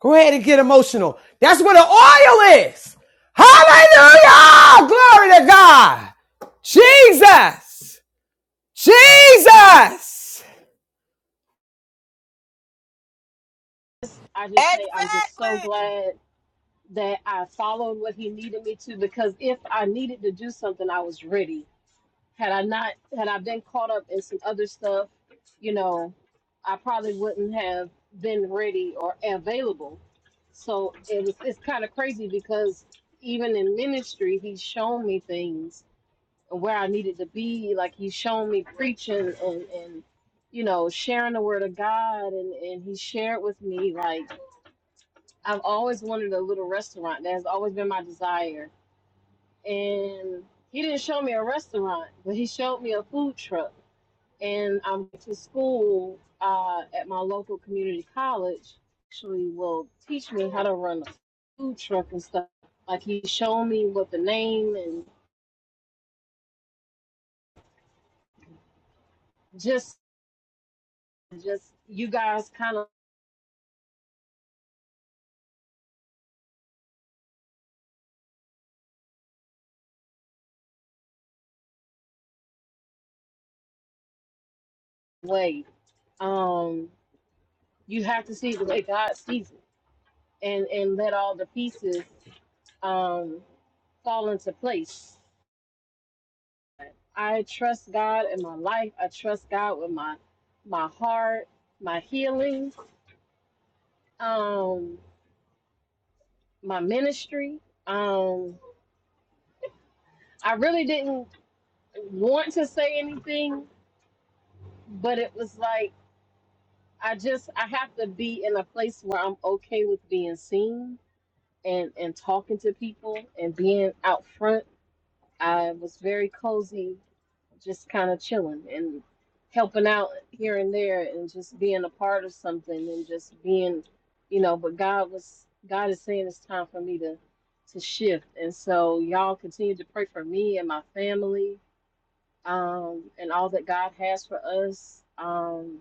Go ahead and get emotional. That's where the oil is. Hallelujah! Glory to God. Jesus. Jesus.
I just say I'm just so
Exactly.
glad that I followed what he needed me to because if I needed to do something, I was ready had I not had I been caught up in some other stuff, you know, I probably wouldn't have been ready or available. So it was it's kind of crazy because even in ministry, he's shown me things and where I needed to be. Like he's shown me preaching and and you know sharing the word of God, and and he shared with me like I've always wanted a little restaurant. That has always been my desire, and he didn't show me a restaurant, but he showed me a food truck and I'm to school uh, at my local community college. Actually, will teach me how to run a food truck and stuff. Like he showed me what the name and just just you guys kind of way. Um, you have to see it the way God sees it, and and let all the pieces um, fall into place. I trust God in my life. I trust God with my my heart, my healing. Um, my ministry. Um, I really didn't want to say anything, but it was like I just I have to be in a place where I'm okay with being seen and and talking to people and being out front. I was very cozy just kind of chilling and helping out here and there and just being a part of something and just being you know but god was god is saying it's time for me to to shift and so y'all continue to pray for me and my family um and all that god has for us um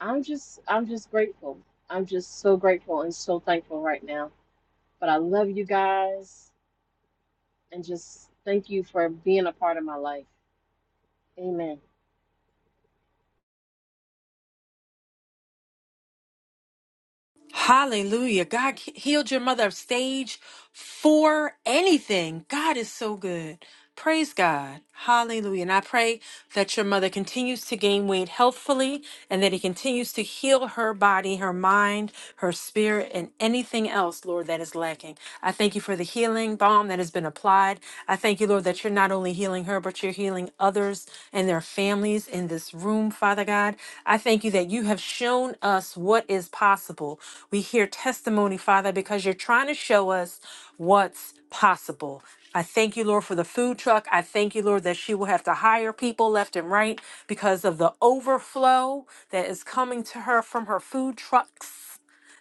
i'm just i'm just grateful i'm just so grateful and so thankful right now but i love you guys and just thank you for being a part of my life amen
Hallelujah. God healed your mother of stage for anything. God is so good. Praise God. Hallelujah. And I pray that your mother continues to gain weight healthfully and that he continues to heal her body, her mind, her spirit, and anything else, Lord, that is lacking. I thank you for the healing balm that has been applied. I thank you, Lord, that you're not only healing her, but you're healing others and their families in this room, Father God. I thank you that you have shown us what is possible. We hear testimony, Father, because you're trying to show us what's possible. I thank you, Lord, for the food truck. I thank you, Lord, that she will have to hire people left and right because of the overflow that is coming to her from her food trucks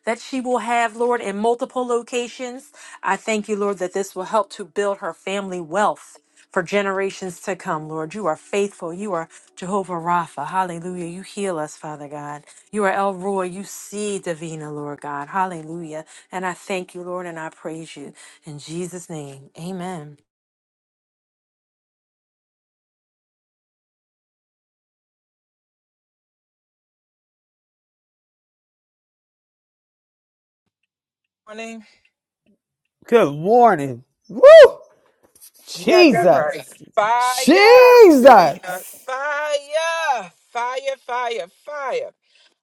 that she will have, Lord, in multiple locations. I thank you, Lord, that this will help to build her family wealth for generations to come, Lord. You are faithful. You are Jehovah Rapha. Hallelujah. You heal us, Father God. You are El Roy. You see Davina, Lord God. Hallelujah. And I thank you, Lord, and I praise you. In Jesus' name, amen.
morning.
Good morning. Woo!
You got that right.
Jesus.
Fire, Davina.
Jesus.
Fire, fire, fire, fire.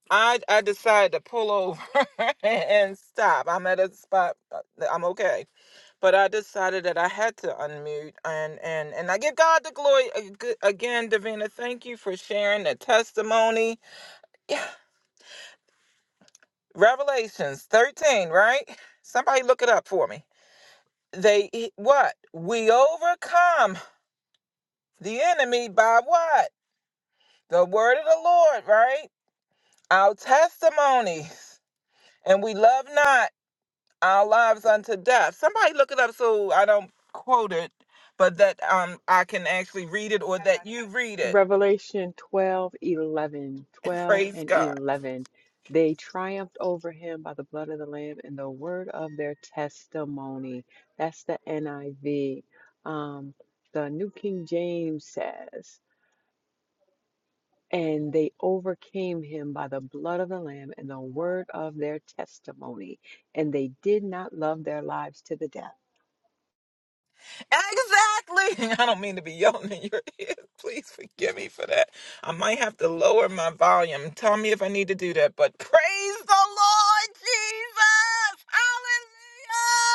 I, I decided to pull over and stop. I'm at a spot. uh, I'm okay, but I decided that I had to unmute and and and I give God the glory ag- again, Davina. Thank you for sharing the testimony. Yeah, Revelations 13, right? Somebody look it up for me. They he- what? We overcome the enemy by what? The word of the Lord, right? Our testimonies. And we love not our lives unto death. Somebody look it up so I don't quote it, but that um I can actually read it or that you read it.
Revelation 12, eleven, 12
Praise
and
God.
11. They triumphed over him by the blood of the Lamb and the word of their testimony. That's the NIV. Um, the New King James says, and they overcame him by the blood of the Lamb and the word of their testimony, and they did not love their lives to the death.
Exactly. I don't mean to be yelling in your ear. Please forgive me for that. I might have to lower my volume. Tell me if I need to do that. But praise the Lord Jesus. Hallelujah.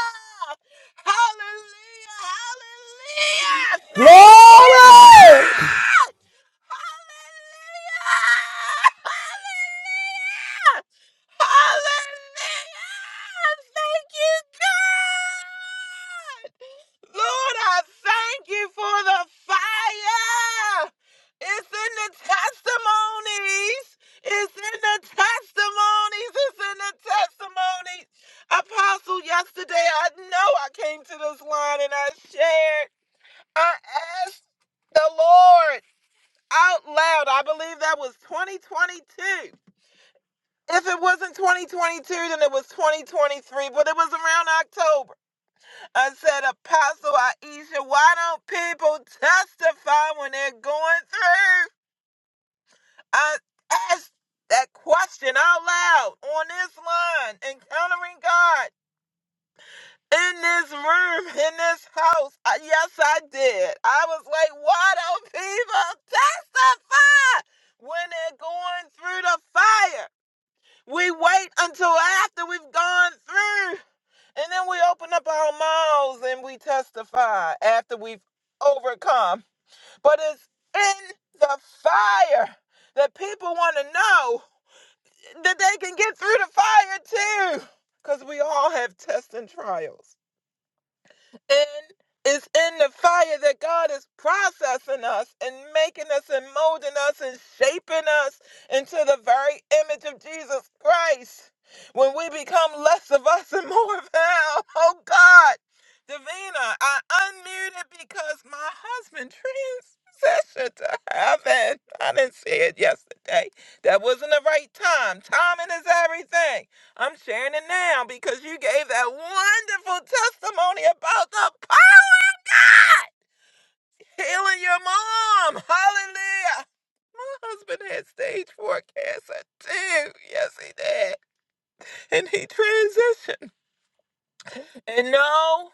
Hallelujah. Hallelujah. Thank you,
Glory.
God. Hallelujah. Hallelujah. Hallelujah. Thank you, God. Lord, I thank you for the fire. It's in the testimonies. It's in the testimonies. It's in the testimonies. Apostle, yesterday I know I came to this line and I shared. I asked the Lord out loud. I believe that was 2022. If it wasn't 2022, then it was 2023, but it was around October. I said, Apostle Aisha, why don't people testify when they're going through? I asked that question out loud on this line, encountering God in this room, in this house. Uh, yes, I did. I was like, why don't people testify when they're going through the fire? We wait until after we've gone through. And then we open up our mouths and we testify after we've overcome. But it's in the fire that people want to know that they can get through the fire too. Because we all have tests and trials in is in the fire that God is processing us and making us and molding us and shaping us into the very image of Jesus Christ. When we become less of us and more of Him, oh God, Davina, I unmuted because my husband transitioned to heaven. I didn't see it yesterday. That wasn't the right time. Timing is everything. I'm sharing it now because you gave that wonderful testimony about the pot healing your mom. Hallelujah. My husband had stage four cancer too. Yes, he did. And he transitioned. And no,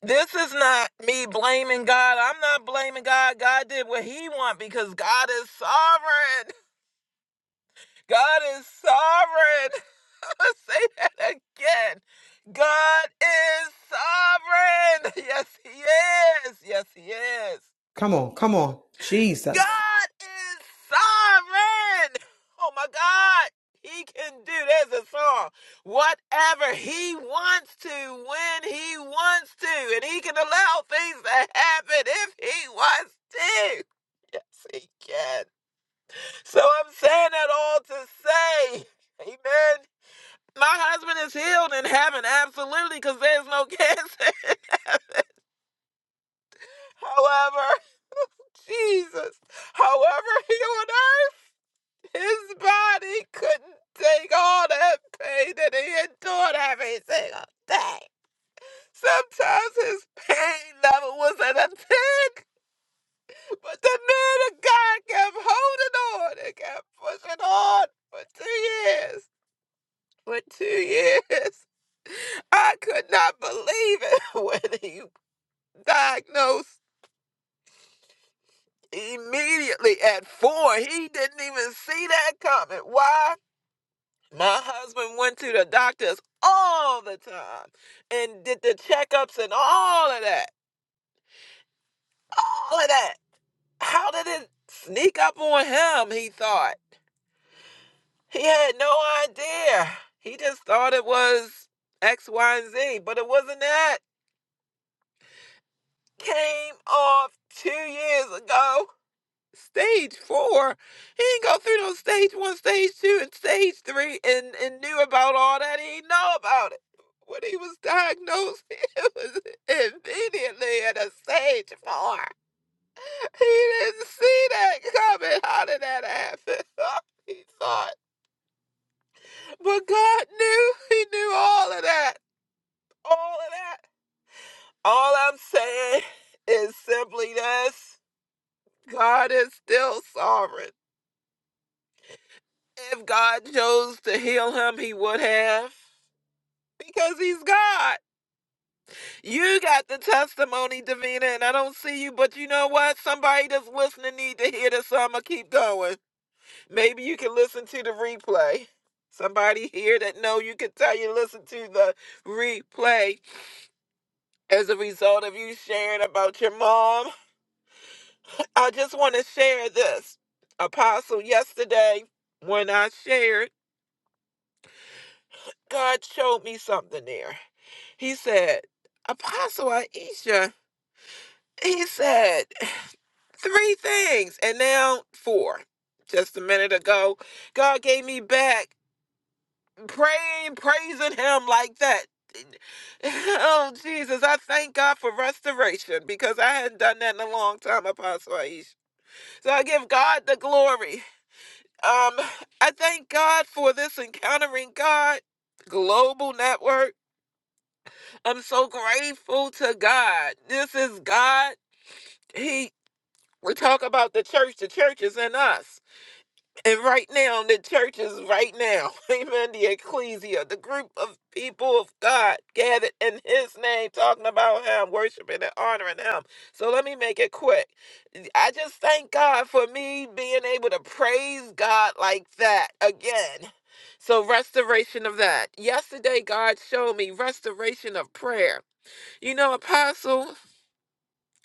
this is not me blaming God. I'm not blaming God. God did what he wanted because God is sovereign. God is sovereign. Let's Say that again. God is sovereign. Yes, he is. Yes, he is.
Come on, come on. Jesus.
God is sovereign. Oh my God. He can do there's a song. Whatever he wants to when he wants to. And he can allow things to happen if he wants to. Yes, he can. So I'm saying that all to say, amen. My husband is healed in heaven, absolutely, because there's no cancer. However, Jesus, however, here on earth, his body couldn't take all that pain that he endured every single day. Sometimes his pain level was at a 10, but the man of God kept holding on and kept pushing on for two years. For two years, I could not believe it when he diagnosed. immediately at four. He didn't even see that coming. Why? My husband went to the doctors all the time and did the checkups and all of that. All of that. How did it sneak up on him? He thought. He had no idea. He just thought it was X, Y, and Z, but it wasn't that. Came off two years ago stage four. He didn't go through no stage one, stage two, and stage three and, and knew about all that. He didn't know about it. When he was diagnosed, it was immediately at a stage four. He didn't see that coming. How did that happen? he thought. But God knew. He knew all of that. All of that. All I'm saying is simply this God is still sovereign. If God chose to heal him, he would have. Because he's God. You got the testimony, Davina, and I don't see you, but you know what? Somebody that's listening need to hear this, so I'm gonna keep going. Maybe you can listen to the replay. Somebody here that know you can tell you listen to the replay as a result of you sharing about your mom. I just want to share this. Apostle, yesterday when I shared, God showed me something there. He said, Apostle Aisha, he said three things and now four. Just a minute ago, God gave me back praying, praising Him like that. Oh, Jesus, I thank God for restoration because I hadn't done that in a long time, Apostle Aisha. So I give God the glory. Um, I thank God for this Encountering God Global Network. I'm so grateful to God. This is God. He we talk about the church, the church is in us. And right now, the church is right now. Amen. The ecclesia, the group of people of God gathered in his name, talking about him, worshiping and honoring him. So let me make it quick. I just thank God for me being able to praise God like that again. So, restoration of that. Yesterday, God showed me restoration of prayer. You know, Apostle.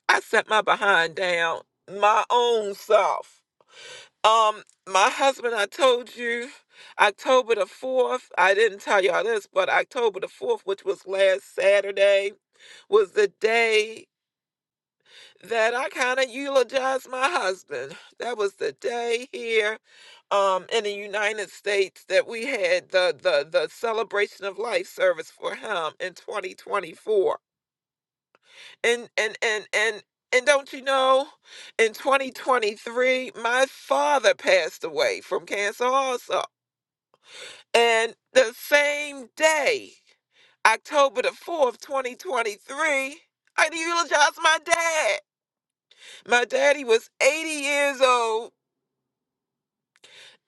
I sat my behind down, my own self. Um, my husband, I told you, October the 4th, I didn't tell y'all this, but October the 4th, which was last Saturday, was the day that I kind of eulogized my husband. That was the day here um, in the United States that we had the, the, the celebration of life service for him in 2024 and and and and and don't you know in 2023 my father passed away from cancer also and the same day october the 4th 2023 i eulogized my dad my daddy was 80 years old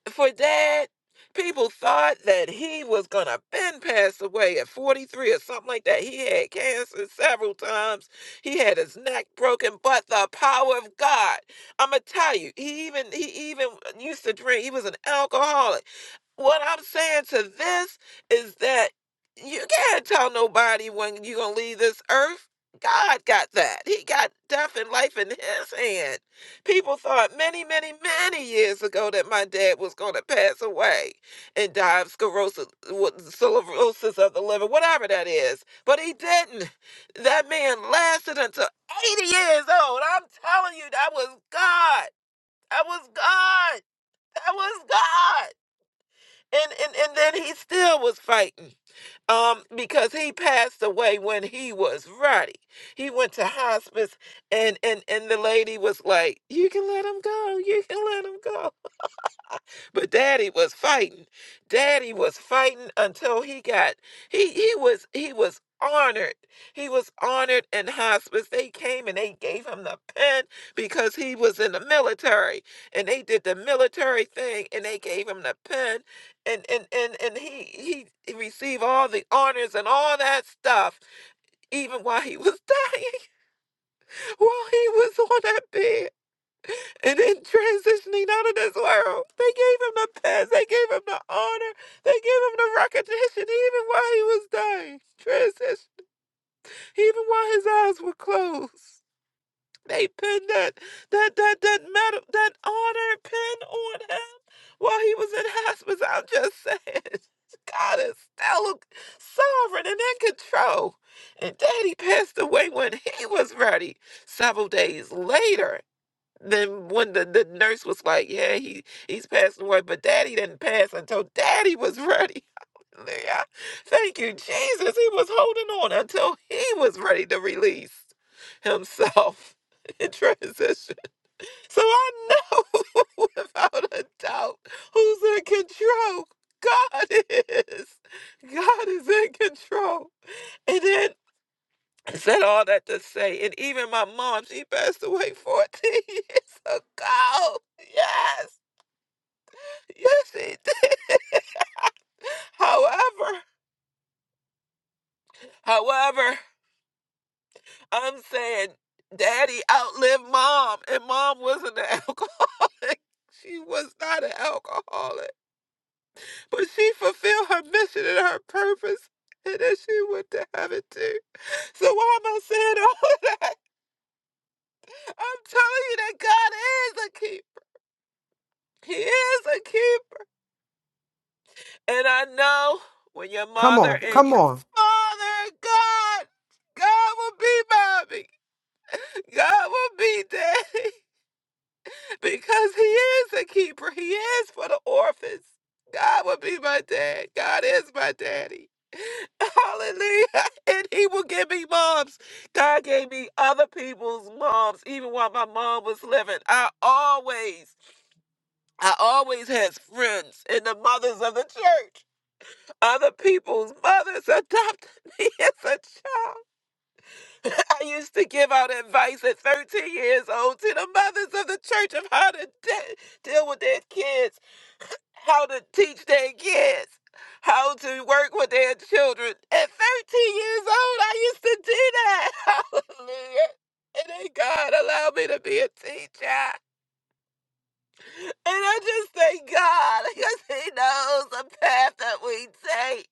for that. People thought that he was gonna been pass away at 43 or something like that. He had cancer several times. He had his neck broken, but the power of God. I'ma tell you, he even he even used to drink. He was an alcoholic what I'm saying to this is that you can't tell nobody when you're going to leave this earth. God got that. He got death and life in his hand. People thought many, many, many years ago that my dad was going to pass away and die of sclerosis, what- cirrhosis of the liver, whatever that is. But he didn't. That man lasted until 80 years old. I'm telling you, that was God. That was God. That was God and and and then he still was fighting um because he passed away when he was ready he went to hospice and and and the lady was like you can let him go you can let him go but daddy was fighting. Daddy was fighting until he got he he was he was honored. He was honored in hospice. They came and they gave him the pen because he was in the military. And they did the military thing and they gave him the pen and and and, and he he he received all the honors and all that stuff even while he was dying, while he was on that bed. And then transitioning out of this world, they gave him the past, they gave him the honor, they gave him the recognition, even while he was dying. Transition, even while his eyes were closed, they pinned that that that that medal, that honor pin on him while he was in hospice. I'm just saying, God is still sovereign and in control. And Daddy passed away when he was ready. Several days later, then when the, the nurse was like, "Yeah, he he's passed away," but Daddy didn't pass until Daddy was ready. Hallelujah! Thank you, Jesus. He was holding on until he was ready to release himself in transition. So I know without a doubt who's in control. God is. God is in control. and then. I said all that to say, and even my mom, she passed away 14 years ago. Yes, yes, she did. However, however, I'm saying daddy outlived mom, and mom wasn't an alcoholic. She was not an alcoholic, but she fulfilled her mission and her purpose. And then she went to heaven too. So why am I saying all that? I'm telling you that God is a keeper. He is a keeper. And I know when your
Come
mother
on,
and
come
your
on.
father, God, God will be mommy. God will be daddy. Because he is a keeper. He is for the orphans. God will be my dad. God is my daddy. Hallelujah. And he will give me moms. God gave me other people's moms, even while my mom was living. I always, I always had friends in the mothers of the church. Other people's mothers adopted me as a child. I used to give out advice at 13 years old to the mothers of the church of how to de- deal with their kids, how to teach their kids, how to work with their children. At 13 years old, I used to do that. Hallelujah. And then God allowed me to be a teacher. And I just thank God because He knows the path that we take.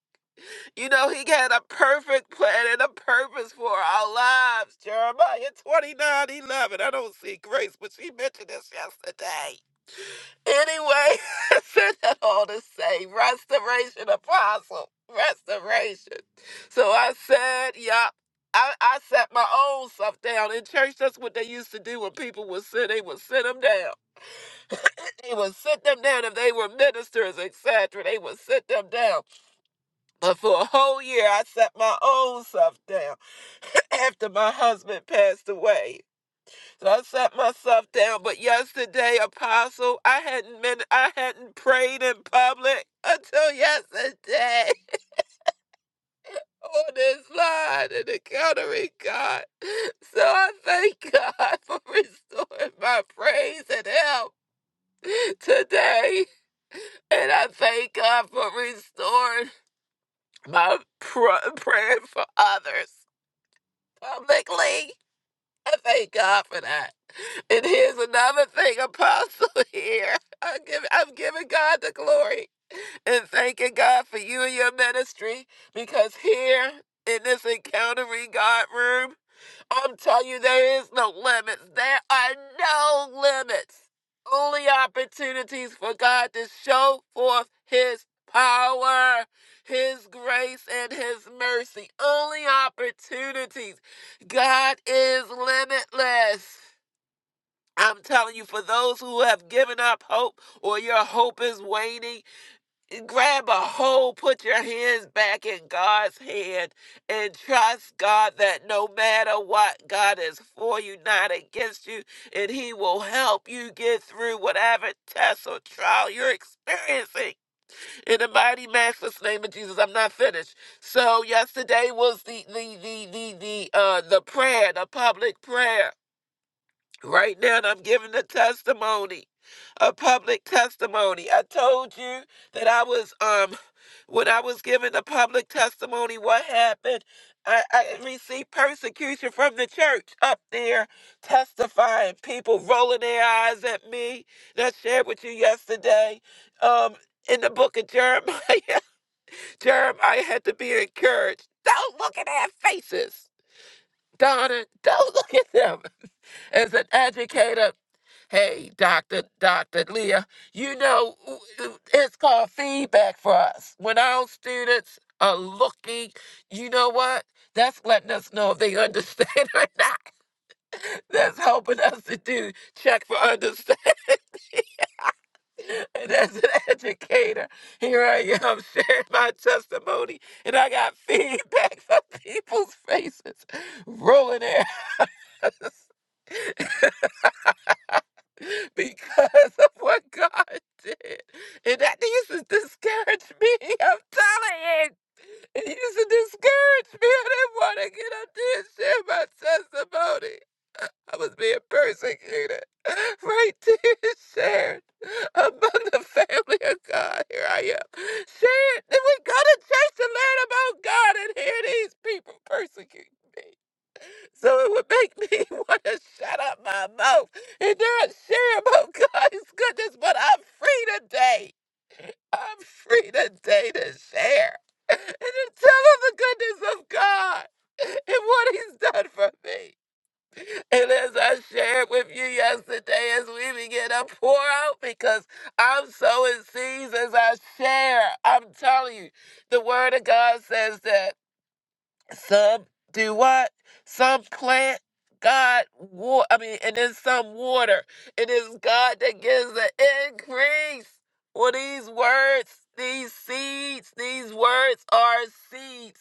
You know, he had a perfect plan and a purpose for our lives. Jeremiah 29 11. I don't see grace, but she mentioned this yesterday. Anyway, I said that all to say restoration, apostle. Restoration. So I said, yup. I, I sat my own self down in church. That's what they used to do when people would sit. They would sit them down. They would sit them down if they were ministers, etc. They would sit them down. But for a whole year, I sat my own self down after my husband passed away. So I sat myself down. But yesterday, Apostle, I hadn't been, I hadn't prayed in public until yesterday on this line and encountering God. So I thank God for restoring my praise and help today. And I thank God for restoring my pr- praying for others. publicly. I thank God for that. And here's another thing, Apostle. Here, I give, I'm giving God the glory and thanking God for you and your ministry because here in this encountering God room. I'm telling you, there is no limits. There are no limits. Only opportunities for God to show forth His power, His grace, and His mercy. Only opportunities. God is limitless. I'm telling you, for those who have given up hope or your hope is waning, grab a hold, put your hands back in God's hand, and trust God that no matter what, God is for you, not against you, and He will help you get through whatever test or trial you're experiencing. In the mighty Master's name of Jesus, I'm not finished. So yesterday was the the the the the uh the prayer, the public prayer Right now, and I'm giving a testimony, a public testimony. I told you that I was, um, when I was giving a public testimony, what happened? I, I received persecution from the church up there, testifying, people rolling their eyes at me. And I shared with you yesterday, um, in the book of Jeremiah. Jeremiah had to be encouraged. Don't look at their faces, Donna. Don't look at them as an educator. Hey, Dr. Dr. Leah, you know, it's called feedback for us. When our students are looking, you know what? That's letting us know if they understand or not. That's helping us to do check for understanding. And as an educator, here I am sharing my testimony, and I got feedback from people's faces, rolling their eyes. because of what God did. And that used to discourage me. I'm telling you. It used to discourage me. I didn't want to get up there and share my testimony. I was being persecuted right there, shared among the family of God. Here I am. Shared. Then we go to church to learn about God, and here these people persecute me. So it would make me want to shut up my mouth and not share about God's goodness, but I'm free today. I'm free today to share and to tell of the goodness of God and what He's done for me. And as I shared with you yesterday, as we begin to pour out, because I'm so in seas as I share, I'm telling you, the Word of God says that some do what? Some plant God water. I mean, and then some water. It is God that gives the increase. Well, these words, these seeds, these words are seeds.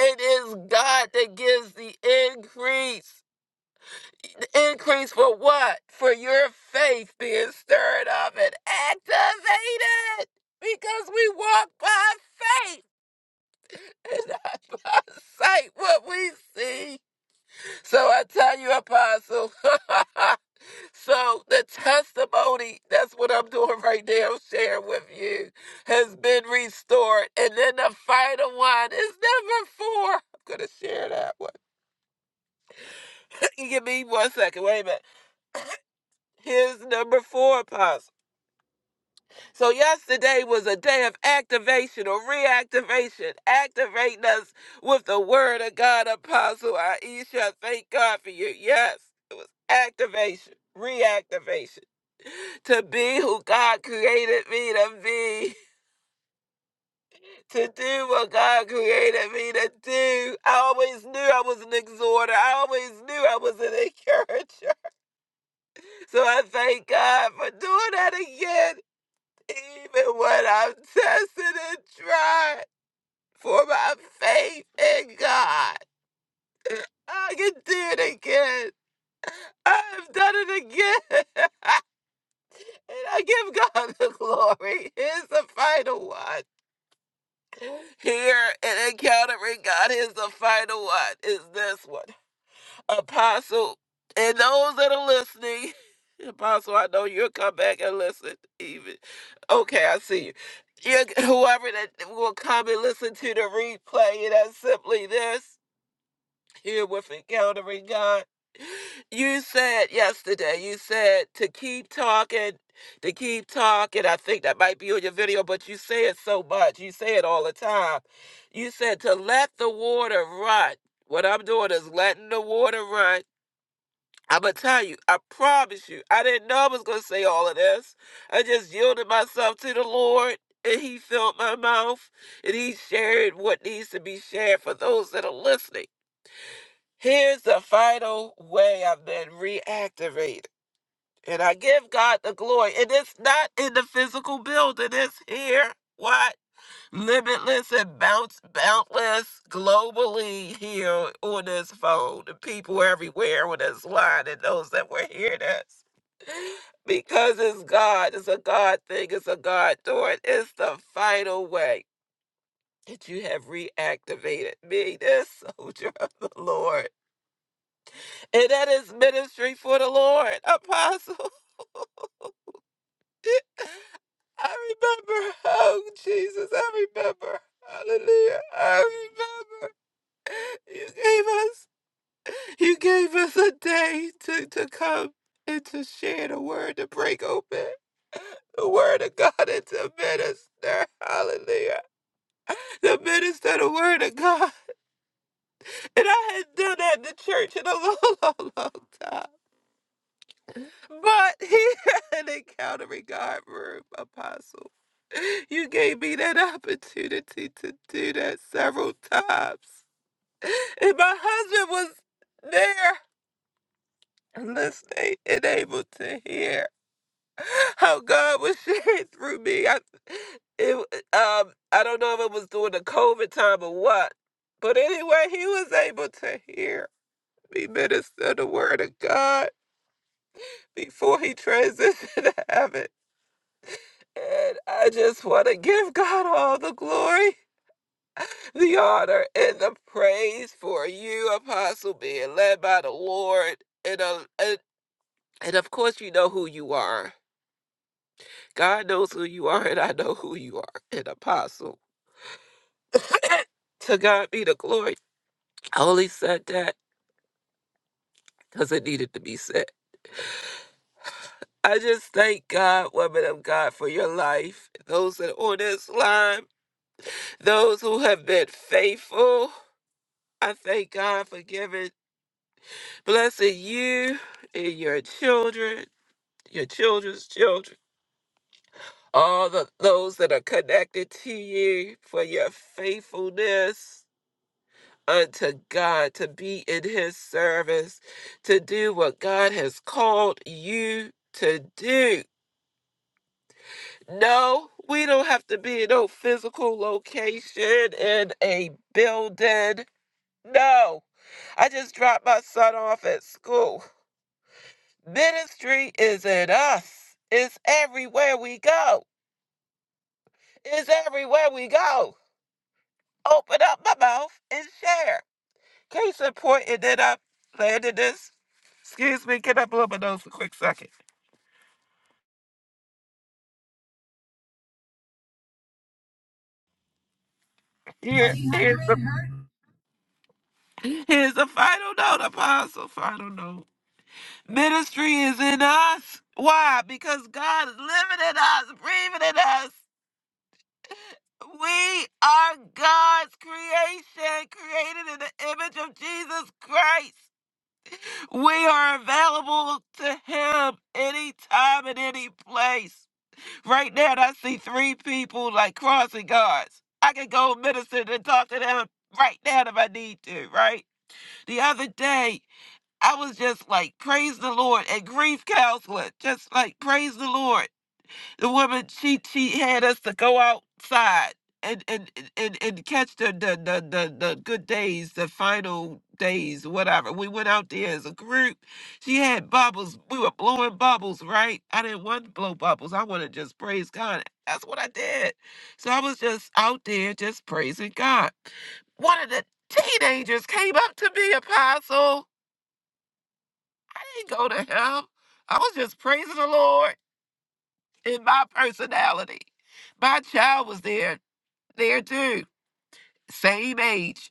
It is God that gives the increase. The increase for what? For your faith being stirred up and activated. Because we walk by faith and not by sight what we see. So I tell you, Apostle. so the testimony, that's what I'm doing right now, sharing with you, has been restored. And then the final one is number four. I'm going to share that one. Give me one second. Wait a minute. Here's number four, Apostle. So yesterday was a day of activation or reactivation, activating us with the word of God, Apostle Aisha. Thank God for you. Yes, activation, reactivation. to be who God created me to be, to do what God created me to do. I always knew I was an exhorter, I always knew I was an encourager. So I thank God for doing that again, even when I'm tested and tried for my faith in God. I can do it again. I've done it again. and I give God the glory. Here's the final one. Here in encountering God is the final one, is this one. Apostle, and those that are listening, Apostle, I know you'll come back and listen, even. Okay, I see you. you whoever that will come and listen to the replay, and that's simply this here with encountering God. You said yesterday, you said to keep talking, to keep talking. I think that might be on your video, but you say it so much. You say it all the time. You said to let the water run. What I'm doing is letting the water run. I'm going to tell you, I promise you, I didn't know I was going to say all of this. I just yielded myself to the Lord, and He filled my mouth, and He shared what needs to be shared for those that are listening. Here's the final way I've been reactivated. And I give God the glory. And it's not in the physical building, it's here. What? Limitless and bounce, boundless globally here on this phone. The people everywhere on this line and those that were hearing us. Because it's God, it's a God thing, it's a God doing. It's the final way that you have reactivated me, this soldier of the Lord. And that is ministry for the Lord, Apostle. I remember. Oh, Jesus, I remember. Hallelujah. I remember. You gave us you gave us a day to, to come and to share the word to break open. The word of God and to minister. Hallelujah. To minister the word of God. And I hadn't done that in the church in a long, long, long time. But he had an encounter in God room, Apostle. You gave me that opportunity to do that several times. And my husband was there listening and able to hear how God was sharing through me. I, it, um, I don't know if it was during the COVID time or what, but anyway, he was able to hear me minister the word of God before he transitioned to heaven. And I just want to give God all the glory, the honor, and the praise for you, Apostle, being led by the Lord. And, uh, and, and of course, you know who you are. God knows who you are, and I know who you are, an apostle. to God be the glory. I only said that because it needed to be said. I just thank God, woman of God, for your life. Those that are on this line, those who have been faithful. I thank God for giving Bless you and your children, your children's children, all the, those that are connected to you for your faithfulness unto God, to be in His service, to do what God has called you to do. No, we don't have to be in no physical location in a building. No. I just dropped my son off at school Ministry is in us. It's everywhere we go. It's everywhere we go. Open up my mouth and share. Case in point, it did up. Landed this. Excuse me, can I blow my nose for a quick second? Here, here's the here's the final note, apostle. Final note. Ministry is in us. Why? Because God is living in us, breathing in us. We are God's creation, created in the image of Jesus Christ. We are available to him anytime and any place. Right now, I see three people like crossing guards. I can go minister and talk to them right now if I need to, right? The other day, I was just like, praise the Lord, and grief counseling, just like, praise the Lord the woman she she had us to go outside and and and, and catch the the, the the the good days the final days whatever we went out there as a group she had bubbles we were blowing bubbles right i didn't want to blow bubbles i want to just praise god that's what i did so i was just out there just praising god one of the teenagers came up to me apostle i didn't go to him i was just praising the lord in my personality. My child was there, there too, same age,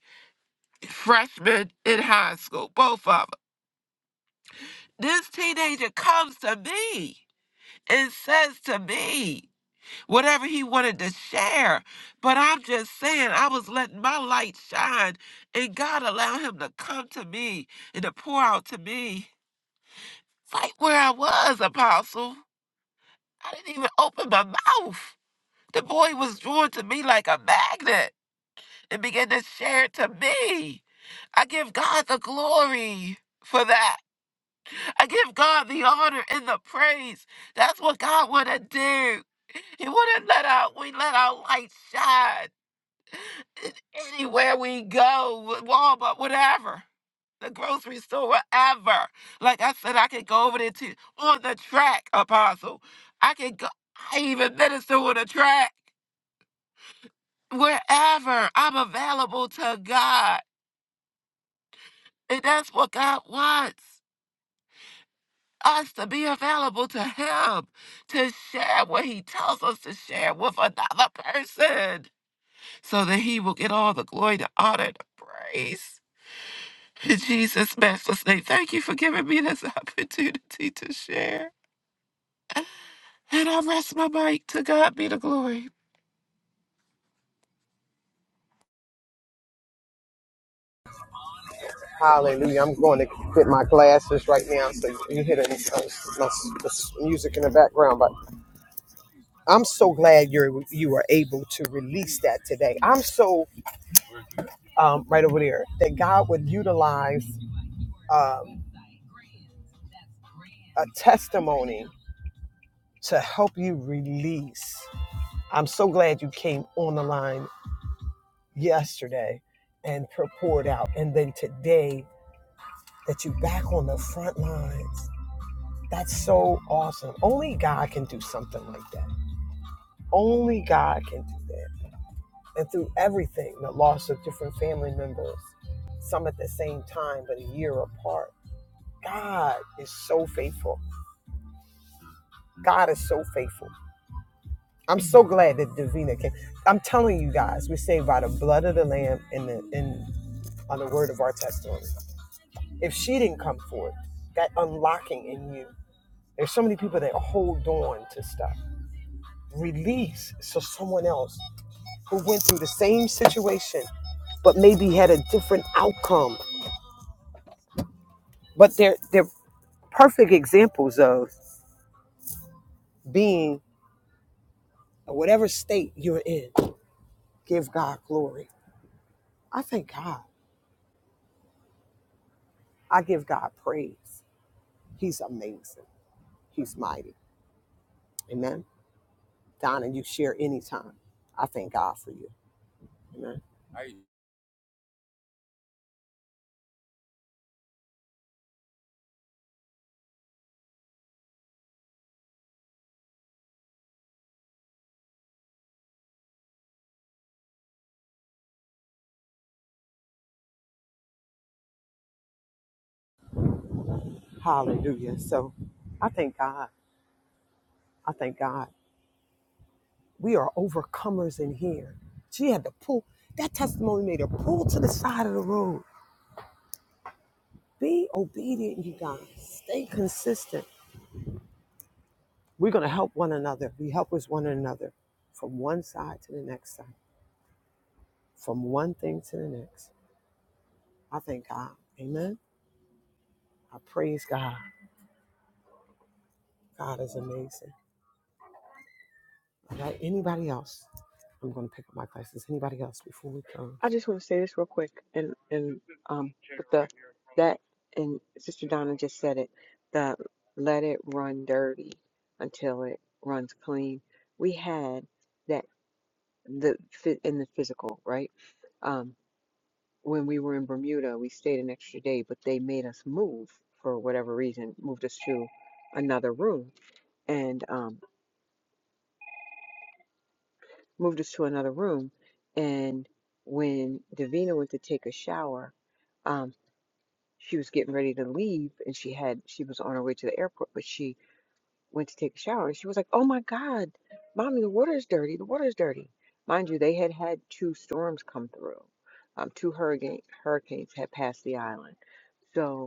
freshman in high school, both of them. This teenager comes to me and says to me whatever he wanted to share. But I'm just saying, I was letting my light shine, and God allowed him to come to me and to pour out to me. It's like where I was, Apostle. I didn't even open my mouth. The boy was drawn to me like a magnet. and begin to share it to me. I give God the glory for that. I give God the honor and the praise. That's what God want to do. He want to let out, we let our light shine in anywhere we go, Walmart, whatever, the grocery store, wherever. Like I said, I could go over there to on the track, Apostle. I could go, I even minister on the track. Wherever I'm available to God. And that's what God wants us to be available to Him, to share what He tells us to share with another person, so that He will get all the glory, the honor, and the praise. In Jesus' matchless name, thank you for giving me this opportunity to share. And I rest my mic. To God be the glory.
Hallelujah. I'm going to quit my glasses right now so you can hear the, uh, my, the music in the background. but. I'm so glad you you were able to release that today. I'm so um, right over there that God would utilize um, a testimony to help you release. I'm so glad you came on the line yesterday and pour- poured out, and then today that you back on the front lines. That's so awesome. Only God can do something like that. Only God can do that. and through everything the loss of different family members, some at the same time, but a year apart. God is so faithful. God is so faithful. I'm so glad that Davina came. I'm telling you guys, we're saved by the blood of the Lamb and the and on the word of our testimony. If she didn't come forth, that unlocking in you. There's so many people that hold on to stuff. Release so someone else who went through the same situation but maybe had a different outcome. But they're they're perfect examples of being whatever state you're in. Give God glory. I thank God. I give God praise. He's amazing. He's mighty. Amen. Donna, you share anytime. I thank God for you. Amen. Hallelujah. So I thank God. I thank God. We are overcomers in here. She had to pull, that testimony made her pull to the side of the road. Be obedient, you guys. Stay consistent. We're going to help one another, be helpers one another from one side to the next side, from one thing to the next. I thank God. Amen. I praise God. God is amazing. All right. Anybody else? I'm going to pick up my glasses. Anybody else before we
I
close?
just want to say this real quick, and and um, with the that and Sister Donna just said it, the let it run dirty until it runs clean. We had that the fit in the physical, right? Um, when we were in Bermuda, we stayed an extra day, but they made us move for whatever reason, moved us to another room and um, moved us to another room. And when Davina went to take a shower, um, she was getting ready to leave and she had, she was on her way to the airport, but she went to take a shower and she was like, Oh my God, mommy, the water is dirty. The water is dirty. Mind you, they had had two storms come through. Um, two hurricane, hurricanes had passed the island. So,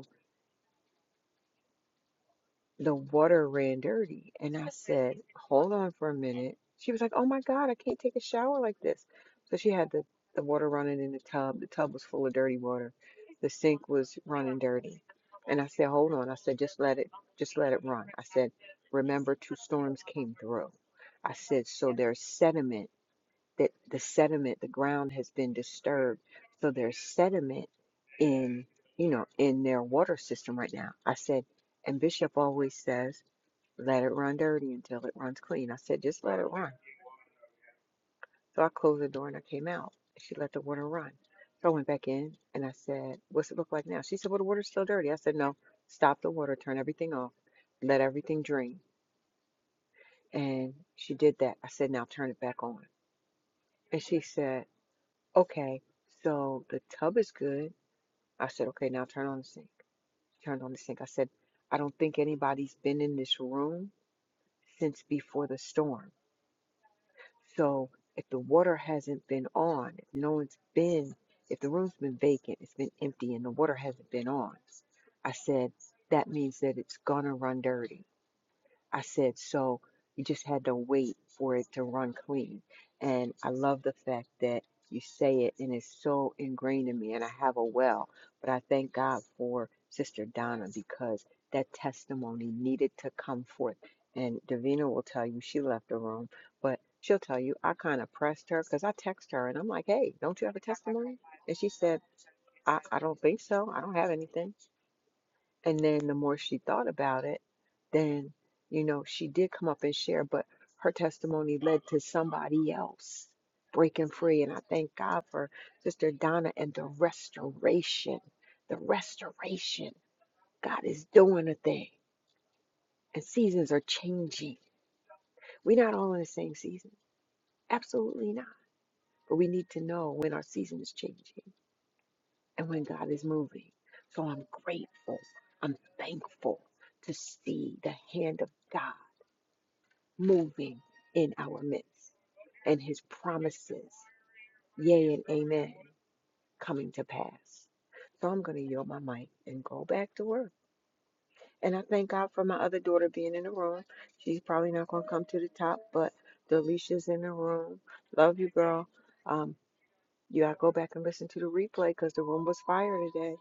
the water ran dirty. And I said, hold on for a minute. She was like, oh my God, I can't take a shower like this. So she had the, the water running in the tub. The tub was full of dirty water. The sink was running dirty. And I said, hold on. I said, just let it, just let it run. I said, remember two storms came through. I said, so there's sediment that the sediment, the ground has been disturbed. So there's sediment in, you know, in their water system right now. I said, and Bishop always says, let it run dirty until it runs clean. I said, just let it run. So I closed the door and I came out. She let the water run. So I went back in and I said, what's it look like now? She said, well, the water's still dirty. I said, no, stop the water, turn everything off, let everything drain. And she did that. I said, now turn it back on. And she said, Okay, so the tub is good. I said, okay, now turn on the sink. Turned on the sink. I said, I don't think anybody's been in this room since before the storm. So if the water hasn't been on, if no one's been, if the room's been vacant, it's been empty, and the water hasn't been on, I said, that means that it's gonna run dirty. I said, so you just had to wait for it to run clean. And I love the fact that you say it and it's so ingrained in me. And I have a well, but I thank God for Sister Donna because that testimony needed to come forth. And Davina will tell you she left the room, but she'll tell you I kind of pressed her because I text her and I'm like, hey, don't you have a testimony? And she said, I, I don't think so. I don't have anything. And then the more she thought about it, then, you know, she did come up and share, but her testimony led to somebody else breaking free. And I thank God for Sister Donna and the restoration. The restoration. God is doing a thing, and seasons are changing. We're not all in the same season. Absolutely not. But we need to know when our season is changing and when God is moving. So I'm grateful. I'm thankful to see the hand of God moving in our midst and his promises, yea and amen, coming to pass. So I'm going to yield my mic and go back to work. And I thank God for my other daughter being in the room. She's probably not going to come to the top, but Delicia's in the room. Love you, girl. Um, you gotta go back and listen to the replay because the room was fire today.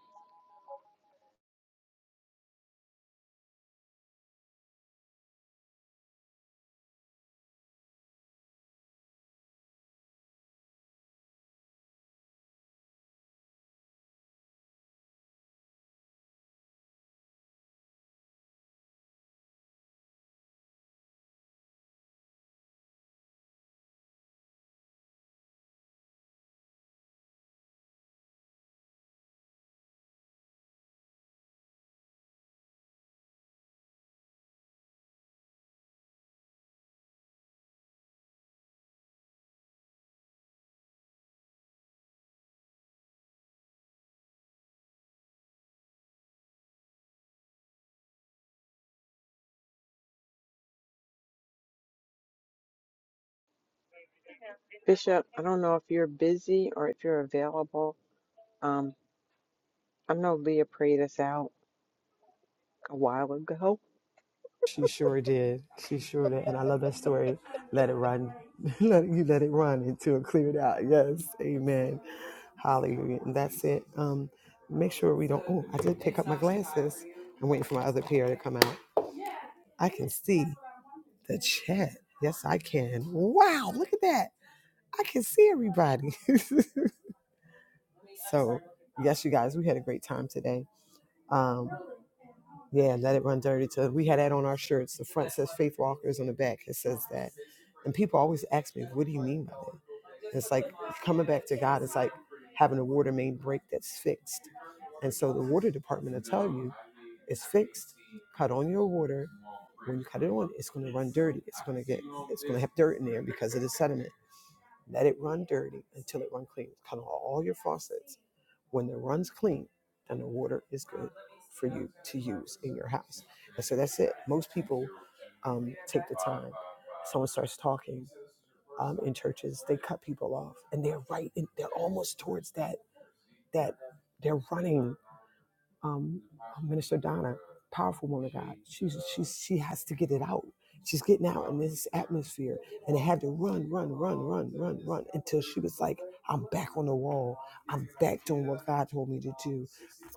Bishop, I don't know if you're busy or if you're available. Um, I know Leah prayed us out a while ago.
She sure did. She sure did. And I love that story. Let it run. let you let it run until it cleared out. Yes. Amen. Hallelujah. And that's it. Um, make sure we don't oh, I did pick up my glasses. I'm waiting for my other pair to come out. I can see the chat. Yes, I can. Wow, look at that. I can see everybody. so, yes, you guys, we had a great time today. Um, yeah, let it run dirty. To we had that on our shirts. The front says Faith Walkers, on the back it says that. And people always ask me, "What do you mean by that?" And It's like coming back to God. It's like having a water main break that's fixed. And so the water department will tell you it's fixed. Cut on your water. When you cut it on, it's going to run dirty. It's going to get, it's going to have dirt in there because of the sediment. Let it run dirty until it runs clean. Cut on all your faucets. When the run's clean, then the water is good for you to use in your house. And so that's it. Most people um, take the time. Someone starts talking um, in churches, they cut people off, and they're right. In, they're almost towards that that they're running um, uh, Minister Donna, powerful woman of God. She's, she's, she has to get it out. She's getting out in this atmosphere and it had to run, run, run, run, run, run until she was like, I'm back on the wall. I'm back doing what God told me to do.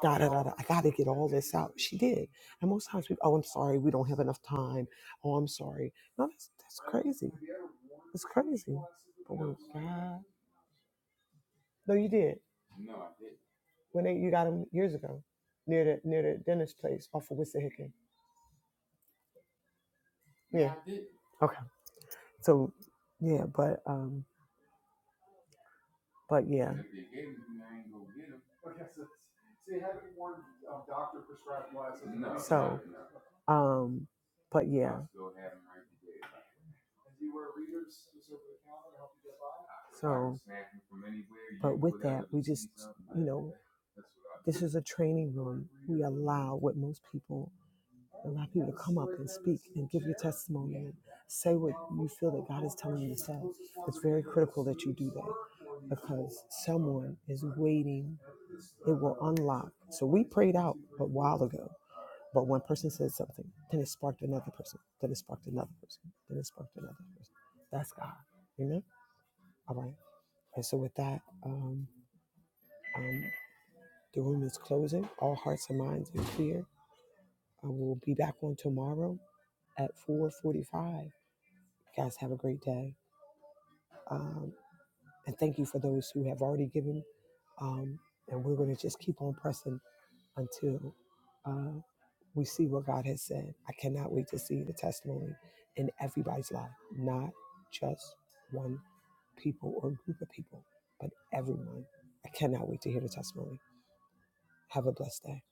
Da, da, da, da. I got to get all this out. She did. And most times we, oh, I'm sorry, we don't have enough time. Oh, I'm sorry. No, that's, that's crazy. It's crazy. But when God, no, you did. When they, you got him years ago near the, near the dentist place off of Wissahickon Yeah. Okay. So yeah, but um, but yeah. So um, but yeah. So, but with that, we just, you know, this is a training room. We allow what most people Allow people to come up and speak and give your testimony and say what you feel that God is telling you to say. It's very critical that you do that because someone is waiting. It will unlock. So we prayed out a while ago, but one person said something, then it sparked another person, then it sparked another person, then it sparked another person. That's God. Amen. All right. And so with that, um, um, the room is closing. All hearts and minds are clear. Uh, we'll be back on tomorrow at 4:45 You guys have a great day. Um, and thank you for those who have already given. Um, and we're going to just keep on pressing until uh, we see what God has said. I cannot wait to see the testimony in everybody's life, not just one people or group of people, but everyone. I cannot wait to hear the testimony. Have a blessed day.